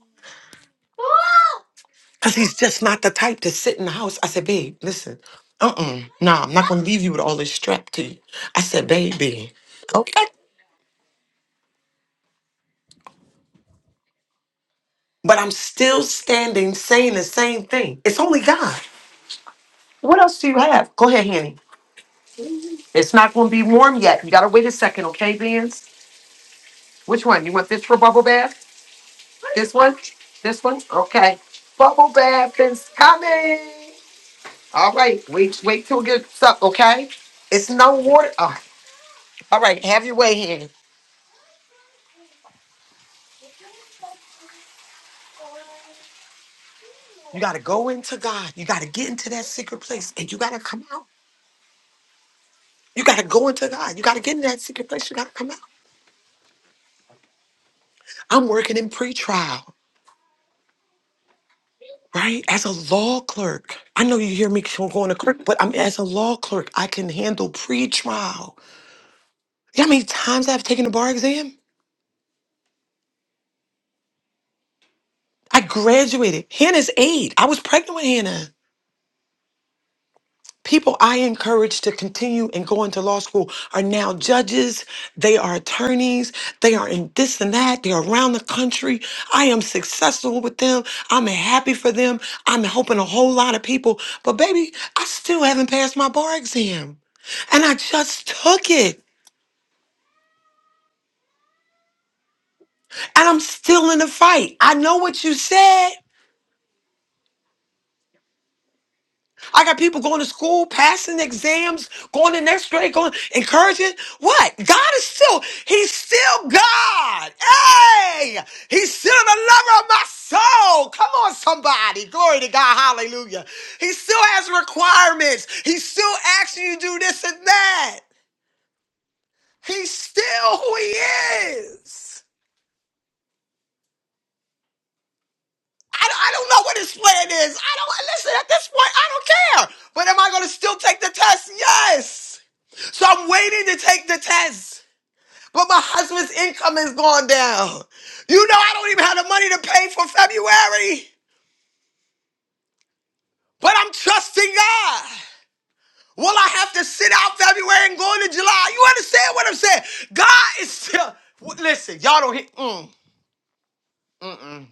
[SPEAKER 2] because he's just not the type to sit in the house. I said, babe, listen, uh-uh, nah, I'm not going to leave you with all this strap to you. I said, baby, okay. but I'm still standing saying the same thing. It's only God. What else do you have? Go ahead, Henny. It's not going to be warm yet. You got to wait a second, okay, Vans? Which one? You want this for bubble bath? This one? This one? Okay. Bubble bath is coming. All right. Wait, wait till it gets up, okay? It's no water. Oh, all right. Have your way, Henny. You got to go into God. You got to get into that secret place and you got to come out. You got to go into God. You got to get into that secret place. You got to come out. I'm working in pretrial. right? As a law clerk, I know you hear me going to clerk, but I'm as a law clerk, I can handle pre-trial. You know how many times I've taken the bar exam? I graduated. Hannah's eight. I was pregnant with Hannah. People I encourage to continue and go into law school are now judges, they are attorneys, they are in this and that, they're around the country. I am successful with them. I'm happy for them. I'm helping a whole lot of people. But baby, I still haven't passed my bar exam. And I just took it. And I'm still in the fight. I know what you said. I got people going to school, passing exams, going to next grade, going encouraging. What? God is still, He's still God. Hey! He's still the lover of my soul. Come on, somebody. Glory to God. Hallelujah. He still has requirements. He still asks you to do this and that. He's still who he is. I don't, I don't know what his plan is. I don't listen at this point. I don't care. But am I going to still take the test? Yes. So I'm waiting to take the test. But my husband's income has gone down. You know, I don't even have the money to pay for February. But I'm trusting God. Will I have to sit out February and go into July? You understand what I'm saying? God is still. w- Listen, y'all don't hear. Mm, mm-mm.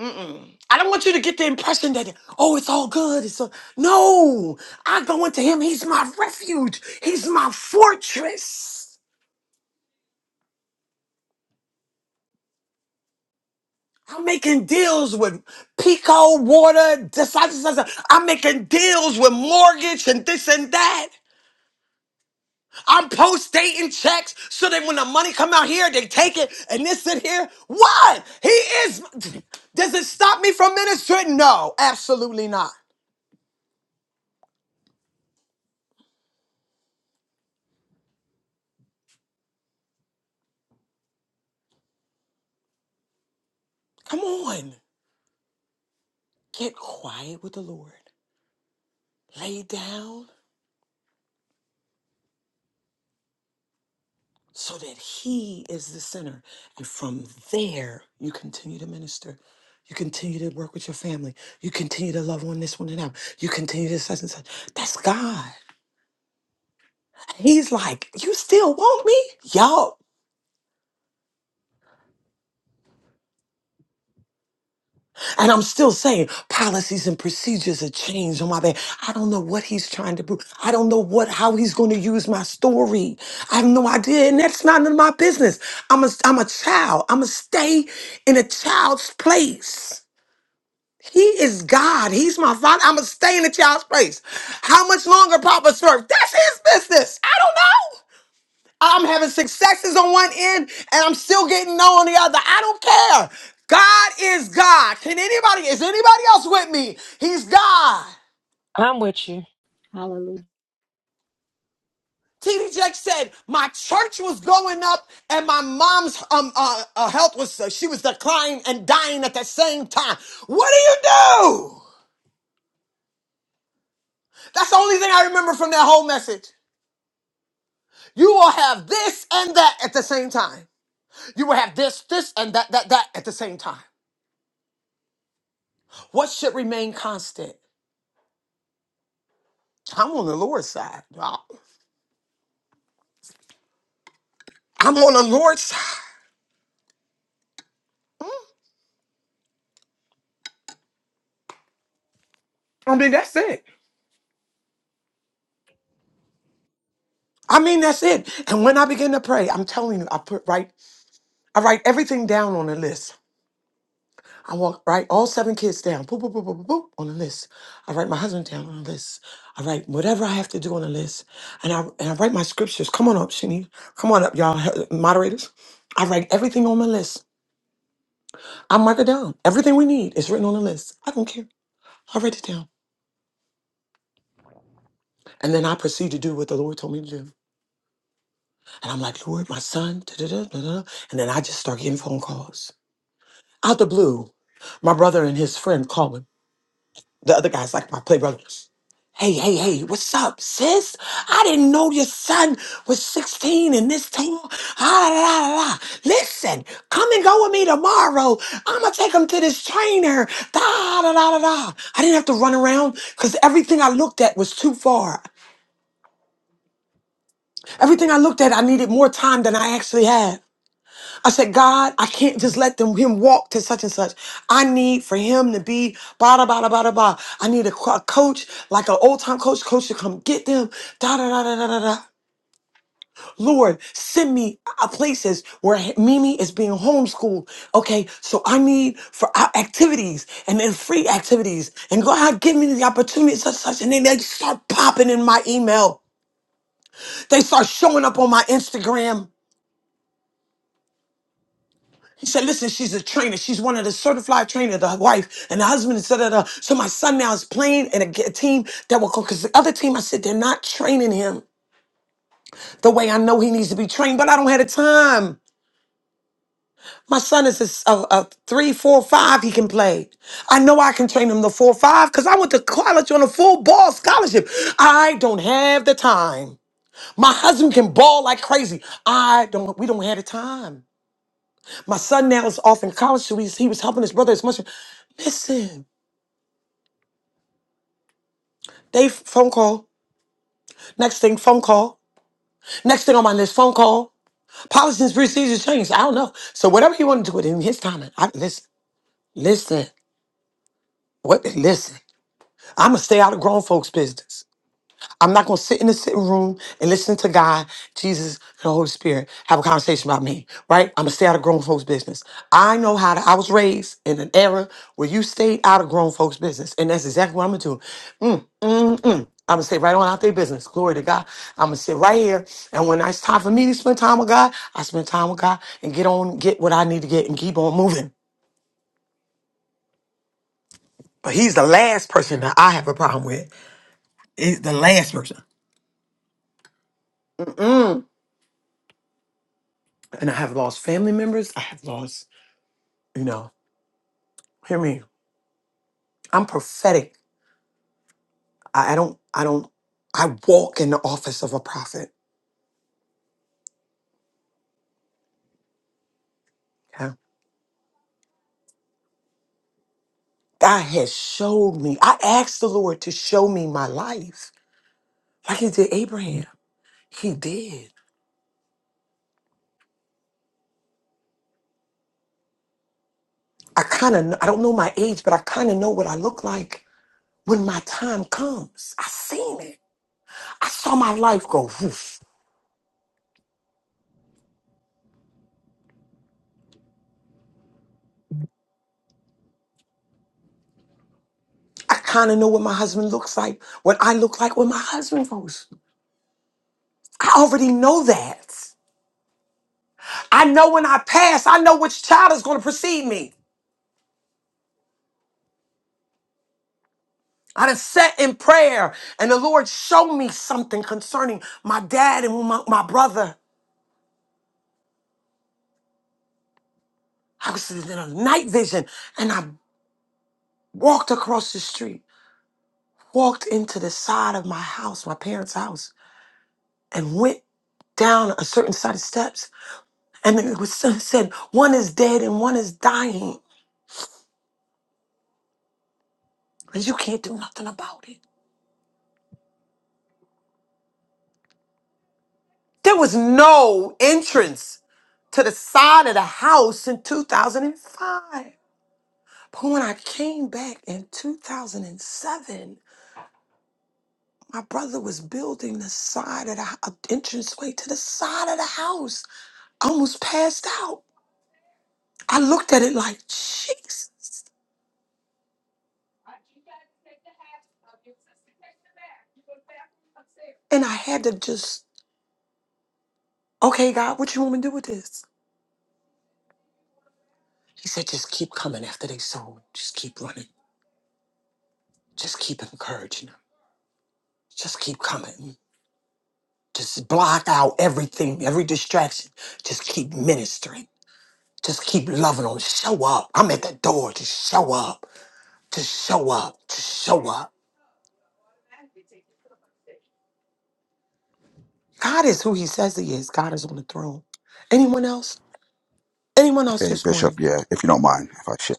[SPEAKER 2] Mm-mm. I don't want you to get the impression that oh, it's all good. It's all... no. I go into Him. He's my refuge. He's my fortress. I'm making deals with Pico, water, this, that, this, that. I'm making deals with mortgage and this and that. I'm post-dating checks so that when the money come out here, they take it and this and here. What? He is. Does it stop me from ministry? No, absolutely not. Come on. Get quiet with the Lord. Lay down. so that He is the center. And from there, you continue to minister. You continue to work with your family. You continue to love on this one and that. You continue to such and such. That's God. He's like, you still want me? Yo. And I'm still saying policies and procedures are changed on my bed. I don't know what he's trying to do. I don't know what how he's going to use my story. I have no idea. And that's not none of my business. I'm a I'm a child. I'm a stay in a child's place. He is God. He's my father. I'm going to stay in the child's place. How much longer Papa served? That's his business. I don't know. I'm having successes on one end and I'm still getting no on the other. I don't care. God is God. Can anybody, is anybody else with me? He's God.
[SPEAKER 11] I'm with you.
[SPEAKER 3] Hallelujah.
[SPEAKER 2] T.D. Jack said, my church was going up and my mom's um, uh, uh, health was, uh, she was declining and dying at the same time. What do you do? That's the only thing I remember from that whole message. You will have this and that at the same time. You will have this, this, and that, that, that at the same time. What should remain constant? I'm on the Lord's side. y'all. I'm on the Lord's side. I mean, that's it. I mean, that's it. And when I begin to pray, I'm telling you, I put right, I write everything down on a list. I walk right all seven kids down, boop, boop, boop, boop, boop, boop, on the list. I write my husband down on the list. I write whatever I have to do on the list, and I and I write my scriptures. Come on up, Shani. Come on up, y'all he- moderators. I write everything on my list. I mark it down. Everything we need is written on the list. I don't care. I write it down, and then I proceed to do what the Lord told me to do. And I'm like, Lord, my son, da da da da, da," and then I just start getting phone calls out the blue. My brother and his friend called me. The other guy's like my play brother. Hey, hey, hey, what's up, sis? I didn't know your son was 16 and this tall. Ah, la, la, la, la. Listen, come and go with me tomorrow. I'ma take him to this trainer. Da, da, da, da, da. I didn't have to run around because everything I looked at was too far. Everything I looked at, I needed more time than I actually had. I said, God, I can't just let them him walk to such and such. I need for him to be blah da, blah da, blah da, blah. I need a, co- a coach, like an old time coach, coach to come get them. Da da da da da da da. Lord, send me uh, places where he- Mimi is being homeschooled. Okay, so I need for uh, activities and then free activities. And God, give me the opportunity, such such. And then they start popping in my email. They start showing up on my Instagram. He said, listen, she's a trainer. She's one of the certified trainer, the wife and the husband, et cetera, et cetera. So my son now is playing in a, g- a team that will go, because the other team, I said, they're not training him the way I know he needs to be trained, but I don't have the time. My son is a, s- a- a three, four, five. He can play. I know I can train him the four, five because I went to college on a full ball scholarship. I don't have the time. My husband can ball like crazy. I don't. We don't have the time. My son now is off in college, so he's, he was helping his brother as much. Listen, they phone call. Next thing, phone call. Next thing on my list, phone call. Policies, procedures changed. I don't know. So whatever you want to do with him, his timing. I listen, listen, what? Listen. I'ma stay out of grown folks' business. I'm not going to sit in the sitting room and listen to God, Jesus, and the Holy Spirit have a conversation about me, right? I'm going to stay out of grown folks' business. I know how to, I was raised in an era where you stayed out of grown folks' business. And that's exactly what I'm going to do. Mm, mm, mm. I'm going to stay right on out their business. Glory to God. I'm going to sit right here. And when it's time for me to spend time with God, I spend time with God and get on, get what I need to get and keep on moving. But he's the last person that I have a problem with. He's the last person. Mm-mm. and I have lost family members. I have lost, you know, hear me. I'm prophetic. I, I don't, I don't, I walk in the office of a prophet. Okay? God has showed me. I asked the Lord to show me my life like he did Abraham. He did. I kind of, I don't know my age, but I kind of know what I look like when my time comes. I seen it. I saw my life go. whoosh. I kind of know what my husband looks like, what I look like when my husband goes. I already know that. I know when I pass, I know which child is going to precede me. I done sat in prayer and the Lord showed me something concerning my dad and my, my brother. I was in a night vision and I walked across the street, walked into the side of my house, my parents' house, and went down a certain side of steps. And it was *laughs* it said, one is dead and one is dying. And you can't do nothing about it. There was no entrance to the side of the house in 2005. But when I came back in 2007, my brother was building the side of the hou- a entranceway to the side of the house. I almost passed out. I looked at it like, Jesus. And I had to just, okay, God, what you want me to do with this? He said, just keep coming after they sold. Just keep running. Just keep encouraging them. Just keep coming. Just block out everything, every distraction. Just keep ministering. Just keep loving on. Show up. I'm at the door. Just show up. Just show up. Just show up. God is who He says He is. God is on the throne. Anyone else? Anyone else
[SPEAKER 12] Hey,
[SPEAKER 2] this
[SPEAKER 12] Bishop,
[SPEAKER 2] morning?
[SPEAKER 12] yeah, if you don't mind, if I should.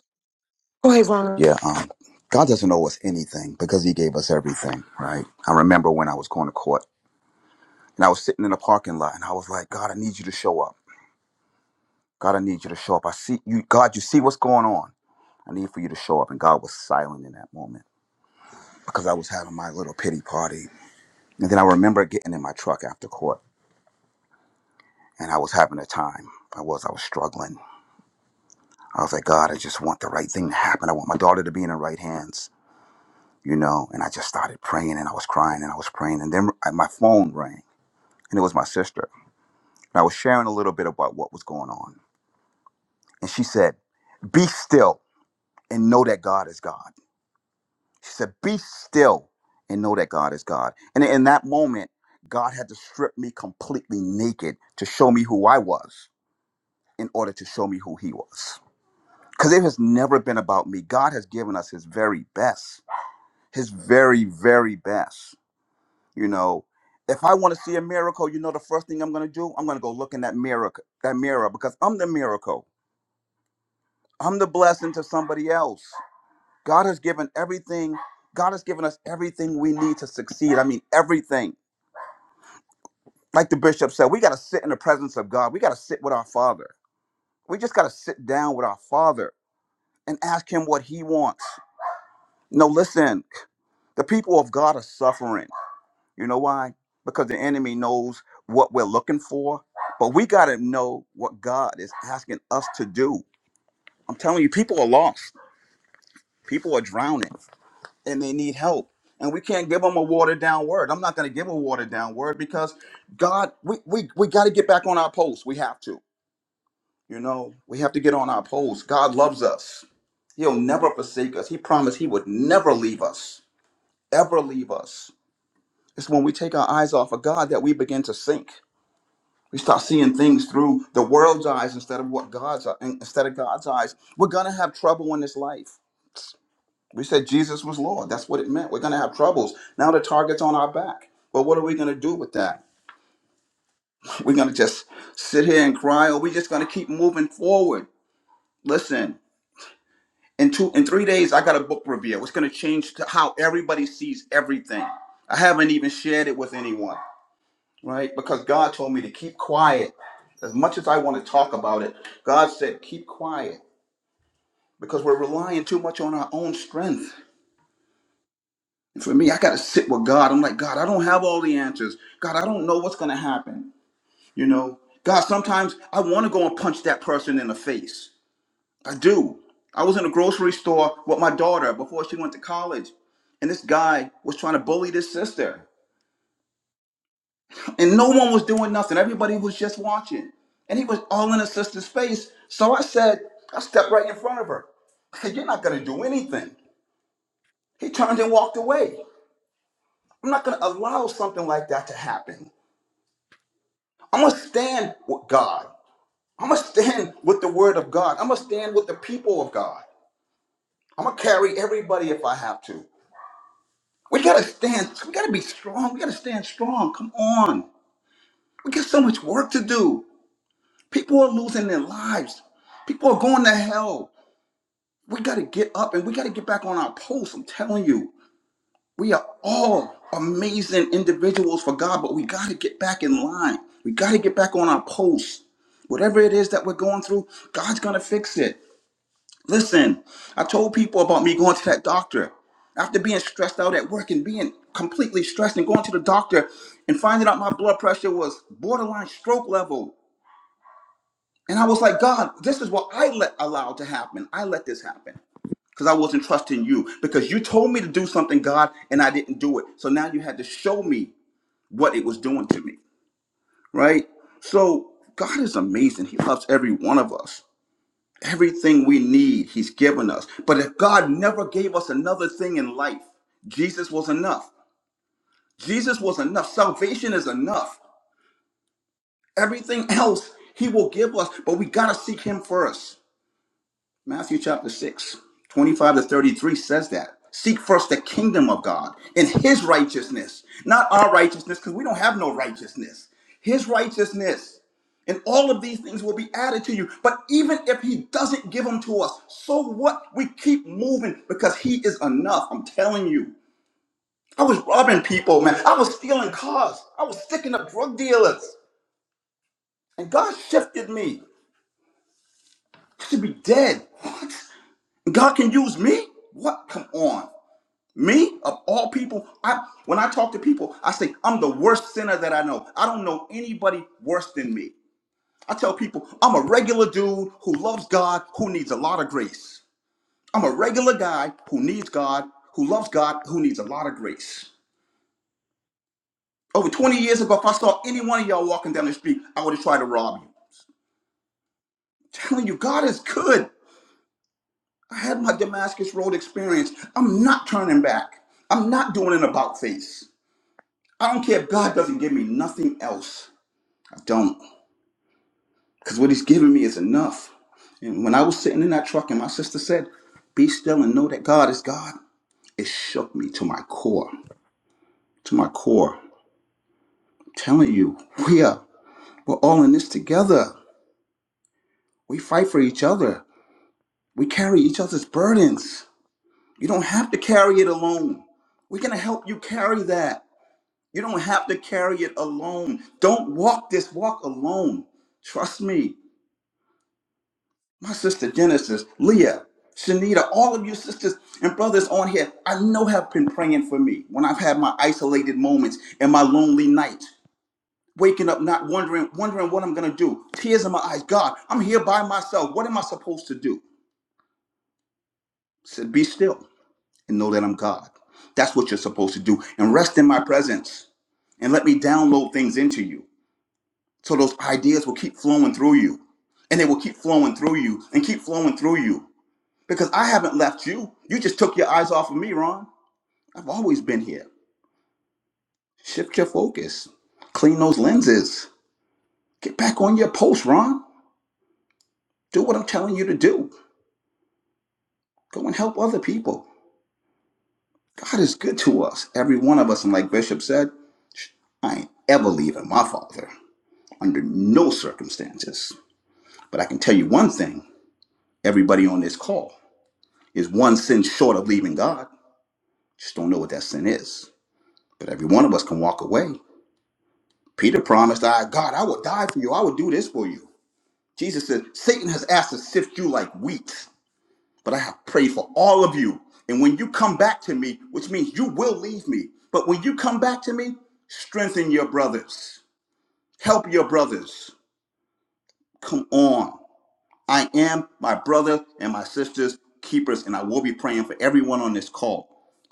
[SPEAKER 2] Go ahead, Ron.
[SPEAKER 12] Yeah, um, God doesn't owe us anything because He gave us everything, right? I remember when I was going to court and I was sitting in a parking lot and I was like, God, I need you to show up. God, I need you to show up. I see you, God, you see what's going on. I need for you to show up. And God was silent in that moment because I was having my little pity party. And then I remember getting in my truck after court and I was having a time. I was, I was struggling. I was like, God, I just want the right thing to happen. I want my daughter to be in her right hands. you know, and I just started praying and I was crying and I was praying. And then I- my phone rang and it was my sister. And I was sharing a little bit about what was going on. And she said, Be still and know that God is God. She said, Be still and know that God is God. And in that moment, God had to strip me completely naked to show me who I was in order to show me who He was. Because it has never been about me. God has given us His very best, His very, very best You know, if I want to see a miracle, you know the first thing I'm going to do, I'm going to go look in that mirror, that mirror because I'm the miracle. I'm the blessing to somebody else. God has given everything. God has given us everything we need to succeed. I mean, everything. Like the bishop said, we got to sit in the presence of God. We got to sit with our Father. We just got to sit down with our Father and ask him what he wants. No, listen, the people of God are suffering. You know why? Because the enemy knows what we're looking for, but we got to know what God is asking us to do. I'm telling you, people are lost, people are drowning, and they need help. And we can't give them a watered down word. I'm not going to give a watered down word because God, we, we, we got to get back on our post. We have to. You know, we have to get on our post. God loves us. He'll never forsake us. He promised he would never leave us, ever leave us. It's when we take our eyes off of God that we begin to sink We start seeing things through the world's eyes instead of what God's instead of God's eyes. We're gonna have trouble in this life. We said Jesus was Lord. That's what it meant. We're gonna have troubles. Now the target's on our back. But what are we gonna do with that? *laughs* We're gonna just sit here and cry, or we're just gonna keep moving forward. Listen, in two in three days, I got a book review. It's gonna change to how everybody sees everything. I haven't even shared it with anyone. right? Because God told me to keep quiet. As much as I want to talk about it, God said, keep quiet because we're relying too much on our own strength. And for me, I got to sit with God. I'm like, God, I don't have all the answers. God, I don't know what's going to happen. You know, God, sometimes I want to go and punch that person in the face. I do. I was in a grocery store with my daughter before she went to college, and this guy was trying to bully this sister. and no one was doing nothing. Everybody was just watching. And he was all in his sister's face. So I said, I stepped right in front of her. I said, You're not going to do anything. He turned and walked away. I'm not going to allow something like that to happen. I'm going to stand with God. I'm going to stand with the word of God. I'm going to stand with the people of God. I'm going to carry everybody if I have to. We got to stand. We got to be strong. We got to stand strong. Come on. We got so much work to do. People are losing their lives. People are going to hell. We got to get up and we got to get back on our posts. I'm telling you, we are all amazing individuals for God, but we got to get back in line. We got to get back on our posts. Whatever it is that we're going through, God's going to fix it. Listen, I told people about me going to that doctor. After being stressed out at work and being completely stressed and going to the doctor and finding out my blood pressure was borderline stroke level. And I was like, God, this is what I let allowed to happen. I let this happen because I wasn't trusting you. Because you told me to do something, God, and I didn't do it. So now you had to show me what it was doing to me, right? So God is amazing. He loves every one of us. Everything we need, He's given us. But if God never gave us another thing in life, Jesus was enough. Jesus was enough. Salvation is enough. Everything else He will give us, but we got to seek Him first. Matthew chapter 6, 25 to 33 says that. Seek first the kingdom of God and his righteousness, not our righteousness, because we don't have no righteousness. His righteousness. And all of these things will be added to you. But even if he doesn't give them to us, so what? We keep moving because he is enough. I'm telling you. I was robbing people, man. I was stealing cars. I was sticking up drug dealers. And God shifted me. I should be dead. And God can use me? What? Come on. Me, of all people, I when I talk to people, I say I'm the worst sinner that I know. I don't know anybody worse than me. I tell people I'm a regular dude who loves God, who needs a lot of grace. I'm a regular guy who needs God, who loves God, who needs a lot of grace. Over 20 years ago, if I saw any one of y'all walking down the street, I would have tried to rob you. I'm telling you, God is good. I had my Damascus Road experience. I'm not turning back. I'm not doing an about face. I don't care if God doesn't give me nothing else. I Don't. Because what he's giving me is enough. And when I was sitting in that truck and my sister said, Be still and know that God is God, it shook me to my core. To my core. I'm telling you, we are we're all in this together. We fight for each other. We carry each other's burdens. You don't have to carry it alone. We're gonna help you carry that. You don't have to carry it alone. Don't walk this walk alone. Trust me. My sister Genesis, Leah, Shanita, all of you sisters and brothers on here, I know have been praying for me when I've had my isolated moments and my lonely nights. Waking up, not wondering, wondering what I'm gonna do. Tears in my eyes. God, I'm here by myself. What am I supposed to do? I said, be still and know that I'm God. That's what you're supposed to do. And rest in my presence and let me download things into you. So those ideas will keep flowing through you. And they will keep flowing through you and keep flowing through you Because I haven't left you. You just took your eyes off of me, Ron. I've always been here. Shift your focus. Clean those lenses. Get back on your post, Ron. Do what I'm telling you to do. Go and help other people. God is good to us, every one of us. And like Bishop said, I ain't ever leaving my father under no circumstances. But I can tell you one thing everybody on this call is one sin short of leaving God. Just don't know what that sin is. But every one of us can walk away Peter promised, I, God, I will die for you. I will do this for you. Jesus said, Satan has asked to sift you like wheat, but I have prayed for all of you. And when you come back to me, which means you will leave me, but when you come back to me, strengthen your brothers, help your brothers. Come on. I am my brother and my sister's keepers, and I will be praying for everyone on this call.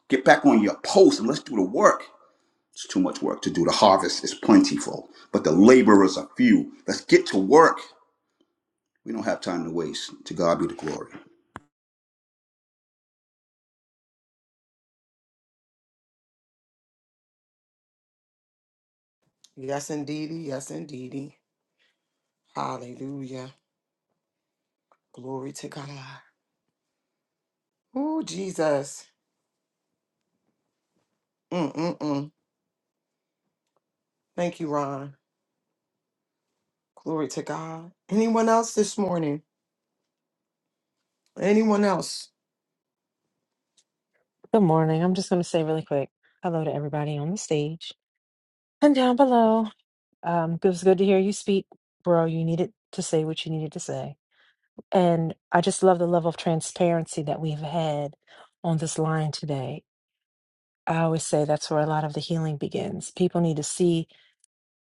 [SPEAKER 12] Get back on your post and let's do the work. It's too much work to do. The harvest is plentiful, but the laborers are few. Let's get to work. We don't have time to waste. To God be the glory.
[SPEAKER 2] Yes, indeedy. Yes, indeedy. Hallelujah. Glory to God. Oh, Jesus. Mm-mm-mm. Thank you, Ron. Glory to God. Anyone else this morning? Anyone else?
[SPEAKER 11] Good morning. I'm just going to say really quick hello to everybody on the stage and down below. Um, it was good to hear you speak, bro. You needed to say what you needed to say. And I just love the level of transparency that we've had on this line today. I always say that's where a lot of the healing begins. People need to see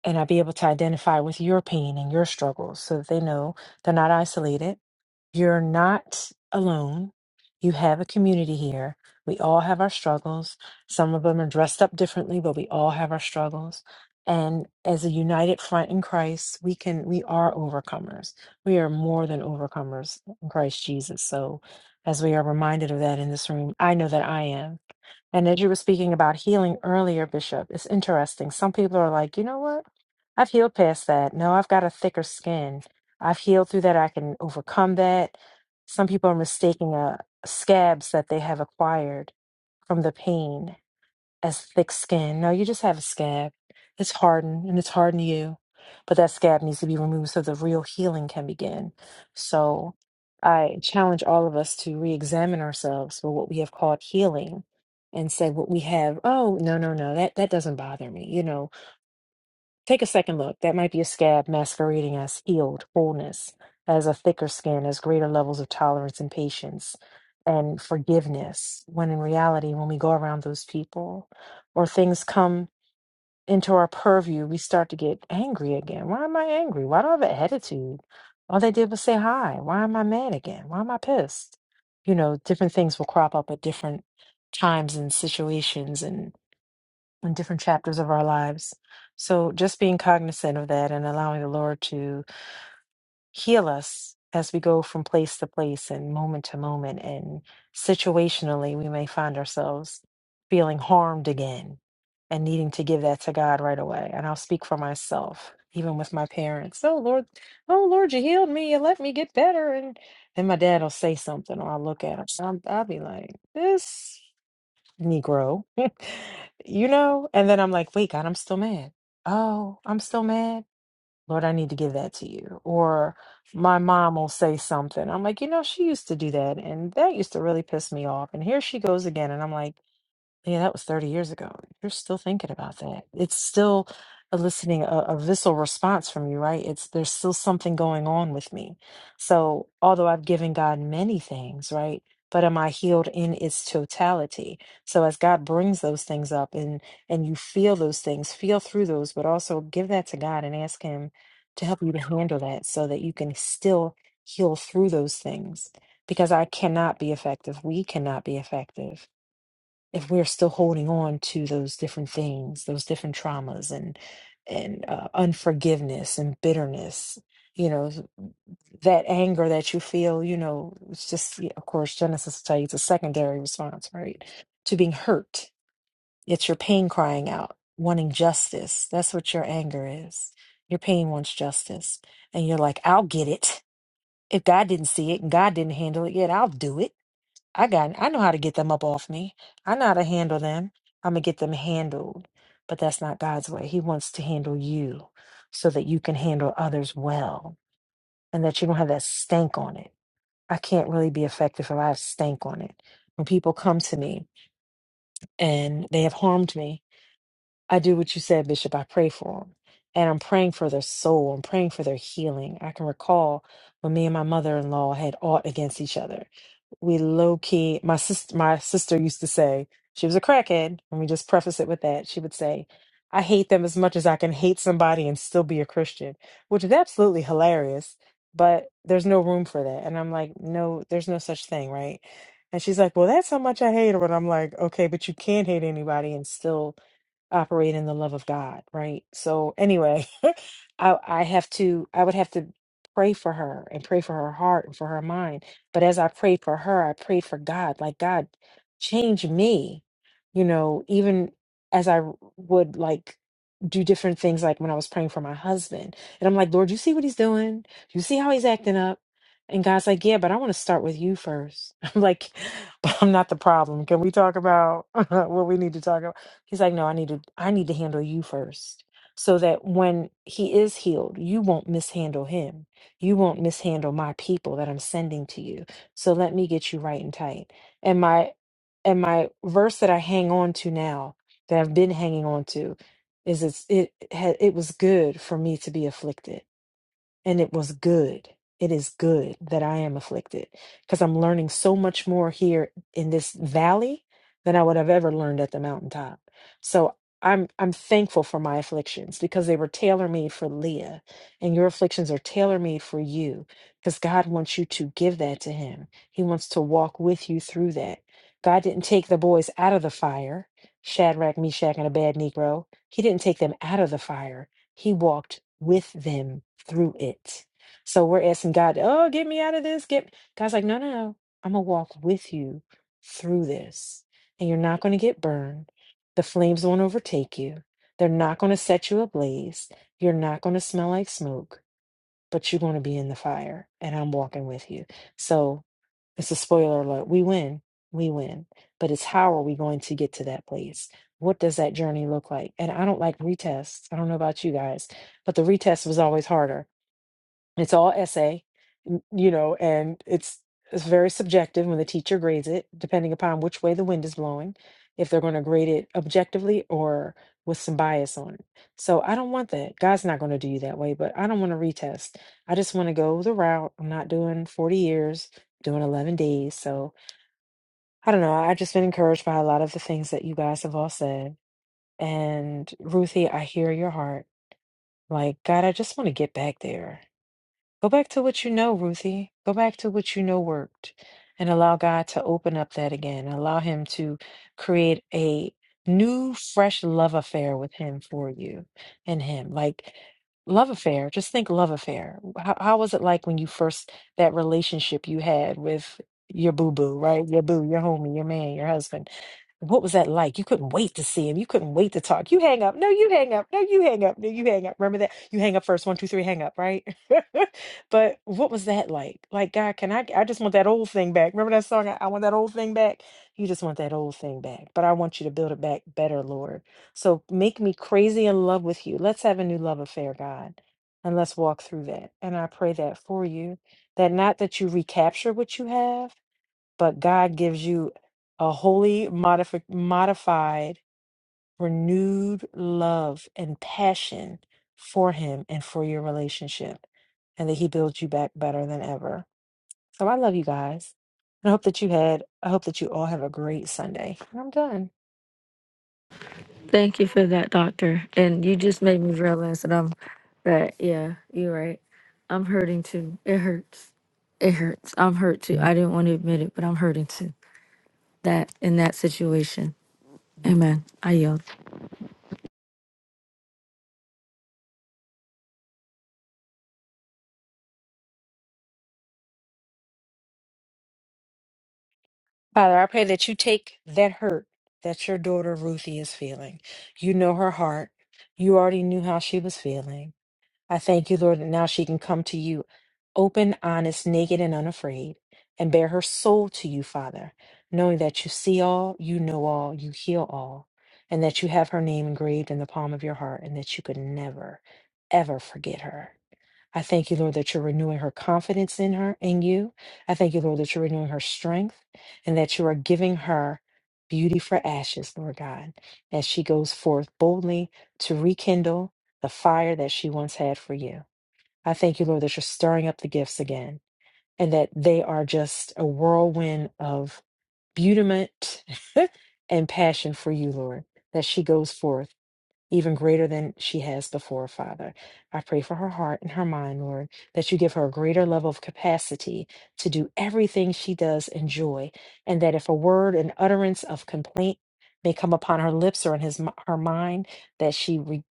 [SPEAKER 11] and I be able to identify with your pain and your struggles so that they know they're not isolated You're not alone. You have a community here. We all have our struggles. Some of them are dressed up differently, but we all have our struggles. And as a united front in Christ, we can we are overcomers. We are more than overcomers in Christ Jesus. So as we are reminded of that in this room, I know that I am. And as you were speaking about healing earlier, Bishop, it's interesting. Some people are like, you know what? I've healed past that. No, I've got a thicker skin. I've healed through that. I can overcome that. Some people are mistaking uh, scabs that they have acquired from the pain as thick skin. No, you just have a scab. It's hardened and it's hardened to you, but that scab needs to be removed so the real healing can begin. So I challenge all of us to re examine ourselves for what we have called healing and say what we have, oh, no, no, no, that, that doesn't bother me. You know, Take a second look. That might be a scab masquerading as healed wholeness, as a thicker skin, as greater levels of tolerance and patience and forgiveness. When in reality, when we go around those people or things come into our purview, we start to get angry again. Why am I angry? Why do I have an attitude? All they did was say hi. Why am I mad again? Why am I pissed? You know, different things will crop up at different times and situations and in different chapters of our lives. So just being cognizant of that and allowing the Lord to heal us as we go from place to place and moment to moment and situationally we may find ourselves feeling harmed again and needing to give that to God right away. And I'll speak for myself, even with my parents. Oh Lord, oh Lord, you healed me. You let me get better. And then my dad will say something or I'll look at him. I'll, I'll be like, this. Negro. *laughs* You know? And then I'm like, wait, God, I'm still mad. Oh, I'm still mad. Lord, I need to give that to you. Or my mom will say something. I'm like, you know, she used to do that. And that used to really piss me off. And here she goes again. And I'm like, yeah, that was 30 years ago. You're still thinking about that. It's still eliciting a, a visceral response from you, right? It's there's still something going on with me. So, although I've given God many things, right? But am I healed in its totality? So as God brings those things up and and you feel those things, feel through those, but also give that to God and ask him to help you to handle that so that you can still heal through those things. Because I cannot be effective. We cannot be effective if we're still holding on to those different things, those different traumas and and uh, unforgiveness and bitterness, you know, that anger that you feel, you know, it's just yeah, of course Genesis tells you it's a secondary response, right? To being hurt. It's your pain crying out, wanting justice. That's what your anger is. Your pain wants justice. And you're like, I'll get it. If God didn't see it and God didn't handle it yet, I'll do it I got I know how to get them up off me. I know how to handle them. I'm gonna get them handled. But that's not God's way. He wants to handle you so that you can handle others well and that you don't have that stank on it. I can't really be effective if I have stank on it. When people come to me and they have harmed me, I do what you said, Bishop. I pray for them. And I'm praying for their soul. I'm praying for their healing. I can recall when me and my mother in law had aught against each other we low key my sister my sister used to say she was a crackhead let me just preface it with that she would say i hate them as much as i can hate somebody and still be a christian which is absolutely hilarious but there's no room for that and i'm like no there's no such thing right and she's like well that's how much i hate her and i'm like okay but you can't hate anybody and still operate in the love of God, right? So anyway, *laughs* I I have to I would have to pray for her and pray for her heart and for her mind. But as I prayed for her, I prayed for God, like God change me, you know, even as I would like do different things like when I was praying for my husband. And I'm like, Lord, you see what he's doing? You see how he's acting up? And God's like, yeah, but I want to start with you first. *laughs* I'm like, but I'm not the problem. Can we talk about *laughs* what we need to talk about? He's like, no, I need to I need to handle you first. So that when he is healed, you won't mishandle him. You won't mishandle my people that I'm sending to you. So let me get you right and tight. And my and my verse that I hang on to now, that I've been hanging on to, is it's it ha- it was good for me to be afflicted and it was good. It is good that I am afflicted because I'm learning so much more here in this valley than I would have ever learned at the mountaintop. So I'm I'm thankful for my afflictions because they were tailor-made for Leah and your afflictions are tailor-made for you because God wants you to give that to him. He wants to walk with you through that. God didn't take the boys out of the fire, Shadrach, Meshach, and a bad Negro. He didn't take them out of the fire. He walked with them through it. So we're asking God, oh, get me out of this. Get God's like, no, no, no. I'm gonna walk with you through this. And you're not gonna get burned. The flames won't overtake you. They're not gonna set you ablaze. You're not gonna smell like smoke, but you're gonna be in the fire. And I'm walking with you. So it's a spoiler alert. We win. We win. But it's how are we going to get to that place? What does that journey look like? And I don't like retests. I don't know about you guys, but the retest was always harder it's all essay, n- you know, and it's it's very subjective when the teacher grades it, depending upon which way the wind is blowing, if they're going to grade it objectively or with some bias on it. So I don't want that. God's not going to do you that way, but I don't want to retest. I just want to go the route. I'm not doing 40 years, doing 11 days. So I don't know. I've just been encouraged by a lot of the things that you guys have all said. And Ruthie, I hear your heart. Like, God, I just want to get back there. Go back to what you know, Ruthie. Go back to what you know worked and allow God to open up that again. Allow Him to create a new, fresh love affair with Him for you and Him. Like, love affair, just think love affair. How, how was it like when you first, that relationship you had with your boo boo, right? Your boo, your homie, your man, your husband. What was that like? You couldn't wait to see him. You couldn't wait to talk. You hang up. No, you hang up. No, you hang up. No, you hang up. Remember that? You hang up first. One, two, three, hang up, right? *laughs* But what was that like? Like, God, can I? I just want that old thing back. Remember that song? I, I want that old thing back. You just want that old thing back. But I want you to build it back better, Lord. So make me crazy in love with you. Let's have a new love affair, God. And let's walk through that. And I pray that for you that not that you recapture what you have, but God gives you a wholly modifi- modified renewed love and passion for him and for your relationship, and that he builds you back better than ever. So I love you guys. And I hope that you had, I hope that you all have a great Sunday. And I'm done.
[SPEAKER 10] Thank you for that, doctor. And you just made me realize that I'm that yeah, you're right. I'm hurting too. It hurts. It hurts. I'm hurt too. I didn't want to admit it, but I'm hurting too. That in that situation. Amen. I yield.
[SPEAKER 11] Father, I pray that you take that hurt that your daughter Ruthie is feeling. You know her heart. You already knew how she was feeling I thank you, Lord, that now she can come to you open, honest, naked, and unafraid, and bear her soul to you, Father, knowing that you see all, you know all, you heal all, and that you have her name engraved in the palm of your heart, and that you could never, ever forget her. I thank you, Lord, that you're renewing her confidence in her, in you. I thank you, Lord, that you're renewing her strength and that you are giving her beauty for ashes, Lord God, as she goes forth boldly to rekindle the fire that she once had for you. I thank you, Lord, that you're stirring up the gifts again and that they are just a whirlwind of beautiment and passion for you, Lord, that she goes forth even greater than she has before, Father. I pray for her heart and her mind, Lord, that you give her a greater level of capacity to do everything she does in joy, and that if a word, an utterance of complaint may come upon her lips or in his her mind, that she re,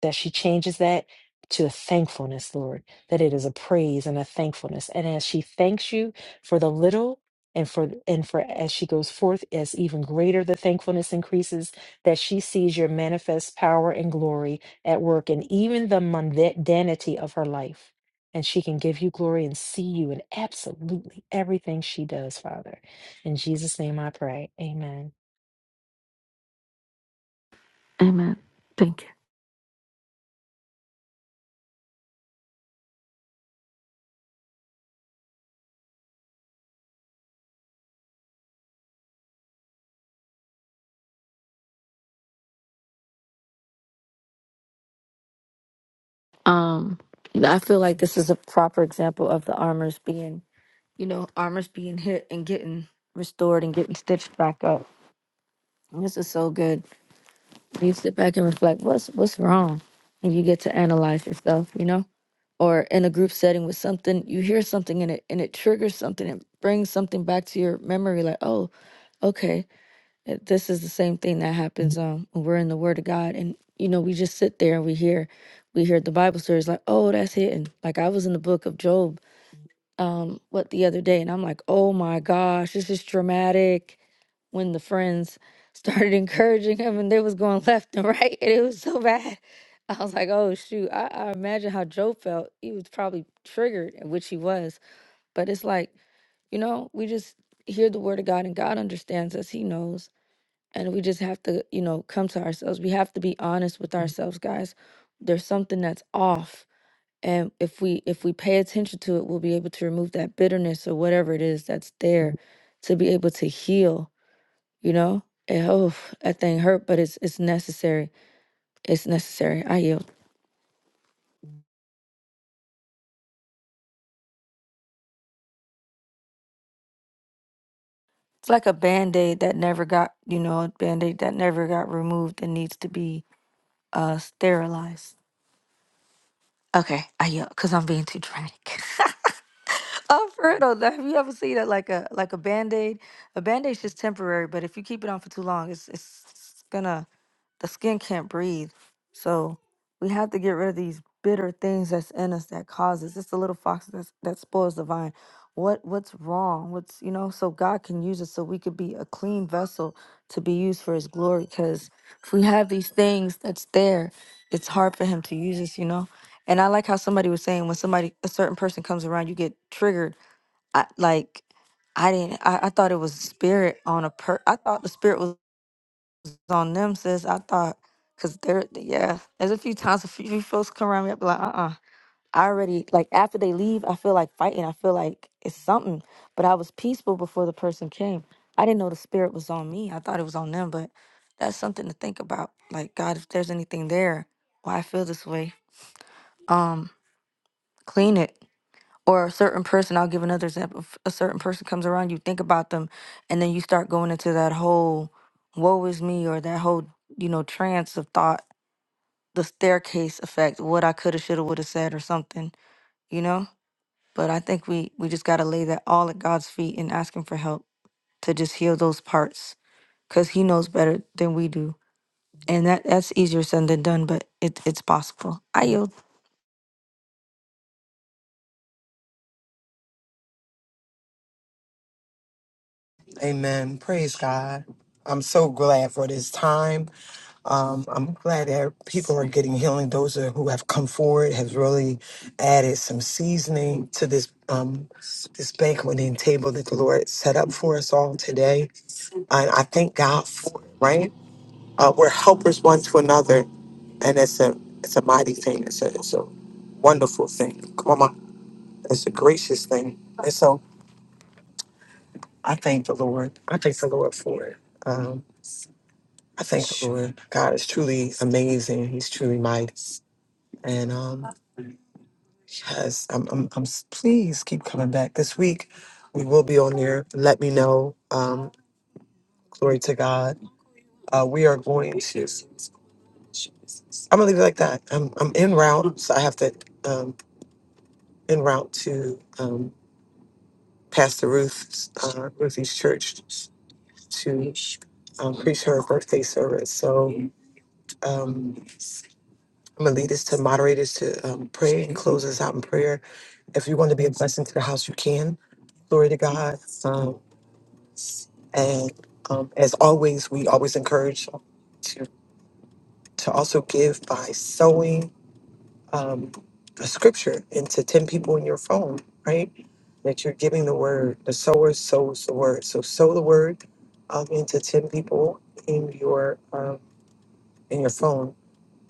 [SPEAKER 11] that she changes that to a thankfulness, Lord, that it is a praise and a thankfulness. And as she thanks you for the little and for and for as she goes forth, as even greater the thankfulness increases that she sees your manifest power and glory at work in even the mundanity of her life. And she can give you glory and see you in absolutely everything she does, Father. In Jesus' name I pray. Amen.
[SPEAKER 10] Amen. Thank you. Um I feel like this is a proper example of the armors being, you know, armors being hit and getting restored and getting stitched back up. This is so good. You sit back and reflect, what's what's wrong? And you get to analyze yourself, you know? or in a group setting with something you hear something and it and it triggers something and brings something back to your memory like oh okay uh, this is the same thing that happens um when we're in the word of god and you know we just sit there and we hear we hear the bible stories like oh that's hitting like i was in the book of job um what the other day and I'm like, "Oh my gosh, this is dramatic." When the friends started *laughs* encouraging him and they was going left and *laughs* right and it was so bad. I was like, "Oh shoot, I, I imagine how Joe felt. He was probably triggered, and which he was. But it's like, you know, we just hear the word of God and God understands us. He knows. And we just have to, you know, come to ourselves. We have to be honest with ourselves, guys. There's something that's off and if we if we pay attention to it we'll be able to remove that bitterness or whatever it is that's there to be able to heal you know and oh that thing hurt but it's it's necessary it's necessary i yield it's like a band-aid that never got you know a band-aid that never got removed and needs to be uh sterilized okay i yield because i'm being too dramatic *laughs* Oh, for real, though, have you ever seen that like a like a band-aid? A band-aid's just temporary, but if you keep it on for too long, it's it's gonna The skin can't breathe. So we have to get rid of these bitter things that's in us that causes. It's the little fox that's, that spoils the vine. What what's wrong? What's you know? So God can use us so we could be a clean vessel to be used for His glory. Because if we have these things that's there, it's hard for Him to use us. You know. And I like how somebody was saying when somebody a certain person comes around, you get triggered. I, like I didn't. I, I thought it was spirit on a per. I thought the spirit was on them, sis. I thought, cause they're yeah. There's a few times a few folks come around me, I be like, uh, uh I already like after they leave, I feel like fighting. I feel like it's something. But I was peaceful before the person came. I didn't know the spirit was on me. I thought it was on them. But that's something to think about. Like God, if there's anything there, why I feel this way, um, clean it or a certain person i'll give another example if a certain person comes around you think about them and then you start going into that whole woe is me or that whole you know trance of thought the staircase effect what i could have should have would have said or something you know but i think we we just got to lay that all at god's feet and ask him for help to just heal those parts because he knows better than we do and that that's easier said than done but it, it's possible i yield
[SPEAKER 2] Amen. Praise God. I'm so glad for this time. Um, I'm glad that people are getting healing. Those that- who have come forward has really added some seasoning to this um, this banqueting table that the Lord set up for us all today. And I thank God for it. Right? Uh, we're helpers one to another, and it's a it's a mighty thing. It's a it's a wonderful thing. Come on, it's a gracious thing. And so I thank the Lord. I thank the Lord. I thank the Lord. God is truly amazing. He's truly mighty. And um, yes, I'm, I'm, I'm s- please keep coming back this week. We will be on there. Let me know. Um, glory to God. Uh, we are going to, I'm going to leave it like that. I'm, I'm en route. So I have to, um, en route to um, Pastor Ruth's, uh, Ruthie's church to um, preach her birthday service. So, um, I'm gonna lead us to moderate us to um, prayer and close us out in prayer. If you want to be a blessing to the house, you can. Glory to God. Um, and um, as always, we always encourage to to also give by sowing um, a scripture into ten people in your phone, right? That you're giving the word. The sower sows the word. So sow the word um, into ten people in your um, in your phone.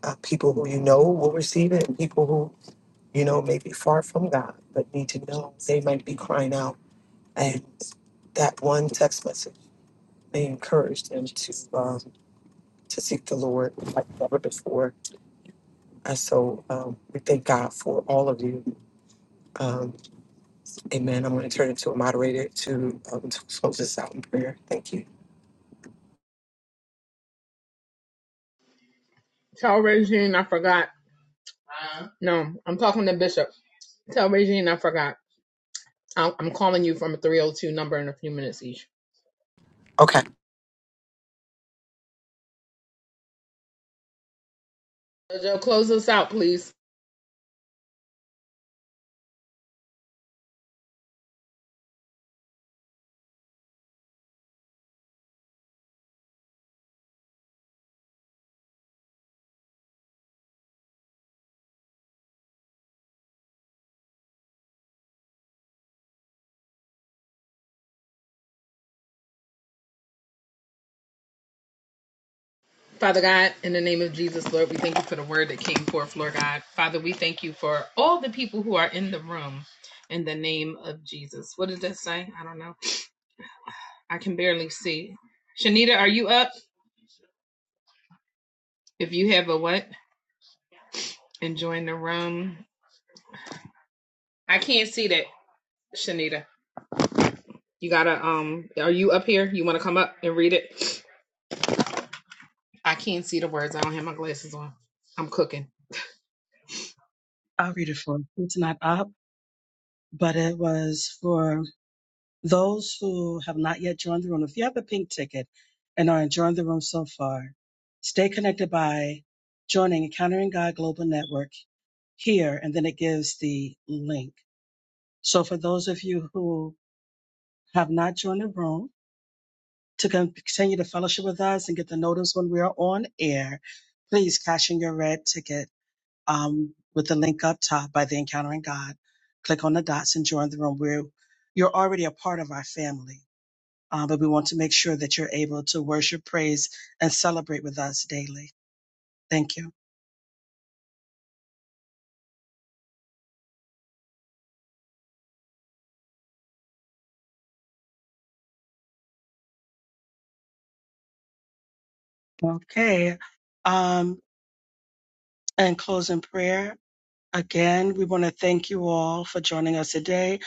[SPEAKER 2] Uh, people who you know will receive it, and people who you know, may be far from God, but need to know they might be crying out. And that one text message may encourage them to um, to seek the Lord like never before. And so um, we thank God for all of you. Um, amen. I'm going to turn it to a moderator to, um, to close this out in prayer. Thank you.
[SPEAKER 5] Tell Regine I forgot. Uh, No, I'm talking to Bishop. Tell Regine I forgot. I'm I'm calling you from a 302 number in a few minutes each.
[SPEAKER 2] Okay.
[SPEAKER 5] Joe, close us out, please. Father God, in the name of Jesus, Lord, we thank you for the word that came forth, Lord God. Father, we thank you for all the people who are in the room in the name of Jesus. What does that say? I don't know. I can barely see. Shanita, are you up? If you have a what? And join the room. I can't see that, Shanita. You gotta um are you up here? You wanna come up and read it? I can't see the words. I don't have my glasses on. I'm cooking.
[SPEAKER 4] I'll read it for you. It's not up, but it was for Those who have not yet joined the room, if you have a pink ticket and are enjoying the room so far, stay connected by joining Encountering God Global Network here, and then it gives the link. So for those of you who have not joined the room, to continue to fellowship with us and get the notice when we are on air, please cash in your red ticket um, with the link up top by the Encountering God. Click on the dots and join the room. We're, you're already a part of our family. uh, but we want to make sure that you're able to worship, praise, and celebrate with us daily. Thank you. Okay. Um, and closing prayer. Again, we want to thank you all for joining us today.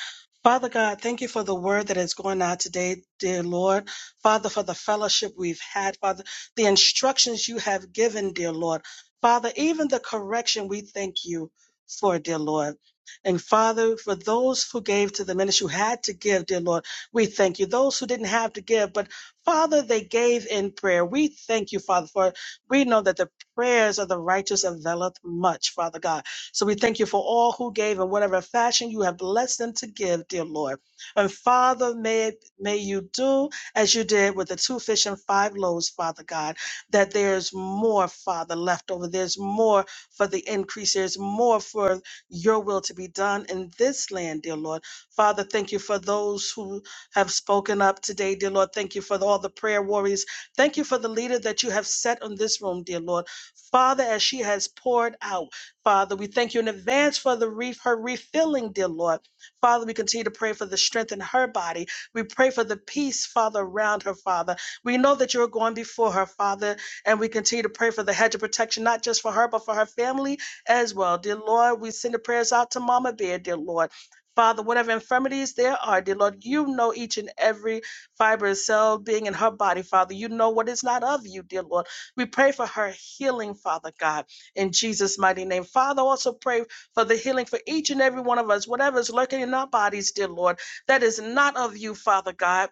[SPEAKER 4] Father God, thank you for the word that is going out today, dear Lord. Father, for the fellowship we've had, Father, the instructions you have given, dear Lord. Father, even the correction we thank you for, dear Lord. And Father, for those who gave to the ministry, who had to give, dear Lord, we thank you. Those who didn't have to give, but Father, they gave in prayer. We thank you, Father, for we know that the prayers of the righteous availeth much, Father God. So we thank you for all who gave in whatever fashion you have blessed them to give, dear Lord. And Father, may, may you do as you did with the two fish and five loaves, Father God, that there's more, Father, left over. There's more for the increase. There's more for your will to be done in this land, dear Lord. Father, thank you for those who have spoken up today, dear Lord. Thank you for all the prayer warriors. Thank you for the leader that you have set on this room, dear Lord. Father, as she has poured out. Father, we thank you in advance for the reef, her refilling, dear Lord. Father, we continue to pray for the strength in her body. We pray for the peace, Father, around her, Father. We know that you're going before her, Father, and we continue to pray for the hedge of protection, not just for her, but for her family as well. Dear Lord, we send the prayers out to Mama Bear, dear Lord. Father, whatever infirmities there are, dear Lord, you know each and every fiber and cell being in her body, Father. You know what is not of you, dear Lord. We pray for her healing, Father God in Jesus' mighty name. Father, also pray for the healing for each and every one of us, whatever is lurking in our bodies, dear Lord, that is not of you, Father God.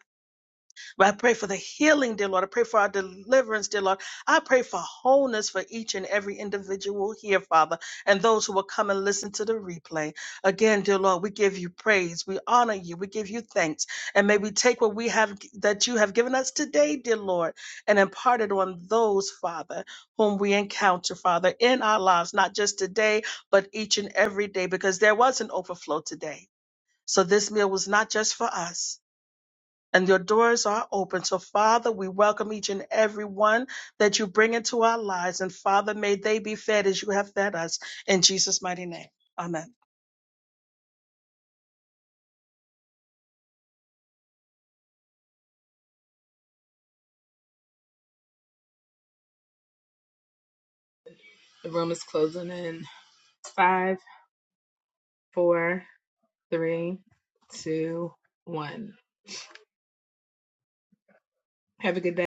[SPEAKER 4] I pray for the healing, dear Lord. I pray for our deliverance, dear Lord. I pray for wholeness for each and every individual here, Father, and those who will come and listen to the replay. Again, dear Lord, we give you praise. We honor you. We give you thanks. And may we take what we have that you have given us today, dear Lord, and impart it on those, Father, whom we encounter, Father, in our lives, not just today, but each and every day, because there was an overflow today. So this meal was not just for us and your doors are open. So, Father, we welcome each and every one that you bring into our lives. And, Father, may they be fed as you have fed us. In Jesus' mighty name. Amen.
[SPEAKER 5] The room is closing in five, four, three, two, one. Have a good day.